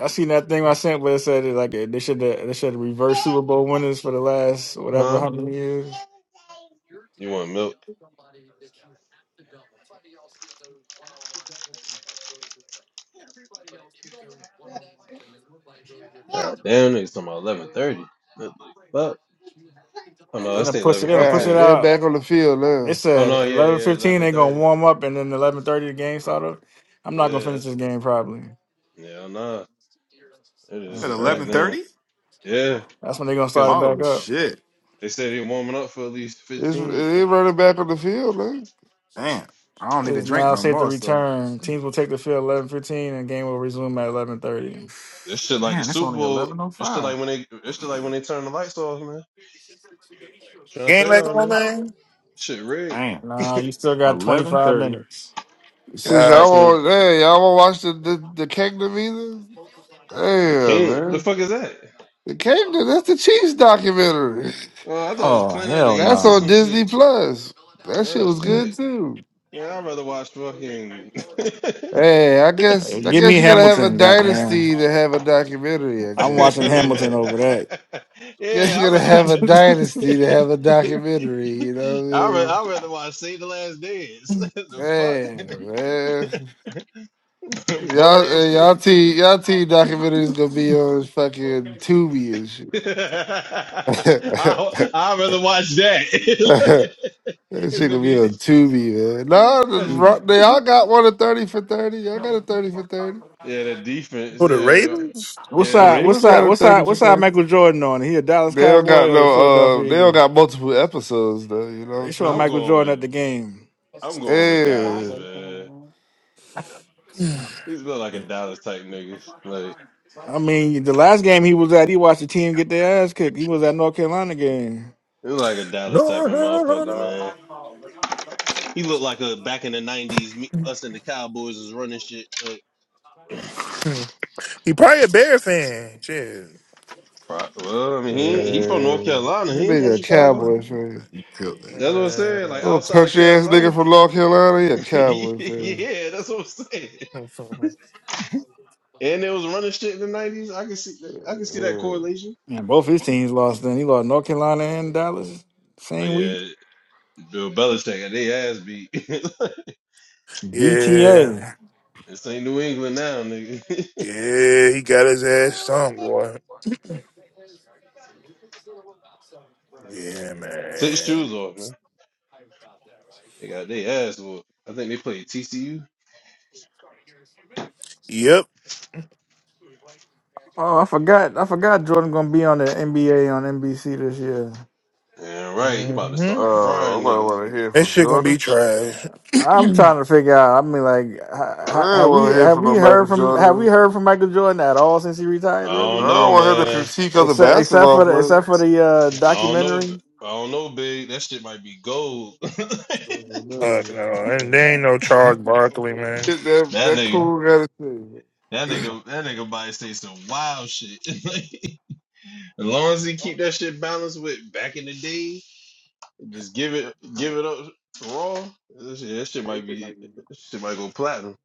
Speaker 3: I seen that thing I sent where it said it like they should they should reverse Super Bowl winners for the last whatever
Speaker 5: huh?
Speaker 3: how many years.
Speaker 5: You want milk? God damn, it's talking about eleven thirty. Fuck. Oh
Speaker 3: Uh, They
Speaker 5: no, that's
Speaker 3: gonna push it.
Speaker 5: eleven
Speaker 3: They gonna push
Speaker 6: Right,
Speaker 3: it
Speaker 5: fifteen.
Speaker 6: they're
Speaker 3: out.
Speaker 6: back on the field
Speaker 3: They
Speaker 6: now.
Speaker 5: Oh no,
Speaker 3: said
Speaker 5: yeah,
Speaker 3: eleven
Speaker 5: yeah,
Speaker 3: fifteen.
Speaker 5: eleven
Speaker 3: They gonna
Speaker 5: thirty.
Speaker 3: warm up and then eleven thirty the game start up. I'm not gonna
Speaker 5: Yeah,
Speaker 3: finish
Speaker 5: that's
Speaker 3: this game probably.
Speaker 5: yeah. Oh no, it
Speaker 8: At
Speaker 5: is
Speaker 8: eleven
Speaker 3: 11:30.
Speaker 5: goddamn.
Speaker 8: thirty?
Speaker 5: Yeah,
Speaker 3: That's when they gonna start
Speaker 5: because
Speaker 3: it back
Speaker 8: Oh
Speaker 3: up.
Speaker 8: shit.
Speaker 5: they said they warming up for at least
Speaker 6: It's
Speaker 5: fifteen.
Speaker 6: they running back on the field now.
Speaker 8: Damn. I don't
Speaker 3: It
Speaker 8: need to
Speaker 3: is
Speaker 8: drink
Speaker 3: now
Speaker 8: no
Speaker 3: safe to
Speaker 8: more, so
Speaker 3: return. Teams will take the field eleven fifteen and game will resume at eleven thirty.
Speaker 5: This shit like the
Speaker 8: damn, it's
Speaker 5: Super
Speaker 8: only
Speaker 5: Bowl.
Speaker 8: eleven oh
Speaker 5: This shit
Speaker 8: five.
Speaker 5: like when they. This shit like when they turn the lights off, man. trying to
Speaker 7: game
Speaker 5: tell
Speaker 7: like
Speaker 5: y'all,
Speaker 7: on
Speaker 5: man.
Speaker 7: man.
Speaker 5: Shit rigged.
Speaker 8: Damn.
Speaker 3: Nah, you
Speaker 5: [LAUGHS]
Speaker 3: still got twenty
Speaker 8: Eleven
Speaker 3: five
Speaker 8: thirty.
Speaker 3: minutes.
Speaker 6: Since
Speaker 7: God,
Speaker 6: y'all
Speaker 5: that's when
Speaker 6: want, hey, y'all want to watch the the, the Kingdom either?
Speaker 5: the
Speaker 6: Damn,
Speaker 5: king. The
Speaker 6: man,
Speaker 5: fuck is that?
Speaker 6: the Kingdom. That's the Chiefs documentary.
Speaker 5: Well, I thought it was
Speaker 3: Oh
Speaker 5: Planet of
Speaker 6: [LAUGHS]
Speaker 5: the
Speaker 3: hell
Speaker 6: That's
Speaker 5: Apes or
Speaker 3: no.
Speaker 6: on
Speaker 5: some
Speaker 6: Disney
Speaker 5: shit.
Speaker 6: Plus. That shit
Speaker 5: Oh
Speaker 6: was good
Speaker 5: shit,
Speaker 6: too.
Speaker 5: man. I'd rather watch fucking.
Speaker 6: Hey, I
Speaker 5: [LAUGHS]
Speaker 6: guess I
Speaker 3: Give me
Speaker 6: guess you gotta have a
Speaker 3: Hamilton, goddamn.
Speaker 6: dynasty to have a documentary. I
Speaker 3: I'm
Speaker 5: [LAUGHS]
Speaker 6: guess I
Speaker 3: watching
Speaker 5: yeah,
Speaker 6: don't
Speaker 3: Hamilton
Speaker 6: know.
Speaker 3: over that.
Speaker 6: Guess you're
Speaker 5: I
Speaker 6: gonna
Speaker 5: rather
Speaker 6: have
Speaker 5: watch.
Speaker 6: a
Speaker 5: [LAUGHS]
Speaker 3: [LAUGHS]
Speaker 6: dynasty to have a documentary. You know what I
Speaker 5: I rather,
Speaker 6: mean?
Speaker 5: I rather watch Save the Last Dance. [LAUGHS] the fuck,
Speaker 6: Man, man,
Speaker 5: [LAUGHS] bum
Speaker 6: y'all,
Speaker 5: ass
Speaker 6: uh, y'all,
Speaker 5: shit.
Speaker 6: team, y'all, team documentary is gonna be on fucking Tubi and shit.
Speaker 5: [LAUGHS]
Speaker 6: [LAUGHS]
Speaker 5: I I rather watch that.
Speaker 6: that
Speaker 5: [LAUGHS] it's
Speaker 6: shit
Speaker 5: gonna
Speaker 6: gonna be
Speaker 5: be
Speaker 6: on Tubi, man. No, the Ro- they
Speaker 5: [LAUGHS]
Speaker 6: all got one at thirty for thirty. Y'all got a thirty for thirty.
Speaker 5: yeah, the defense.
Speaker 7: who the
Speaker 5: Yeah,
Speaker 7: Ravens?
Speaker 3: what
Speaker 5: yeah.
Speaker 6: The
Speaker 3: side?
Speaker 5: The,
Speaker 3: What
Speaker 6: Ravens
Speaker 3: side?
Speaker 6: got a
Speaker 3: What
Speaker 6: thirty
Speaker 3: side? What
Speaker 6: for
Speaker 3: side?
Speaker 6: thirty.
Speaker 3: Michael Jordan on? He a Dallas
Speaker 6: They don't
Speaker 3: Cowboy
Speaker 6: got
Speaker 3: or a
Speaker 6: no. Uh,
Speaker 3: Philadelphia
Speaker 6: they don't
Speaker 3: Eagle?
Speaker 6: got multiple episodes though. You know
Speaker 3: They
Speaker 6: what
Speaker 3: showing
Speaker 6: I'm saying?
Speaker 5: I'm
Speaker 3: Michael
Speaker 5: going
Speaker 3: Jordan
Speaker 5: with
Speaker 3: at the game.
Speaker 5: I'm going with Dallas,
Speaker 6: Yeah.
Speaker 5: man. He's built like a Dallas type nigga, like
Speaker 3: I mean, the last game he was at, he watched the team get their ass kicked. He was at North Carolina game,
Speaker 5: he's like a Dallas
Speaker 7: No,
Speaker 5: type of
Speaker 7: no,
Speaker 5: motherfucker,
Speaker 7: no,
Speaker 5: man. He looked like a back in the '90s. Me,
Speaker 7: no.
Speaker 5: us and the Cowboys was running shit. Like,
Speaker 7: Hmm. He probably a Bear fan. Shit.
Speaker 5: well, I mean, he he from
Speaker 6: Yeah.
Speaker 5: North Carolina. He
Speaker 6: That
Speaker 5: ain't from
Speaker 6: nigga a
Speaker 5: Chicago.
Speaker 6: cowboy fan.
Speaker 5: That's what I'm saying. Like
Speaker 7: [LAUGHS]
Speaker 6: Little
Speaker 5: outside of
Speaker 6: country ass nigga
Speaker 5: Carolina.
Speaker 6: from North Carolina, he a
Speaker 5: [LAUGHS]
Speaker 6: Cowboy fan.
Speaker 5: yeah, that's what I'm saying. And they was running shit in the '90s. I can see that. I can see that
Speaker 6: Mm.
Speaker 5: correlation.
Speaker 3: and both his teams lost. Then he lost North Carolina and Dallas
Speaker 5: Oh
Speaker 3: same week.
Speaker 5: yeah, Bill Belichick got their ass beat. [LAUGHS]
Speaker 7: Yeah,
Speaker 3: BTA.
Speaker 5: this ain't New England now, nigga. [LAUGHS]
Speaker 7: yeah, he got his ass stung, boy. Yeah,
Speaker 5: Take your
Speaker 7: man.
Speaker 5: shoes off, man. They got their ass whooped. I think they played TCU.
Speaker 7: Yep.
Speaker 3: Oh, I forgot. I forgot Jordan gonna be on the NBA on NBC this year.
Speaker 5: Yeah, right. He about to
Speaker 7: hmm
Speaker 5: start
Speaker 6: Uh, I'm
Speaker 5: frying
Speaker 6: gonna
Speaker 5: niggas.
Speaker 6: want to hear
Speaker 7: That
Speaker 6: from
Speaker 7: shit gonna be
Speaker 6: Jordan.
Speaker 7: trash. [CLEARS THROAT] Fuck
Speaker 3: I'm
Speaker 7: no,
Speaker 3: trying to figure out. I mean, like, ha- ha-
Speaker 6: I don't
Speaker 3: have we
Speaker 6: want to hear
Speaker 3: have
Speaker 6: from no
Speaker 3: we
Speaker 6: Michael
Speaker 3: heard from have we
Speaker 6: Jordan.
Speaker 3: heard from Michael Jordan at all since he retired?
Speaker 5: I
Speaker 6: I
Speaker 5: don't
Speaker 3: Really,
Speaker 5: know,
Speaker 6: don't want him to
Speaker 5: man.
Speaker 6: critique other
Speaker 3: except except
Speaker 6: basketball
Speaker 3: for the except for
Speaker 6: players.
Speaker 3: the uh,
Speaker 5: I don't know. b-
Speaker 3: documentary.
Speaker 5: I don't know, big. That shit might be gold. [LAUGHS] that
Speaker 6: Oh, no,
Speaker 7: and
Speaker 6: man.
Speaker 7: there ain't no Charles Barkley, man.
Speaker 6: Get That that
Speaker 5: nigga.
Speaker 6: cool gotta
Speaker 5: That
Speaker 6: say.
Speaker 5: nigga. That nigga body say some wild shit. [LAUGHS] as long as he keep that shit balanced with back in the day, just give it, give it up raw. That shit, that shit might be. That shit might go platinum.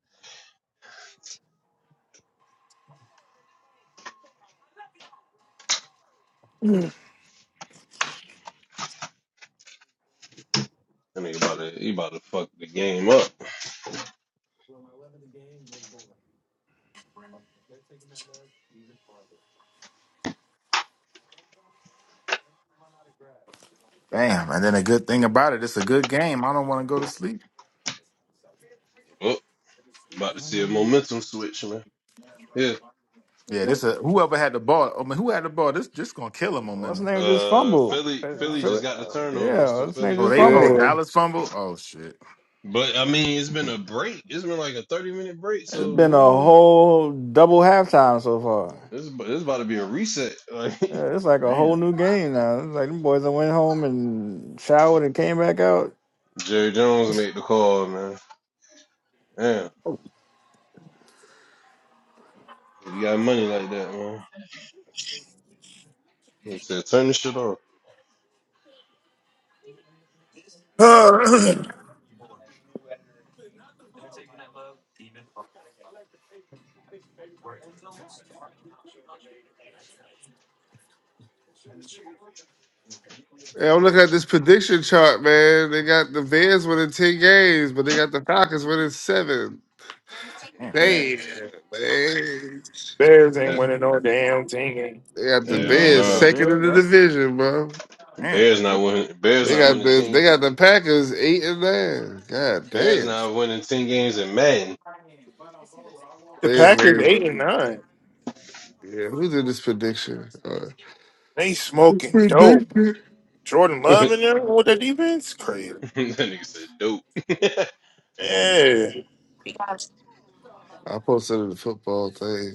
Speaker 7: [LAUGHS]
Speaker 5: That nigga about to. He about to fuck the game up.
Speaker 8: Damn, and then a good thing about it, it's a good game. I don't want to go to sleep.
Speaker 5: Oh, about to see a momentum switch, man. Yeah.
Speaker 8: Yeah, this a whoever had the ball. I mean, who had the ball? This just gonna kill them
Speaker 3: What's his
Speaker 8: momentum.
Speaker 3: name just
Speaker 5: Uh,
Speaker 3: fumbled?
Speaker 5: Philly.
Speaker 3: Uh,
Speaker 5: Philly
Speaker 3: Phil-
Speaker 5: just got the
Speaker 3: uh,
Speaker 5: turnover,
Speaker 3: Yeah,
Speaker 5: so
Speaker 3: what's his
Speaker 5: Philly
Speaker 3: name
Speaker 8: Oh,
Speaker 5: got
Speaker 3: just
Speaker 5: the
Speaker 8: they
Speaker 5: ball.
Speaker 8: oh
Speaker 3: fumbled.
Speaker 6: Yeah.
Speaker 8: Dallas fumble. Oh shit.
Speaker 5: But I mean, it's been a break. It's been like a thirty minute break,
Speaker 3: It's
Speaker 5: so we
Speaker 3: been a
Speaker 5: don't.
Speaker 3: whole double halftime so far.
Speaker 5: This is- this is about to be a reset. [LAUGHS] Like
Speaker 3: Yeah, it's like a whole
Speaker 8: Damn.
Speaker 3: new game now. It's like them boys that went home and showered and came back out.
Speaker 5: Jerry Jones made the call, man. Damn, you got money like that, man. He said, "Turn this shit off."
Speaker 7: [CLEARS THROAT]
Speaker 6: yeah, I'm looking at this prediction chart, man. They got the Bears winning ten games, but they got the Falcons winning seven.
Speaker 8: Damn.
Speaker 5: Damn,
Speaker 6: Damn,
Speaker 5: man.
Speaker 6: man.
Speaker 7: Bears ain't
Speaker 5: That's
Speaker 7: winning no damn thing.
Speaker 6: They got the
Speaker 8: Same
Speaker 5: hell
Speaker 8: game
Speaker 6: Bears
Speaker 8: for the
Speaker 5: no.
Speaker 6: second in
Speaker 8: Bears.
Speaker 6: the
Speaker 8: That's
Speaker 6: division, bro.
Speaker 8: damn,
Speaker 5: Bears not winning. Bears
Speaker 6: They
Speaker 5: not
Speaker 6: got
Speaker 5: winning
Speaker 6: the
Speaker 5: ten.
Speaker 6: they got the Packers eight and nine. God
Speaker 5: Bears
Speaker 6: damn.
Speaker 5: not winning ten games in Madden.
Speaker 7: The
Speaker 6: They is what
Speaker 7: Packers
Speaker 6: it-
Speaker 7: eight and nine.
Speaker 6: yeah, who did this prediction? Uh,
Speaker 7: They
Speaker 6: it's
Speaker 7: smoking dope.
Speaker 6: prediction.
Speaker 7: Jordan
Speaker 5: [LAUGHS]
Speaker 7: Love
Speaker 5: that
Speaker 7: in there with the defense, crazy.
Speaker 5: nigga said, "Dope." [LAUGHS]
Speaker 7: Yeah,
Speaker 6: I posted in the football thing.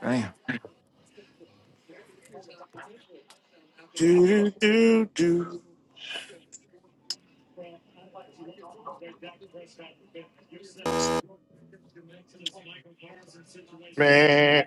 Speaker 8: damn,
Speaker 7: do do do do, man.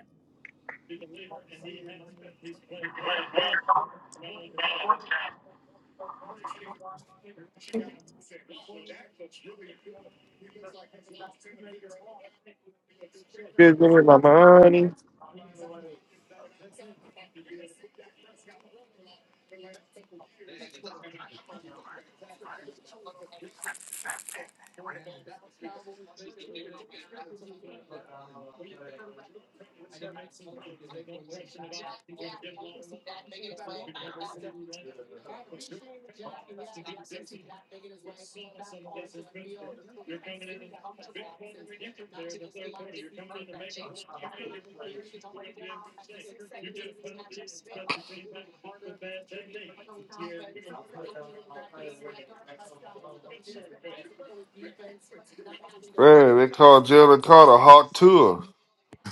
Speaker 6: Man, they called Jalen Carter Hawk Tour.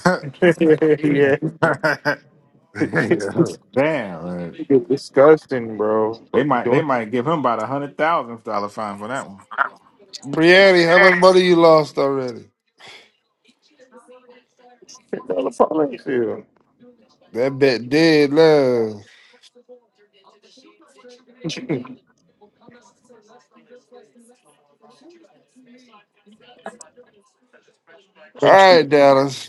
Speaker 8: [LAUGHS]
Speaker 6: [CLEARS THROAT]
Speaker 8: damn. man. They might, they might give him about a hundred thousand dollar fine for that one.
Speaker 6: Brianni, how much money you lost already? That bet dead now. All right, Dallas.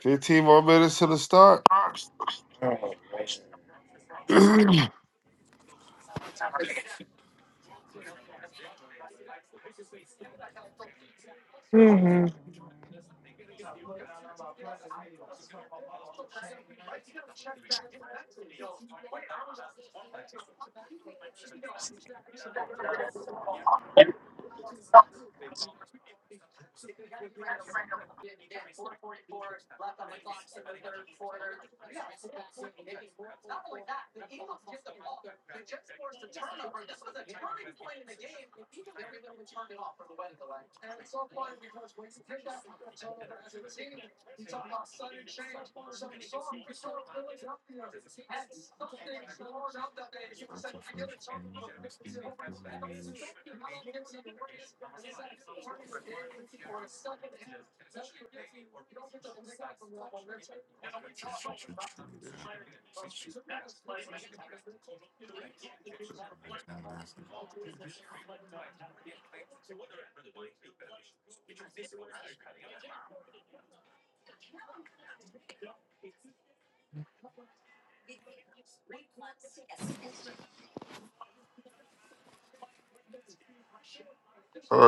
Speaker 6: 15 more minutes to the start. [CLEARS THROAT] oh,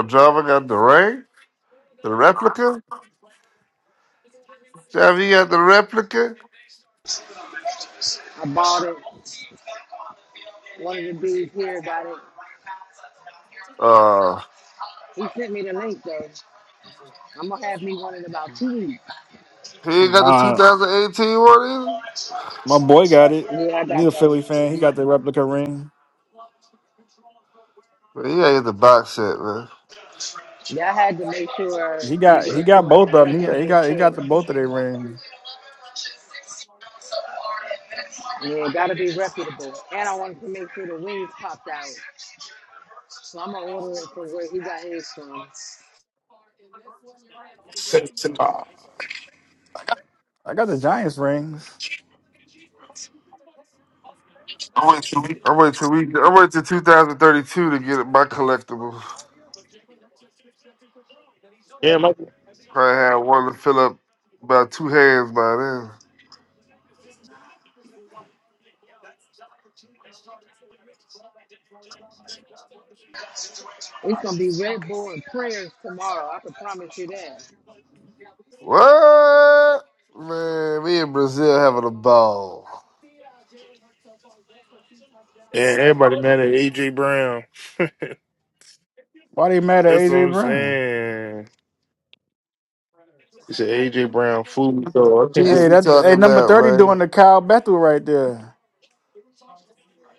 Speaker 6: Java got the ring? The replica? Java, you got the replica?
Speaker 15: I bought it. One of the dudes here got it.
Speaker 6: Uh,
Speaker 15: He sent me the link though. I'm gonna have me one in about two weeks.
Speaker 6: he ain't got the
Speaker 3: Nah,
Speaker 6: 2018 one either.
Speaker 3: my boy got it.
Speaker 15: Yeah, I
Speaker 3: He's
Speaker 15: got
Speaker 3: a
Speaker 15: that
Speaker 3: Philly
Speaker 15: one.
Speaker 3: fan. He got the replica ring.
Speaker 6: Man, he ain't the box set, man.
Speaker 15: Yeah, I had to make sure
Speaker 3: He
Speaker 15: you
Speaker 3: got
Speaker 15: get
Speaker 3: he
Speaker 15: it from
Speaker 3: got
Speaker 15: like
Speaker 3: both
Speaker 15: a
Speaker 3: of them. He, he
Speaker 15: reputable
Speaker 3: got he got
Speaker 15: source.
Speaker 3: the both of their rings.
Speaker 15: Yeah, it gotta be reputable. And I wanted to make sure the wings popped out. So I'm gonna order it from where he got his from. It's
Speaker 3: I got the Giants rings.
Speaker 6: I'm waiting till we. I'm waiting till 2032 to get my collectible. Probably have one to fill up about two hands by then.
Speaker 15: gonna be Red Bull and prayers tomorrow. I can promise you that.
Speaker 6: What? Man, me and Brazil having a ball.
Speaker 7: Yeah, everybody mad at AJ Brown.
Speaker 3: Why they mad at
Speaker 7: That's what
Speaker 3: AJ
Speaker 7: I'm
Speaker 3: Brown?
Speaker 7: saying. It's an AJ Brown fool. So I can't believe
Speaker 6: Chiefs
Speaker 3: Hey,
Speaker 6: be
Speaker 3: that
Speaker 6: talking
Speaker 3: hey number
Speaker 6: about,
Speaker 3: thirty doing
Speaker 6: man.
Speaker 3: the Kyle Bethel right there.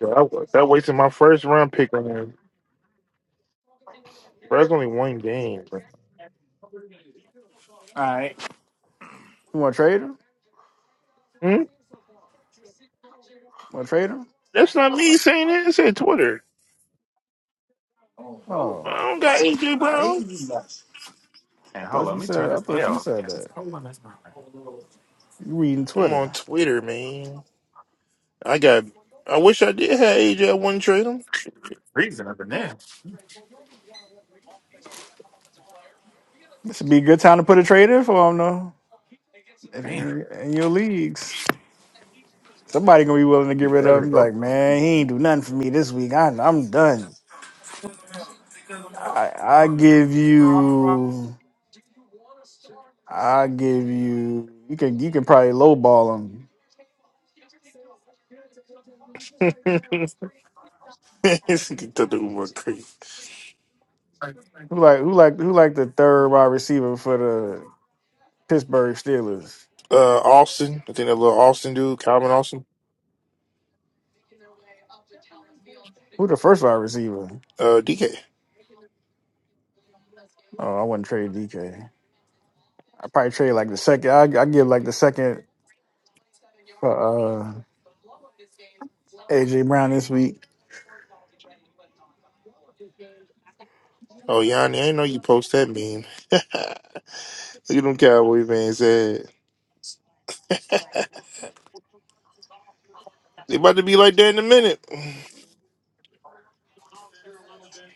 Speaker 7: that, that wasted my first round pick on him. Bro, that's only one game. Bro.
Speaker 8: All right.
Speaker 3: You want to trade him?
Speaker 7: Hmm?
Speaker 3: Want to trade him?
Speaker 7: That's not me saying that. It's at Twitter.
Speaker 8: Oh, those
Speaker 7: I
Speaker 3: Oh,
Speaker 8: balls
Speaker 7: don't
Speaker 8: look
Speaker 7: got
Speaker 8: like I'm
Speaker 7: AJ
Speaker 8: being
Speaker 7: Brown.
Speaker 8: lazy. bro. And
Speaker 3: I
Speaker 8: hold
Speaker 3: thought
Speaker 8: on,
Speaker 3: you
Speaker 8: let me turn
Speaker 3: said I
Speaker 8: this
Speaker 3: thought you
Speaker 8: L. man,
Speaker 3: said
Speaker 8: it's
Speaker 3: that.
Speaker 8: cold in this room.
Speaker 3: You reading
Speaker 7: I'm on
Speaker 3: Twitter?
Speaker 7: Twitter, man. I got. I wish I did have AJ. I wouldn't trade him. [LAUGHS]
Speaker 8: Freezing up in there.
Speaker 3: This would be a good time to put a trade in for him though. If,
Speaker 8: Damn.
Speaker 3: in, in your leagues, somebody gonna be willing to
Speaker 8: It'd Be
Speaker 3: get rid of
Speaker 8: better,
Speaker 3: him.
Speaker 8: bro.
Speaker 3: Like man, he ain't do nothing for me this week. I, I'm done. I I give you. I give you you can you can probably lowball him.
Speaker 7: This nigga thought the Uber crazy.
Speaker 3: Who like who like who like the third wide receiver for the Pittsburgh Steelers?
Speaker 7: Uh, Austin. I think that little Austin dude, Calvin Austin.
Speaker 3: Who the first wide receiver?
Speaker 7: Uh, DK.
Speaker 3: Oh, I wouldn't trade DK. I probably trade like the second. I I give like the second for uh, AJ Brown this week.
Speaker 7: Oh, Yanni, I didn't know you post that meme. [LAUGHS] Look at them Cowboy fans sad. They about to be like that in a minute.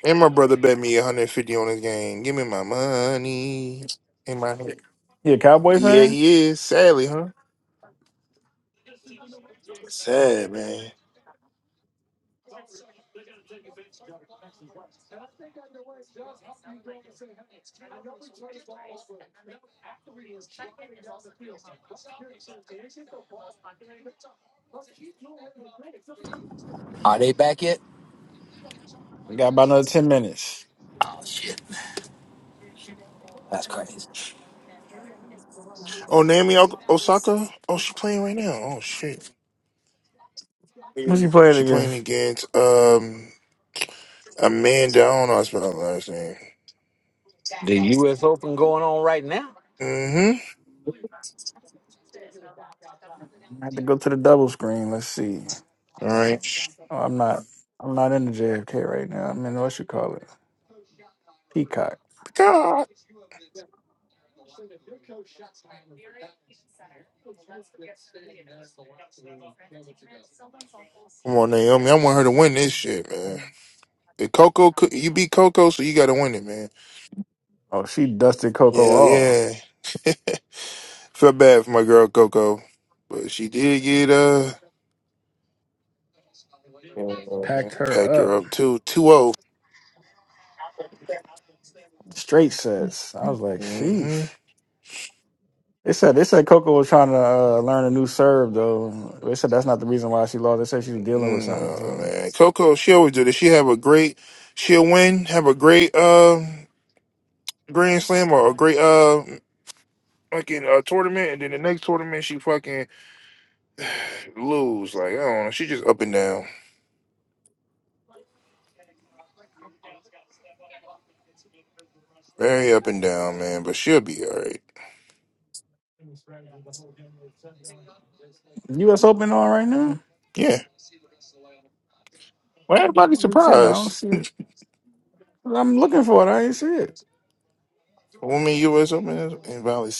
Speaker 7: And my brother bet me 150 on this game. Give me my money. In my head.
Speaker 3: You a Cowboy
Speaker 7: Yeah,
Speaker 3: fan?
Speaker 7: he is. Sadly, huh? Sad, man.
Speaker 3: We got about another ten minutes.
Speaker 4: Shit, that's crazy.
Speaker 7: Oh, Naomi O- Osaka? Oh, she playing right now. Oh, shit. Yeah.
Speaker 3: Who's he playing
Speaker 7: She playing
Speaker 3: against?
Speaker 7: against um Amanda. I don't know how to spell her last name.
Speaker 4: The U.S. Open going on right now.
Speaker 7: Mm-hmm.
Speaker 3: I have to go to the double screen. Let's see.
Speaker 7: All right.
Speaker 3: Oh, I'm not. I'm not in the JFK right now. I'm in what you call it, Peacock.
Speaker 7: God. Come on, Naomi. I want her to win this shit, man. If Coco, could- you beat Coco, so you got to win it, man.
Speaker 3: Oh, she dusted Coco
Speaker 7: Yeah,
Speaker 3: off.
Speaker 7: yeah. [LAUGHS] Felt bad for my girl Coco, but she did get uh yeah,
Speaker 3: packed
Speaker 7: packed
Speaker 3: her up.
Speaker 7: her up too. 2 0
Speaker 3: Straight sets. I was like,
Speaker 7: Mm-hmm.
Speaker 3: sheesh. They said they said Coco was trying to uh, learn a new serve though. They said that's not the reason why she lost. They said she was dealing with something.
Speaker 7: No,
Speaker 3: So
Speaker 7: man. Coco, she always do this. She have a great she'll win, have a great uh grand slam or a great uh fucking uh tournament and then the next tournament she fucking lose. Like, I don't know. She just up and down. Very up and down, man, but she'll be alright.
Speaker 3: U.S. Open on right now.
Speaker 7: Yeah. Well everybody's
Speaker 3: But yeah, I don't
Speaker 7: surprised.
Speaker 3: see it. I'm looking for it. I ain't see it.
Speaker 7: Women US Open and Valley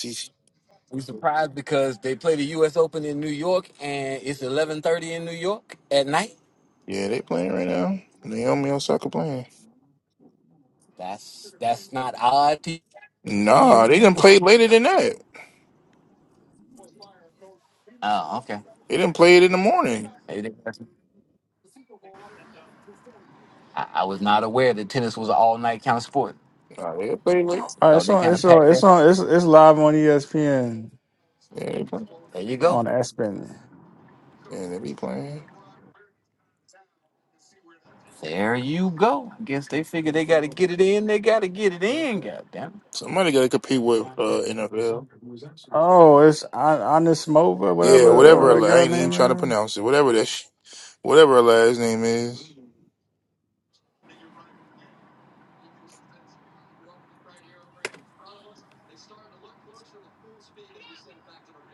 Speaker 4: We surprised because they play the U.S. Open in New York, and it's eleven thirty in New York at night.
Speaker 7: Yeah, they playing right now. Naomi Osaka playing.
Speaker 4: That's that's not odd to
Speaker 7: Nah,
Speaker 4: you.
Speaker 7: they didn't
Speaker 4: [LAUGHS]
Speaker 7: play later than that.
Speaker 4: Oh, okay.
Speaker 7: They didn't play it in the morning.
Speaker 4: Maybe they- got some- I, I was not aware that tennis was an all-night kind of sport.
Speaker 7: Nah, they play
Speaker 3: All
Speaker 7: late.
Speaker 3: right,
Speaker 4: Thought
Speaker 3: it's
Speaker 4: they
Speaker 3: on.
Speaker 4: kind of
Speaker 3: It's
Speaker 4: packed
Speaker 3: on. It's
Speaker 4: that.
Speaker 3: on. It's it's live on ESPN
Speaker 7: Yeah, they play.
Speaker 4: There you go.
Speaker 3: on ESPN.
Speaker 7: Yeah, they be playing.
Speaker 4: There you go. I guess they figure they got to get it in. They got to get it in. Goddamn.
Speaker 7: Somebody got to compete with uh, NFL.
Speaker 3: Oh, it's An- Anismova,
Speaker 7: Yeah,
Speaker 3: whatever
Speaker 7: whatever.
Speaker 3: whatever that
Speaker 7: I
Speaker 3: girl
Speaker 7: ain't even trying to
Speaker 3: name
Speaker 7: pronounce it. Whatever that, sh- whatever her last name is.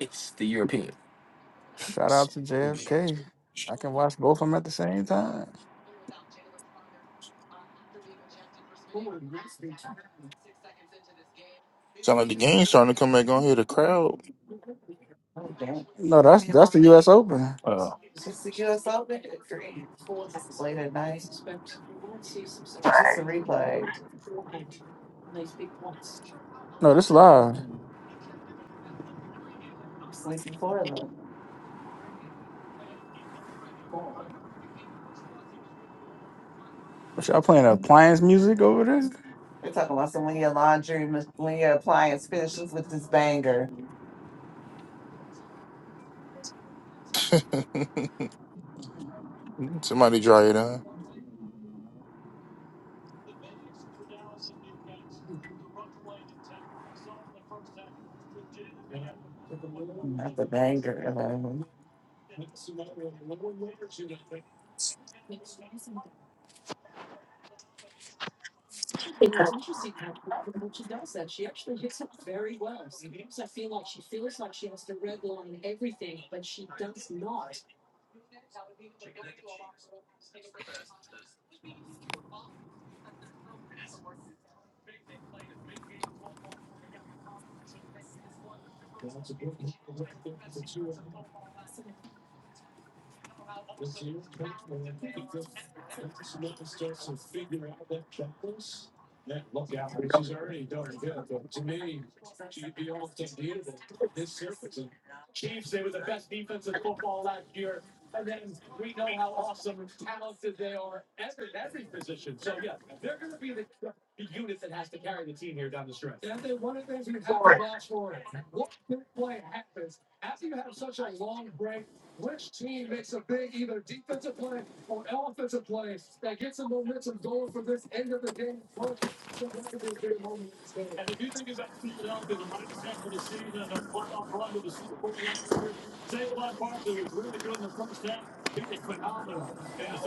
Speaker 4: It's the Europeans.
Speaker 3: is. Shout out to JFK. I can watch both of them at the same time.
Speaker 7: Sound like the game's starting to come back on here. The crowd.
Speaker 3: No, that's that's the U.S. Open. No, this live. What, Y'all playing appliance music over there?
Speaker 7: [LAUGHS] Somebody draw it on.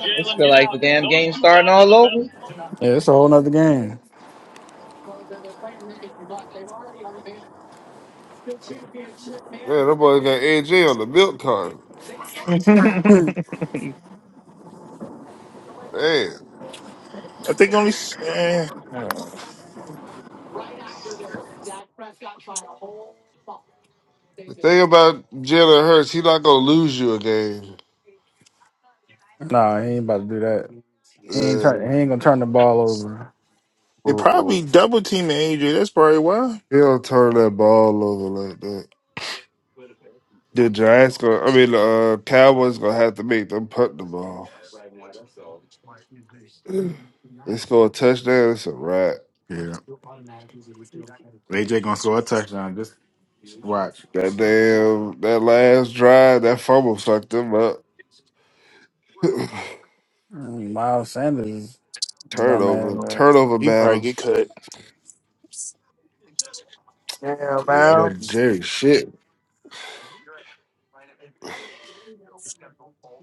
Speaker 11: This feel like the damn game starting all over.
Speaker 3: Yeah, it's a whole nother game.
Speaker 6: Man, that boy got AJ on the milk cart.
Speaker 3: [LAUGHS]
Speaker 6: Man,
Speaker 7: I think only s- eh,
Speaker 6: the thing about Jalen Hurts, he not gonna lose you a game.
Speaker 3: nah, he ain't about to do that. He ain't
Speaker 6: Yeah.
Speaker 3: turn. He ain't gonna turn the ball over.
Speaker 7: they
Speaker 6: Uh-uh.
Speaker 7: probably double teaming AJ. That's probably why.
Speaker 6: He don't turn that ball over like that. The Giants gonna, I mean, the uh, Cowboys gonna have to make them punt the ball. [SIGHS] They score a touchdown, it's a wrap.
Speaker 8: Yeah. Touchdown. Just
Speaker 6: That damn, that last drive, that fumble fucked them up. [LAUGHS]
Speaker 3: Mm, Miles Sanders, bum ass.
Speaker 6: turnover,
Speaker 7: Uh,
Speaker 6: turnover
Speaker 7: he probably
Speaker 6: battle.
Speaker 7: get cut. Damn,
Speaker 6: Yeah, I know
Speaker 7: man.
Speaker 6: Jerry shit.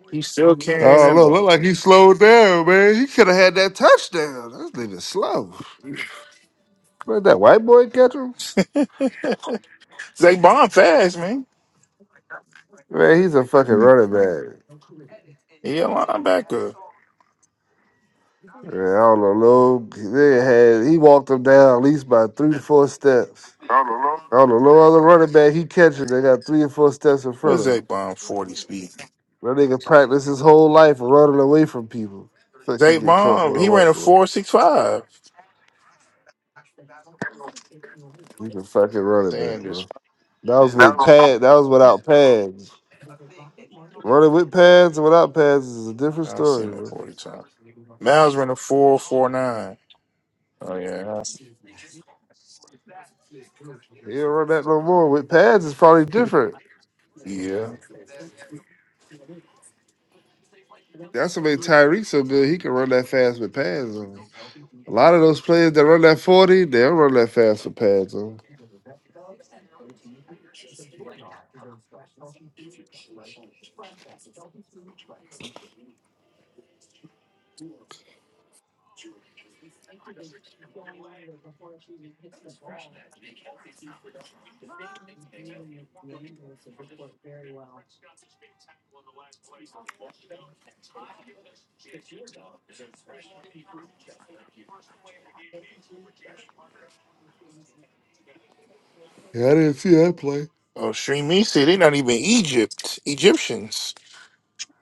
Speaker 7: He's still carrying
Speaker 6: Oh
Speaker 7: that
Speaker 6: no, Look
Speaker 7: ball.
Speaker 6: like he slowed down, man. He could have had that touchdown. That nigga slow. Let that white boy catch him.
Speaker 7: [LAUGHS] Zay bomb fast, man.
Speaker 6: Man, he's a fucking
Speaker 8: mm,
Speaker 6: running back.
Speaker 7: He a linebacker.
Speaker 6: Man, I don't know. Lil, they had he walked him down at least by three to four steps. I don't know no other running back he catching. They got three or four steps in
Speaker 7: What's
Speaker 6: front of
Speaker 7: Zay
Speaker 6: him.
Speaker 7: Bomb forty speed?
Speaker 6: That nigga practiced his whole life of running away from people. Fuck, he
Speaker 7: Zay
Speaker 6: get caught by
Speaker 7: Bomb
Speaker 6: a
Speaker 7: he ran
Speaker 6: white
Speaker 7: a
Speaker 6: boy.
Speaker 7: four six five.
Speaker 6: He's a fucking running back,
Speaker 7: Sanders,
Speaker 6: bro. That was with pad. That was without pads. Running with pads and without pads is a different
Speaker 7: I've seen
Speaker 6: story,
Speaker 7: that
Speaker 6: bro.
Speaker 7: forty times. Miles ran a four four nine. Oh yeah,
Speaker 6: He don't run that no more. With pads, it's probably
Speaker 7: I- [LAUGHS]
Speaker 6: different.
Speaker 7: yeah.
Speaker 6: That's what made Tyreek so good. He can run that fast with pads on. A lot of those players that run that forty, they don't run that fast with pads on. Yeah, I didn't see that play.
Speaker 7: Oh, Shremi said they not even Egypt Egyptians.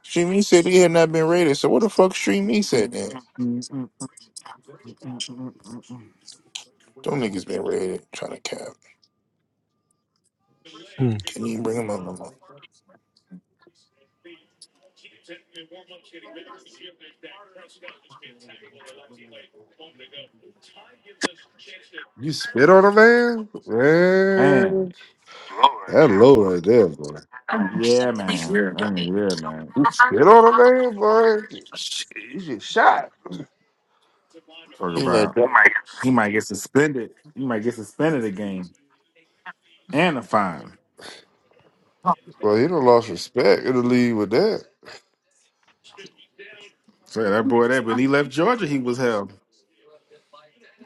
Speaker 7: Shremi said he had not been raided. So what the fuck Shremi said then? Them niggas been raided. Trying to cap.
Speaker 4: Mm.
Speaker 7: Can you bring him up? no more?
Speaker 6: You spit on a man?
Speaker 8: man.
Speaker 6: Man, that low right there, boy.
Speaker 8: Yeah, man. I mean, yeah, man.
Speaker 6: You spit on a man, boy? Shit, you get shot.
Speaker 8: Talk
Speaker 7: He let
Speaker 8: about
Speaker 7: that
Speaker 8: he might get suspended. He might get suspended a game and a fine.
Speaker 6: Well, he done lost respect in the league with that.
Speaker 8: So yeah, that boy, that when he left Georgia, he was hell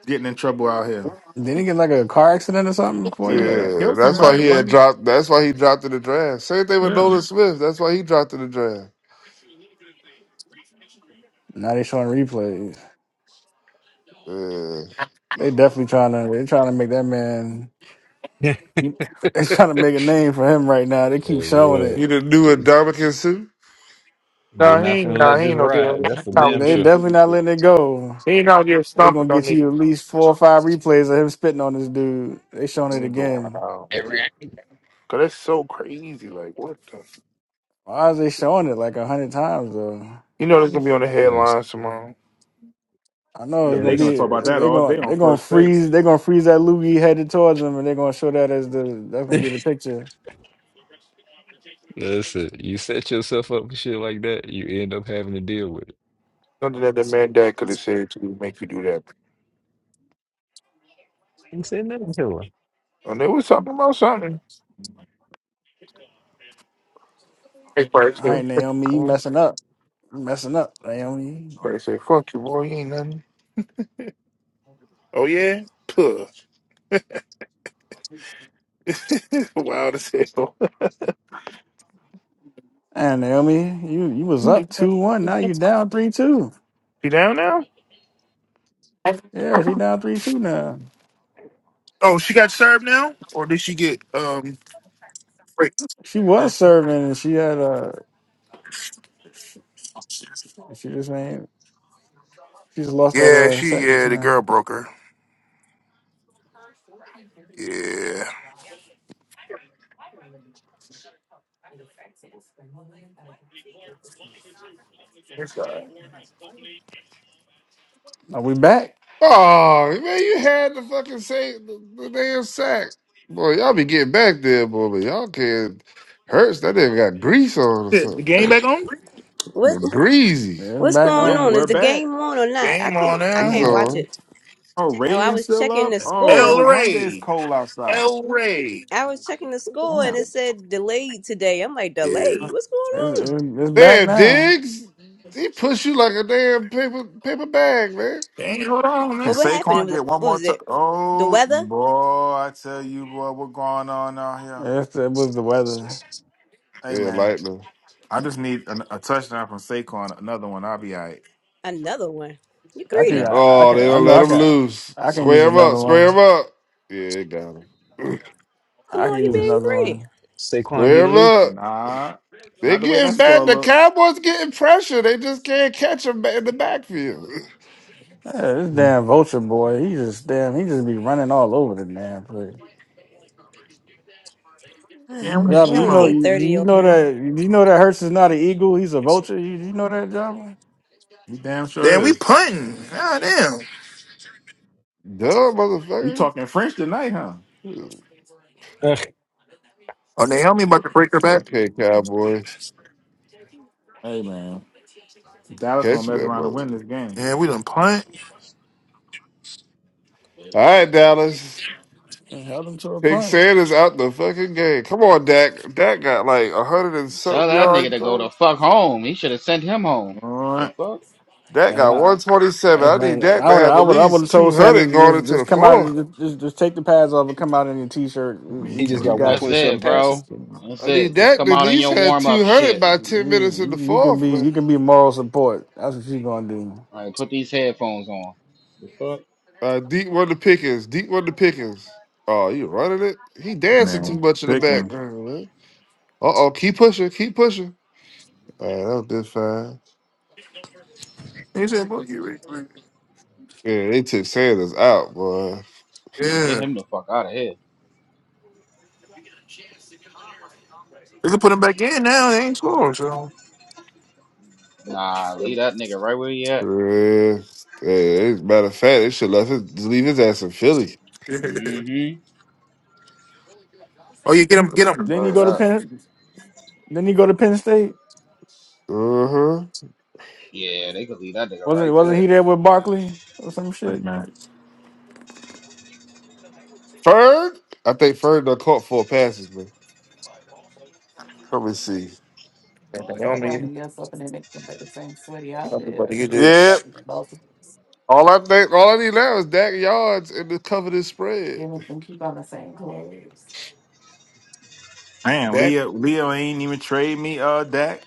Speaker 8: getting in trouble out here.
Speaker 3: Didn't he get like a car accident or something before he
Speaker 8: Yeah, he
Speaker 3: got
Speaker 6: Yeah,
Speaker 8: killed
Speaker 6: that's why
Speaker 8: somebody,
Speaker 6: he
Speaker 3: grabbed?
Speaker 6: had
Speaker 8: wasn't he?
Speaker 6: dropped. That's why he dropped in the draft. Same thing with
Speaker 8: Yeah,
Speaker 6: Nolan Smith. That's why he dropped in the draft.
Speaker 3: Now they showing replays.
Speaker 6: Yeah.
Speaker 3: They definitely trying to. They trying to make that man. [LAUGHS]
Speaker 4: Yeah.
Speaker 8: He-
Speaker 3: They trying to make a name for him right now. They keep
Speaker 4: Hey,
Speaker 3: showing
Speaker 4: look,
Speaker 3: it.
Speaker 6: He the new Indomitian Sue.
Speaker 4: they're not finna let this ride. That's for damn
Speaker 3: They
Speaker 4: sure.
Speaker 3: definitely not letting it go. They gonna get you at least four or five replays of him spitting on this dude. They showing it
Speaker 7: nigga go
Speaker 3: again.
Speaker 7: out.
Speaker 4: Every
Speaker 7: Cause that's so crazy. Like what the?
Speaker 3: Why is they showing it like a hundred times though?
Speaker 7: You know they're gonna be on the
Speaker 4: Cause,
Speaker 7: headlines tomorrow.
Speaker 3: I know it's
Speaker 8: yeah.
Speaker 3: gonna
Speaker 8: They gonna
Speaker 4: 'cause
Speaker 3: be
Speaker 8: talk about that
Speaker 3: they
Speaker 8: all day
Speaker 3: gonna they
Speaker 8: on
Speaker 3: gonna
Speaker 8: first take.
Speaker 3: freeze they gonna freeze that loogie headed towards him and they're gonna show that as the that's gonna be the
Speaker 4: it's,
Speaker 3: picture.
Speaker 4: [LAUGHS] listen, you set yourself up for shit like that, you end up having to deal with it.
Speaker 7: Something that the man dad could have said to make you do that.
Speaker 4: Ain't said nothing to her.
Speaker 7: And they was talking about something.
Speaker 3: All right, Naomi, you messing up. You messing up, Naomi.
Speaker 7: But they said, fuck you, boy, you ain't nothing. Oh, yeah? Puh. [LAUGHS] Wild as hell. [LAUGHS]
Speaker 3: And Naomi, you you was up two one. Now you down three two.
Speaker 7: She down now?
Speaker 3: Yeah, she down three two now.
Speaker 7: Oh, she got served now? Or did she get, um, break?
Speaker 3: She was serving and she had uh she just ain't. She just lost that
Speaker 7: Yeah,
Speaker 3: uh
Speaker 7: she,
Speaker 3: set just
Speaker 7: yeah, the girl
Speaker 3: now.
Speaker 7: broke her. Yeah.
Speaker 3: Are we back?
Speaker 6: Oh man, you had the fucking say the, the damn sack, boy. Y'all be getting back there, boy, but y'all can't. Hurts that nigga got grease on or
Speaker 7: Shit, The
Speaker 6: something.
Speaker 7: game back on?
Speaker 12: What
Speaker 6: breezy.
Speaker 3: Yeah, It's
Speaker 12: What's
Speaker 3: back
Speaker 12: going
Speaker 8: Yeah,
Speaker 12: on?
Speaker 3: on.
Speaker 12: Is
Speaker 8: we're
Speaker 12: the
Speaker 8: back.
Speaker 12: game on or not? I
Speaker 7: Game on
Speaker 12: can't. I
Speaker 6: It's
Speaker 7: now.
Speaker 12: can't
Speaker 3: It's,
Speaker 12: watch
Speaker 6: all
Speaker 12: it.
Speaker 8: Oh,
Speaker 12: Oh, I
Speaker 8: Radiant
Speaker 12: was
Speaker 8: still
Speaker 12: checking
Speaker 8: up.
Speaker 12: the
Speaker 8: Oh,
Speaker 7: L
Speaker 8: no
Speaker 12: score.
Speaker 8: wonder it's
Speaker 7: Ray.
Speaker 8: cold outside.
Speaker 7: L Ray.
Speaker 12: I was checking the score, and it
Speaker 8: Damn.
Speaker 12: said delayed today. I'm like,
Speaker 7: Yeah.
Speaker 12: delayed? What's
Speaker 3: it's,
Speaker 12: going on?
Speaker 3: it's it's back
Speaker 6: damn
Speaker 3: now.
Speaker 6: digs. They push you like a damn paper paper bag, man.
Speaker 7: Damn, hold on.
Speaker 8: Can
Speaker 12: Well, what happened? It
Speaker 8: Saquon
Speaker 12: was
Speaker 8: get one
Speaker 12: what
Speaker 8: more
Speaker 12: was
Speaker 8: time?
Speaker 12: it? The
Speaker 8: Oh,
Speaker 12: weather?
Speaker 8: boy, I tell you, boy, what's going on out here?
Speaker 3: It's, it was the weather.
Speaker 8: Hey,
Speaker 6: Yeah,
Speaker 8: man,
Speaker 6: lightning.
Speaker 8: I just need a, a touchdown from Saquon, another one. I'll be all right.
Speaker 12: Another one. You
Speaker 3: I can
Speaker 8: Yeah.
Speaker 12: greedy?
Speaker 3: I, I
Speaker 6: Oh,
Speaker 3: can
Speaker 6: they
Speaker 3: I
Speaker 6: don't
Speaker 3: know
Speaker 6: let
Speaker 3: I
Speaker 6: him
Speaker 3: can
Speaker 6: loose.
Speaker 3: I can use
Speaker 6: Square him up,
Speaker 3: another
Speaker 6: Square him
Speaker 3: one.
Speaker 6: up. Yeah, they got him.
Speaker 12: Come
Speaker 3: I
Speaker 12: on,
Speaker 3: can
Speaker 12: you
Speaker 3: use
Speaker 4: Who's
Speaker 12: being
Speaker 3: another
Speaker 12: greedy.
Speaker 3: one.
Speaker 6: [CLEARS THROAT]
Speaker 4: Saquon
Speaker 6: Square him
Speaker 4: getting loose?
Speaker 6: up.
Speaker 8: Nah,
Speaker 6: They
Speaker 8: not the way that
Speaker 6: getting back.
Speaker 8: score
Speaker 6: The
Speaker 8: look.
Speaker 6: Cowboys getting pressure. They just can't catch him in the backfield. [LAUGHS]
Speaker 3: Yeah, this
Speaker 4: Mm.
Speaker 3: damn vulture boy, he just damn he just be running all over the damn place.
Speaker 12: [SIGHS]
Speaker 7: Damn, with
Speaker 3: Yeah,
Speaker 7: the
Speaker 12: it's
Speaker 3: but you
Speaker 7: game
Speaker 12: only
Speaker 3: know do
Speaker 12: eight
Speaker 7: on.
Speaker 12: thirty
Speaker 3: you
Speaker 12: over
Speaker 3: know
Speaker 12: here.
Speaker 3: that do you know that Hurts is not an eagle, he's a vulture. You, you know that, Java?
Speaker 8: He damn sure
Speaker 7: Damn,
Speaker 8: is.
Speaker 7: we punting. God damn.
Speaker 6: [CLEARS THROAT] Dumb
Speaker 8: You
Speaker 6: motherfucker.
Speaker 8: talking French tonight, huh?
Speaker 4: Ugh,
Speaker 7: Oh, Naomi about to break her back.
Speaker 6: Okay, Cowboys,
Speaker 8: Hey man, Dallas gonna
Speaker 6: catch
Speaker 8: mess
Speaker 6: that
Speaker 8: around and win this
Speaker 6: motherfucker.
Speaker 8: game.
Speaker 7: Yeah, we done punt.
Speaker 6: All right, Dallas.
Speaker 3: He held him to a
Speaker 6: Take
Speaker 3: punch.
Speaker 6: Sanders out the fucking game. Come on, Dak. Dak got like a hundred and
Speaker 11: Tell
Speaker 6: something
Speaker 11: that nigga
Speaker 6: yards.
Speaker 11: to go the
Speaker 6: Bro.
Speaker 11: fuck home. He should have sent him home.
Speaker 8: All
Speaker 11: The
Speaker 8: right,
Speaker 11: fuck?
Speaker 6: Dak got one twenty seven.
Speaker 3: And,
Speaker 6: I need
Speaker 3: like,
Speaker 6: Dak
Speaker 3: I
Speaker 6: to
Speaker 3: would,
Speaker 6: have
Speaker 3: I
Speaker 6: at
Speaker 3: would, I would
Speaker 6: least
Speaker 3: have
Speaker 6: two
Speaker 3: told Sanders
Speaker 6: hundred going
Speaker 3: just,
Speaker 6: into the
Speaker 3: just come out and
Speaker 6: fourth.
Speaker 3: just, just, just take the pads off and come out in your t-shirt. We, we,
Speaker 4: he just
Speaker 3: we
Speaker 4: got
Speaker 3: got
Speaker 11: That's
Speaker 3: you.
Speaker 4: 127
Speaker 11: it,
Speaker 4: passing.
Speaker 11: bro. That's
Speaker 6: I need
Speaker 11: it. Just
Speaker 6: Dak
Speaker 11: come
Speaker 6: to at
Speaker 11: out in
Speaker 6: least
Speaker 11: your
Speaker 6: have
Speaker 11: warm up
Speaker 6: two hundred
Speaker 11: shit.
Speaker 6: by ten minutes in the
Speaker 3: You, you can
Speaker 6: fourth,
Speaker 3: be, you
Speaker 6: man.
Speaker 3: can be moral support. That's what she's gonna do.
Speaker 11: All right, put these headphones on. The fuck?
Speaker 6: Uh, deep one to Pickens. Deep one to Pickens. Oh, you running it? He dancing too much in the
Speaker 8: picking.
Speaker 6: background, man. Uh oh, keep pushing, keep pushing. All right, that was this fine.
Speaker 7: He said, "Fuck you, Rick."
Speaker 6: Yeah, they took Sanders out, boy.
Speaker 11: Yeah, get
Speaker 7: Yeah,
Speaker 11: him the fuck out of here.
Speaker 7: they can put him back in now. They ain't score, so.
Speaker 11: Nah, leave that nigga right where he at.
Speaker 6: Yeah. Hey, as a matter of fact, they should left his, just leave his ass in Philly.
Speaker 7: [LAUGHS] oh,
Speaker 11: Mm-hmm.
Speaker 7: you get him, get him,
Speaker 3: Then you
Speaker 11: Word
Speaker 3: go to
Speaker 11: up.
Speaker 3: Penn. Then you go to Penn State.
Speaker 6: Uh huh.
Speaker 11: Yeah, they could leave that nigga
Speaker 3: Wasn't,
Speaker 11: right
Speaker 3: wasn't
Speaker 11: there.
Speaker 3: he there with Barkley or some
Speaker 8: Hey
Speaker 3: shit?
Speaker 8: man,
Speaker 6: Ferg, I think Ferg done caught four passes, man. Let me see.
Speaker 7: buddy. You
Speaker 6: Yeah.
Speaker 7: this.
Speaker 6: All I think, all I need now is Dak yards and to cover this spread.
Speaker 8: man,
Speaker 6: Dak.
Speaker 8: Leo, Leo ain't even trade me. Uh, Dak.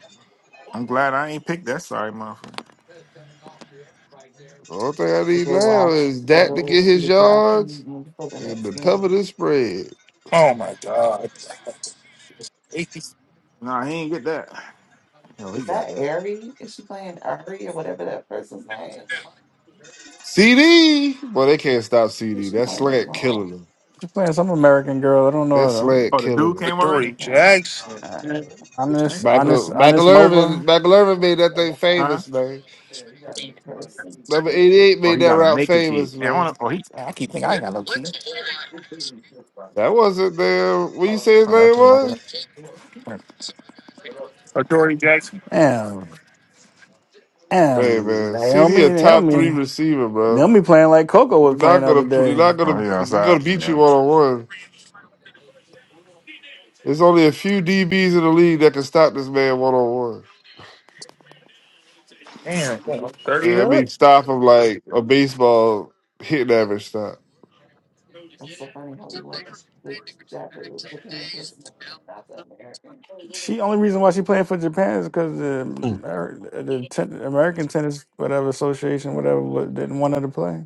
Speaker 8: I'm glad I ain't picked that. Sorry, motherfucker.
Speaker 6: All thing I need now is Dak to get his yards and to cover this spread.
Speaker 7: Oh my God,
Speaker 8: Nah, he ain't get that. Hell, he got that.
Speaker 6: CD, boy, they can't stop CD. That slant killing them.
Speaker 3: She's playing some American girl. I don't
Speaker 6: That
Speaker 3: know.
Speaker 6: slant
Speaker 8: Oh, the
Speaker 6: killing
Speaker 8: dude
Speaker 6: them.
Speaker 8: came
Speaker 7: Adoree
Speaker 8: already.
Speaker 7: Jackson.
Speaker 3: Honest,
Speaker 8: Dang.
Speaker 3: honest,
Speaker 6: Michael,
Speaker 3: honest,
Speaker 6: Michael Irvin,
Speaker 3: Moba.
Speaker 6: Michael Irvin made that thing
Speaker 8: Huh?
Speaker 6: famous, man. Number 88
Speaker 8: Oh,
Speaker 6: made
Speaker 8: he
Speaker 6: that
Speaker 8: got to
Speaker 6: route
Speaker 8: make it key.
Speaker 6: famous,
Speaker 8: And I
Speaker 6: man.
Speaker 8: wanna, oh, he. I keep thinking I ain't got no key.
Speaker 6: That wasn't damn. What you
Speaker 8: Oh,
Speaker 6: say his
Speaker 8: that's
Speaker 6: name
Speaker 8: another.
Speaker 6: was?
Speaker 3: Damn,
Speaker 6: Hey
Speaker 3: damn,
Speaker 6: man, CD
Speaker 3: Naomi,
Speaker 6: a top three
Speaker 3: Naomi,
Speaker 6: receiver, bro.
Speaker 3: Naomi playing like Coco was
Speaker 6: You're not
Speaker 3: playing the other
Speaker 6: gonna, pl- you're
Speaker 3: day.
Speaker 6: not
Speaker 8: Oh,
Speaker 6: gonna,
Speaker 8: he
Speaker 6: you're
Speaker 8: outside.
Speaker 6: gonna beat you
Speaker 8: Yeah.
Speaker 6: one on one. There's only a few DBs in the league that can stop this man one on one.
Speaker 7: Damn,
Speaker 6: Yeah, I mean, stop him like a baseball hitting average stop.
Speaker 3: She only reason why she playing for Japan is because the
Speaker 4: Mm.
Speaker 3: Amer- the ten, American Tennis whatever association whatever wa- didn't want her to play.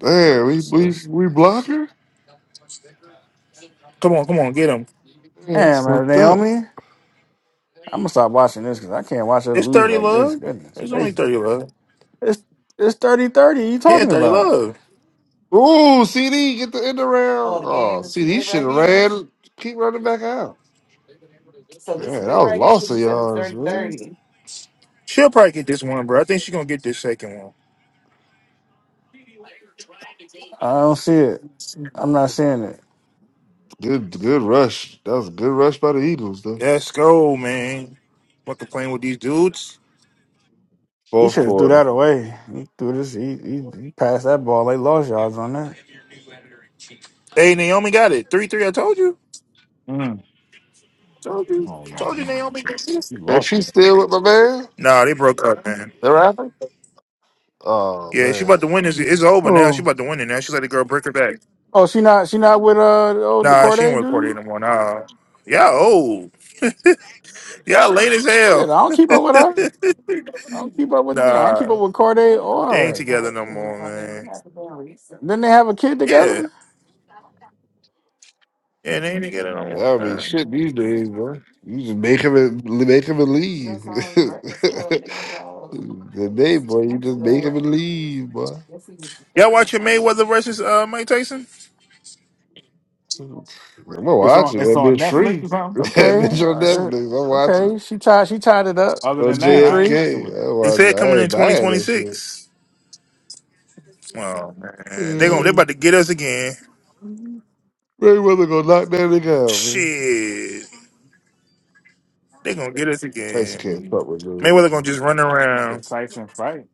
Speaker 6: Damn, we
Speaker 3: So
Speaker 6: we
Speaker 3: she,
Speaker 6: we blocker.
Speaker 7: come on, come on, get him.
Speaker 6: Yeah, it's
Speaker 3: damn man,
Speaker 6: fucked up.
Speaker 3: Naomi, I'm gonna stop watching this because I can't watch her
Speaker 7: It's
Speaker 3: lose
Speaker 7: thirty
Speaker 3: like this.
Speaker 7: love.
Speaker 3: Goodness
Speaker 7: It's only
Speaker 3: gracious,
Speaker 7: thirty love.
Speaker 3: it's it's thirty thirty. You
Speaker 7: Yeah,
Speaker 3: talking
Speaker 7: thirty
Speaker 3: about?
Speaker 7: love.
Speaker 6: Ooh, CD get the end around. Oh, CD should have ran. Keep running back out. Yeah, that was lost of yards, man.
Speaker 7: She'll probably get this one, bro. I think she's gonna get this second one.
Speaker 3: I don't see it. I'm not seeing it.
Speaker 6: Good, good rush. That was a good rush by the Eagles, though.
Speaker 7: Let's go, man. Fucking playing with these dudes.
Speaker 3: He
Speaker 6: Fourth
Speaker 3: should have threw
Speaker 6: quarter,
Speaker 3: that away. He threw this. He, he he passed that ball. They lost yards on that.
Speaker 7: Hey, Naomi got it. Three three. I told you.
Speaker 8: Mm-hmm.
Speaker 7: Told you.
Speaker 8: Oh no,
Speaker 7: Told
Speaker 8: I
Speaker 7: you Naomi
Speaker 8: ain't-
Speaker 7: got this.
Speaker 8: you
Speaker 6: and
Speaker 8: lost
Speaker 6: she's
Speaker 8: it.
Speaker 6: still with my man.
Speaker 7: Nah, they broke up, man.
Speaker 6: The rapper. Oh
Speaker 7: Yeah, she about
Speaker 6: man,
Speaker 7: to win this. It's over now. She
Speaker 3: Oh
Speaker 7: about to win it now. She let the girl break her back.
Speaker 3: oh, she not she not with uh the old the
Speaker 7: Nah, she ain't
Speaker 3: Corday
Speaker 7: work for it
Speaker 3: dude.
Speaker 7: no Nah. Y'all old. Y'all late as
Speaker 3: Shit,
Speaker 7: hell.
Speaker 3: I don't keep up with her.
Speaker 7: [LAUGHS]
Speaker 3: I don't keep up with no, I don't
Speaker 7: Nah.
Speaker 3: keep up with Corday
Speaker 7: They
Speaker 3: or
Speaker 7: ain't together no more, man.
Speaker 3: Didn't they have a kid
Speaker 7: Yeah.
Speaker 3: together?
Speaker 7: Yeah, they ain't together no
Speaker 6: that
Speaker 7: more,
Speaker 6: would be
Speaker 7: man.
Speaker 6: shit these days, man. You just make him, and make him and leave. [LAUGHS] the day, boy, you just make him and leave, boy.
Speaker 7: Y'all watching Mayweather versus uh Mike Tyson?
Speaker 6: I'm gonna
Speaker 8: It's on.
Speaker 6: watch it.
Speaker 8: It's
Speaker 6: That
Speaker 8: on
Speaker 6: bitch
Speaker 8: Netflix
Speaker 6: free.
Speaker 8: or
Speaker 6: [LAUGHS]
Speaker 8: something.
Speaker 6: that
Speaker 3: Okay,
Speaker 6: bitch on
Speaker 7: It's,
Speaker 3: uh,
Speaker 6: Netflix. I'm watching
Speaker 3: okay.
Speaker 6: it.
Speaker 3: She tied. She tied it up.
Speaker 8: Other
Speaker 6: On
Speaker 3: It's
Speaker 8: than
Speaker 3: three
Speaker 8: that, I ain't
Speaker 3: three.
Speaker 8: messing
Speaker 6: JFK,
Speaker 8: with it.
Speaker 6: I
Speaker 7: they
Speaker 6: watch. it.
Speaker 7: said
Speaker 6: I
Speaker 7: coming in
Speaker 6: ain't
Speaker 7: twenty
Speaker 6: buying
Speaker 7: twenty
Speaker 6: that
Speaker 7: six. Oh man. They gonna
Speaker 8: Mm.
Speaker 7: they
Speaker 6: shit.
Speaker 7: about to get us again.
Speaker 6: Ray Weather gonna knock that nigga out, man.
Speaker 7: Shit. They gonna get us
Speaker 6: Tyson can't
Speaker 7: again.
Speaker 6: fuck with
Speaker 8: dude.
Speaker 7: Mayweather gonna
Speaker 6: Mayweather.
Speaker 7: just run
Speaker 8: If
Speaker 7: around.
Speaker 8: Tyson fight,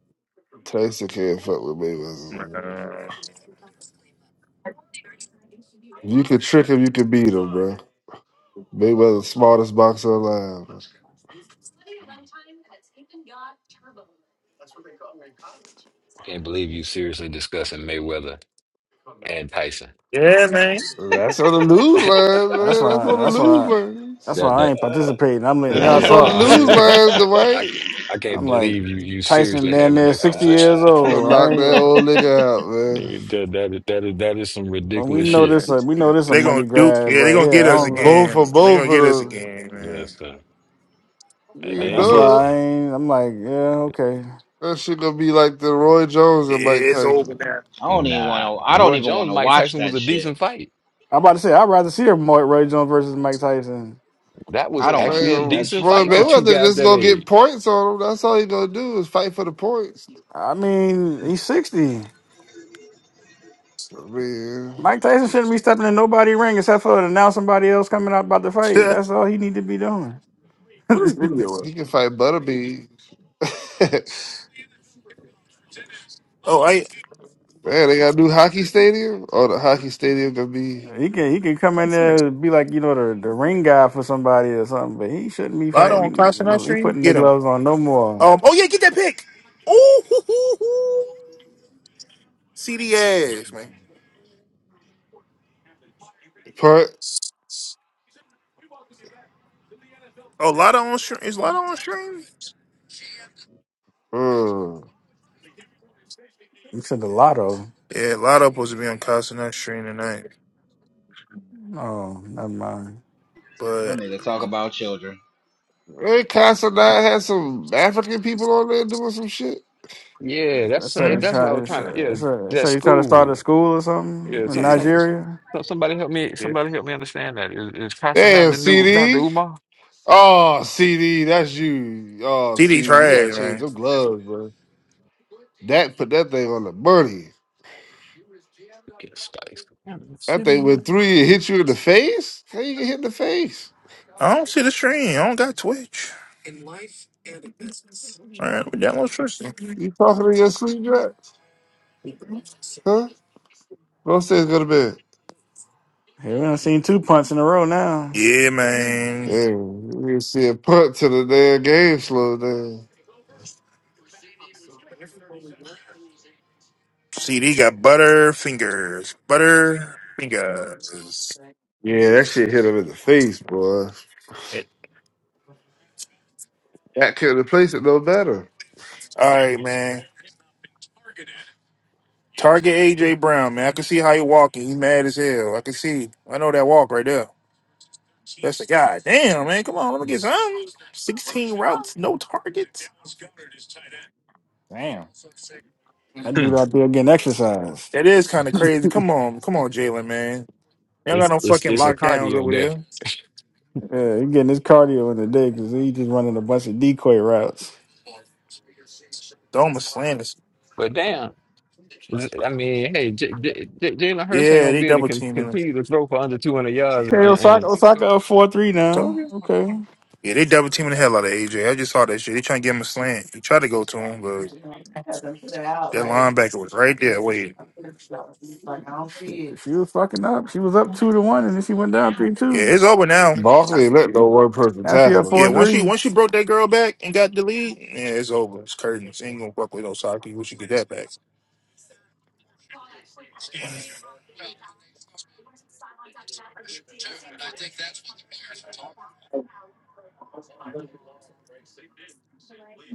Speaker 6: Tyson can't fuck with Mayweather. Man.
Speaker 7: Nah.
Speaker 6: You can trick him, you can beat him, bro. Mayweather, smartest boxer alive.
Speaker 4: I can't believe you seriously discussing Mayweather and Tyson.
Speaker 7: Yeah, man.
Speaker 6: That's on the
Speaker 4: [LAUGHS]
Speaker 6: lose
Speaker 4: that
Speaker 6: lines,
Speaker 3: That's
Speaker 6: man. That's
Speaker 3: why.
Speaker 6: on
Speaker 3: That's
Speaker 6: the lose
Speaker 3: why. That's
Speaker 6: lines.
Speaker 3: why
Speaker 4: that.
Speaker 3: I
Speaker 4: that- that-
Speaker 3: ain't
Speaker 11: Uh,
Speaker 3: participating. I'm
Speaker 11: [LAUGHS]
Speaker 3: letting y'all
Speaker 6: That's
Speaker 11: I
Speaker 6: on the
Speaker 3: talk
Speaker 4: I,
Speaker 6: lose
Speaker 4: I,
Speaker 3: because
Speaker 4: [LAUGHS] I I
Speaker 6: lines,
Speaker 4: I
Speaker 6: Dwight.
Speaker 4: can't
Speaker 3: I'm like
Speaker 4: believe you you
Speaker 3: Tyson
Speaker 4: seriously
Speaker 3: down
Speaker 4: having
Speaker 3: there,
Speaker 4: that
Speaker 3: sixty
Speaker 4: conversation.
Speaker 3: years
Speaker 6: You gonna
Speaker 3: old. I
Speaker 6: knock that
Speaker 3: ain't.
Speaker 6: old nigga out, man.
Speaker 4: Nigga, that that that is that is some
Speaker 3: And we
Speaker 4: ridiculous
Speaker 7: [LAUGHS]
Speaker 3: know
Speaker 4: shit.
Speaker 3: this. A, we know this a
Speaker 7: They gonna
Speaker 3: money
Speaker 7: duke.
Speaker 3: grab
Speaker 7: Yeah, they
Speaker 3: right
Speaker 7: gonna
Speaker 3: here.
Speaker 7: get
Speaker 3: I
Speaker 7: us
Speaker 6: Uh,
Speaker 3: don't
Speaker 6: Both
Speaker 3: know,
Speaker 6: for
Speaker 7: again. They gonna
Speaker 6: both
Speaker 7: get us
Speaker 6: of them.
Speaker 7: again, man.
Speaker 4: That's uh, and they
Speaker 6: You
Speaker 3: and
Speaker 4: ain't
Speaker 3: that's why
Speaker 4: get
Speaker 6: know
Speaker 4: it.
Speaker 6: it.
Speaker 3: I ain't. I'm like, yeah, okay.
Speaker 6: That shit gonna be like the Roy Jones
Speaker 7: Yeah,
Speaker 6: and Mike
Speaker 7: it's over
Speaker 6: Tyson.
Speaker 11: don't even want
Speaker 4: Nah,
Speaker 11: to. I don't
Speaker 4: Roy
Speaker 11: even want
Speaker 4: Jones,
Speaker 11: to
Speaker 4: Mike
Speaker 11: watch
Speaker 4: Tyson was
Speaker 11: that
Speaker 4: a
Speaker 11: shit.
Speaker 4: decent fight.
Speaker 3: I'm about to say I'd rather see her Roy Jones versus Mike Tyson.
Speaker 4: That was
Speaker 11: I don't want to
Speaker 4: actually a
Speaker 11: see
Speaker 6: Man,
Speaker 11: that
Speaker 4: decent
Speaker 11: shit at
Speaker 6: Floyd
Speaker 4: fight for two
Speaker 11: all.
Speaker 6: Mayweather
Speaker 4: guys
Speaker 6: just
Speaker 4: that
Speaker 6: gonna get
Speaker 4: age.
Speaker 6: points on him. That's all he gonna do is fight for the points.
Speaker 3: I mean, he's 60.
Speaker 6: I mean,
Speaker 3: Mike Tyson shouldn't be stepping in nobody ring except for to now somebody else coming out about the fight.
Speaker 7: now.
Speaker 3: That's all he need to be doing. [LAUGHS]
Speaker 6: he can fight Butterbean. [LAUGHS]
Speaker 7: [LAUGHS] oh, I
Speaker 6: Man, they got a new hockey stadium. Oh, the hockey stadium gonna be
Speaker 3: he can he can come in there and be like, you know, the, the ring guy for somebody or something, but he shouldn't be
Speaker 7: Lotto on
Speaker 3: fighting
Speaker 7: Constant on
Speaker 3: Well, he
Speaker 7: stream.
Speaker 3: putting the
Speaker 7: Get him.
Speaker 3: gloves on no more.
Speaker 7: Um. Oh yeah, get that pick. Ooh, [LAUGHS] hoo, hoo, hoo. CD ass, man.
Speaker 6: put.
Speaker 7: Oh, Lotto on stream. Is Lotto on stream?
Speaker 6: Mm.
Speaker 3: He said the lotto.
Speaker 7: Yeah, Lotto supposed to be on Constant on stream tonight,
Speaker 3: Oh, never mind.
Speaker 11: That
Speaker 7: but
Speaker 11: nigga talk about children.
Speaker 6: Hey, Casanat had some African people on there doing some shit.
Speaker 4: Yeah,
Speaker 3: I
Speaker 4: that's
Speaker 3: said he
Speaker 4: that's what I
Speaker 3: tried.
Speaker 4: was
Speaker 3: I
Speaker 4: trying to.
Speaker 3: said,
Speaker 4: Yeah,
Speaker 3: I
Speaker 4: that
Speaker 3: said he tried to start a
Speaker 4: school.
Speaker 3: school or
Speaker 4: Yeah,
Speaker 3: something in
Speaker 4: some
Speaker 7: yeah,
Speaker 4: some. some-
Speaker 3: Nigeria.
Speaker 4: Somebody help me! Somebody help me understand that. Is, is passing out
Speaker 6: Damn,
Speaker 4: the new Dr.
Speaker 6: CD.
Speaker 4: Umar?
Speaker 6: Oh, CD, that's you. Oh,
Speaker 7: CD
Speaker 6: CD, you gotta
Speaker 7: trash,
Speaker 6: change
Speaker 7: man.
Speaker 6: them gloves, bro. Dak put that thing on the money.
Speaker 4: Get Spice. Damn, it's
Speaker 6: That thing
Speaker 4: serious.
Speaker 6: went through you, and hit you in the face. How you get hit in the face?
Speaker 7: I don't see the stream. I don't got Twitch. All right, we download Tristan.
Speaker 6: You talking to your sleep dress, huh? Rose's gonna be.
Speaker 3: Hey, we done seen two punts in a row now.
Speaker 7: Yeah, man.
Speaker 6: Damn, you see a punt to the damn game slow down.
Speaker 7: CD got butter fingers. Butter fingers.
Speaker 6: Yeah, that shit hit him in the face, boy. That couldn't replace it no better.
Speaker 7: All right, man. Target AJ Brown, man. I can see how he walking. He mad as hell. I can see. I know that walk right there. That's the guy. Damn, man. Come on, let me get some. 16 routes, no targets.
Speaker 8: damn,
Speaker 3: That
Speaker 4: Hmm.
Speaker 3: dude out there getting exercise.
Speaker 7: That is kind of crazy. Come on. Come on, Jalen, man. Y'all got
Speaker 4: It's,
Speaker 7: no
Speaker 4: it's
Speaker 7: fucking
Speaker 4: it's a
Speaker 7: lockdowns
Speaker 4: cardio
Speaker 7: over
Speaker 4: day,
Speaker 7: there.
Speaker 3: Yeah, he getting his cardio in the day because he just running a bunch of decoy routes.
Speaker 7: Doma slam us.
Speaker 4: but damn. I mean, hey, J J J Jalen Hurts ain't
Speaker 7: Yeah,
Speaker 4: gonna
Speaker 7: they
Speaker 4: be able to
Speaker 7: double
Speaker 4: con
Speaker 7: teaming him.
Speaker 4: continue to throw for under 200 yards,
Speaker 3: Okay,
Speaker 4: and,
Speaker 3: Osaka,
Speaker 4: and
Speaker 3: Osaka up four three
Speaker 7: Told
Speaker 3: now.
Speaker 7: you.
Speaker 3: Okay,
Speaker 7: Yeah, they double teaming the hell out of AJ. I just saw that shit. They trying to get him a slant. He tried to go to him, but That linebacker was right there
Speaker 3: Shit,
Speaker 7: waiting.
Speaker 3: she was fucking up. She was up two to one, and then she went down three
Speaker 7: Yeah,
Speaker 3: two.
Speaker 7: it's over now.
Speaker 6: Barkley ain't let no one person
Speaker 3: Now she up
Speaker 6: tackle him,
Speaker 7: Yeah,
Speaker 3: four
Speaker 6: boy.
Speaker 7: once she
Speaker 3: three.
Speaker 7: once she broke that girl back and got the lead, yeah, it's over. It's curtains. Ain't gonna fuck with Osaki. We should get that back.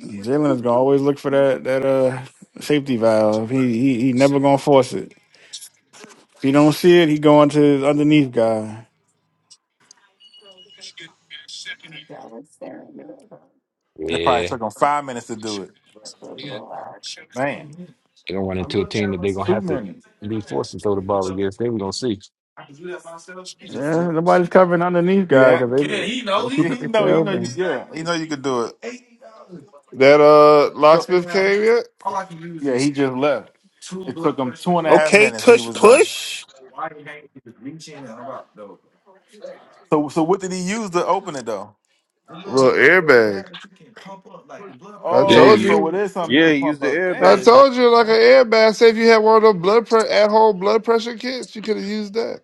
Speaker 3: Jalen is gonna always look for that that uh safety valve. He he he never gonna force it. If he don't see it, he going to his underneath guy.
Speaker 8: it probably
Speaker 4: yeah, they're
Speaker 8: took him five minutes to do it. Man,
Speaker 4: gonna run into a team that they're gonna
Speaker 8: two
Speaker 4: have to
Speaker 8: minutes.
Speaker 4: be forced to throw the ball against. Then we're gonna see.
Speaker 3: Yeah, nobody's covering underneath guy
Speaker 8: Yeah,
Speaker 3: because they, they keep it
Speaker 8: you
Speaker 3: they stay
Speaker 8: know, you know, you
Speaker 3: open.
Speaker 8: yeah, you know, you could do it.
Speaker 6: That uh locksmith came yet?
Speaker 8: Yeah, he just left two and a half
Speaker 7: Okay,
Speaker 8: minutes and he
Speaker 7: tush
Speaker 8: was done.
Speaker 7: push.
Speaker 8: So, so what did he use to open it though?
Speaker 6: Little airbag. I
Speaker 5: Yeah,
Speaker 8: Oh,
Speaker 6: told
Speaker 5: you,
Speaker 8: so it
Speaker 6: you.
Speaker 8: is something you
Speaker 5: yeah,
Speaker 8: could
Speaker 5: you used
Speaker 8: pump
Speaker 5: the
Speaker 8: up.
Speaker 6: I
Speaker 8: Dang.
Speaker 5: airbag.
Speaker 6: told you like an airbag. Say if you had one of those blood pre- at home blood pressure kits, you could have used that.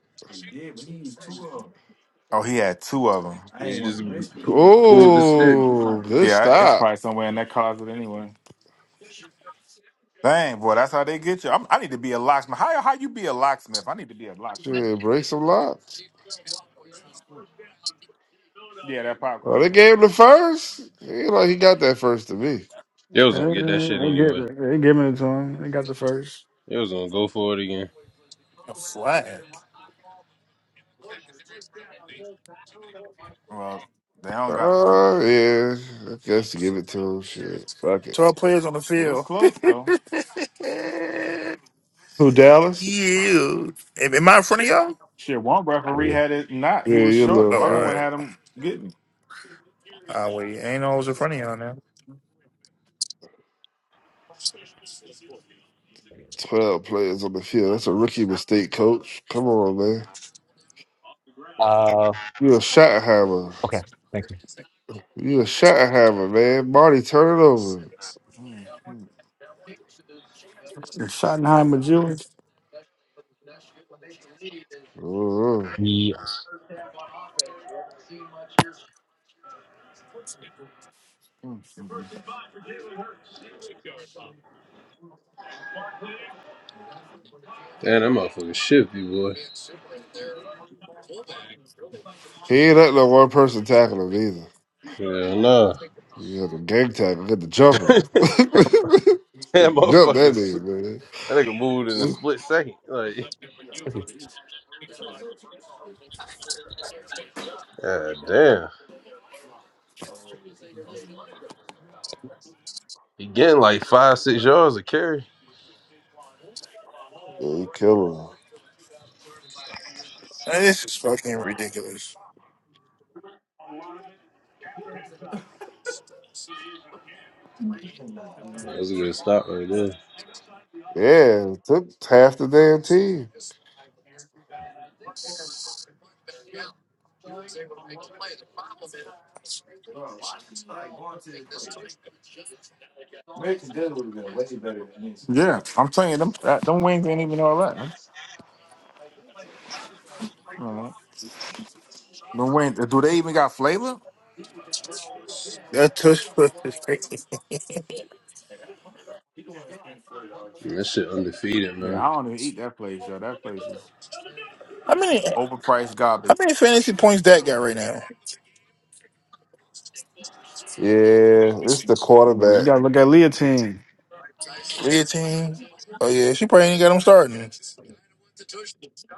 Speaker 8: Oh, he had two of them.
Speaker 5: You just p- pulled the stick.
Speaker 6: Oh, good
Speaker 8: Yeah, it's
Speaker 6: stop.
Speaker 8: probably somewhere in that closet anyway. Dang, boy, that's how they get you. I'm, I need to be a locksmith. How how you be a locksmith? I need to be a locksmith.
Speaker 6: Shit, break some locks.
Speaker 8: Yeah, that
Speaker 6: Oh,
Speaker 8: popcorn
Speaker 6: they
Speaker 8: can.
Speaker 6: gave him the first. He ain't like he got that first to me.
Speaker 5: They was gonna
Speaker 3: Uh,
Speaker 5: get that shit
Speaker 3: they get
Speaker 5: anyway.
Speaker 3: it. They giving it to him. They got the first.
Speaker 5: They was gonna go for it again.
Speaker 7: A flag.
Speaker 8: Well, they don't got. Uh,
Speaker 6: Oh yeah, I guess to give it to him. Shit, fuck it.
Speaker 7: Twelve players on the
Speaker 8: it was
Speaker 7: field.
Speaker 8: close though.
Speaker 7: Eh,
Speaker 6: Who Dallas?
Speaker 7: Yeah. Am am I in front of y'all?
Speaker 8: Shit, one
Speaker 4: I
Speaker 8: referee
Speaker 4: agree.
Speaker 8: had it not.
Speaker 6: Yeah,
Speaker 8: He was
Speaker 6: you
Speaker 8: short,
Speaker 6: little
Speaker 8: and the
Speaker 7: Oh, all
Speaker 8: other one
Speaker 6: first.
Speaker 7: right.
Speaker 8: had him getting.
Speaker 7: I wait. Ain't always in front of y'all now.
Speaker 6: Twelve players on the field. That's a rookie mistake, coach. Come on, man.
Speaker 4: Uh,
Speaker 6: You a shot hammer.
Speaker 4: okay, thank you.
Speaker 6: You a shot hammer, man. Marty, turn it over.
Speaker 3: And Schottenheimer Jewish.
Speaker 6: Uh-uh.
Speaker 4: Yes,
Speaker 5: Damn, that motherfucker shifty, boy.
Speaker 6: He ain't let no one person tackle him either.
Speaker 5: Hell nah.
Speaker 6: You got the gang tag. I got the
Speaker 5: [LAUGHS]
Speaker 6: jumper. [LAUGHS]
Speaker 5: that
Speaker 6: Jump that
Speaker 5: motherfucker, s-
Speaker 6: nigga, man.
Speaker 5: that nigga moved in a split second. Like, god damn. He getting like five, six yards of carry.
Speaker 6: Yeah, you kill
Speaker 7: Man, This is fucking ridiculous.
Speaker 5: That was a good stop right there.
Speaker 6: him. Yeah, took half the damn team.
Speaker 8: Yeah, I'm telling you, them that, them wings ain't even all that. You know, them wings. Do they even got flavor?
Speaker 7: That tush push is crazy. [LAUGHS]
Speaker 5: Man, that shit undefeated,
Speaker 8: Yeah,
Speaker 5: man.
Speaker 8: I don't even eat that place, yo. That place is
Speaker 7: How many
Speaker 8: overpriced
Speaker 7: how
Speaker 8: garbage.
Speaker 7: many fantasy points that got right now?
Speaker 6: Yeah, it's the
Speaker 3: You
Speaker 6: quarterback.
Speaker 3: gotta look at Leah team.
Speaker 7: Leontine. Oh yeah, she probably ain't got him starting.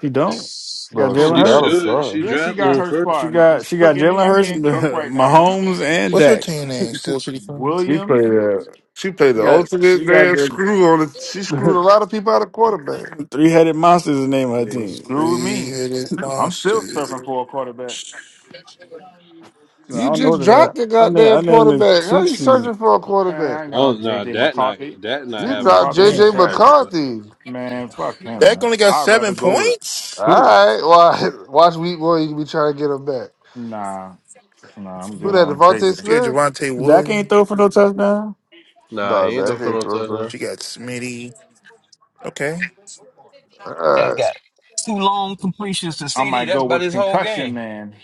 Speaker 3: She don't. She got
Speaker 6: No, she
Speaker 3: Jalen
Speaker 5: She
Speaker 8: Who?
Speaker 6: got him
Speaker 3: Hurts.
Speaker 5: should. She
Speaker 6: son.
Speaker 8: Yeah, she
Speaker 5: drafted
Speaker 8: got
Speaker 5: him
Speaker 8: her
Speaker 5: first.
Speaker 3: She
Speaker 8: spot, and
Speaker 3: got
Speaker 8: he
Speaker 3: she got
Speaker 8: cooking me.
Speaker 3: Jalen
Speaker 8: I'm
Speaker 3: Hurts, [LAUGHS]
Speaker 8: getting cooked right now, man.
Speaker 3: Mahomes, and
Speaker 7: What's her
Speaker 3: Dak.
Speaker 7: team name? Still City Fun?
Speaker 6: He
Speaker 8: Williams,
Speaker 6: played that. She played
Speaker 3: [LAUGHS]
Speaker 6: the
Speaker 3: got
Speaker 6: ultimate
Speaker 3: she got
Speaker 6: damn
Speaker 3: the
Speaker 6: screw on it. She screwed a
Speaker 3: [LAUGHS]
Speaker 6: lot of people out of quarterback.
Speaker 3: three headed monsters. is The name of her
Speaker 8: yeah,
Speaker 3: team.
Speaker 8: screw me.
Speaker 7: Three headed
Speaker 8: I'm
Speaker 7: monster.
Speaker 8: still surfing for a quarterback.
Speaker 3: No, I
Speaker 6: You
Speaker 3: don't know
Speaker 6: just
Speaker 3: the name.
Speaker 6: dropped the
Speaker 3: Her name,
Speaker 6: goddamn
Speaker 3: her name is
Speaker 6: quarterback. How you
Speaker 3: Tootsie.
Speaker 6: searching for a
Speaker 8: Man,
Speaker 6: quarterback?
Speaker 8: I ain't got
Speaker 5: Oh,
Speaker 8: no
Speaker 5: nah,
Speaker 8: JJ
Speaker 5: that not,
Speaker 8: McCarthy.
Speaker 5: that not
Speaker 6: You
Speaker 8: JJ
Speaker 5: having a
Speaker 6: dropped J
Speaker 8: McCarthy is
Speaker 6: J.
Speaker 7: Man.
Speaker 5: fantasy game,
Speaker 8: trash.
Speaker 5: though.
Speaker 6: McCarthy.
Speaker 8: Man, fuck him,
Speaker 7: Dak
Speaker 8: man.
Speaker 7: only got
Speaker 8: I'd rather
Speaker 7: seven
Speaker 8: go with
Speaker 6: All
Speaker 7: points?
Speaker 8: Tua.
Speaker 6: right, why? [LAUGHS] Watch week one. You be trying to get him back.
Speaker 8: Nah, nah, I'm
Speaker 6: Who
Speaker 8: good
Speaker 6: that?
Speaker 8: on JJ.
Speaker 6: Devontae
Speaker 7: She got
Speaker 6: Smith.
Speaker 7: Javante
Speaker 3: Dak ain't
Speaker 7: Williams.
Speaker 3: throw for no touchdown.
Speaker 5: Nah, he
Speaker 6: Nah,
Speaker 5: ain't
Speaker 6: man, I
Speaker 5: going for
Speaker 6: can't
Speaker 5: no
Speaker 6: throw
Speaker 5: touchdown.
Speaker 6: no.
Speaker 7: She got Smitty. Okay.
Speaker 6: All
Speaker 4: that
Speaker 6: right.
Speaker 4: got two long completions to
Speaker 8: I
Speaker 4: CD.
Speaker 8: might
Speaker 4: That's
Speaker 8: go
Speaker 4: about
Speaker 8: with
Speaker 4: his whole
Speaker 8: concussion,
Speaker 4: game.
Speaker 8: man.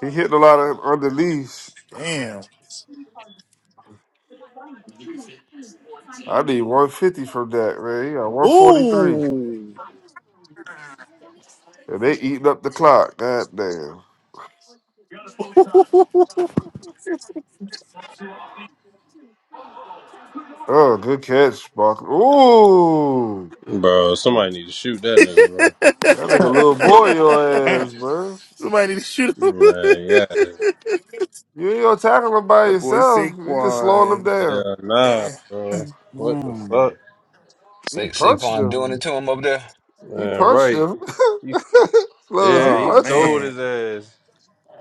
Speaker 6: He hit a lot of underneath.
Speaker 7: Damn.
Speaker 6: I need 150 from that, man. He got 143.
Speaker 7: Ooh.
Speaker 6: And they eating up the clock. God damn. Oh, good catch, Sparkle. Ooh.
Speaker 5: Bro, somebody need to shoot that nigga, bro.
Speaker 6: That nigga little boy your
Speaker 8: Man,
Speaker 6: ass,
Speaker 7: [LAUGHS]
Speaker 6: man.
Speaker 7: Somebody need to shoot him. [LAUGHS]
Speaker 5: Like,
Speaker 6: You ain't gonna tackle him by
Speaker 7: that boy
Speaker 6: yourself. You just slowing him
Speaker 7: Saquon.
Speaker 5: yeah.
Speaker 6: down.
Speaker 5: Yeah, nah,
Speaker 7: Eh.
Speaker 5: bro. What the
Speaker 3: Hmm.
Speaker 5: fuck?
Speaker 6: He
Speaker 4: Say
Speaker 6: punched
Speaker 4: Saquon doing
Speaker 6: him.
Speaker 4: it to him over there.
Speaker 6: He
Speaker 5: Man,
Speaker 6: punched
Speaker 5: right.
Speaker 6: him.
Speaker 5: You
Speaker 6: [LAUGHS] Lowe's,
Speaker 5: Yeah,
Speaker 6: he
Speaker 5: he
Speaker 7: Oh
Speaker 6: punched
Speaker 5: stole
Speaker 6: him.
Speaker 7: man.
Speaker 5: his ass.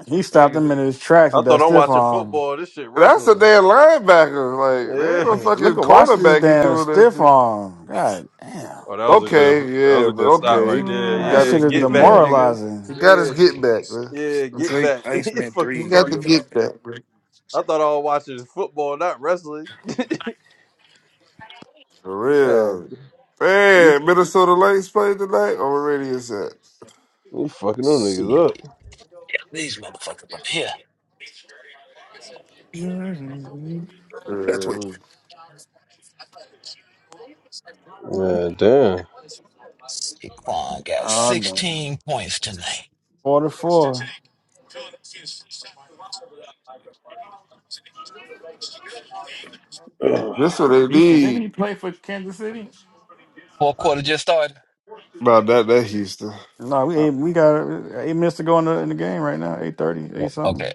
Speaker 3: He
Speaker 5: That
Speaker 3: stopped
Speaker 5: nigga,
Speaker 3: him
Speaker 5: said-
Speaker 3: in his tracks with
Speaker 5: I
Speaker 3: that
Speaker 5: thought I'm
Speaker 3: stiff
Speaker 5: watching
Speaker 3: arm.
Speaker 5: football. This shit
Speaker 6: That's a
Speaker 5: wrestling.
Speaker 6: damn linebacker. Like, there ain't no
Speaker 3: Look,
Speaker 5: Yeah.
Speaker 3: look
Speaker 6: fucking
Speaker 3: at watch this
Speaker 6: cornerback he
Speaker 3: damn
Speaker 6: doing that
Speaker 3: stiff
Speaker 6: to.
Speaker 3: arm. God damn.
Speaker 5: Oh, that was a good.
Speaker 6: Okay,
Speaker 5: That was
Speaker 6: yeah,
Speaker 5: a
Speaker 6: but
Speaker 5: good stop
Speaker 6: okay,
Speaker 5: right
Speaker 6: he,
Speaker 5: there.
Speaker 6: he
Speaker 3: That
Speaker 6: got
Speaker 5: Yeah,
Speaker 3: shit
Speaker 6: his
Speaker 3: is
Speaker 5: get
Speaker 6: get
Speaker 5: back,
Speaker 6: back.
Speaker 5: nigga.
Speaker 6: He
Speaker 3: demoralizing.
Speaker 6: got
Speaker 4: Let's
Speaker 6: his
Speaker 5: Yes.
Speaker 6: get
Speaker 4: see,
Speaker 6: back, man.
Speaker 5: Yeah, get
Speaker 7: Drake
Speaker 5: back. [LAUGHS] The
Speaker 7: Iceman
Speaker 5: Fuck
Speaker 7: 3
Speaker 6: He
Speaker 5: you
Speaker 7: is gonna
Speaker 6: got
Speaker 7: be
Speaker 6: the
Speaker 5: talking about?
Speaker 6: get
Speaker 7: dropping.
Speaker 6: back, man.
Speaker 5: I thought I was watching football, not wrestling. [LAUGHS]
Speaker 6: For
Speaker 5: yeah,
Speaker 6: real. Man, Minnesota Lynx played tonight on the radio set.
Speaker 5: you fucking them
Speaker 4: see
Speaker 5: niggas up.
Speaker 4: these motherfuckers up here.
Speaker 7: That's what that Twitch.
Speaker 6: Um,
Speaker 5: Yeah, damn.
Speaker 4: Saquon got
Speaker 3: Oh damn.
Speaker 4: 16 points tonight.
Speaker 3: Four to four.
Speaker 6: This what they
Speaker 8: Houston, didn't
Speaker 6: need.
Speaker 8: he play for Kansas City?
Speaker 4: Fourth quarter just started.
Speaker 6: Nah, not that Houston.
Speaker 3: No, we
Speaker 8: Oh,
Speaker 3: eight, we got eight minutes to go in the in the game right now. Eight thirty, eight
Speaker 4: Oh,
Speaker 3: something.
Speaker 4: okay,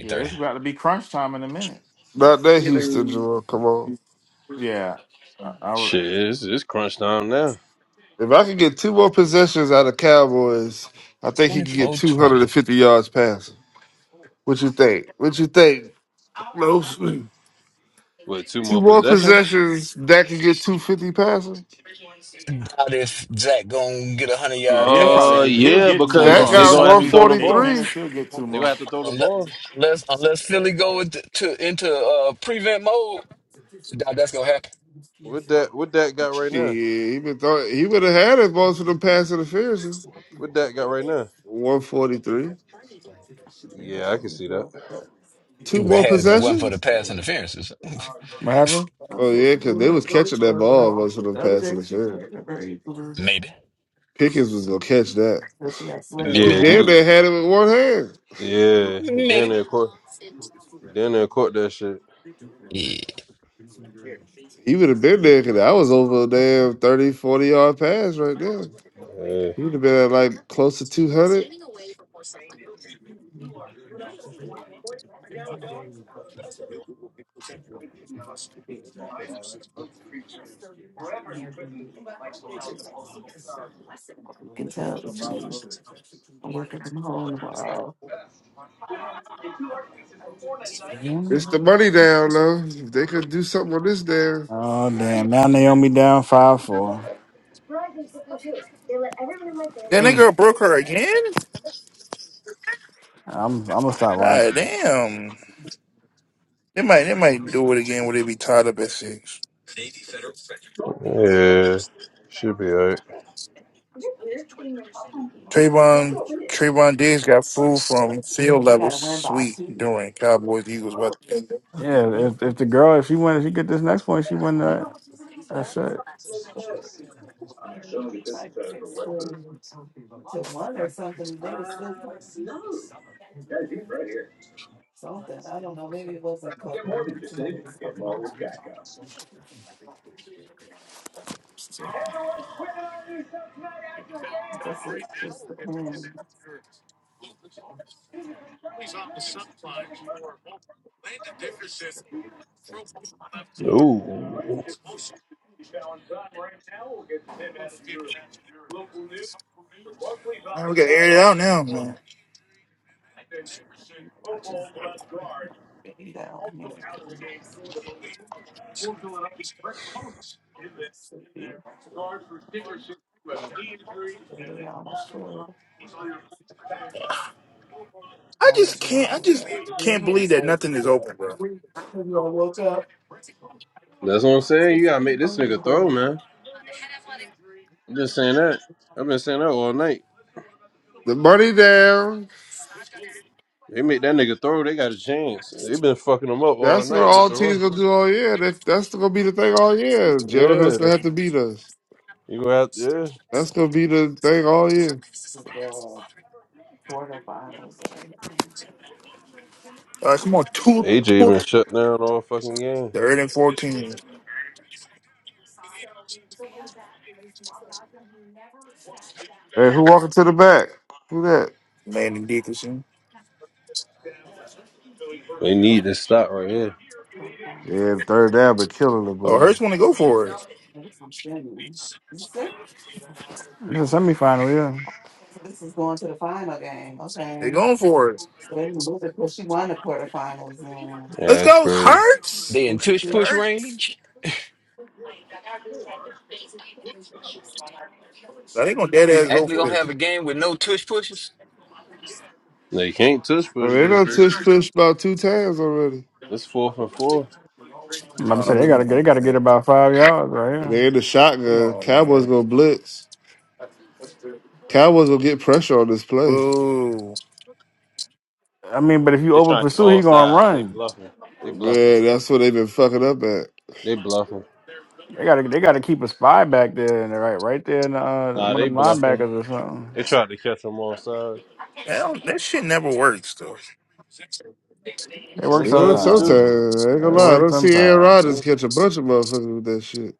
Speaker 8: yeah, it's about to be crunch time in a minute.
Speaker 6: Not that Houston, Jamal. Come on.
Speaker 8: Yeah, I, I would.
Speaker 5: Shit, it's, it's crunch time now.
Speaker 6: If I could get two more possessions out of Cowboys, I think he could get
Speaker 4: Twenty-four twenty.
Speaker 6: 250 yards passing. What you think? What you think? No, two
Speaker 5: With two more
Speaker 6: more
Speaker 5: possessions.
Speaker 6: possessions that could get 250 passing?
Speaker 4: 20. Doubt if Zach gonna get a hundred
Speaker 8: Yeah,
Speaker 4: yard
Speaker 8: he'll probably
Speaker 5: Uh,
Speaker 8: get.
Speaker 4: passing
Speaker 8: He'll
Speaker 4: uh,
Speaker 5: yeah,
Speaker 8: get two
Speaker 5: because
Speaker 6: That
Speaker 4: unless for
Speaker 8: more.
Speaker 5: they're
Speaker 6: got
Speaker 5: gonna
Speaker 4: some
Speaker 5: have to
Speaker 4: reason
Speaker 5: throw the
Speaker 8: Eight
Speaker 5: ball.
Speaker 6: 143.
Speaker 8: minutes, he'll get two
Speaker 5: They're gonna
Speaker 8: more.
Speaker 5: have to throw the
Speaker 4: unless
Speaker 5: ball.
Speaker 4: unless, unless Philly go into to, into uh, prevent mode. Doubt that's gonna happen.
Speaker 5: What that? What that got
Speaker 6: Shit,
Speaker 5: right now?
Speaker 6: he been thought he would have had it most of them passing interferences.
Speaker 5: What that got right now?
Speaker 6: 143.
Speaker 5: Yeah, I can see that.
Speaker 4: He
Speaker 6: Two
Speaker 4: would have
Speaker 6: more
Speaker 4: had it if it wasn't for the
Speaker 6: possessions?
Speaker 4: pass interferences. [LAUGHS]
Speaker 3: What happened?
Speaker 6: Oh yeah, because they was catching that ball most of them passing interference.
Speaker 4: maybe,
Speaker 6: Pickens was gonna catch that. He
Speaker 5: Yeah,
Speaker 4: maybe,
Speaker 6: damn
Speaker 5: he,
Speaker 6: near had it with one hand.
Speaker 5: yeah. He down
Speaker 4: maybe.
Speaker 5: there caught, down there caught that shit.
Speaker 4: Yeah.
Speaker 6: He would have been there because I was over a damn 30, 40 yard pass right there.
Speaker 5: Yeah,
Speaker 6: He would have been at like close to 200.
Speaker 8: True
Speaker 6: It's the money down though. If they could do something on this down,
Speaker 3: Oh damn! Now Naomi down five four.
Speaker 7: That
Speaker 8: Mm.
Speaker 7: nigga broke her again?
Speaker 3: I'm I'm gonna stop
Speaker 7: Ah
Speaker 3: watching.
Speaker 7: damn. They might they might do it again where they be tied up at six.
Speaker 5: yeah. Should be alright.
Speaker 7: Trayvon Trayvon Diggs got food from field level suite during Cowboys Eagles weather. Man,
Speaker 3: Yeah, if if the girl if she win if she get this next point she win that that shit.
Speaker 5: Ooh,
Speaker 7: we gotta air it out now, man. I just can't I just can't believe that nothing is open, bro.
Speaker 5: that's what I'm saying. You gotta make this nigga throw, man. i am just saying that. I've been saying that all night.
Speaker 6: the money down.
Speaker 5: They make that nigga throw, they got a chance. They been fucking them up all
Speaker 6: That's what
Speaker 5: night with
Speaker 6: all
Speaker 5: the
Speaker 6: teams
Speaker 5: run.
Speaker 6: gonna do all year. That, that's gonna be the thing all year. Jalen Hurts
Speaker 5: Yeah,
Speaker 6: gonna have to beat us.
Speaker 5: you gonna have to.
Speaker 6: That's gonna be the thing all year.
Speaker 7: Uh, come on,
Speaker 5: Yeah,
Speaker 7: two
Speaker 5: AJ
Speaker 7: two
Speaker 5: been shut down all fucking game.
Speaker 7: third and fourteen.
Speaker 6: Hey, who walking to the back? Who that?
Speaker 7: Landon Dickerson.
Speaker 5: They need this stop right here.
Speaker 6: Yeah, the third down, but killing the
Speaker 7: Oh,
Speaker 6: boys.
Speaker 7: Hurts want to go for it.
Speaker 3: It's a semifinal.
Speaker 7: They
Speaker 3: Yeah.
Speaker 7: going for it. Let's
Speaker 5: Yeah, that's
Speaker 7: go,
Speaker 5: crazy.
Speaker 7: Hurts.
Speaker 4: They in
Speaker 7: My
Speaker 4: tush
Speaker 7: Nigga,
Speaker 4: push
Speaker 7: Hurts.
Speaker 4: range.
Speaker 7: Now they gonna dead
Speaker 4: We
Speaker 7: ass go
Speaker 4: actually
Speaker 7: for
Speaker 4: gonna
Speaker 7: it.
Speaker 4: have a game with no tush pushes.
Speaker 5: They can't touch
Speaker 6: I mean, they
Speaker 5: pushes.
Speaker 6: done tush
Speaker 5: It's
Speaker 6: push about two times already.
Speaker 5: it's four for four.
Speaker 3: I'm about to say
Speaker 7: Oh,
Speaker 3: they
Speaker 6: Yeah.
Speaker 7: come
Speaker 3: gotta get
Speaker 7: on,
Speaker 3: they gotta get
Speaker 7: man.
Speaker 3: about five yards right here.
Speaker 6: They in the
Speaker 7: Come
Speaker 6: shotgun.
Speaker 7: on,
Speaker 6: Cowboys
Speaker 7: man.
Speaker 6: gonna blitz. Cowboys gonna get pressure on this play.
Speaker 7: Boo.
Speaker 3: I mean, but if you
Speaker 5: They
Speaker 3: over
Speaker 5: trying to get
Speaker 3: pursue, he
Speaker 5: all
Speaker 3: gonna
Speaker 5: sides. They
Speaker 3: run.
Speaker 5: bluffing. They bluffing.
Speaker 6: Man, that's what they been fucking up at.
Speaker 5: They bluffing.
Speaker 3: They gotta they gotta keep a spy back there and right right there in the, uh,
Speaker 5: Nah,
Speaker 3: one of
Speaker 5: they
Speaker 3: them
Speaker 5: bluffing.
Speaker 3: linebackers or something.
Speaker 5: They trying to catch them all sides.
Speaker 7: Hell, that shit never works, though.
Speaker 3: It works
Speaker 6: They going
Speaker 5: Sometimes they
Speaker 6: sometimes.
Speaker 5: do.
Speaker 3: sometimes.
Speaker 6: I ain't gonna
Speaker 3: It
Speaker 6: lie. I
Speaker 3: works
Speaker 6: don't see Aaron
Speaker 3: sometimes.
Speaker 6: Rodgers
Speaker 5: Mm.
Speaker 6: catch a bunch of motherfuckers with that shit.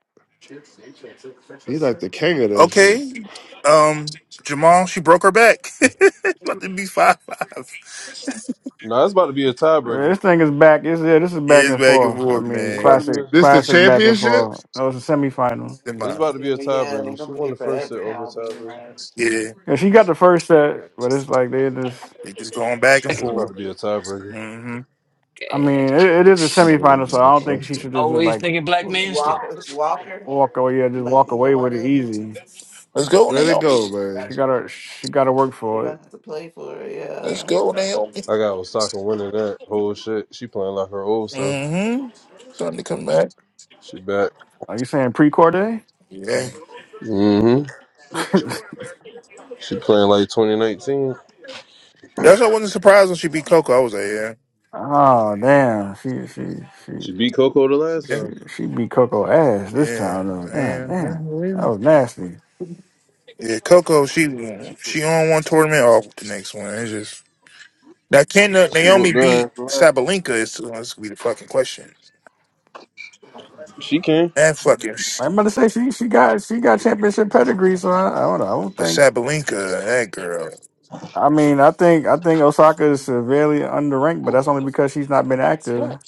Speaker 8: they said,
Speaker 6: He like the king of that shit.
Speaker 7: Okay. Um, Jamal, she broke her back. [LAUGHS] About to be five five.
Speaker 5: Nah, it's about to be a
Speaker 3: Yeah,
Speaker 5: tiebreaker.
Speaker 3: This thing is back. This yeah, this is back
Speaker 7: Yeah, it's
Speaker 3: and
Speaker 7: back and
Speaker 3: forth. I
Speaker 7: forth,
Speaker 3: mean,
Speaker 5: It's about to
Speaker 7: man.
Speaker 5: be.
Speaker 3: classic
Speaker 5: A,
Speaker 6: This the
Speaker 3: classic back and
Speaker 6: championship?
Speaker 3: forth. No, it's a semifinal.
Speaker 7: Come
Speaker 5: it's
Speaker 7: on.
Speaker 5: about to be a tiebreaker. She won the first set over tiebreaker.
Speaker 7: Yeah,
Speaker 3: Yeah, she got the first set, but it's like they just
Speaker 7: they just going back and
Speaker 5: It's about
Speaker 7: forth.
Speaker 5: to be a tiebreaker.
Speaker 7: Mm-hmm.
Speaker 3: I mean, it, it is a semifinal, so I don't think she should just
Speaker 4: Always
Speaker 3: like
Speaker 4: thinking black man still.
Speaker 3: walk walk away. Yeah, just walk away with it easy.
Speaker 7: Let's go,
Speaker 6: Let it
Speaker 7: Naomi.
Speaker 6: go, man.
Speaker 3: She got to she got to work You're for it. gonna
Speaker 7: Let's go, Naomi.
Speaker 5: I got Osaka winning that whole shit. She playing like her old self.
Speaker 8: Yeah,
Speaker 7: Mm-hmm. Starting to come back.
Speaker 5: She back.
Speaker 3: Are you saying pre Corday?
Speaker 7: Yeah.
Speaker 5: hmm
Speaker 3: [LAUGHS]
Speaker 5: She playing like 2019.
Speaker 7: That's why I wasn't surprised when she beat Coco. I was like, yeah,
Speaker 3: oh damn, she she
Speaker 5: She
Speaker 3: she
Speaker 5: beat Coco the last
Speaker 7: yeah,
Speaker 3: she
Speaker 5: time.
Speaker 3: she beat Coco ass this
Speaker 7: yeah.
Speaker 3: time. Though. God
Speaker 7: And yeah,
Speaker 3: damn, that
Speaker 7: really?
Speaker 3: was nasty.
Speaker 7: Yeah, Yeah, Coco, she
Speaker 5: She,
Speaker 7: she on one tournament off with the next one. It's just now can Na-
Speaker 5: she whooped
Speaker 7: Naomi
Speaker 5: her
Speaker 7: beat
Speaker 5: ass
Speaker 7: Sabalenka is well, this could be the fucking question.
Speaker 5: She can.
Speaker 7: That fucking
Speaker 3: I'm about to say she she got she got championship pedigree, so I, I don't know. I don't
Speaker 7: but
Speaker 3: think.
Speaker 7: Sabalenka, that girl,
Speaker 3: I mean, I think I think Osaka is severely underranked, but that's only because she's not been active.
Speaker 4: Black.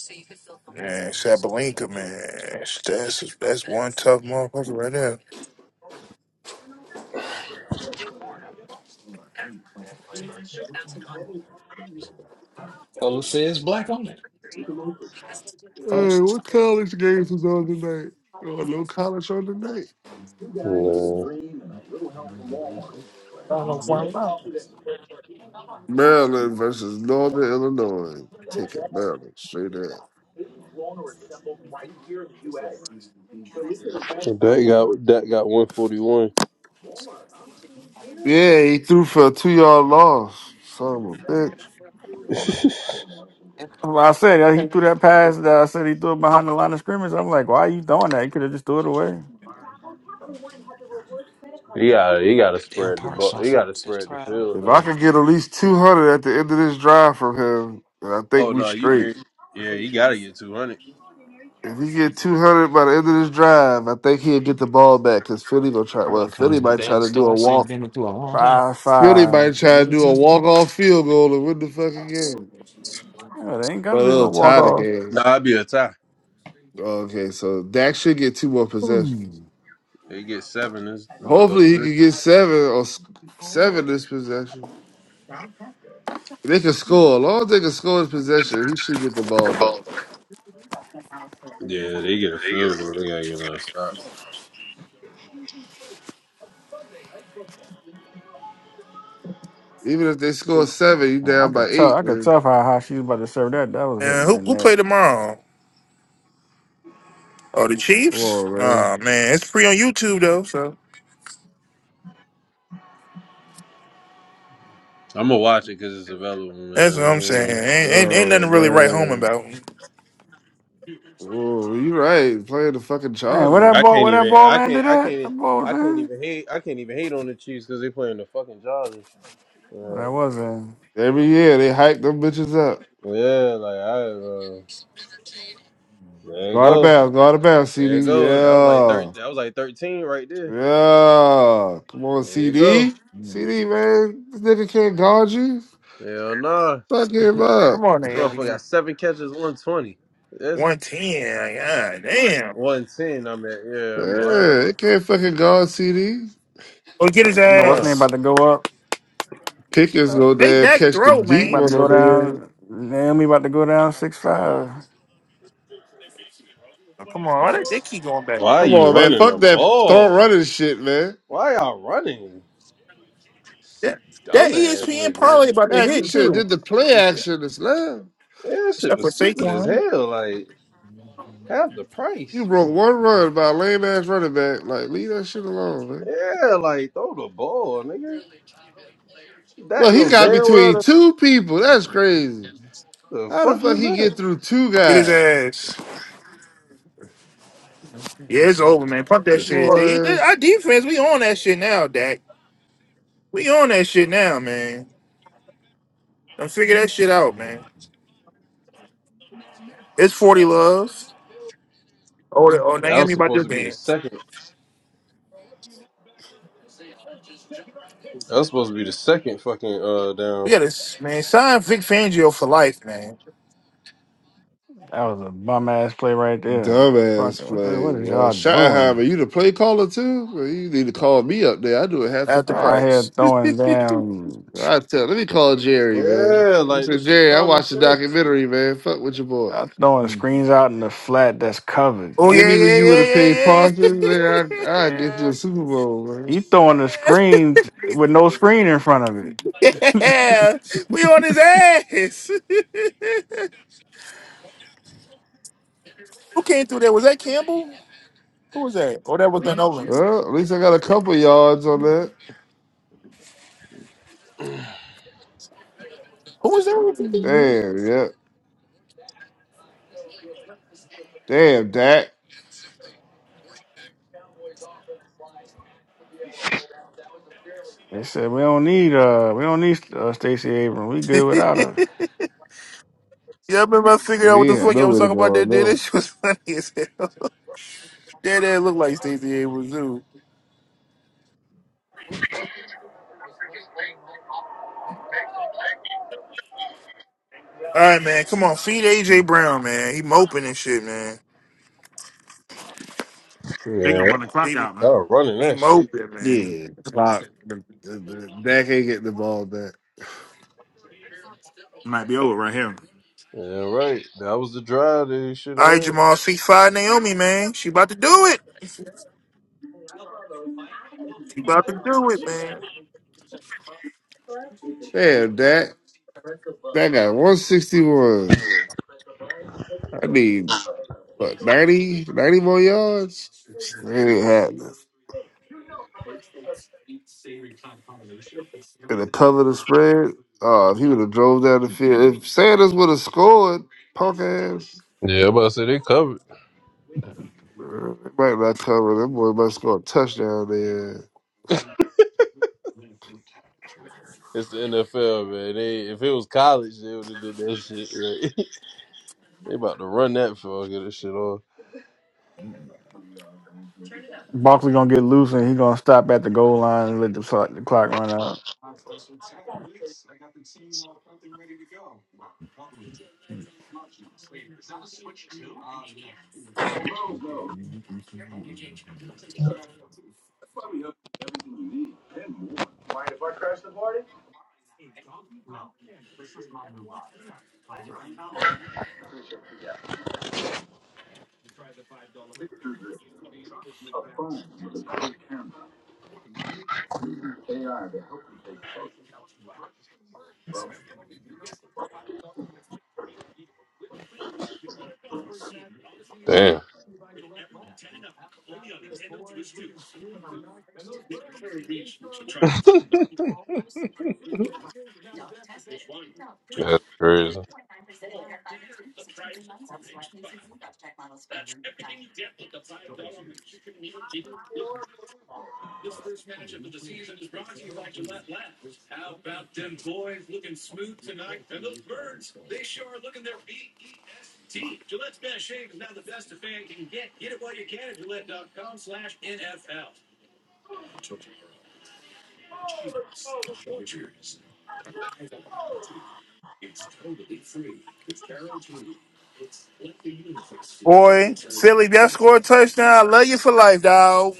Speaker 7: man, Sabalenka, man, that's that's one tough motherfucker right there.
Speaker 4: Color says black on it.
Speaker 6: Hey, what college games is on tonight? Oh, no college on tonight.
Speaker 5: Nah.
Speaker 6: Maryland versus Northern Illinois. Taking Maryland straight up.
Speaker 5: That got that got one forty one.
Speaker 6: Yeah, he threw for a two yard loss. Son of a bitch.
Speaker 5: [LAUGHS]
Speaker 3: Well, I said uh, he threw that pass. That I said he threw it behind the line of scrimmage. I'm like, why are you doing that? You could have just threw it away.
Speaker 5: He got he got to spread the ball. He got to spread the field
Speaker 6: If
Speaker 5: though.
Speaker 6: I could get at least two hundred at the end of this drive from him, then I
Speaker 5: Oh
Speaker 6: think we
Speaker 5: no, you
Speaker 6: straight.
Speaker 5: get yeah. You got to get two hundred.
Speaker 6: If he get two hundred by the end of this drive, I think he'll get the ball back because Philly gonna try. Well, Philly might try to do a walk
Speaker 3: Five
Speaker 6: Philly
Speaker 3: five.
Speaker 6: might try to
Speaker 4: Mm-hmm.
Speaker 6: do a walk off field goal and win the fucking game.
Speaker 3: Yeah, they ain't got
Speaker 6: But
Speaker 3: to do no
Speaker 6: it'll
Speaker 3: walk
Speaker 6: tie the
Speaker 3: offs.
Speaker 6: game.
Speaker 5: Nah, I'd be a tie.
Speaker 6: Okay, so Dak should get two more possessions.
Speaker 5: They get seven. Is about up
Speaker 6: Hopefully, he
Speaker 5: three.
Speaker 6: can get seven or s- seven this possession. They can score. As long as they can score this possession, he should get the ball back.
Speaker 5: Yeah, they get a
Speaker 8: they get
Speaker 5: field
Speaker 8: up.
Speaker 5: goal. They gotta get another stop.
Speaker 6: Even if they score seven, you
Speaker 3: I
Speaker 6: down by
Speaker 3: could tell. I
Speaker 6: eight,
Speaker 3: could
Speaker 6: man.
Speaker 3: tell how high she was about to serve that. That was
Speaker 7: And
Speaker 3: hitting the
Speaker 7: who who play
Speaker 3: net.
Speaker 7: tomorrow? Oh, the
Speaker 6: Come
Speaker 7: Chiefs.
Speaker 6: on, man.
Speaker 7: Oh man, it's free on YouTube though. So
Speaker 5: I'm gonna watch it because it's available,
Speaker 7: That's what
Speaker 5: man.
Speaker 7: I'm
Speaker 5: You
Speaker 7: saying.
Speaker 5: know,
Speaker 7: Ain't, ain't, ain't
Speaker 6: Oh,
Speaker 7: nothing really right home
Speaker 6: man.
Speaker 7: about.
Speaker 6: Oh, you right. Playing the fucking
Speaker 3: Man, where that
Speaker 6: Chargers.
Speaker 5: I
Speaker 3: ball?
Speaker 5: can't
Speaker 3: Where that
Speaker 5: even.
Speaker 3: ball
Speaker 5: I
Speaker 3: landed
Speaker 5: can't. I
Speaker 3: at? That
Speaker 5: can't.
Speaker 3: ball was
Speaker 5: I can't
Speaker 3: in.
Speaker 5: even hate. I can't even hate on the Chiefs because they playing the fucking Chargers.
Speaker 3: No, That
Speaker 5: Like,
Speaker 3: wasn't.
Speaker 6: Every year, they hype them bitches up.
Speaker 5: yeah, like I. Uh, there you
Speaker 6: Go out of
Speaker 5: go.
Speaker 6: bounds. Go out of bounds,
Speaker 5: There
Speaker 6: CD.
Speaker 5: you go. That was like thir-
Speaker 6: Yeah.
Speaker 5: that was like thirteen right there.
Speaker 6: Yeah. Come on,
Speaker 5: There you go.
Speaker 6: CD. CD, man. This nigga can't guard you.
Speaker 5: Hell nah.
Speaker 6: Fuck him
Speaker 5: [LAUGHS]
Speaker 6: up.
Speaker 7: Come on,
Speaker 5: Motherfucker
Speaker 7: Naomi.
Speaker 5: got seven catches, one twenty. That's
Speaker 7: 110. God damn.
Speaker 5: one ten. I mean, yeah, I'm blind.
Speaker 6: Yeah, it can't fucking guard CD.
Speaker 7: Oh, get his
Speaker 3: I
Speaker 5: Hell
Speaker 3: know what's
Speaker 5: nah.
Speaker 3: name
Speaker 7: ass.
Speaker 3: about to go up.
Speaker 6: Pickens
Speaker 3: Uh,
Speaker 6: go
Speaker 7: Make
Speaker 6: there,
Speaker 7: that
Speaker 6: catch the
Speaker 7: throw,
Speaker 3: She
Speaker 6: deep
Speaker 7: man.
Speaker 3: about to
Speaker 6: one
Speaker 3: go
Speaker 6: on there.
Speaker 3: down. Naomi about to go down six five.
Speaker 7: Oh, come on. Why they, they keep going back?
Speaker 5: Why
Speaker 6: Come
Speaker 5: you
Speaker 6: on, man.
Speaker 5: running the
Speaker 6: Fuck that thought
Speaker 5: ball?
Speaker 6: running shit, man.
Speaker 5: Why y'all running?
Speaker 7: That, that
Speaker 5: Dumbass
Speaker 7: ESPN
Speaker 5: nigga.
Speaker 7: probably about to
Speaker 6: Heck, you
Speaker 7: hit,
Speaker 6: should have
Speaker 7: too.
Speaker 6: did the play action this last.
Speaker 5: Yeah, that shit
Speaker 7: Except
Speaker 5: was
Speaker 7: for
Speaker 5: stupid as
Speaker 7: Saquon.
Speaker 5: hell. Like half the
Speaker 6: You
Speaker 5: price.
Speaker 6: broke one run by a lame ass running back. Like, leave that shit alone, man.
Speaker 5: Yeah, like throw the ball, nigga. Dak
Speaker 6: Look, he
Speaker 5: know
Speaker 6: got
Speaker 5: damn well
Speaker 6: between
Speaker 5: the,
Speaker 6: two people. That's crazy.
Speaker 5: the
Speaker 6: How the
Speaker 5: fuck
Speaker 6: fuck
Speaker 5: was
Speaker 6: he get
Speaker 5: that?
Speaker 6: through two
Speaker 7: Get his
Speaker 6: guys?
Speaker 7: ass. Yeah, it's over, man. Pump that
Speaker 5: Just
Speaker 7: shit.
Speaker 5: fuck.
Speaker 7: They,
Speaker 6: Boy.
Speaker 7: they, our defense, we on that shit now, Dak. We on that shit now, man. Now figure that shit out, man. It's 40 love. Oh, the- oh
Speaker 5: That was
Speaker 7: Naomi about
Speaker 5: supposed
Speaker 7: this
Speaker 5: to be the
Speaker 7: man.
Speaker 5: second. That's supposed to be the second fucking uh
Speaker 7: We
Speaker 5: down.
Speaker 7: got this man. Sign Vic Fangio for life, man.
Speaker 3: That was a bum ass play right there. Fuck.
Speaker 6: Dumbass
Speaker 3: What, the,
Speaker 6: play,
Speaker 3: what is
Speaker 6: boy.
Speaker 3: y'all doing?
Speaker 6: Schottenheimer, you the play caller too? Well, you need to call me up there. I do it half the
Speaker 7: At the
Speaker 3: Oh, I
Speaker 6: price.
Speaker 3: here
Speaker 7: price.
Speaker 3: throwing damn,
Speaker 6: I tell. Let me call Jerry, man.
Speaker 5: Yeah,
Speaker 6: I
Speaker 5: like
Speaker 6: said,
Speaker 5: this shit
Speaker 6: Jerry, I
Speaker 5: common
Speaker 6: watched the
Speaker 5: sense.
Speaker 6: documentary, man. Fuck with your boy.
Speaker 3: I throwing screens out in the flat that's covered.
Speaker 7: Oh
Speaker 6: Give
Speaker 3: Like
Speaker 7: yeah,
Speaker 6: me when
Speaker 7: yeah,
Speaker 6: you would have paid
Speaker 7: yeah, yeah,
Speaker 6: Parsons, man.
Speaker 7: yeah,
Speaker 6: I I get you
Speaker 7: yeah.
Speaker 6: a Super Bowl,
Speaker 3: he
Speaker 6: man.
Speaker 3: throwing the screen with no screen in front of it.
Speaker 7: [LAUGHS] yeah. yeah. We on his ass. [LAUGHS] Who came through there? Was that Campbell? Who was that? Oh, that was the Nolans.
Speaker 6: Well, at least I got a couple yards on that.
Speaker 7: Who was that? with you?
Speaker 6: Damn, yeah. Damn, Dak.
Speaker 3: They said we don't need uh we don't need uh, Stacey Abrams. We good without
Speaker 7: [LAUGHS]
Speaker 3: her.
Speaker 7: yeah, I remember I figured out what
Speaker 6: He
Speaker 7: the
Speaker 6: had
Speaker 7: fuck
Speaker 6: no
Speaker 7: y'all was
Speaker 6: way to
Speaker 7: talking about.
Speaker 6: go on
Speaker 7: That day, that
Speaker 6: that.
Speaker 7: shit was [LAUGHS] funny as hell. [LAUGHS] That dad looked like Stacey Abrams. too. All right, man. Come on, feed AJ Brown, man. He moping and shit, man.
Speaker 8: They gonna
Speaker 5: Yeah,
Speaker 8: run the clock
Speaker 7: He
Speaker 8: out, man.
Speaker 5: y'all running
Speaker 7: he
Speaker 5: that shit.
Speaker 7: moping, man.
Speaker 6: Yeah, clock. The, the, the, Dak ain't getting the ball back.
Speaker 8: Might be over right here.
Speaker 5: Yeah, right. That was the drive they should have
Speaker 7: All right,
Speaker 5: had.
Speaker 7: Jamal, feed five Naomi, man. She about to do it. She about to do it, man.
Speaker 6: Damn, Dak. That got 161. I need, what, 90, 90 more yards? It ain't happening. And it cover the spread. Oh, if he would have drove down the field. If Sanders would have scored, punk ass,
Speaker 5: Yeah, I'm about to say they covered.
Speaker 6: uh, it might not cover. That boy might score a touchdown there.
Speaker 5: It's the NFL, man. They if it was college, they would have did that shit. Right? [LAUGHS] they about to run that for get this shit off.
Speaker 3: Barkley gonna get loose and he gonna stop at the goal line and let the clock, the clock run out.
Speaker 5: Damn, that's crazy.
Speaker 7: Boy, Philly, if y'all score a touchdown. I love you for life, dog.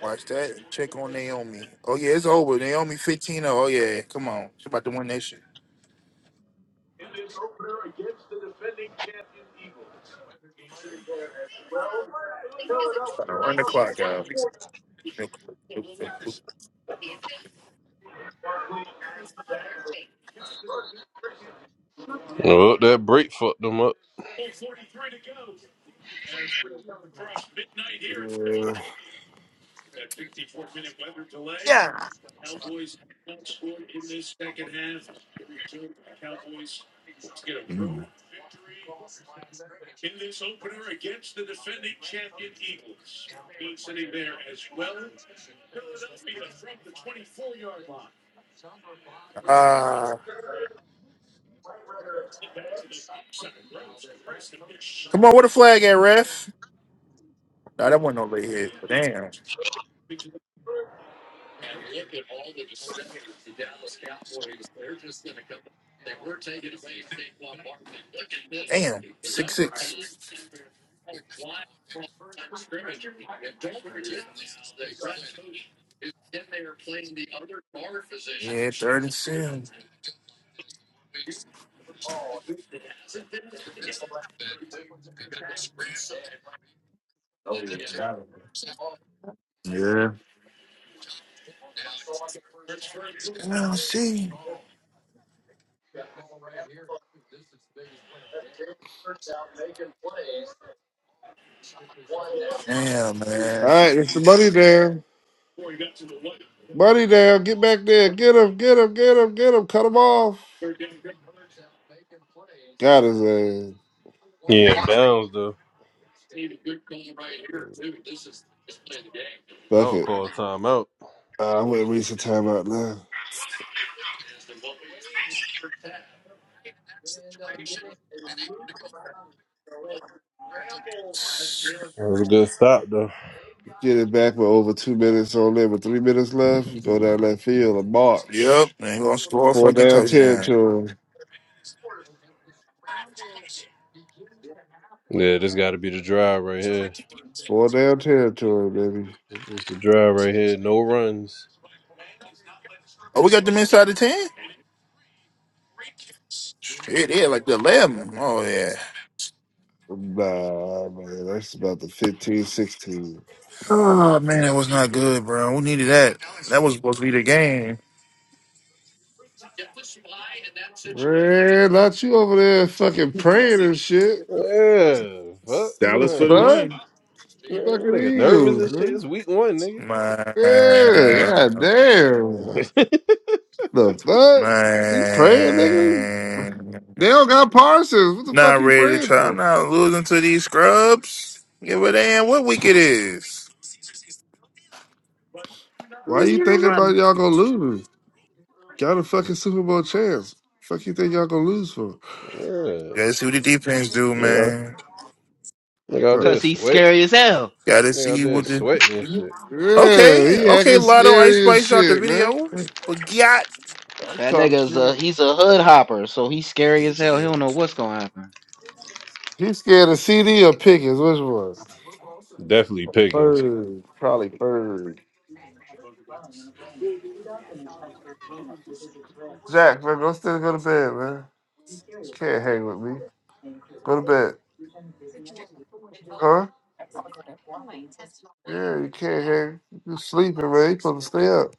Speaker 7: Watch that. Check on Naomi. Oh yeah, it's over. Naomi 15. Oh Oh, yeah, come on. She about to win that shit.
Speaker 5: Well, that break fucked them up.
Speaker 6: Yeah.
Speaker 8: in this opener against the defending champion Eagles. He's sitting there at Philadelphia from the 24th
Speaker 7: Ah,
Speaker 8: side. Rose Chris.
Speaker 7: come on. What a flag at, ref? Nah, that wasn't no late hit. Damn, damn. Six six. Yeah, third and seven.
Speaker 8: Oh, yeah. that
Speaker 7: I don't see. Damn,
Speaker 6: All
Speaker 7: man.
Speaker 6: right, it's the money down. Money down. Get back there. Get him, get him, get him, get him. Cut him off. Got his ass.
Speaker 5: Yeah, downs though. I
Speaker 6: Fuck
Speaker 5: would
Speaker 6: it.
Speaker 5: call a timeout.
Speaker 6: Uh, I'm going to reach the timeout now.
Speaker 5: That was a good stop though.
Speaker 6: Get it back with over two minutes on there, with three minutes left. You go down that field and
Speaker 7: Yep,
Speaker 6: march.
Speaker 7: man. He gonna score a
Speaker 6: Four
Speaker 7: fucking
Speaker 6: down
Speaker 7: touchdown.
Speaker 6: territory.
Speaker 5: Yeah, this got to be the drive right here.
Speaker 6: Four down territory, baby.
Speaker 5: It's a drive right here, no runs.
Speaker 7: Oh, we got them inside the ten. Shit, yeah, like the eleven. Oh yeah.
Speaker 6: Nah, man, that's about the fifteen, sixteen.
Speaker 7: Oh man, that was not good, bro. We needed that. That was supposed to be the game.
Speaker 6: Man, not you over there fucking praying and shit.
Speaker 5: Yeah, fuck.
Speaker 6: What the
Speaker 8: Dallas for
Speaker 5: Man, [LAUGHS]
Speaker 8: the
Speaker 6: fuck?
Speaker 8: win.
Speaker 6: The
Speaker 5: man,
Speaker 6: fucking
Speaker 5: nigga nervous and
Speaker 6: Eagles,
Speaker 5: shit.
Speaker 6: man.
Speaker 5: It's week one, nigga.
Speaker 6: Yeah,
Speaker 7: Man,
Speaker 6: god damn.
Speaker 5: [LAUGHS] yeah.
Speaker 6: The fuck? You praying, nigga?
Speaker 7: man.
Speaker 6: They don't got Parsons. What the
Speaker 7: Not
Speaker 6: fuck you
Speaker 7: ready to
Speaker 6: praying
Speaker 7: try. I'm
Speaker 6: for?
Speaker 7: not losing to these scrubs. Give a damn what week it is.
Speaker 6: Why
Speaker 7: Gotta
Speaker 6: you thinking about y'all gonna lose? Got a fucking Super Bowl chance. Fuck you think y'all gonna lose for?
Speaker 7: see what the defense do,
Speaker 5: Nigga,
Speaker 7: man.
Speaker 5: nigga out there
Speaker 11: Cause
Speaker 6: Bruh.
Speaker 11: he's
Speaker 5: sweat.
Speaker 11: scary as hell.
Speaker 7: Gotta
Speaker 5: Nigga out
Speaker 7: see
Speaker 5: there
Speaker 7: what the
Speaker 5: sweating and shit.
Speaker 6: Yeah,
Speaker 7: Okay,
Speaker 6: he
Speaker 7: okay,
Speaker 6: acting
Speaker 7: Lotto Ice
Speaker 6: scary as
Speaker 7: Spice dropped the
Speaker 6: shit, man.
Speaker 7: video. But got
Speaker 6: I'm
Speaker 11: That
Speaker 6: talking
Speaker 11: nigga's a
Speaker 6: shit.
Speaker 11: he's a hood hopper, so he's scary as hell. He don't know what's gonna happen.
Speaker 6: He scared of CD or Pickens? Which one?
Speaker 5: Definitely Pickens.
Speaker 6: Bird, probably Bird. Jack, man, go still go to bed, man. You can't hang with me. Go to bed, huh? Yeah, you can't hang. You sleeping, man. You supposed to stay up.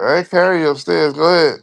Speaker 6: I ain't carry you upstairs. Go ahead.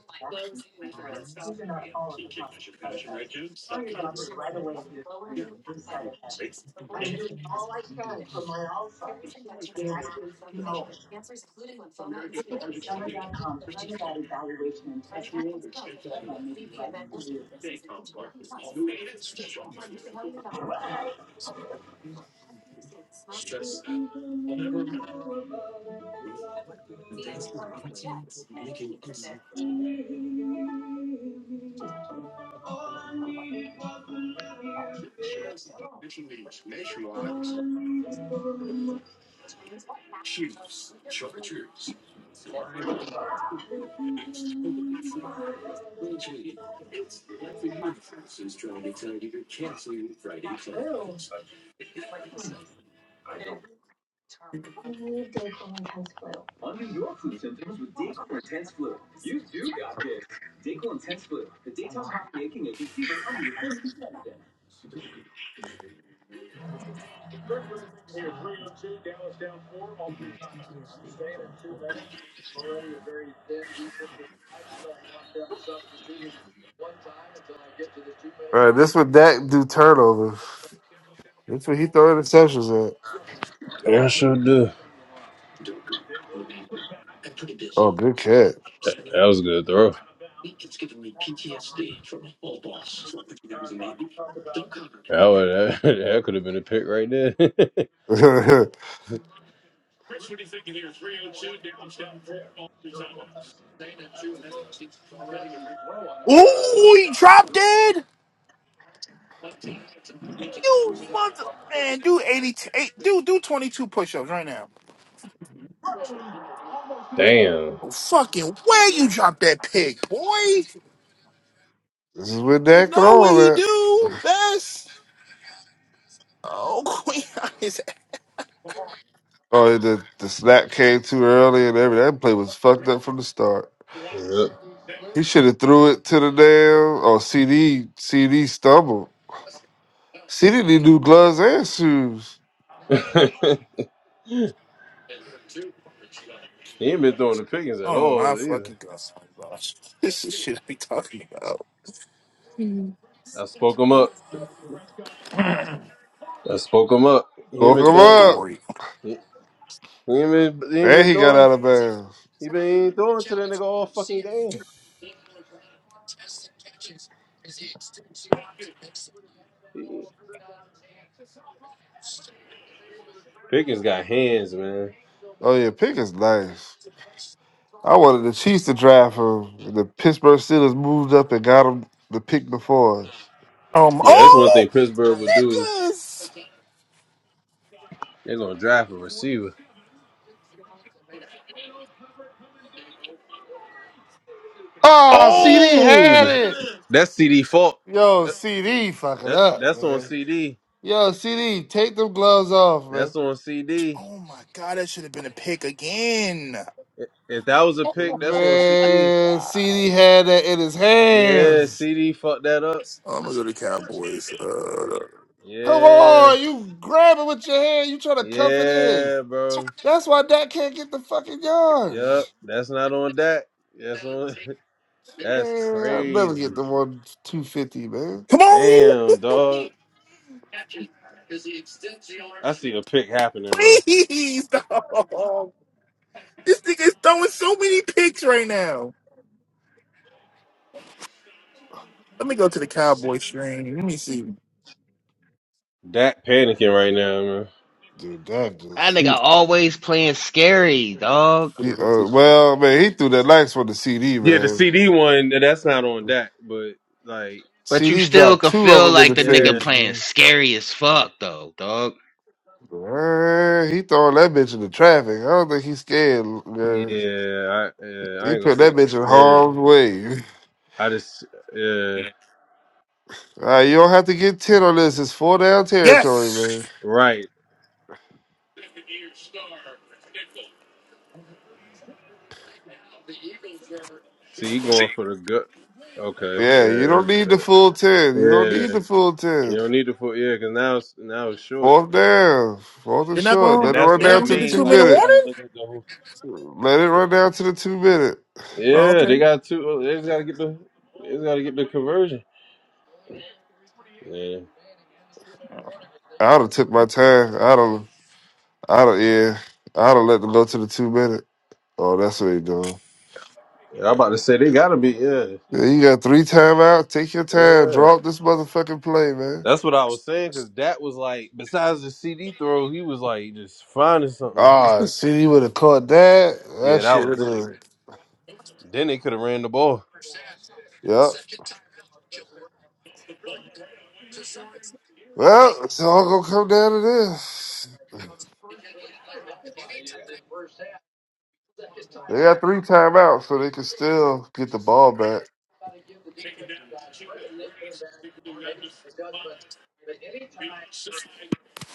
Speaker 6: All right, this what Dak do turnovers. That's what he throw interceptions
Speaker 5: Yeah, sure do.
Speaker 6: Oh, good catch.
Speaker 5: That that was a good throw. That, would, that, [LAUGHS] that could have been a pick right there. [LAUGHS]
Speaker 6: [LAUGHS] this
Speaker 7: Ooh, he dropped it! You mother man, do 80 t- eight, do do 22 push-ups right now.
Speaker 5: Damn.
Speaker 7: Oh fucking where you dropped that pig, boy!
Speaker 6: is what
Speaker 7: You
Speaker 6: Dak
Speaker 7: know what he
Speaker 6: throwing at.
Speaker 7: do best. Oh [LAUGHS] queen his
Speaker 6: Oh, the the snap came too early and everything. That play was fucked up from the start.
Speaker 5: Yep.
Speaker 6: He should have threw it to the damn. Oh, CD CD stumbled. CD need new gloves and shoes.
Speaker 5: [LAUGHS] he ain't been throwing the Pickens at
Speaker 7: Oh my
Speaker 5: all either.
Speaker 7: fucking gosh. oh, gosh. This is shit I be talking about.
Speaker 5: I spoke him up. I spoke him up. He ain't
Speaker 6: Woke
Speaker 5: been
Speaker 7: Fucking
Speaker 6: him
Speaker 5: throwing too.
Speaker 6: up,
Speaker 7: Midori.
Speaker 5: He ain't been, he ain't
Speaker 6: and
Speaker 5: been
Speaker 6: he got
Speaker 5: throwing.
Speaker 6: out of bounds.
Speaker 5: He been he ain't throwing to that nigga all fucking game. Pickens got hands, man.
Speaker 6: Oh yeah, pick is nice. I wanted the Chiefs to draft him, and the Pittsburgh Steelers moved up and got him the pick before us.
Speaker 7: Um
Speaker 5: Yeah, that's one thing
Speaker 7: oh
Speaker 5: Pittsburgh would do.
Speaker 7: niggas!
Speaker 5: They're gonna draft a receiver.
Speaker 6: Oh, CD had
Speaker 5: Oh,
Speaker 6: it.
Speaker 5: that's CD fault.
Speaker 6: Yo,
Speaker 5: That,
Speaker 6: CD fucking
Speaker 5: that-
Speaker 6: up,
Speaker 5: that's on
Speaker 6: man.
Speaker 5: CD.
Speaker 6: Yo, CD, take them gloves off, man.
Speaker 5: That's on CD.
Speaker 7: Oh my god, that should have been a pick again.
Speaker 5: If if that was a pick, that's on CD.
Speaker 6: Man, CD had that in his
Speaker 5: Yeah,
Speaker 6: hands.
Speaker 5: CD fucked that up.
Speaker 7: I'm gonna go to Cowboys. Uh,
Speaker 6: Come
Speaker 5: Yeah,
Speaker 6: on, you grab it with your hand. You trying to cuff it in.
Speaker 5: yeah, bro.
Speaker 6: That's why Dak can't get the fucking
Speaker 5: Yep,
Speaker 6: yards.
Speaker 5: that's not on that. That's on. [LAUGHS] That's
Speaker 6: Man, I'll never
Speaker 5: crazy.
Speaker 6: get the one two fifty, man.
Speaker 7: come on,
Speaker 5: Damn, dog. I see a pick happening, bro.
Speaker 7: please, dog. This nigga's throwing so many picks right now. Let me go to the Cowboy stream. Let me see.
Speaker 5: Dak panicking right now, man.
Speaker 6: Dude, Dak
Speaker 11: That
Speaker 6: just he,
Speaker 11: nigga always playing scary, dog.
Speaker 6: he, uh, well, man, he threw that nice one to CD,
Speaker 5: Yeah, the
Speaker 6: man.
Speaker 5: CD one that's not on Dak, but like,
Speaker 11: But you
Speaker 6: CD
Speaker 11: still
Speaker 6: dropped
Speaker 11: could
Speaker 6: two of
Speaker 11: feel
Speaker 6: them in
Speaker 11: like
Speaker 6: the
Speaker 11: the nigga
Speaker 5: yeah,
Speaker 6: face,
Speaker 11: playing
Speaker 6: man.
Speaker 11: scary as fuck, though, dog.
Speaker 6: Man, he throwing that bitch in the traffic. I don't think he's scared. Man.
Speaker 5: yeah, I, yeah, I
Speaker 6: He
Speaker 5: ain't gonna
Speaker 6: put
Speaker 5: say
Speaker 6: that bitch in
Speaker 5: scared.
Speaker 6: harm's way.
Speaker 5: I just, yeah,
Speaker 6: Uh, you don't have to get 10 on this. It's four down territory, man.
Speaker 7: Yes,
Speaker 5: right. See, you
Speaker 8: See?
Speaker 5: going for the gut? Okay,
Speaker 6: Yeah, you don't
Speaker 5: yeah,
Speaker 6: need the
Speaker 5: that's
Speaker 6: full 10. You don't
Speaker 5: good.
Speaker 6: need
Speaker 5: yeah.
Speaker 6: the full
Speaker 5: You
Speaker 6: 10.
Speaker 5: don't need to put, yeah, because now it's now it's short,
Speaker 6: Fourth down. Fourth and
Speaker 7: they're not
Speaker 6: short.
Speaker 5: and
Speaker 7: gonna.
Speaker 6: Let it
Speaker 5: that's
Speaker 6: run
Speaker 5: what
Speaker 7: They're not
Speaker 5: I
Speaker 6: down
Speaker 7: gonna
Speaker 6: to
Speaker 7: get
Speaker 6: the
Speaker 7: the
Speaker 5: mean.
Speaker 7: two
Speaker 6: two
Speaker 5: Like,
Speaker 7: minute
Speaker 5: he
Speaker 6: minute.
Speaker 5: got to
Speaker 7: warning.
Speaker 5: look at the whole.
Speaker 6: Let it run down to the two minute.
Speaker 7: Oh,
Speaker 5: Yeah,
Speaker 7: okay.
Speaker 5: they got two. They just got to get the. They just got to get the conversion. Yeah,
Speaker 6: I'd have took my time. I don't, I don't, yeah. I'd have let them go to the two minute. Oh, that's what they doing.
Speaker 5: I'm about to say they got to be. Yeah.
Speaker 6: Yeah, you got three timeouts. Take your time.
Speaker 5: Yeah,
Speaker 6: Drop this motherfucking play, man.
Speaker 5: that's what I was saying. Cause that was like, besides the CD throw, he was like just finding something.
Speaker 6: Ah,
Speaker 5: [LAUGHS]
Speaker 6: see, you would have caught that.
Speaker 5: yeah,
Speaker 6: That
Speaker 5: that
Speaker 6: shit
Speaker 5: was
Speaker 6: would
Speaker 5: it.
Speaker 6: have.
Speaker 5: Then they could have ran the ball.
Speaker 6: Yep. Well, it's all gonna come down to this. They got three timeouts, so they can still get the ball back.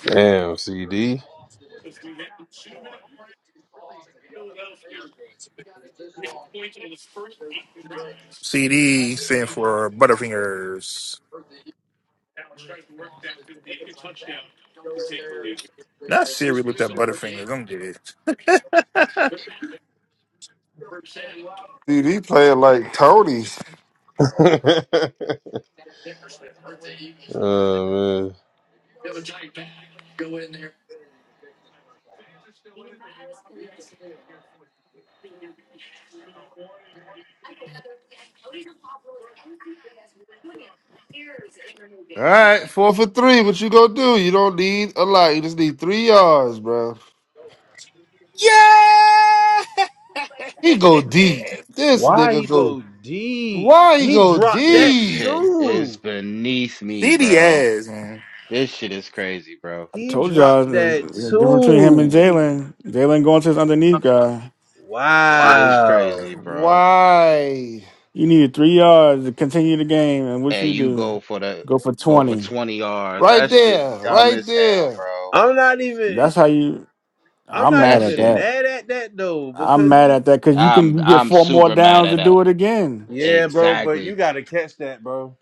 Speaker 5: Damn, CD.
Speaker 7: CD stand for Butterfingers. Not Siri looked at Butterfingers. I'm dead.
Speaker 6: CD playing like Tony.
Speaker 5: [LAUGHS] oh man,
Speaker 6: All right, four for three. What you gonna do? You don't need a lot. You just need three yards, bro. He go deep. This
Speaker 5: why he
Speaker 6: nigga go.
Speaker 5: go deep?
Speaker 6: Why he
Speaker 5: He
Speaker 6: go
Speaker 5: dropped
Speaker 11: This
Speaker 5: that
Speaker 6: deep?
Speaker 11: shit is
Speaker 5: too.
Speaker 11: beneath me,
Speaker 7: CD
Speaker 11: bro.
Speaker 7: ass man.
Speaker 11: This shit is crazy, bro.
Speaker 3: I
Speaker 5: He
Speaker 3: told y'all
Speaker 5: dropped
Speaker 3: the,
Speaker 5: that
Speaker 3: the difference between him and
Speaker 5: too.
Speaker 3: Jalen. Jalen going to his underneath guy.
Speaker 11: Shit is
Speaker 5: Wow.
Speaker 11: crazy, bro.
Speaker 6: Why?
Speaker 3: You needed three yards to continue the game, and what
Speaker 11: And
Speaker 3: you
Speaker 11: you
Speaker 3: do,
Speaker 11: go for the
Speaker 3: go for
Speaker 11: go for
Speaker 3: twenty.
Speaker 11: twenty yards.
Speaker 6: Right
Speaker 11: That shit
Speaker 6: there.
Speaker 11: dumb
Speaker 6: Right
Speaker 11: as hell,
Speaker 6: there.
Speaker 11: bro.
Speaker 5: I'm not even.
Speaker 3: That's how you.
Speaker 5: I'm
Speaker 3: I'm
Speaker 5: not
Speaker 11: That
Speaker 3: mad at
Speaker 5: even
Speaker 11: shit.
Speaker 3: that.
Speaker 5: mad at that though
Speaker 3: I'm
Speaker 5: because
Speaker 3: mad
Speaker 5: he.
Speaker 3: at that because you
Speaker 11: I'm
Speaker 3: can get
Speaker 11: I'm
Speaker 3: four more
Speaker 11: super mad
Speaker 3: downs
Speaker 11: at
Speaker 3: and
Speaker 11: that.
Speaker 3: do it again.
Speaker 5: Yeah, bro. But you
Speaker 11: Exactly.
Speaker 5: gotta catch that, bro.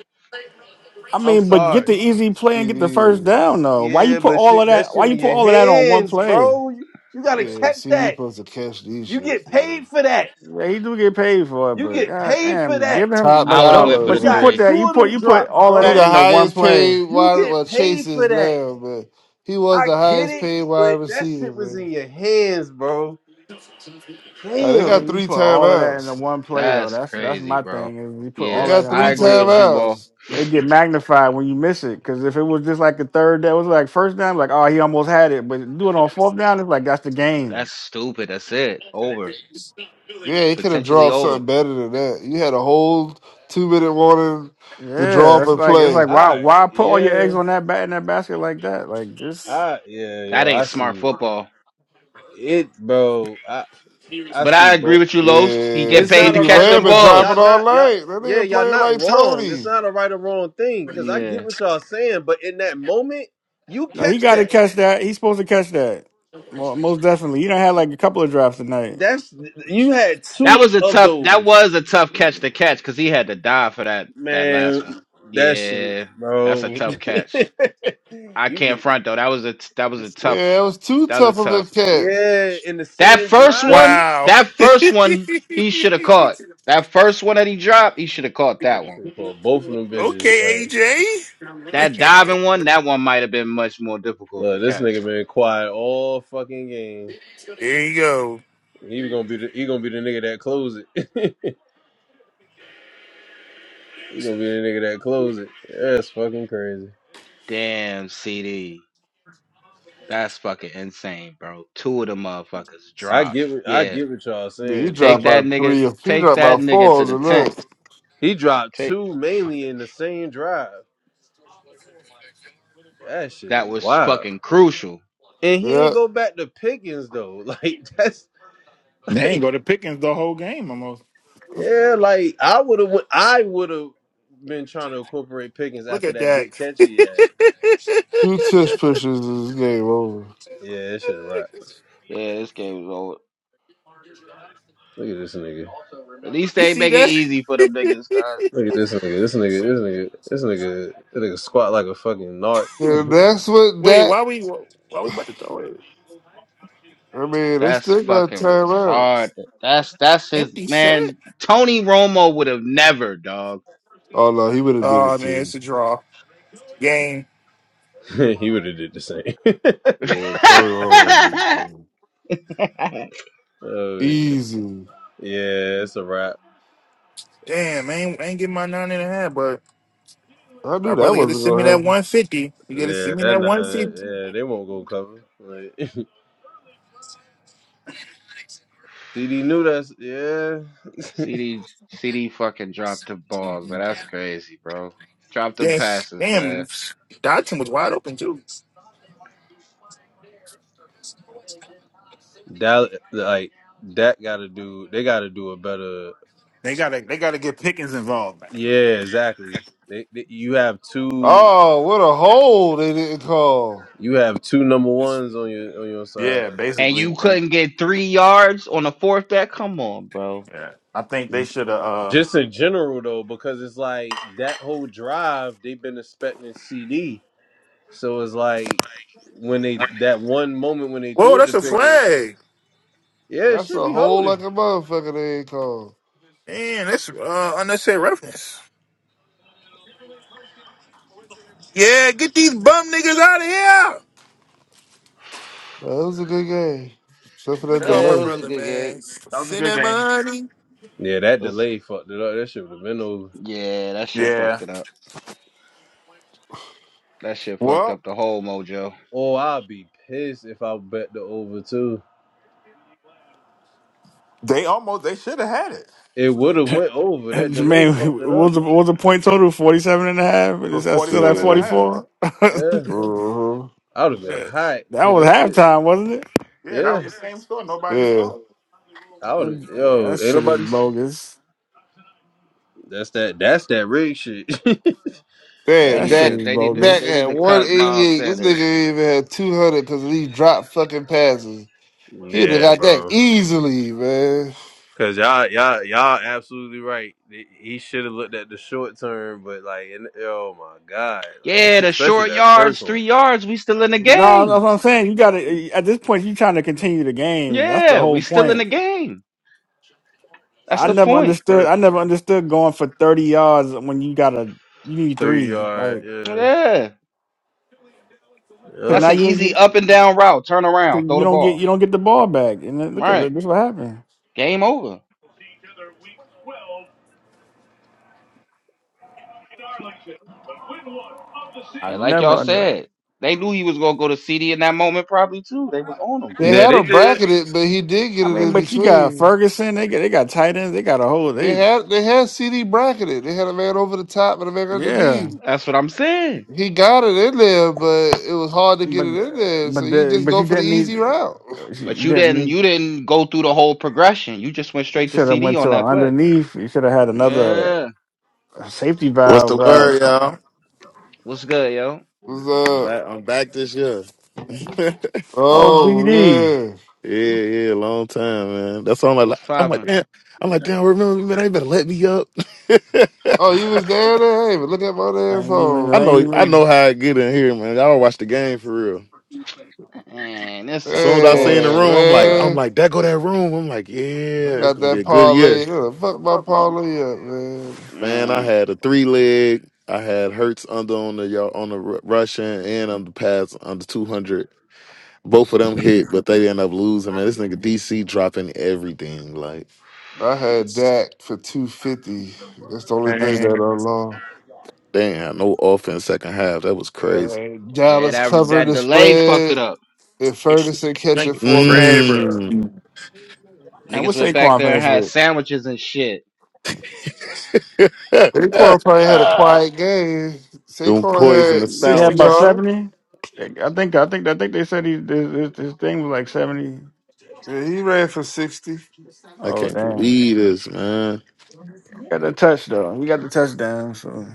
Speaker 3: I
Speaker 5: I'm
Speaker 3: mean, but get
Speaker 5: sorry.
Speaker 3: the easy play and get the
Speaker 6: CD
Speaker 3: first
Speaker 6: is.
Speaker 3: down though. Why you
Speaker 5: Yeah,
Speaker 3: put
Speaker 5: but
Speaker 3: all
Speaker 5: you,
Speaker 3: of
Speaker 5: that
Speaker 3: that?
Speaker 5: shit
Speaker 3: Why you
Speaker 5: in
Speaker 3: put
Speaker 5: your
Speaker 3: all of that on one
Speaker 5: hands,
Speaker 3: play?
Speaker 5: bro. You, you gotta
Speaker 6: Yeah,
Speaker 5: catch
Speaker 6: CD
Speaker 5: that.
Speaker 6: supposed to catch these
Speaker 5: You get
Speaker 6: shits, man.
Speaker 5: paid for that.
Speaker 3: Yeah, he do get paid for it,
Speaker 5: You
Speaker 3: but
Speaker 5: get
Speaker 3: god
Speaker 5: paid for
Speaker 3: damn,
Speaker 5: that.
Speaker 3: give him.
Speaker 6: Top
Speaker 11: I
Speaker 3: But
Speaker 11: would have went
Speaker 3: don't,
Speaker 6: dollar,
Speaker 11: for the
Speaker 3: but
Speaker 5: You
Speaker 3: you
Speaker 6: man.
Speaker 3: put
Speaker 5: got
Speaker 11: three.
Speaker 3: that,
Speaker 5: two
Speaker 3: you
Speaker 5: of
Speaker 3: put
Speaker 5: them
Speaker 3: you put
Speaker 5: drops,
Speaker 3: all of
Speaker 6: He
Speaker 3: that
Speaker 6: the
Speaker 5: bro.
Speaker 3: into one
Speaker 6: highest
Speaker 3: play.
Speaker 6: paid
Speaker 5: You
Speaker 6: wide.
Speaker 5: get
Speaker 6: Well, Chase
Speaker 5: paid for
Speaker 6: is
Speaker 5: that.
Speaker 6: Lamb, but he was
Speaker 5: I
Speaker 6: the
Speaker 5: get
Speaker 6: highest
Speaker 5: it,
Speaker 6: paid wide
Speaker 5: but that
Speaker 6: receiver,
Speaker 5: shit was
Speaker 6: man.
Speaker 5: in your hands, bro.
Speaker 6: Uh, they
Speaker 3: I
Speaker 5: Damn.
Speaker 6: got
Speaker 3: mean, you
Speaker 6: three
Speaker 3: put all of that into
Speaker 6: timeouts.
Speaker 3: one play though.
Speaker 11: That's
Speaker 3: That's that's
Speaker 11: crazy,
Speaker 3: my
Speaker 11: bro.
Speaker 3: thing is you put
Speaker 6: They
Speaker 3: all
Speaker 11: Yeah,
Speaker 3: that
Speaker 6: got
Speaker 3: in
Speaker 11: I
Speaker 6: three
Speaker 3: one
Speaker 11: agree with
Speaker 3: play.
Speaker 11: you, bro.
Speaker 6: timeouts.
Speaker 3: It get magnified when you miss it because if it was just like the third down, it was like first down, like oh he almost had it, but do it on fourth down, it's like that's the game.
Speaker 11: That's stupid. That's it. Over.
Speaker 6: Yeah, he could have
Speaker 11: Potentially
Speaker 6: dropped
Speaker 11: over.
Speaker 6: something better than that. You had a whole two minute warning to
Speaker 3: Yeah,
Speaker 6: drop
Speaker 3: it's
Speaker 6: and
Speaker 3: like it's
Speaker 6: play.
Speaker 3: like why
Speaker 5: Alright,
Speaker 3: why put all your eggs
Speaker 5: yeah.
Speaker 3: on that bat in that basket like that? Like just
Speaker 5: I yeah,
Speaker 11: That
Speaker 5: yo, I
Speaker 11: ain't smart
Speaker 5: see
Speaker 11: football.
Speaker 5: it, bro. I I
Speaker 11: But
Speaker 5: see
Speaker 11: I agree
Speaker 5: both.
Speaker 11: with you, Los. He
Speaker 6: Yeah,
Speaker 11: get
Speaker 5: It's
Speaker 11: paid
Speaker 5: not
Speaker 11: to
Speaker 5: a
Speaker 6: CD
Speaker 5: right
Speaker 11: catch
Speaker 5: or
Speaker 6: Lamb
Speaker 11: them
Speaker 6: been
Speaker 5: wrong.
Speaker 11: balls.
Speaker 5: Y'all
Speaker 6: dropping all
Speaker 5: not y'all.
Speaker 6: night. That
Speaker 5: Yeah,
Speaker 6: nigga
Speaker 5: y'all
Speaker 6: playing
Speaker 5: not
Speaker 6: like
Speaker 5: wrong. It's
Speaker 6: Tony.
Speaker 5: not a right or wrong thing because I get
Speaker 11: Yeah.
Speaker 5: what y'all saying, but in that moment, you
Speaker 3: no, he
Speaker 5: catch
Speaker 3: got to
Speaker 5: that.
Speaker 3: catch that. He's supposed to catch that. Well, most definitely. You don't have like a couple of drops tonight.
Speaker 5: That's you had
Speaker 11: That
Speaker 5: two
Speaker 11: was a
Speaker 5: of
Speaker 11: tough that
Speaker 5: those,
Speaker 11: was a tough catch to catch because he had to dive for that that
Speaker 5: man.
Speaker 11: last one.
Speaker 5: That shit,
Speaker 11: Yeah. That's a
Speaker 5: bro.
Speaker 11: tough catch.
Speaker 5: [LAUGHS]
Speaker 11: I
Speaker 5: you
Speaker 11: can't
Speaker 5: get
Speaker 11: front though. That was a. that was a tough
Speaker 6: Yeah, it was too
Speaker 11: that was a
Speaker 6: tough of a
Speaker 11: tough.
Speaker 6: catch.
Speaker 5: yeah in the
Speaker 11: That
Speaker 5: same
Speaker 11: first
Speaker 5: drive.
Speaker 11: one,
Speaker 7: Wow.
Speaker 11: that
Speaker 7: [LAUGHS] okay,
Speaker 11: first one he should have caught. That first one that he dropped, he should have caught that
Speaker 5: This
Speaker 11: one.
Speaker 5: nigga called both of them bitches. Like,
Speaker 7: AJ.
Speaker 11: That
Speaker 7: [LAUGHS]
Speaker 11: diving one, that one might have been much more difficult to
Speaker 5: look, this
Speaker 11: catch.
Speaker 5: nigga been quiet all fucking game.
Speaker 7: there you go.
Speaker 5: He was gonna be the he gonna be the nigga that close it. [LAUGHS] You gonna be the nigga that close it. That's fucking crazy.
Speaker 11: Damn, CD. That's fucking insane, bro. Two of the motherfuckers
Speaker 5: I
Speaker 11: drop.
Speaker 5: get what I
Speaker 11: Yeah.
Speaker 5: get what y'all
Speaker 6: Dude, he
Speaker 5: saying,
Speaker 11: Take
Speaker 6: dropped
Speaker 5: trust me.
Speaker 6: by
Speaker 11: that nigga.
Speaker 6: three. He
Speaker 11: Take
Speaker 6: dropped by
Speaker 11: that nigga
Speaker 6: four
Speaker 11: to
Speaker 6: on
Speaker 11: the tent.
Speaker 6: the
Speaker 5: He dropped
Speaker 11: Take
Speaker 5: two mainly in the same drive. That shit
Speaker 11: that
Speaker 5: is
Speaker 11: was
Speaker 5: wild.
Speaker 11: fucking crucial.
Speaker 5: And
Speaker 6: night.
Speaker 5: he
Speaker 6: Yeah,
Speaker 5: ain't go back to Pickens though. [LAUGHS] Like that's
Speaker 8: They ain't
Speaker 5: like
Speaker 8: go to Pickens the whole game almost.
Speaker 5: yeah, like I would have I would have been trying to incorporate Pickens
Speaker 7: Look
Speaker 5: after
Speaker 7: at
Speaker 5: that
Speaker 7: that.
Speaker 5: big catch he had.
Speaker 6: two tush pushes. This game over.
Speaker 5: Yeah, that shit right.
Speaker 7: [LAUGHS]
Speaker 11: Yeah, this game was over.
Speaker 5: Look at this nigga.
Speaker 11: At least
Speaker 7: you
Speaker 11: they
Speaker 7: see
Speaker 11: make it
Speaker 7: that?
Speaker 11: easy for them niggas, guys.
Speaker 7: [LAUGHS]
Speaker 5: Look at this nigga. This nigga. This nigga. This nigga. This nigga squat like a fucking narc.
Speaker 6: And that's what
Speaker 7: Wait,
Speaker 6: that.
Speaker 7: why we why we about to throw it?
Speaker 6: I mean, they
Speaker 11: That's
Speaker 6: still got
Speaker 11: fucking
Speaker 6: time out.
Speaker 11: retarded. That's that's his
Speaker 7: Empty set?
Speaker 11: man. Tony Romo would have never, dog.
Speaker 6: Oh no, he would have did
Speaker 7: Oh
Speaker 6: it
Speaker 7: man,
Speaker 6: too.
Speaker 7: it's a draw. Game.
Speaker 5: [LAUGHS] he would have did the same.
Speaker 11: [LAUGHS]
Speaker 6: Yeah, Tony Romo would have did it too.
Speaker 5: [LAUGHS] oh shit.
Speaker 6: Easy.
Speaker 5: Yeah, it's a wrap.
Speaker 7: Damn, I ain't, I ain't getting my nine and a half, but
Speaker 6: I
Speaker 7: my
Speaker 6: knew that
Speaker 7: brother gotta
Speaker 6: wasn't
Speaker 7: send me
Speaker 6: gonna
Speaker 7: that
Speaker 6: happen.
Speaker 7: one fifty. You gotta
Speaker 5: Yeah,
Speaker 7: send me
Speaker 5: that
Speaker 7: that
Speaker 5: not.
Speaker 7: one fifty.
Speaker 5: Yeah, they won't go cover. Like [LAUGHS] CD knew that's yeah.
Speaker 11: CD CD fucking dropped the balls, but that's crazy, bro. Dropped them
Speaker 7: Damn, s-
Speaker 11: passes, man.
Speaker 7: damn, Dodson was wide open too.
Speaker 5: Dallas, like that got to do. They got to do a better.
Speaker 8: They gotta they gotta get Pickens involved. Man.
Speaker 5: Yeah, exactly. They, they you have two.
Speaker 6: Oh, what a hole they didn't call.
Speaker 5: You have two number ones on your on your side.
Speaker 8: Yeah,
Speaker 11: and
Speaker 8: basically.
Speaker 11: you
Speaker 8: And
Speaker 11: couldn't get three yards on the fourth back. Come on, bro.
Speaker 8: yeah. I think they should have uh
Speaker 5: Just in general though, because it's like that whole drive they've been expecting CD. So it's like when they that one moment when they
Speaker 7: Whoa,
Speaker 5: threw it
Speaker 7: that's
Speaker 5: to
Speaker 7: a
Speaker 5: Pickens,
Speaker 7: flag.
Speaker 5: yeah, it
Speaker 6: That's
Speaker 5: should
Speaker 6: a
Speaker 5: be
Speaker 6: hole
Speaker 5: holding.
Speaker 6: like a motherfucker they ain't called.
Speaker 7: Man, that's uh, unnecessary reference. Yeah, get these bum niggas out of here.
Speaker 6: That was a good game, except for
Speaker 7: Let me
Speaker 6: that
Speaker 8: that
Speaker 7: call
Speaker 11: Yeah,
Speaker 7: my
Speaker 11: it
Speaker 6: delay.
Speaker 11: was a
Speaker 7: brother,
Speaker 11: good game.
Speaker 7: man.
Speaker 8: was a
Speaker 7: Send
Speaker 8: good
Speaker 7: that
Speaker 8: game.
Speaker 7: money.
Speaker 5: Yeah, that
Speaker 11: It's-
Speaker 5: delay fucked it up. That shit would have been over.
Speaker 11: yeah, that shit
Speaker 8: Yeah.
Speaker 11: fucked it up. That shit fucked
Speaker 8: Well,
Speaker 11: up the whole mojo.
Speaker 5: Oh, I'd be pissed if I bet the over too.
Speaker 8: they almost they should have had it.
Speaker 5: It
Speaker 8: Shit.
Speaker 5: would have went
Speaker 3: [LAUGHS]
Speaker 5: over. That delay fucked
Speaker 3: Jermaine,
Speaker 5: it
Speaker 3: what was
Speaker 5: up.
Speaker 3: the, what was the point total? 47 and a half. and a half?
Speaker 8: It was
Speaker 3: still at
Speaker 8: 47 and a
Speaker 6: Yeah.
Speaker 8: half.
Speaker 3: 44? [LAUGHS]
Speaker 5: Yeah,
Speaker 3: that
Speaker 6: Uh huh.
Speaker 5: I would have been hot because
Speaker 3: was
Speaker 5: that shit.
Speaker 3: halftime, wasn't it?
Speaker 8: Yeah, that
Speaker 5: Yeah,
Speaker 8: was the same score. Nobody
Speaker 6: Yeah.
Speaker 8: scored.
Speaker 5: I would.
Speaker 3: That
Speaker 5: have Yo,
Speaker 3: that
Speaker 5: ain't
Speaker 3: shit is
Speaker 5: nobody's.
Speaker 3: bogus.
Speaker 5: That's that. That's that rig shit. [LAUGHS]
Speaker 11: They
Speaker 6: Damn,
Speaker 3: That
Speaker 11: need
Speaker 3: shit
Speaker 11: to.
Speaker 3: is
Speaker 6: Dak.
Speaker 11: They need to.
Speaker 6: Dak
Speaker 3: bogus.
Speaker 11: They
Speaker 6: had
Speaker 11: need to
Speaker 6: one
Speaker 11: cut
Speaker 6: eighty
Speaker 11: Miles
Speaker 6: eight. This nigga
Speaker 11: Sanders.
Speaker 6: ain't even had two hundred because of these drop fucking passes. He would have
Speaker 5: yeah,
Speaker 6: got that
Speaker 5: bro.
Speaker 6: easily, man.
Speaker 5: Cause y'all, y'all, y'all absolutely right. He he should have looked at the short term, but like, and, oh my god, like
Speaker 11: Yeah,
Speaker 5: [LAUGHS]
Speaker 11: the
Speaker 5: especially
Speaker 11: short
Speaker 5: that first
Speaker 11: yards,
Speaker 5: one,
Speaker 11: three yards. We still in the
Speaker 3: No,
Speaker 11: game.
Speaker 3: that's what I'm saying. You got to, at this point, you trying to continue the game. That's the
Speaker 11: Yeah, we
Speaker 3: whole
Speaker 11: still in
Speaker 3: point.
Speaker 11: the game. That's
Speaker 3: I
Speaker 11: the
Speaker 5: especially
Speaker 3: never
Speaker 5: the
Speaker 11: point.
Speaker 3: understood. I
Speaker 5: first one.
Speaker 3: never understood going for thirty yards when you got a you need
Speaker 5: three
Speaker 3: three,
Speaker 5: yard.
Speaker 3: like
Speaker 5: Yeah,
Speaker 11: Yeah,
Speaker 3: because
Speaker 5: yeah.
Speaker 11: that's
Speaker 3: now
Speaker 11: an
Speaker 3: you
Speaker 11: easy up
Speaker 3: you
Speaker 11: and down route. Turn around, throw
Speaker 3: you
Speaker 11: the
Speaker 3: don't get
Speaker 11: ball.
Speaker 3: you don't get the ball back. And then
Speaker 11: Right.
Speaker 3: look at it, this what happened.
Speaker 11: game over.
Speaker 3: I
Speaker 11: And like
Speaker 3: never
Speaker 11: y'all
Speaker 3: under.
Speaker 11: said, they knew he was gonna go to CD in that moment, probably too. They was on him.
Speaker 6: They
Speaker 5: Yeah,
Speaker 6: had
Speaker 5: they
Speaker 6: him
Speaker 5: did.
Speaker 6: bracketed, but he did get
Speaker 3: I
Speaker 6: it
Speaker 3: mean,
Speaker 6: in
Speaker 3: but you got
Speaker 6: between.
Speaker 3: Ferguson. They got they got tight ends. They got a whole
Speaker 6: They
Speaker 3: they
Speaker 6: had they had CD bracketed. They had a man over the top and a man
Speaker 3: yeah.
Speaker 6: underneath.
Speaker 11: That's what I'm saying.
Speaker 6: He got it in there, but it was hard to get
Speaker 3: But
Speaker 6: it in
Speaker 3: uh,
Speaker 6: there. So
Speaker 3: but
Speaker 6: you
Speaker 3: the
Speaker 6: just
Speaker 3: but
Speaker 6: go
Speaker 3: you
Speaker 6: for the
Speaker 3: didn't need.
Speaker 6: easy route.
Speaker 11: But
Speaker 3: You
Speaker 11: you
Speaker 3: didn't
Speaker 11: didn't
Speaker 3: need.
Speaker 11: you didn't go through the whole progression. You just went
Speaker 3: You
Speaker 11: straight to
Speaker 3: should have
Speaker 11: CD
Speaker 3: went
Speaker 11: on
Speaker 3: to a
Speaker 11: that play.
Speaker 3: underneath. You should have had another
Speaker 11: Yeah.
Speaker 3: safety
Speaker 16: What's
Speaker 3: valve.
Speaker 16: the
Speaker 3: route.
Speaker 16: word, [LAUGHS] y'all?
Speaker 11: What's good, yo?
Speaker 6: [LAUGHS]
Speaker 16: I'm
Speaker 6: was, uh,
Speaker 16: back. I'm back this year. [LAUGHS] yeah,
Speaker 3: Oh,
Speaker 6: oh
Speaker 3: BD.
Speaker 6: yeah.
Speaker 16: yeah, long time, man. That's all I'm like.
Speaker 11: What's
Speaker 16: I'm like,
Speaker 11: poppin'?
Speaker 16: damn. I'm like, damn. Remember, man? They better let me up. [LAUGHS]
Speaker 6: Oh,
Speaker 11: [LAUGHS]
Speaker 6: you was down there? Hey, but look at my
Speaker 3: I
Speaker 6: damn
Speaker 3: ain't even.
Speaker 16: I
Speaker 3: I
Speaker 6: phone, man.
Speaker 3: ain't
Speaker 16: know. I know
Speaker 3: even.
Speaker 16: how I get in here, man. Y'all watch the game for real.
Speaker 11: Man, that's
Speaker 16: As soon
Speaker 11: some
Speaker 16: as I see in the
Speaker 6: Hey,
Speaker 16: room,
Speaker 11: bullshit,
Speaker 16: I'm like,
Speaker 11: dog.
Speaker 16: I'm
Speaker 6: man.
Speaker 16: like, that go that room. I'm like,
Speaker 6: I
Speaker 16: yeah, it's
Speaker 6: got
Speaker 16: gonna be a
Speaker 6: that
Speaker 16: good
Speaker 6: parlay.
Speaker 16: year,
Speaker 6: Look, fuck my parlay up, man.
Speaker 16: man. I
Speaker 11: Mm,
Speaker 16: had a three leg. I had Hertz under on the y'all on the Ru- Russian and on the pass under 200. Both of them hit, but they end up losing. Man, this nigga DC dropping everything. Like,
Speaker 6: I had Dak for two fifty. That's the only thing that I lost.
Speaker 16: they ain't had no offense second half. That was crazy.
Speaker 6: Uh,
Speaker 11: yeah,
Speaker 6: Dallas
Speaker 11: that
Speaker 6: covering
Speaker 11: that
Speaker 6: the
Speaker 11: delay fucked it
Speaker 6: spread
Speaker 11: up.
Speaker 6: and Ferguson catching four passes.
Speaker 16: Mmm.
Speaker 3: And
Speaker 11: Niggas
Speaker 3: what
Speaker 11: went back
Speaker 3: Saquon
Speaker 11: there and
Speaker 3: finished with?
Speaker 11: had sandwiches and shit.
Speaker 16: [LAUGHS]
Speaker 6: Saquon probably had a quiet game.
Speaker 16: Them
Speaker 6: Saquon
Speaker 16: poison the
Speaker 6: had
Speaker 3: Yeah,
Speaker 6: sixty
Speaker 3: about
Speaker 16: sandwiches.
Speaker 6: yards
Speaker 3: seventy. I think. I think. I think they said he this, this, this thing was like seventy.
Speaker 6: and he ran for sixty.
Speaker 16: I
Speaker 3: Oh
Speaker 16: can't
Speaker 3: damn!
Speaker 16: believe this, man.
Speaker 3: Got the touch though. He got the touchdown. So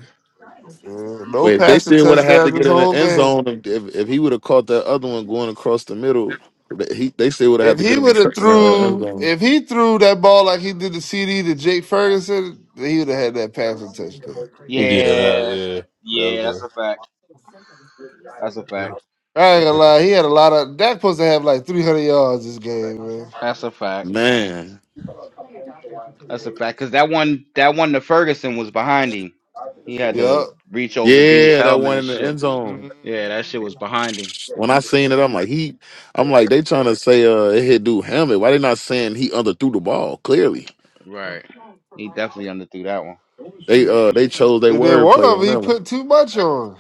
Speaker 6: Yeah, no
Speaker 16: Wait, if they
Speaker 6: passing
Speaker 16: still would have had to
Speaker 6: touchdowns this
Speaker 16: get in the
Speaker 6: whole
Speaker 16: end
Speaker 6: game.
Speaker 16: zone, if if, if he would have caught that other one going across the middle, th- he they still would have had
Speaker 6: If
Speaker 16: to get
Speaker 6: he
Speaker 16: him in
Speaker 6: would
Speaker 16: the
Speaker 6: have
Speaker 16: uh, end
Speaker 6: threw,
Speaker 16: zone.
Speaker 6: if he threw that ball like he did the CD to Jake Ferguson, then he would have had that passing touchdown.
Speaker 5: Yeah, that
Speaker 11: Yeah.
Speaker 5: yeah, that
Speaker 11: Yeah, that's
Speaker 5: one.
Speaker 11: a fact. That's a fact.
Speaker 6: I ain't gonna lie, he had a lot of. Dak supposed to have like three hundred yards this game, man.
Speaker 11: That's a fact.
Speaker 16: Man,
Speaker 11: That's a fact. Cause that one that one the Ferguson was behind him. He had
Speaker 6: Yep.
Speaker 11: to reach over the dude's
Speaker 16: yeah, that
Speaker 11: helmet
Speaker 16: one
Speaker 11: and
Speaker 16: in the
Speaker 11: shit.
Speaker 16: end zone.
Speaker 11: Yeah, that
Speaker 6: Mhm.
Speaker 11: shit was behind him.
Speaker 16: When I seen it, I'm like, he, I'm like, they trying to say, uh, it hit dude Hammett. Why they not saying he underthrew the ball? Clearly,
Speaker 11: Right. He definitely underthrew that one.
Speaker 16: they, uh, they chose their
Speaker 6: And then
Speaker 16: wordplay
Speaker 6: one of
Speaker 16: on
Speaker 6: them, he
Speaker 16: that one.
Speaker 6: put too much on.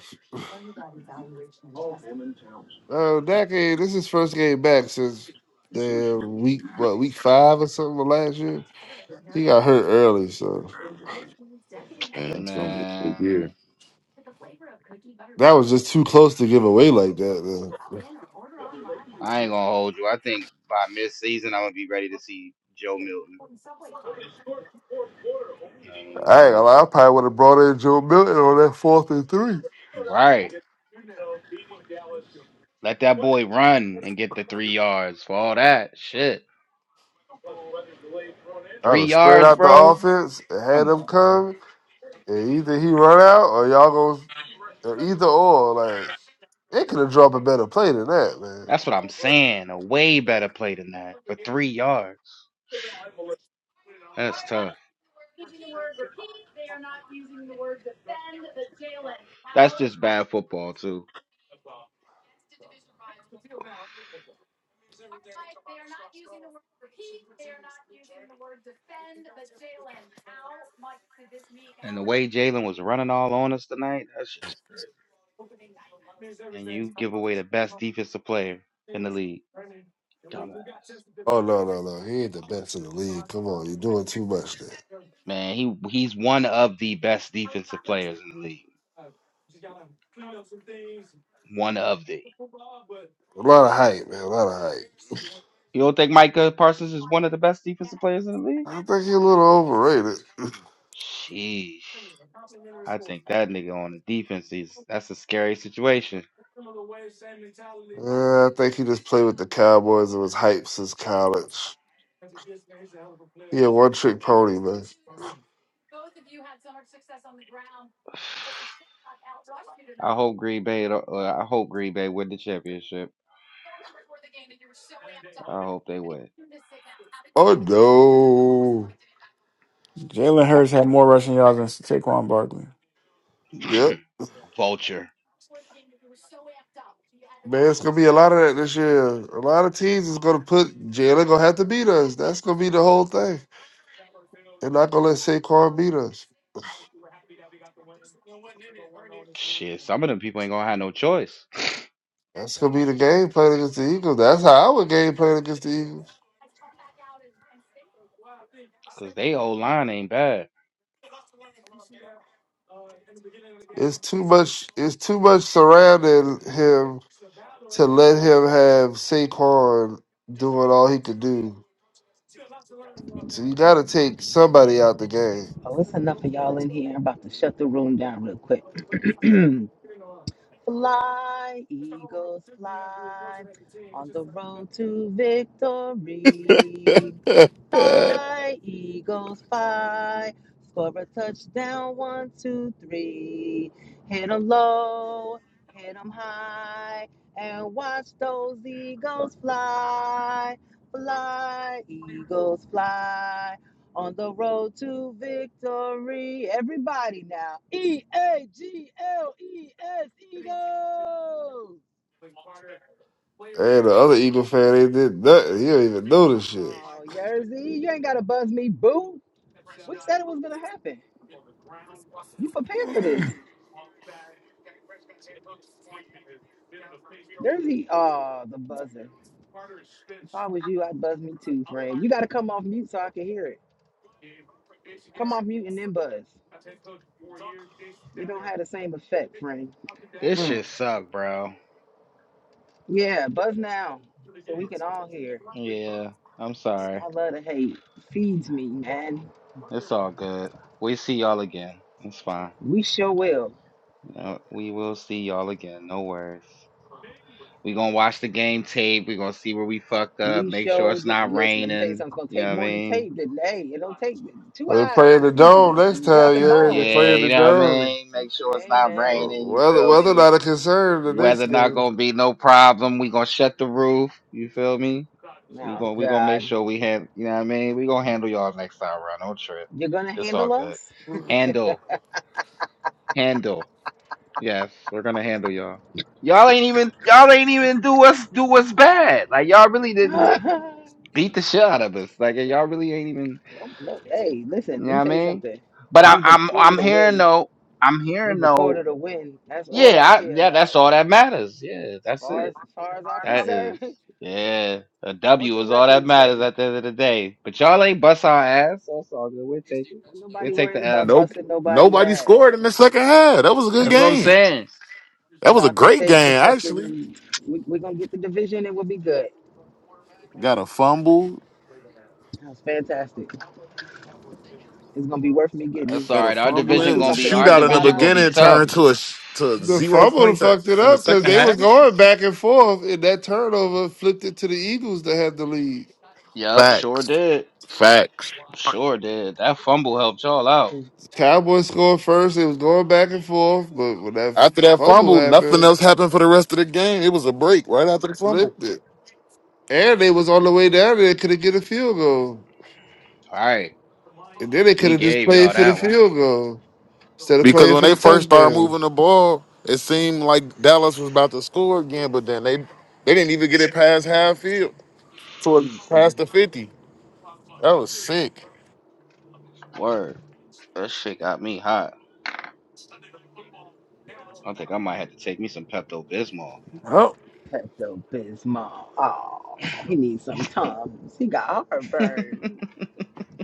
Speaker 6: Oh,
Speaker 11: Uh,
Speaker 6: that game, this is first game back since damn week, what, week five or something of last year? He got hurt early, so
Speaker 16: Man, it's gonna be a good
Speaker 11: Man,
Speaker 16: year.
Speaker 6: that was just too close to give away like that. Man.
Speaker 11: I ain't gonna hold you. I think by mid-season, I'm gonna be ready to see Joe Milton. I ain't gonna
Speaker 6: I ain't gonna
Speaker 11: hold
Speaker 6: lie, I probably would have brought in Joe Milton on that fourth and three.
Speaker 11: you. Right. Let that boy run and get the three yards for all that shit.
Speaker 6: I'd
Speaker 11: Three
Speaker 6: have spread
Speaker 11: yards,
Speaker 6: out the
Speaker 11: bro.
Speaker 6: offense, and had
Speaker 11: Come
Speaker 6: him
Speaker 11: on, man.
Speaker 6: come, and either he run out or y'all go, or either or, like, it could have dropped a better play than that, man.
Speaker 11: That's what I'm saying. A way better play than that for three yards. That's tough. That's just bad football too. And the way Jalen was running all on us tonight, that shit is crazy. and you give away the best defensive player in the league. Dumbass.
Speaker 6: Oh no, no, no. He ain't the best in the league. Come on, you're doing too much there.
Speaker 11: Man, he he's one of the best defensive players in the league. One of the.
Speaker 6: A lot of hype, man. A lot of hype.
Speaker 11: You don't think Micah Parsons is one of the best defensive players in the league?
Speaker 6: I think he's a little overrated.
Speaker 11: Sheesh. I think that nigga on the defense is that's a scary situation. [SIGHS]
Speaker 6: Uh, I think he just played with the Cowboys and was hyped since college. He a one trick pony, man.
Speaker 11: I hope Green Bay don't- uh, I hope Green Bay win the championship. I hope they win.
Speaker 6: Oh
Speaker 3: Jalen Hurts had more rushing yards than Saquon Barkley.
Speaker 6: no. Yep.
Speaker 11: [COUGHS] Vulture.
Speaker 6: Man, it's gonna be a lot of that this year. A lot of teams is gonna put Jalen gonna have to beat us. That's gonna be the whole thing. They're not gonna let Saquon beat us.
Speaker 11: Shit, some of them people ain't gonna have no choice.
Speaker 6: That's gonna be the game plan against the Eagles. That's how I would game plan against the Eagles.
Speaker 11: Cause they old line ain't bad.
Speaker 6: It's too much. It's too much surrounding him to let him have Saquon doing all he could do. So you got to take somebody out the game.
Speaker 15: Oh, it's enough of y'all in here. I'm about to shut the room down real quick. [CLEARS THROAT] fly, eagles fly on the road to victory.
Speaker 16: [LAUGHS]
Speaker 15: Fly, Eagles, fly. Score a touchdown, one, two, three. Hit 'em low, hit 'em high, and watch those Eagles fly. Fly, Eagles, fly. On the road to victory. Everybody now. E A G L E S, Eagles.
Speaker 6: And the other Eagle fan, they did nothing. He don't even know this shit.
Speaker 15: Oh, Yerzy, you ain't got to buzz me, boo. We said it was going to happen. You prepared for this. There's the uh the buzzer. If I was you, I'd buzz me too, friend. You gotta come off mute so I can hear it. Come off mute and then buzz. It don't have the same effect, friend.
Speaker 11: This
Speaker 15: Mm.
Speaker 11: shit suck, bro.
Speaker 15: Yeah, buzz now so we can all hear.
Speaker 11: Yeah, I'm sorry.
Speaker 15: I love the hate. Feeds me, man.
Speaker 11: It's all good. We see y'all again. It's fine.
Speaker 15: We sure will.
Speaker 11: You know, we will see y'all again. No worries. we gonna watch the game tape. we gonna see where we fucked up.
Speaker 15: We
Speaker 11: Make sure
Speaker 15: sure
Speaker 11: it's
Speaker 15: do.
Speaker 11: not
Speaker 15: Listen, let me tell you
Speaker 11: raining.
Speaker 15: something. It's
Speaker 11: You
Speaker 15: gonna
Speaker 11: know
Speaker 15: take
Speaker 11: what I
Speaker 15: more than
Speaker 11: mean?
Speaker 15: tape than hey. It don't take two
Speaker 6: Well, they
Speaker 15: eyes
Speaker 6: play in
Speaker 15: to
Speaker 6: the
Speaker 15: see
Speaker 6: dome
Speaker 15: you.
Speaker 6: next
Speaker 15: You
Speaker 6: time,
Speaker 15: dropping
Speaker 6: yeah. They
Speaker 15: balls.
Speaker 6: play
Speaker 11: Yeah,
Speaker 6: in
Speaker 11: you
Speaker 6: the
Speaker 11: know what I
Speaker 6: dome.
Speaker 11: mean? Make sure it's not
Speaker 15: Amen.
Speaker 11: raining, you
Speaker 6: Whether
Speaker 11: feel
Speaker 6: whether or
Speaker 11: me?
Speaker 6: not a concern the next
Speaker 11: Weather not
Speaker 6: game.
Speaker 11: gonna be no problem. We gonna shut the roof, you feel me? We
Speaker 15: Oh
Speaker 11: gonna we gonna make
Speaker 15: God,
Speaker 11: sure we have you know what I mean? We gonna handle y'all next time around. Don't trip.
Speaker 15: you're gonna
Speaker 11: It's all
Speaker 15: handle
Speaker 11: good.
Speaker 15: us.
Speaker 11: Handle. Handle. Yes, we're gonna handle y'all. Y'all ain't even y'all ain't even do us do us bad. Like y'all really didn't
Speaker 15: [LAUGHS]
Speaker 11: beat the shit out of us. Like y'all really ain't even
Speaker 15: No, no, hey, listen,
Speaker 11: you know
Speaker 15: let
Speaker 11: what
Speaker 15: me
Speaker 11: I
Speaker 15: tell you
Speaker 11: mean?
Speaker 15: something.
Speaker 11: But I,
Speaker 15: We
Speaker 11: I'm
Speaker 15: recorded
Speaker 11: I'm
Speaker 15: a
Speaker 11: hearing
Speaker 15: win.
Speaker 11: though. I'm
Speaker 15: We
Speaker 11: hearing though.
Speaker 15: recorded a win. That's all I
Speaker 11: yeah, I,
Speaker 15: care
Speaker 11: yeah, that's
Speaker 15: about.
Speaker 11: all that matters. Yeah,
Speaker 15: As
Speaker 11: that's
Speaker 15: far as,
Speaker 11: it.
Speaker 15: as far as I'm
Speaker 11: That is
Speaker 15: concerned, [LAUGHS] we
Speaker 11: yeah. A
Speaker 15: what
Speaker 11: W
Speaker 15: the
Speaker 11: is all that
Speaker 15: records
Speaker 11: matters
Speaker 15: say.
Speaker 11: at the end of the day. But y'all ain't bust our ass, so it's all good. We'll take it.
Speaker 15: Well,
Speaker 11: We'll
Speaker 15: nobody
Speaker 11: take
Speaker 15: worried
Speaker 11: the L.
Speaker 15: about
Speaker 16: nope,
Speaker 15: busting nobody
Speaker 16: nobody
Speaker 15: ass.
Speaker 16: scored in the second half. That was a good
Speaker 11: That's
Speaker 15: We
Speaker 11: what I'm
Speaker 16: game.
Speaker 11: saying.
Speaker 16: That was a
Speaker 15: about to
Speaker 16: great
Speaker 15: take the
Speaker 16: game, actually.
Speaker 15: fucking. We, we're gonna get the division and we'll be good.
Speaker 16: Got a fumble,
Speaker 15: That's fantastic. It's gonna be worth me
Speaker 11: That's
Speaker 15: getting.
Speaker 11: all
Speaker 16: got a
Speaker 11: right. Our
Speaker 15: How
Speaker 16: fumble, and
Speaker 15: much
Speaker 16: it
Speaker 11: division
Speaker 16: was
Speaker 15: sleep
Speaker 16: a
Speaker 11: gonna
Speaker 15: I'm
Speaker 11: be
Speaker 15: finna
Speaker 11: our
Speaker 15: get?
Speaker 16: shootout in the
Speaker 15: Five
Speaker 11: division gonna
Speaker 15: hours?
Speaker 11: be
Speaker 16: beginning,
Speaker 11: tough.
Speaker 16: turned to a sh- to
Speaker 6: The
Speaker 16: zero
Speaker 6: fumble
Speaker 16: points at,
Speaker 6: fucked it
Speaker 16: in the
Speaker 6: up because
Speaker 16: second
Speaker 6: they was
Speaker 16: half.
Speaker 6: going back and forth, and that turnover flipped it to the Eagles to have the lead.
Speaker 11: Yep, sure
Speaker 16: Facts,
Speaker 11: did.
Speaker 16: facts.
Speaker 11: Sure did. That fumble helped y'all out.
Speaker 6: Cowboys scored first. It was going back and forth, but when that
Speaker 16: After that
Speaker 6: fumble
Speaker 16: fumble, nothing
Speaker 6: happened,
Speaker 16: else happened for the rest of the game. It was a break right after the fumble.
Speaker 6: flipped it. And they was on the way down there, could have get a field goal.
Speaker 11: All right.
Speaker 6: And then they could
Speaker 11: We
Speaker 6: have just
Speaker 11: gave y'all
Speaker 6: played for the
Speaker 11: that one.
Speaker 6: field goal instead of
Speaker 16: Because
Speaker 6: playing
Speaker 16: when
Speaker 6: for
Speaker 16: they
Speaker 6: the
Speaker 16: first started
Speaker 6: touchdown.
Speaker 16: moving the ball, it seemed like Dallas was about to score again, but then they they didn't even get it past half field toward
Speaker 15: Mm-mm.
Speaker 16: past the 50. That was sick.
Speaker 11: Word. That shit got me hot. I think I might have to take me some Pepto Bismol.
Speaker 3: Oh,
Speaker 15: Pepto Bismol. Oh, he needs some tums. He got
Speaker 11: [LAUGHS]
Speaker 15: heartburn.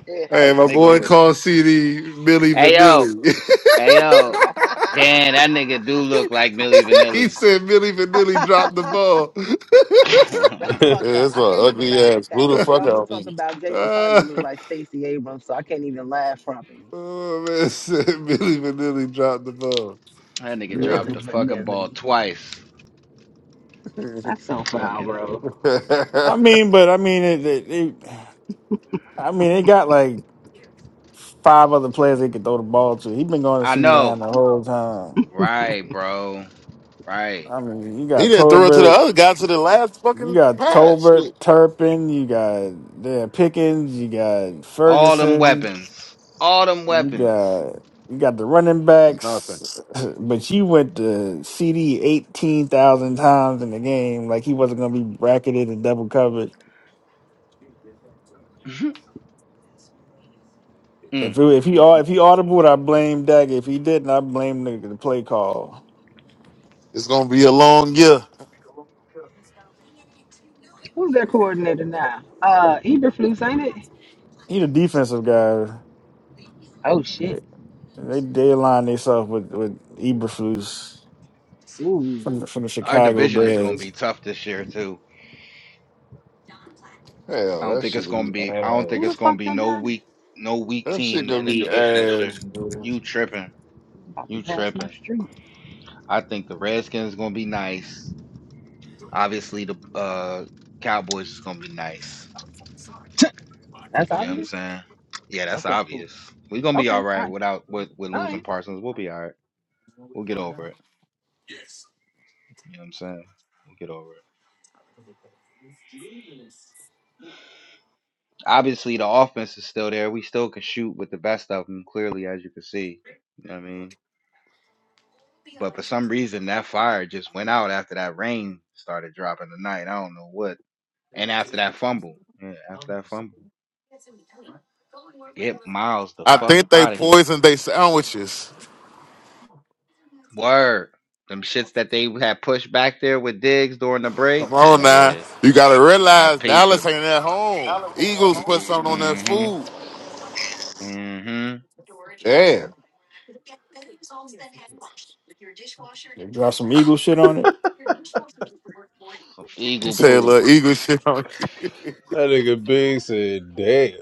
Speaker 15: It
Speaker 6: Hey, my
Speaker 15: hurts.
Speaker 11: nigga
Speaker 6: boy
Speaker 11: over.
Speaker 6: called CD Millie
Speaker 11: Hey yo.
Speaker 6: Vanilli.
Speaker 11: Hey yo. Damn, that nigga do look like Millie
Speaker 6: [LAUGHS] he
Speaker 11: Vanilli.
Speaker 6: said Millie Vanilli dropped
Speaker 15: [LAUGHS]
Speaker 6: the ball.
Speaker 11: [LAUGHS]
Speaker 5: [LAUGHS]
Speaker 15: That's
Speaker 11: that
Speaker 5: that
Speaker 15: fucked
Speaker 16: Yeah,
Speaker 15: up.
Speaker 16: it's
Speaker 15: I
Speaker 16: an
Speaker 15: can't even
Speaker 16: ugly
Speaker 15: laugh at
Speaker 16: ass blew
Speaker 15: that
Speaker 16: the
Speaker 6: [LAUGHS]
Speaker 15: because
Speaker 16: fuck
Speaker 15: y'all be
Speaker 16: out of
Speaker 15: talking
Speaker 16: me.
Speaker 15: about Jalen Carter
Speaker 6: Uh,
Speaker 15: look like Stacey Abrams, so I can't even laugh properly.
Speaker 6: oh man, [LAUGHS] said Millie Vanilli dropped the ball. [LAUGHS]
Speaker 11: nigga dropped
Speaker 15: Millie
Speaker 11: the fucking ball
Speaker 15: Vanilli.
Speaker 11: twice.
Speaker 15: That's so foul,
Speaker 11: Fucking.
Speaker 15: bro.
Speaker 3: I mean, but I mean, it, it, it, I mean, they got like five other players they could throw the ball to. He been going
Speaker 11: I
Speaker 3: to CeeDee Lamb
Speaker 11: know.
Speaker 3: the whole time.
Speaker 11: Right, bro. Right.
Speaker 3: I mean, you
Speaker 16: He
Speaker 3: got
Speaker 16: didn't throw it to the
Speaker 3: Tolbert,
Speaker 16: other guy to the last
Speaker 3: you
Speaker 16: fucking
Speaker 3: got
Speaker 16: pass.
Speaker 3: Tolbert,
Speaker 16: Shit.
Speaker 3: Turpin, you got yeah, Pickens, you got
Speaker 11: All them
Speaker 3: Ferguson.
Speaker 11: weapons. All them
Speaker 3: You
Speaker 11: weapons.
Speaker 3: got you got the running
Speaker 16: For nothing.
Speaker 3: backs, [CLEARS THROAT] [LAUGHS] but you went to CD eighteen thousand times in the game. Like he wasn't gonna be bracketed and double covered.
Speaker 11: [LAUGHS]
Speaker 3: If
Speaker 11: mm,
Speaker 3: it, if he
Speaker 11: mm,
Speaker 3: au- if he
Speaker 11: mm.
Speaker 3: audibled, I blame Dak. If he didn't, I blame the, the play call.
Speaker 16: It's gonna be a long year.
Speaker 15: Who's their coordinator now? Uh, Eberflus, ain't it?
Speaker 3: He the defensive guy.
Speaker 15: Oh shit.
Speaker 3: They they, they aligned themselves with with Eberflus
Speaker 15: Ooh.
Speaker 3: from the, from the
Speaker 11: Our
Speaker 3: Chicago
Speaker 11: division is going to
Speaker 3: Bears.
Speaker 11: be tough this year too. I
Speaker 6: Hell,
Speaker 11: don't
Speaker 6: that
Speaker 11: think it's
Speaker 6: shit
Speaker 11: going to
Speaker 6: be
Speaker 11: be. I don't think
Speaker 15: Who
Speaker 6: ass.
Speaker 15: the
Speaker 11: it's going to
Speaker 15: fuck
Speaker 11: be
Speaker 15: they
Speaker 11: no
Speaker 15: got?
Speaker 11: weak, no weak
Speaker 6: That shit
Speaker 11: team
Speaker 6: gonna
Speaker 11: in the
Speaker 6: be
Speaker 11: division this year.
Speaker 6: ass, bro.
Speaker 11: You tripping?
Speaker 15: About to
Speaker 11: You
Speaker 15: pass my
Speaker 11: tripping?
Speaker 15: street.
Speaker 11: I think the Redskins is going to be nice. Obviously, the uh, Cowboys is going to be nice.
Speaker 15: That's
Speaker 11: You know what I'm
Speaker 15: obvious.
Speaker 11: saying? Yeah, that's
Speaker 15: Okay, cool.
Speaker 11: obvious. We're gonna be
Speaker 15: Okay,
Speaker 11: all
Speaker 15: all
Speaker 11: right
Speaker 15: right,
Speaker 11: without with with
Speaker 15: all
Speaker 11: losing
Speaker 15: right.
Speaker 11: Parsons. We'll be all right. We'll get over it. You know what I'm saying? We'll get over it. Obviously, the offense is still there. We still can shoot with the best of them. Clearly, as you can see. You know what I mean? But for some reason, that fire just went out after that rain started dropping tonight. I don't know what. And after that fumble. Yeah, after that fumble. Get Miles the
Speaker 16: I
Speaker 11: fuck
Speaker 16: think they
Speaker 11: out of here.
Speaker 16: poisoned their sandwiches.
Speaker 11: Word. Them shits that they had pushed back there with Diggs during the break.
Speaker 16: Come on now.
Speaker 11: Yeah,
Speaker 16: You gotta
Speaker 11: I
Speaker 16: realize
Speaker 11: peeped
Speaker 16: Dallas
Speaker 11: them.
Speaker 16: ain't at home. Eagles put something on that
Speaker 11: Mm-hmm.
Speaker 16: food.
Speaker 11: Mm-hmm.
Speaker 6: Damn.
Speaker 3: They dropped some Eagle shit on it.
Speaker 11: Eagle
Speaker 16: Say a
Speaker 11: poop.
Speaker 16: little Eagle [LAUGHS] shit on.
Speaker 5: nigga Big said, "Damn."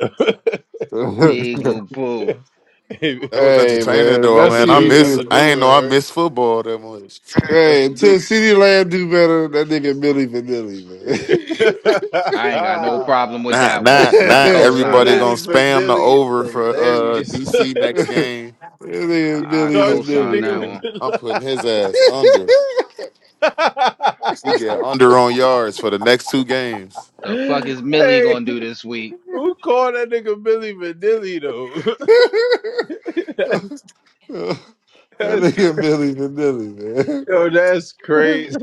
Speaker 6: [LAUGHS]
Speaker 11: Eagle poop.
Speaker 5: [LAUGHS]
Speaker 16: That was
Speaker 6: hey
Speaker 16: entertaining
Speaker 6: man,
Speaker 16: though,
Speaker 6: that
Speaker 5: that's a
Speaker 16: man. I
Speaker 6: CD
Speaker 5: dude. That's
Speaker 16: miss
Speaker 5: a
Speaker 6: do.
Speaker 16: I
Speaker 5: new
Speaker 16: ain't
Speaker 5: one,
Speaker 16: know I
Speaker 5: right?
Speaker 16: miss football that much.
Speaker 5: That's a
Speaker 6: Hey,
Speaker 5: new.
Speaker 6: till CD Lamb do better. That nigga Millie Vanilli,
Speaker 5: Yeah.
Speaker 6: man.
Speaker 11: I ain't got no
Speaker 5: [LAUGHS]
Speaker 11: problem with
Speaker 16: Not
Speaker 11: that
Speaker 6: [LAUGHS]
Speaker 11: one.
Speaker 16: not
Speaker 11: I
Speaker 16: not
Speaker 11: co-sign
Speaker 6: that
Speaker 16: everybody
Speaker 11: that.
Speaker 5: Millie
Speaker 16: gonna spam the
Speaker 5: Vanilli is
Speaker 16: over for uh
Speaker 5: hilarious. [LAUGHS]
Speaker 16: DC next game.
Speaker 6: nigga
Speaker 11: I
Speaker 5: Dark
Speaker 6: Millie
Speaker 5: skinned
Speaker 11: co-sign
Speaker 6: Vanilli,
Speaker 5: nigga
Speaker 11: that
Speaker 5: with
Speaker 6: man.
Speaker 11: one.
Speaker 16: I'm putting his ass under.
Speaker 5: the.
Speaker 16: He
Speaker 6: [LAUGHS]
Speaker 16: get under on yards for the next two games.
Speaker 5: [LAUGHS]
Speaker 11: The fuck is Millie
Speaker 5: hey,
Speaker 11: gonna do this week?
Speaker 5: who called that nigga Billy Vanilli though? [LAUGHS] that's,
Speaker 6: that
Speaker 5: that's
Speaker 6: nigga Millie Vanilli,
Speaker 5: yo, that's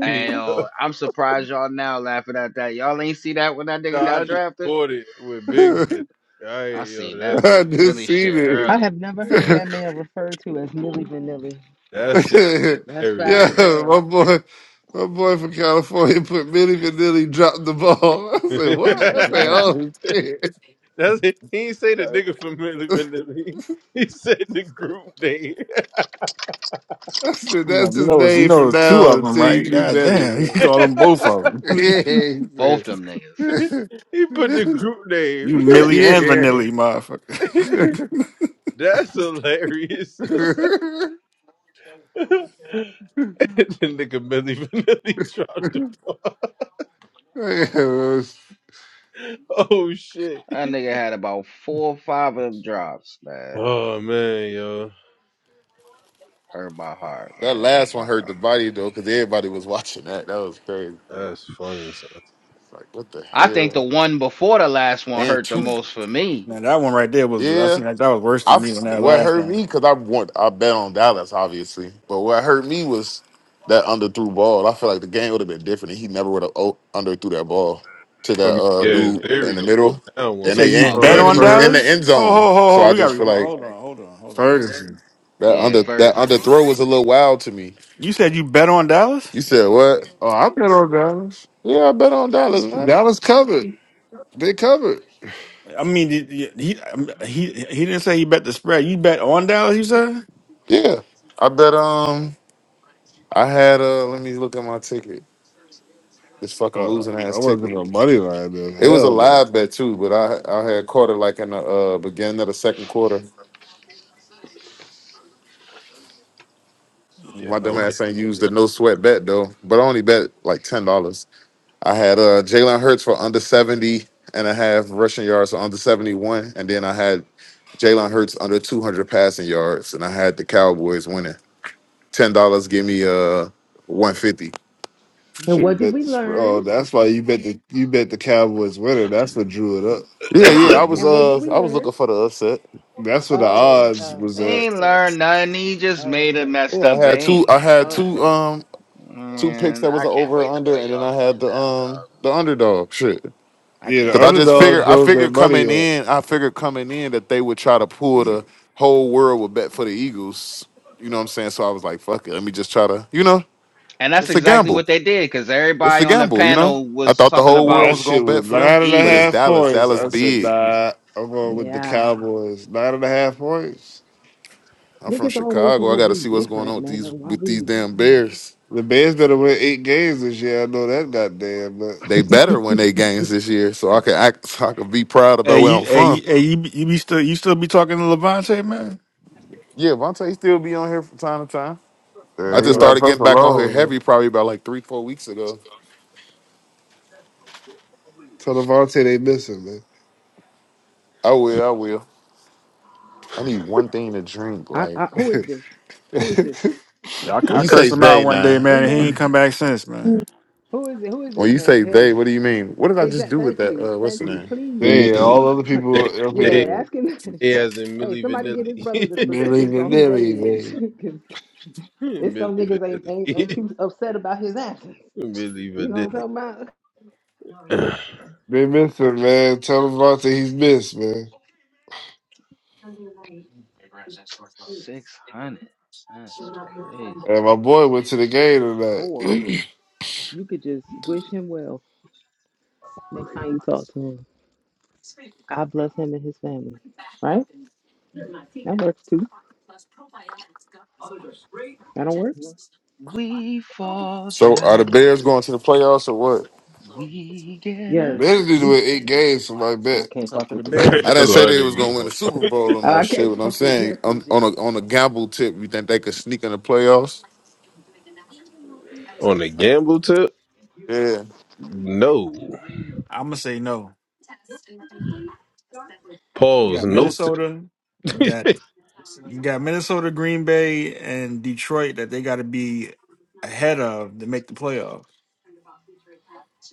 Speaker 11: And
Speaker 5: [LAUGHS]
Speaker 11: yo, I'm surprised y'all now laughing at that. Y'all ain't see that when that
Speaker 5: No,
Speaker 11: nigga
Speaker 5: I
Speaker 11: got
Speaker 5: just
Speaker 11: drafted.
Speaker 5: poured it
Speaker 6: man.
Speaker 5: with Big said,
Speaker 6: [LAUGHS]
Speaker 5: I
Speaker 11: I
Speaker 5: ain't- yo,
Speaker 11: seen that
Speaker 5: that's
Speaker 6: I
Speaker 11: Millie
Speaker 6: just
Speaker 11: Vanilli shit
Speaker 6: seen
Speaker 15: I
Speaker 11: early.
Speaker 15: have never
Speaker 6: it.
Speaker 15: heard
Speaker 6: [LAUGHS]
Speaker 5: yo, that,
Speaker 15: that man refer Millie Vanilli.
Speaker 6: [LAUGHS]
Speaker 5: that shit
Speaker 6: yeah,
Speaker 15: That's foul
Speaker 5: hilarious.
Speaker 15: as hell.
Speaker 6: my boy, my boy from California put Millie Vanilli dropped the ball. [LAUGHS] I
Speaker 5: [LAUGHS]
Speaker 6: said, what? I said, oh
Speaker 5: that's
Speaker 6: shit.
Speaker 5: it. He ain't say the nigga from living to He said the group name.
Speaker 6: [LAUGHS] I said,
Speaker 3: I'm like,
Speaker 6: that's
Speaker 3: you
Speaker 6: his
Speaker 3: know, it's- you
Speaker 6: name
Speaker 3: know,
Speaker 6: from
Speaker 3: it's two
Speaker 6: now on
Speaker 3: of them,
Speaker 6: until you
Speaker 3: right?
Speaker 6: do
Speaker 3: God damn, [LAUGHS] you
Speaker 6: better,
Speaker 5: [LAUGHS]
Speaker 3: called them both of
Speaker 6: man.
Speaker 3: them. [LAUGHS]
Speaker 11: Both
Speaker 6: [LAUGHS]
Speaker 11: them niggas.
Speaker 5: he put the group name.
Speaker 3: You
Speaker 6: Yeah, he
Speaker 3: Millie and
Speaker 6: said.
Speaker 3: Vanilli,
Speaker 6: [LAUGHS]
Speaker 3: motherfucker.
Speaker 5: [LAUGHS] that's hilarious. [LAUGHS]
Speaker 6: yeah.
Speaker 5: the
Speaker 6: [LAUGHS]
Speaker 5: nigga Millie Vanilli dropped the ball. [LAUGHS]
Speaker 6: Yeah, it was,
Speaker 5: Oh shit.
Speaker 11: That nigga had about four or five of them drops, man.
Speaker 5: Oh man, yo,
Speaker 11: Hurt my heart,
Speaker 16: That
Speaker 11: man. Hurt
Speaker 16: last one
Speaker 11: my
Speaker 16: hurt the
Speaker 11: heart.
Speaker 16: body though, because everybody was watching that. That was crazy.
Speaker 5: that's funny. Son.
Speaker 16: It's like what the
Speaker 11: I think the
Speaker 16: hell?
Speaker 11: one before the last one
Speaker 16: And
Speaker 11: hurt the
Speaker 16: two
Speaker 11: most for
Speaker 3: [LAUGHS]
Speaker 11: me.
Speaker 3: now that one right there was I
Speaker 16: yeah.
Speaker 3: seen like that was worse than
Speaker 16: I've
Speaker 3: me than that
Speaker 16: what
Speaker 3: last
Speaker 16: hurt me
Speaker 3: one.
Speaker 16: because I want I bet on Dallas obviously, but what hurt me was that underthrew ball. I feel like the game would have been different if he never would have underthrew that ball to
Speaker 5: I
Speaker 16: that
Speaker 5: mean,
Speaker 16: uh,
Speaker 5: yeah, in
Speaker 16: dude
Speaker 5: theory,
Speaker 16: in the
Speaker 5: the fourth
Speaker 16: middle,
Speaker 5: down
Speaker 3: You
Speaker 5: one
Speaker 16: and
Speaker 3: said
Speaker 5: was.
Speaker 3: you
Speaker 16: they and,
Speaker 11: Oh,
Speaker 3: bet
Speaker 6: uh,
Speaker 16: and
Speaker 3: on
Speaker 16: he was
Speaker 11: Ferguson?
Speaker 16: in
Speaker 6: Fer-
Speaker 16: the
Speaker 3: Dallas?
Speaker 16: end
Speaker 3: Ho
Speaker 16: zone.
Speaker 3: ho ho
Speaker 16: So
Speaker 3: ho!
Speaker 16: I
Speaker 3: We got to
Speaker 16: just feel
Speaker 3: rewind.
Speaker 16: like
Speaker 3: Hold on, hold on, hold on,
Speaker 6: Ferguson.
Speaker 16: that
Speaker 3: hold
Speaker 11: Yeah,
Speaker 16: under
Speaker 3: on.
Speaker 16: that
Speaker 11: Ferguson.
Speaker 16: underthrow was a little wild to me.
Speaker 3: You said you bet on Dallas?
Speaker 16: You said what?
Speaker 6: Oh, I've been on Dallas.
Speaker 16: Yeah, I bet on Dallas, man.
Speaker 6: Dallas covered. They covered.
Speaker 3: I mean, did- he um, he he didn't say he bet the spread. You bet on Dallas? You said?
Speaker 16: Yeah, I bet. Um, I had uh, let me look at my ticket. This fucking
Speaker 6: Uh,
Speaker 16: losing
Speaker 6: I
Speaker 16: ass
Speaker 6: wasn't
Speaker 16: ticket.
Speaker 6: a money line then.
Speaker 16: It was a
Speaker 6: Hell no.
Speaker 16: live bet too, but I I had caught it like in the uh, beginning of the second quarter.
Speaker 5: Yeah,
Speaker 16: My
Speaker 5: I
Speaker 16: dumb
Speaker 5: don't
Speaker 16: ass ain't used the no sweat bet though, but I only bet like ten dollars. I had uh Jalen Hurts for under 70 and a half rushing yards, so under 71, and then I had Jalen Hurts under 200 passing yards, and I had the Cowboys winning. Ten dollars give me uh 150.
Speaker 6: You
Speaker 15: And
Speaker 6: should
Speaker 15: what
Speaker 6: have
Speaker 15: did
Speaker 6: bet
Speaker 15: we
Speaker 6: the spread.
Speaker 15: learn?
Speaker 6: Oh, that's why you bet the you bet the Cowboys winning. That's what drew it up.
Speaker 16: Yeah,
Speaker 6: That's
Speaker 15: What
Speaker 16: yeah,
Speaker 6: what
Speaker 16: I
Speaker 15: what
Speaker 16: was
Speaker 15: and what
Speaker 16: uh
Speaker 15: did we
Speaker 16: I was
Speaker 15: learn?
Speaker 16: looking for the upset.
Speaker 6: that's what the
Speaker 15: Oh,
Speaker 6: odds
Speaker 15: uh,
Speaker 6: was
Speaker 11: He
Speaker 15: uh,
Speaker 6: at.
Speaker 11: ain't
Speaker 15: upset.
Speaker 11: learned nothing. He just
Speaker 15: Oh,
Speaker 11: made a
Speaker 15: okay,
Speaker 11: messed
Speaker 16: Yeah, I
Speaker 11: up. They
Speaker 16: had two
Speaker 11: ain't
Speaker 16: I
Speaker 11: learned
Speaker 16: had two
Speaker 11: nothing.
Speaker 15: okay,
Speaker 16: um two picks
Speaker 11: Man,
Speaker 16: that was
Speaker 11: I
Speaker 16: an
Speaker 11: can't
Speaker 16: over or
Speaker 11: wait to
Speaker 16: under,
Speaker 11: play
Speaker 16: and then
Speaker 11: y'all
Speaker 16: I had
Speaker 11: again
Speaker 16: the um
Speaker 11: now,
Speaker 16: the underdog shit.
Speaker 11: dog. I
Speaker 6: Yeah,
Speaker 11: can't
Speaker 16: Cause
Speaker 6: the
Speaker 16: I
Speaker 11: wait to
Speaker 16: just
Speaker 11: play
Speaker 16: figured,
Speaker 6: underdog
Speaker 11: y'all
Speaker 16: I
Speaker 6: drove
Speaker 11: again.
Speaker 6: that
Speaker 16: figured
Speaker 6: money
Speaker 16: coming
Speaker 6: up.
Speaker 16: in, I figured coming in that they would try to pull
Speaker 6: [CLEARS THROAT]
Speaker 16: the whole world would bet for the Eagles. You know what I'm saying? So I was like, fuck it, let me just try to, you know,
Speaker 11: And that's
Speaker 16: it's a
Speaker 11: exactly
Speaker 16: gamble.
Speaker 11: what they did because
Speaker 16: It's
Speaker 11: everybody
Speaker 16: a
Speaker 11: on the
Speaker 16: gamble, you know.
Speaker 11: panel
Speaker 16: I
Speaker 11: was
Speaker 16: thought the
Speaker 11: talking
Speaker 16: whole
Speaker 6: Well,
Speaker 16: world
Speaker 11: about
Speaker 6: that
Speaker 16: was gonna
Speaker 6: shit was
Speaker 16: bet for them,
Speaker 6: nine and a
Speaker 16: but it's
Speaker 11: Eagles.
Speaker 6: half
Speaker 16: Dallas.
Speaker 6: points.
Speaker 16: Dallas
Speaker 6: I said,
Speaker 16: big.
Speaker 6: nah, I'm going with the
Speaker 15: yeah.
Speaker 6: Cowboys. Nine and a half points.
Speaker 16: I'm from
Speaker 15: Niggas always
Speaker 16: Chicago.
Speaker 15: want
Speaker 16: I
Speaker 15: to
Speaker 16: got to
Speaker 15: be
Speaker 16: see what's going on
Speaker 15: different,
Speaker 16: with
Speaker 15: man.
Speaker 16: these
Speaker 15: Why
Speaker 16: with these
Speaker 15: we?
Speaker 16: damn Bears.
Speaker 6: The Bears better win eight games this year. I know that goddamn
Speaker 16: They
Speaker 6: much.
Speaker 16: better when they games this year, so I can act, [LAUGHS] so I can be proud
Speaker 3: Hey,
Speaker 16: about where I'm
Speaker 3: you, hey, you-
Speaker 16: from.
Speaker 3: hey, you, be- you be still you still be talking to Levante, man?
Speaker 16: Yeah, Vontae still be on here from time to time. I
Speaker 6: Uh, he
Speaker 16: just
Speaker 3: Okay,
Speaker 16: started
Speaker 6: left us
Speaker 16: getting back on here
Speaker 6: alone.
Speaker 16: heavy
Speaker 6: Man.
Speaker 16: probably about like three, four weeks ago.
Speaker 6: Tell Devontae they miss him, man.
Speaker 16: I will. I will. I need one thing to drink.
Speaker 15: I,
Speaker 16: Like
Speaker 15: I who
Speaker 6: [LAUGHS]
Speaker 15: is this? Who is this?
Speaker 6: [LAUGHS]
Speaker 3: I, cu-
Speaker 16: when
Speaker 3: I
Speaker 15: Who
Speaker 16: you
Speaker 3: cursed
Speaker 16: say
Speaker 3: him out
Speaker 16: they
Speaker 3: one day,
Speaker 16: now,
Speaker 15: [LAUGHS] who
Speaker 3: man. And he ain't
Speaker 15: man?
Speaker 3: come back since, man.
Speaker 15: Who is it? Who is
Speaker 16: when
Speaker 15: this
Speaker 16: you
Speaker 15: man?
Speaker 16: say they,
Speaker 15: Hey,
Speaker 16: what do you mean? What did I just
Speaker 15: exact.
Speaker 16: do with
Speaker 15: Thank
Speaker 16: that?
Speaker 15: you,
Speaker 16: Uh, what's the
Speaker 15: thank you.
Speaker 16: name?
Speaker 15: Please,
Speaker 5: see me.
Speaker 6: Dang, all
Speaker 15: please.
Speaker 6: other
Speaker 15: [LAUGHS]
Speaker 6: people
Speaker 5: They,
Speaker 6: up
Speaker 15: Yeah,
Speaker 5: they,
Speaker 6: here.
Speaker 15: asking. [LAUGHS]
Speaker 5: they as in
Speaker 15: Hey,
Speaker 5: Millie
Speaker 15: somebody get his brother the
Speaker 5: Vanilli.
Speaker 6: They
Speaker 15: specifics
Speaker 6: leaving,
Speaker 15: on who
Speaker 6: they
Speaker 15: they is, [LAUGHS]
Speaker 6: leaving.
Speaker 15: because
Speaker 5: [LAUGHS]
Speaker 15: it's some
Speaker 5: Millie
Speaker 15: niggas ain't, ain't ain't
Speaker 5: Vanilli.
Speaker 15: too upset about his absence.
Speaker 5: [LAUGHS] Millie
Speaker 15: You know what
Speaker 5: Vanilli.
Speaker 15: I'm talking about?
Speaker 5: [LAUGHS]
Speaker 6: They miss him, man. Tell him about that he's missed, man.
Speaker 11: 600. That's crazy.
Speaker 6: And my boy went to the game tonight.
Speaker 15: Or
Speaker 6: [CLEARS THROAT]
Speaker 15: you could just wish him well Next time you talk to him, God bless him and his family. Right? That works too. That don't work.
Speaker 11: We fall
Speaker 16: So are the
Speaker 11: down,
Speaker 16: Bears going to the playoffs or what?
Speaker 11: we get up.
Speaker 15: Yours.
Speaker 6: Managed to
Speaker 15: You.
Speaker 6: win eight games for my
Speaker 15: Well, I
Speaker 6: bet.
Speaker 15: can't
Speaker 3: It's up
Speaker 15: fuck
Speaker 3: to the
Speaker 15: with this
Speaker 3: Bears.
Speaker 15: nigga.
Speaker 16: I didn't
Speaker 5: That's what
Speaker 16: say
Speaker 5: I
Speaker 16: they
Speaker 5: didn't
Speaker 16: was
Speaker 5: give
Speaker 16: going
Speaker 5: a
Speaker 16: to win the
Speaker 5: fuck. about.
Speaker 16: Super Bowl or
Speaker 15: Oh,
Speaker 16: no
Speaker 15: I
Speaker 16: shit,
Speaker 15: can't [LAUGHS]
Speaker 16: but I'm
Speaker 15: fuck with
Speaker 16: saying on,
Speaker 15: yours,
Speaker 16: on a
Speaker 15: yo.
Speaker 16: on a gamble tip, you think they could sneak in the playoffs?
Speaker 5: On a gamble tip?
Speaker 16: Yeah.
Speaker 5: No.
Speaker 3: I'm gonna say no. You
Speaker 5: Pause.
Speaker 3: got
Speaker 5: No
Speaker 3: Minnesota. You
Speaker 5: tip. [LAUGHS]
Speaker 3: got you got Minnesota, Green Bay, and Detroit that they got to be ahead of to make the playoffs.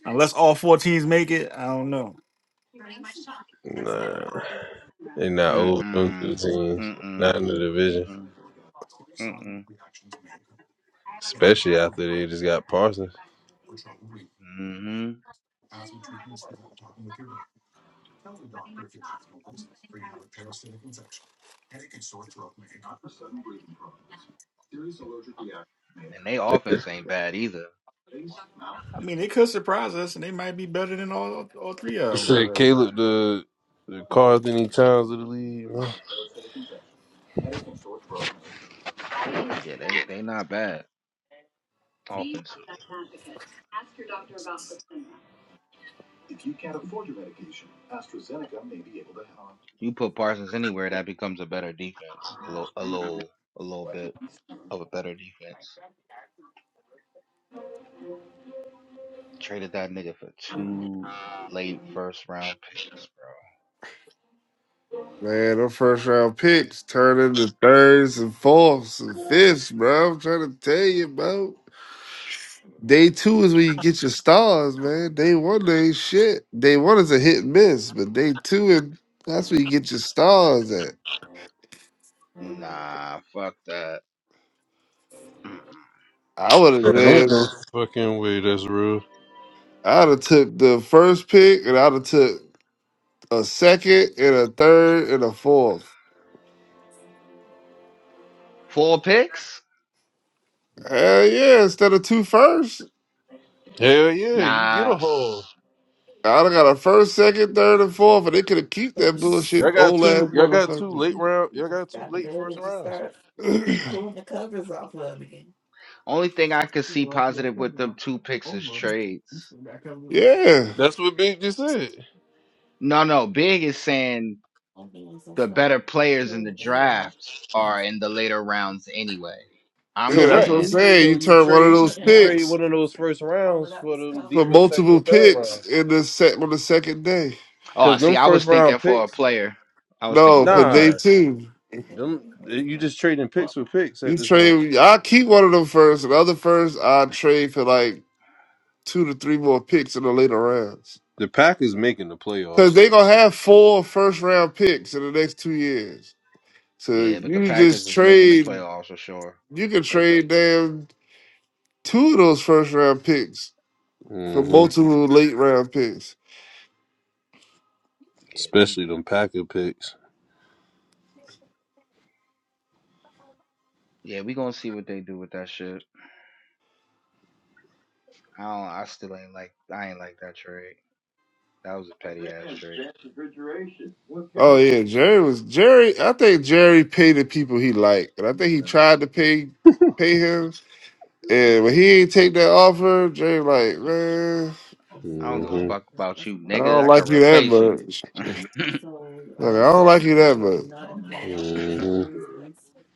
Speaker 3: Unless all four teams make it, I don't know.
Speaker 5: Nah, they not over them
Speaker 11: Mm-mm.
Speaker 5: two teams, not
Speaker 11: Mm-mm.
Speaker 5: in the division,
Speaker 11: Mm-mm. Mm-mm.
Speaker 5: especially after they just got Parsons.
Speaker 11: Mm-hmm. And they
Speaker 5: It
Speaker 11: offense ain't bad either.
Speaker 3: I mean, they could surprise us, and they might be better than all all three of them.
Speaker 5: said
Speaker 3: But
Speaker 5: Caleb the the Carlton Towns of the league. Man.
Speaker 11: Yeah, they they not bad offensively. You put Parsons anywhere, that becomes a better defense. A little, a little, a little bit of a better defense. Traded that nigga for two late first round picks, bro.
Speaker 6: Man, them first round picks turn into thirds and fourths and fifths, bro. I'm trying to tell you, bro. Day two is when you get your stars, man. Day one, they ain't shit. Day one is a hit and miss, but day two, and that's where you get your stars at.
Speaker 11: Nah, fuck that. Mm-mm.
Speaker 6: I would
Speaker 5: There ain't
Speaker 6: have
Speaker 5: no fucking way that's real.
Speaker 6: I'd have took the first pick, and I'd have took a second, and a third, and a fourth.
Speaker 11: Four picks?
Speaker 6: Hell yeah! Instead of two firsts,
Speaker 5: Hell yeah, you get a
Speaker 11: Nah.
Speaker 5: haul.
Speaker 6: I'd have got a first, second, third, and fourth, and they could have keep that
Speaker 5: Y'all
Speaker 6: bullshit
Speaker 5: got
Speaker 6: old ass
Speaker 5: two. Y'all got two
Speaker 6: motherfucker.
Speaker 5: late round. Y'all got two late first rounds.
Speaker 6: [CLEARS THROAT] yeah,
Speaker 11: Only thing I could see positive with them two picks is trades.
Speaker 6: yeah,
Speaker 5: That's what Big just said.
Speaker 11: No, no. Big is saying the better players in the draft are in the later rounds anyway. I'm
Speaker 6: that's
Speaker 5: Correct.
Speaker 6: what I'm
Speaker 11: saying,
Speaker 6: saying.
Speaker 5: So
Speaker 6: You
Speaker 5: you
Speaker 6: turn one of
Speaker 5: trade
Speaker 6: those
Speaker 5: you trade
Speaker 6: picks
Speaker 5: one of those first rounds for them
Speaker 6: for
Speaker 5: deeper second
Speaker 6: multiple
Speaker 5: and third
Speaker 6: picks
Speaker 5: rounds.
Speaker 6: in the set on the second day.
Speaker 11: oh,
Speaker 5: Cause
Speaker 11: I
Speaker 5: them
Speaker 11: see. I
Speaker 5: first
Speaker 11: was
Speaker 5: round
Speaker 11: thinking for a
Speaker 5: picks,
Speaker 11: player. I was thinking
Speaker 6: No,
Speaker 11: for
Speaker 6: for
Speaker 11: a
Speaker 6: day
Speaker 11: player.
Speaker 5: nah.
Speaker 6: two.
Speaker 5: Them you just trading picks with picks
Speaker 6: You
Speaker 5: at this point.
Speaker 6: trade. I keep one of them first, and the other first I trade for like two to three more picks in the later rounds.
Speaker 5: The Packers making the playoffs,
Speaker 6: Cause they
Speaker 5: so.
Speaker 6: gonna have four first round picks in the next two years. So
Speaker 11: Yeah, but the
Speaker 6: you
Speaker 11: Packers
Speaker 6: just
Speaker 11: is making the
Speaker 6: trade
Speaker 11: playoffs for sure.
Speaker 6: you can
Speaker 11: They
Speaker 6: trade
Speaker 11: definitely,
Speaker 6: damn two of those first round picks for
Speaker 5: hmm
Speaker 6: multiple late round picks.
Speaker 11: yeah, they,
Speaker 5: especially them Packer picks.
Speaker 11: yeah, we gonna see what they do with that shit. I don't. I still ain't like. I ain't like that trade. That was a petty ass trade.
Speaker 6: Oh yeah, Jerry was Jerry I think Jerry paid the people he liked. And I think he tried to pay pay him. And when he ain't take that offer, Jerry like, man,
Speaker 11: I don't give a
Speaker 5: hmm
Speaker 11: fuck about you,
Speaker 6: I
Speaker 11: nigga.
Speaker 6: don't
Speaker 11: I could
Speaker 6: like you that
Speaker 11: replace you.
Speaker 6: much.
Speaker 11: [LAUGHS] mm,
Speaker 6: Like I don't like you that much.
Speaker 5: hmm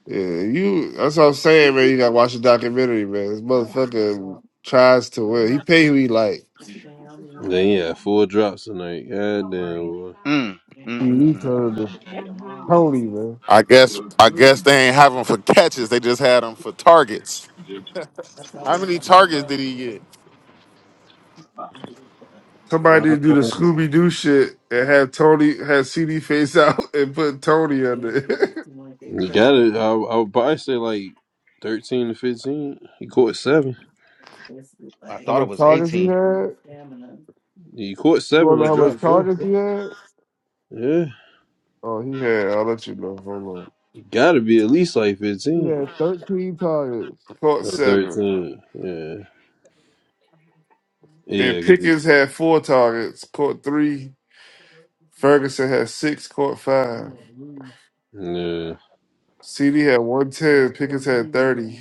Speaker 6: Yeah, you. That's what I'm saying, man. You gotta watch the documentary, man. This motherfucker tries to win. He pay who he like.
Speaker 5: Then yeah, four drops tonight. God damn. boy.
Speaker 11: mm, mm,
Speaker 6: He he
Speaker 11: mm.
Speaker 6: turned to Tony, man.
Speaker 16: I guess I guess they ain't have them for catches. They just had them for targets. How many targets did he get?
Speaker 6: Somebody
Speaker 5: Uh,
Speaker 6: did do the Scooby Doo shit and have Tony had CD face out [LAUGHS] and put Tony under. it.
Speaker 5: you got it. I I would probably say like thirteen to fifteen. He caught seven.
Speaker 11: I
Speaker 6: [LAUGHS] how
Speaker 11: thought it
Speaker 6: much
Speaker 11: was
Speaker 6: targets he
Speaker 11: eighteen.
Speaker 6: had?
Speaker 5: He caught
Speaker 6: You
Speaker 5: seven
Speaker 6: wanna
Speaker 5: to
Speaker 6: know how
Speaker 5: drop
Speaker 6: much
Speaker 5: four.
Speaker 6: targets he had?
Speaker 5: Yeah,
Speaker 6: Oh, he had. I'll let you know. Hold on.
Speaker 5: you gotta be at least like
Speaker 6: He
Speaker 5: fifteen
Speaker 6: had 13 targets. Caught
Speaker 5: or
Speaker 6: seven.
Speaker 5: thirteen. Yeah,
Speaker 6: And
Speaker 5: yeah, 'cause he-
Speaker 6: Pickens had four targets. Caught three. Ferguson had six. Caught five.
Speaker 5: yeah.
Speaker 6: CD had 110, Pickens had 30,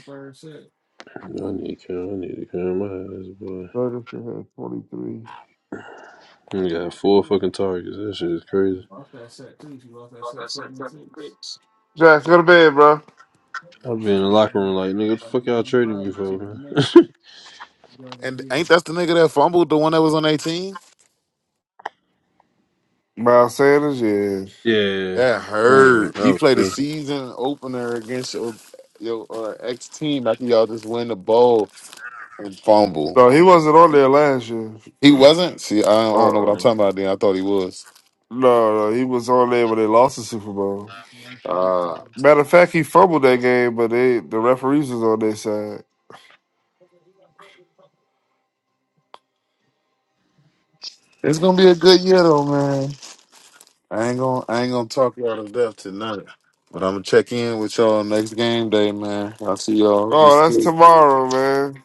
Speaker 5: I need to count. I need to count my ass, boy.
Speaker 6: Ferguson had 23.
Speaker 5: You got four fucking targets. That shit is crazy.
Speaker 6: Jax, go to bed, bro.
Speaker 5: I'll be in the locker room like, nigga, what the fuck y'all trading me for, man? [LAUGHS]
Speaker 16: And ain't that the nigga that fumbled the one that was on 18?
Speaker 6: Miles Sanders, yeah.
Speaker 5: yeah. yeah.
Speaker 16: That
Speaker 5: That
Speaker 16: hurt. You
Speaker 5: was,
Speaker 16: played the
Speaker 5: that
Speaker 16: season opener against your your uh, ex team after y'all just win the bowl and fumble.
Speaker 6: No, he wasn't on there last year.
Speaker 16: He wasn't. See, I don't
Speaker 6: Uh
Speaker 16: know what I'm
Speaker 6: uh
Speaker 16: talking about. Then I thought he was.
Speaker 6: No, no, he was on there when they lost the Super Bowl.
Speaker 16: Uh,
Speaker 6: Matter of fact, he fumbled that game, but they the referees was on their side.
Speaker 16: it's gonna be a good year though, man. I ain't gonna I ain't gonna talk y'all to death tonight. But I'm gonna check in with y'all next game day, man. I'll see y'all. Be
Speaker 6: Oh, that's
Speaker 16: safe.
Speaker 6: tomorrow, man.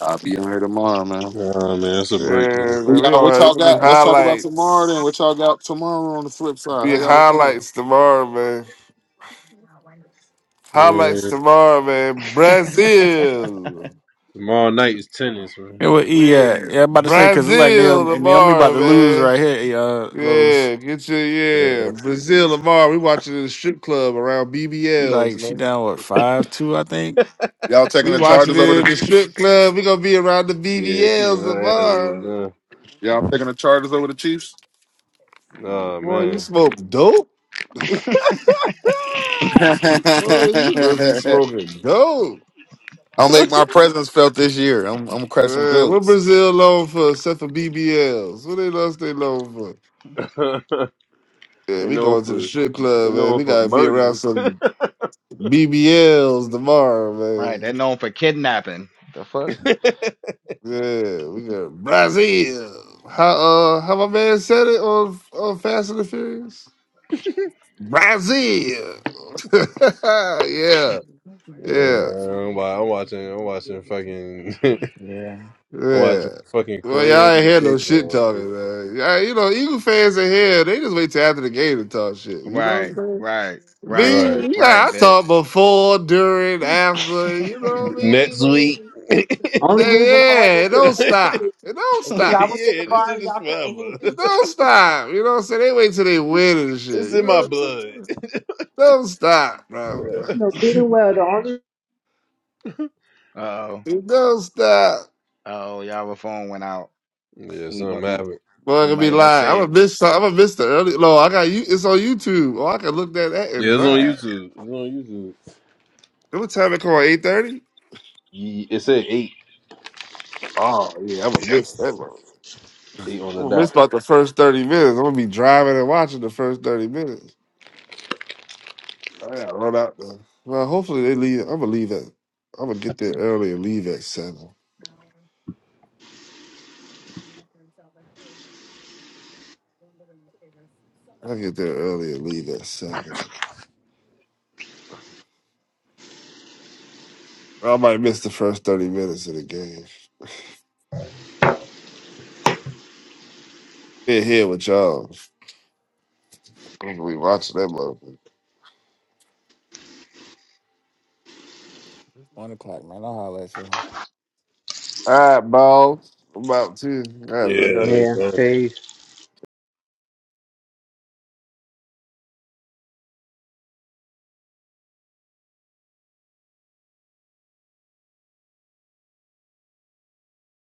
Speaker 16: I'll be on here tomorrow,
Speaker 5: was,
Speaker 16: man.
Speaker 5: nah, man, that's a break, man.
Speaker 6: Yeah,
Speaker 16: Who
Speaker 6: man, we
Speaker 16: Y'all,
Speaker 6: gonna
Speaker 16: what
Speaker 6: have it's
Speaker 16: y'all
Speaker 6: gonna be
Speaker 16: got? Let's talk about tomorrow
Speaker 6: highlights.
Speaker 16: then. What y'all got tomorrow on the flip side? How
Speaker 6: Be
Speaker 16: y'all doing?
Speaker 6: highlights tomorrow, man. Highlights
Speaker 5: man.
Speaker 6: tomorrow, man.
Speaker 11: [LAUGHS]
Speaker 6: Brazil.
Speaker 5: Tomorrow night is tennis, man.
Speaker 3: Yeah, well, E,
Speaker 6: Yeah,
Speaker 3: uh, yeah, I'm about to say because it's like Naomi,
Speaker 6: Brazil
Speaker 3: and Naomi about
Speaker 6: tomorrow,
Speaker 3: to lose right
Speaker 6: man.
Speaker 3: here. eh, Uh, Lowe's,
Speaker 6: Yeah, get your yeah
Speaker 5: Uh,
Speaker 6: Brazil tomorrow. We watching it in the strip club around
Speaker 3: she like
Speaker 6: BBLs,
Speaker 3: she
Speaker 6: man.
Speaker 3: down what five two, I think.
Speaker 16: Y'all taking
Speaker 6: We
Speaker 16: the
Speaker 6: watching
Speaker 16: Chargers over
Speaker 6: it
Speaker 16: the
Speaker 6: in the
Speaker 16: Chiefs?
Speaker 6: strip club. We gonna be around the
Speaker 5: yeah, she got
Speaker 6: BBLs
Speaker 5: her ass
Speaker 6: tomorrow.
Speaker 5: whooped,
Speaker 16: Y'all picking the Chargers over the Chiefs?
Speaker 5: huh? Nah,
Speaker 6: Boy, you
Speaker 5: man.
Speaker 6: smoke dope.
Speaker 16: [LAUGHS]
Speaker 6: Boy, you heard you smoking dope.
Speaker 16: I'll make my presence felt this year. I'm, I'm gonna crack some
Speaker 6: Man, what
Speaker 16: jokes.
Speaker 6: Brazil known for except for BBLs? What they else they known for?
Speaker 5: [LAUGHS]
Speaker 6: Yeah,
Speaker 5: they
Speaker 6: we
Speaker 5: known
Speaker 6: going to the
Speaker 5: for
Speaker 6: strip
Speaker 5: they
Speaker 6: club, man.
Speaker 5: known
Speaker 6: We
Speaker 5: for
Speaker 6: gotta be around
Speaker 5: murders. [LAUGHS] Brother,
Speaker 6: some BBLs tomorrow,
Speaker 11: right, they're
Speaker 6: man.
Speaker 11: known for kidnapping. The fuck?
Speaker 6: Yeah, we got Brazil. How uh how my man said it on on Fast and the Furious? Brazil. [LAUGHS] yeah, yeah,
Speaker 5: man, I'm, wa- I'm watching. I'm watching fucking. [LAUGHS] I'm
Speaker 3: Yeah.
Speaker 6: yeah.
Speaker 5: watching fucking
Speaker 6: Well, y'all ain't
Speaker 5: Korean
Speaker 6: hear no shit
Speaker 5: baseball. Dude.
Speaker 6: talking, man. Yeah, you know, Eagle fans in here, they just wait till after the game to talk shit. You know what
Speaker 11: Right,
Speaker 6: I'm saying?
Speaker 11: right, right,
Speaker 5: Right.
Speaker 6: Me, yeah,
Speaker 11: right,
Speaker 6: I
Speaker 11: Vic.
Speaker 6: talk before, during, after, you know what I mean?
Speaker 5: Next week.
Speaker 6: Like,
Speaker 5: [LAUGHS] yeah,
Speaker 6: they, yeah, it don't stop. It don't stop.
Speaker 5: this shit is forever. [LAUGHS]
Speaker 6: Don't stop. You know what I'm saying? They wait till they win and
Speaker 5: It's
Speaker 6: shit. You
Speaker 5: in
Speaker 6: know
Speaker 5: my
Speaker 6: what I'm
Speaker 5: blood.
Speaker 6: saying? Don't stop, bro.
Speaker 5: [LAUGHS]
Speaker 11: [LAUGHS] oh, uh
Speaker 6: Don't stop.
Speaker 11: oh, [LAUGHS] y'all, phone went out.
Speaker 5: yeah,
Speaker 11: We
Speaker 5: something
Speaker 11: we
Speaker 5: happened.
Speaker 6: Boy, I'm
Speaker 11: we
Speaker 6: gonna
Speaker 11: might
Speaker 6: be
Speaker 11: have been
Speaker 6: lying. I'm
Speaker 11: saved.
Speaker 6: gonna miss some- I'm gonna miss the early no, I got you it's on YouTube. Oh, I can look that at and
Speaker 5: Yeah, it's on
Speaker 6: drive.
Speaker 5: YouTube. It's on YouTube.
Speaker 6: What time it call? Eight thirty?
Speaker 5: Ye- It said eight.
Speaker 6: Oh yeah, I'm gonna miss that one.
Speaker 5: Eight
Speaker 6: I'm
Speaker 5: on the
Speaker 6: gonna
Speaker 5: dot.
Speaker 6: miss about the first thirty minutes. I'm gonna be driving and watching the first thirty minutes. I gotta run out there. Well, hopefully they leave I'm gonna leave at I'm gonna get there early and leave at seven. I get there early and leave at seven. I might miss the first 30 minutes of the game. Been here with y'all. I'm gonna be watching that motherfucker.
Speaker 3: One o'clock, man. I'll holler at you.
Speaker 6: All right, balls. I'm about to. I gotta, I gotta
Speaker 5: Yeah.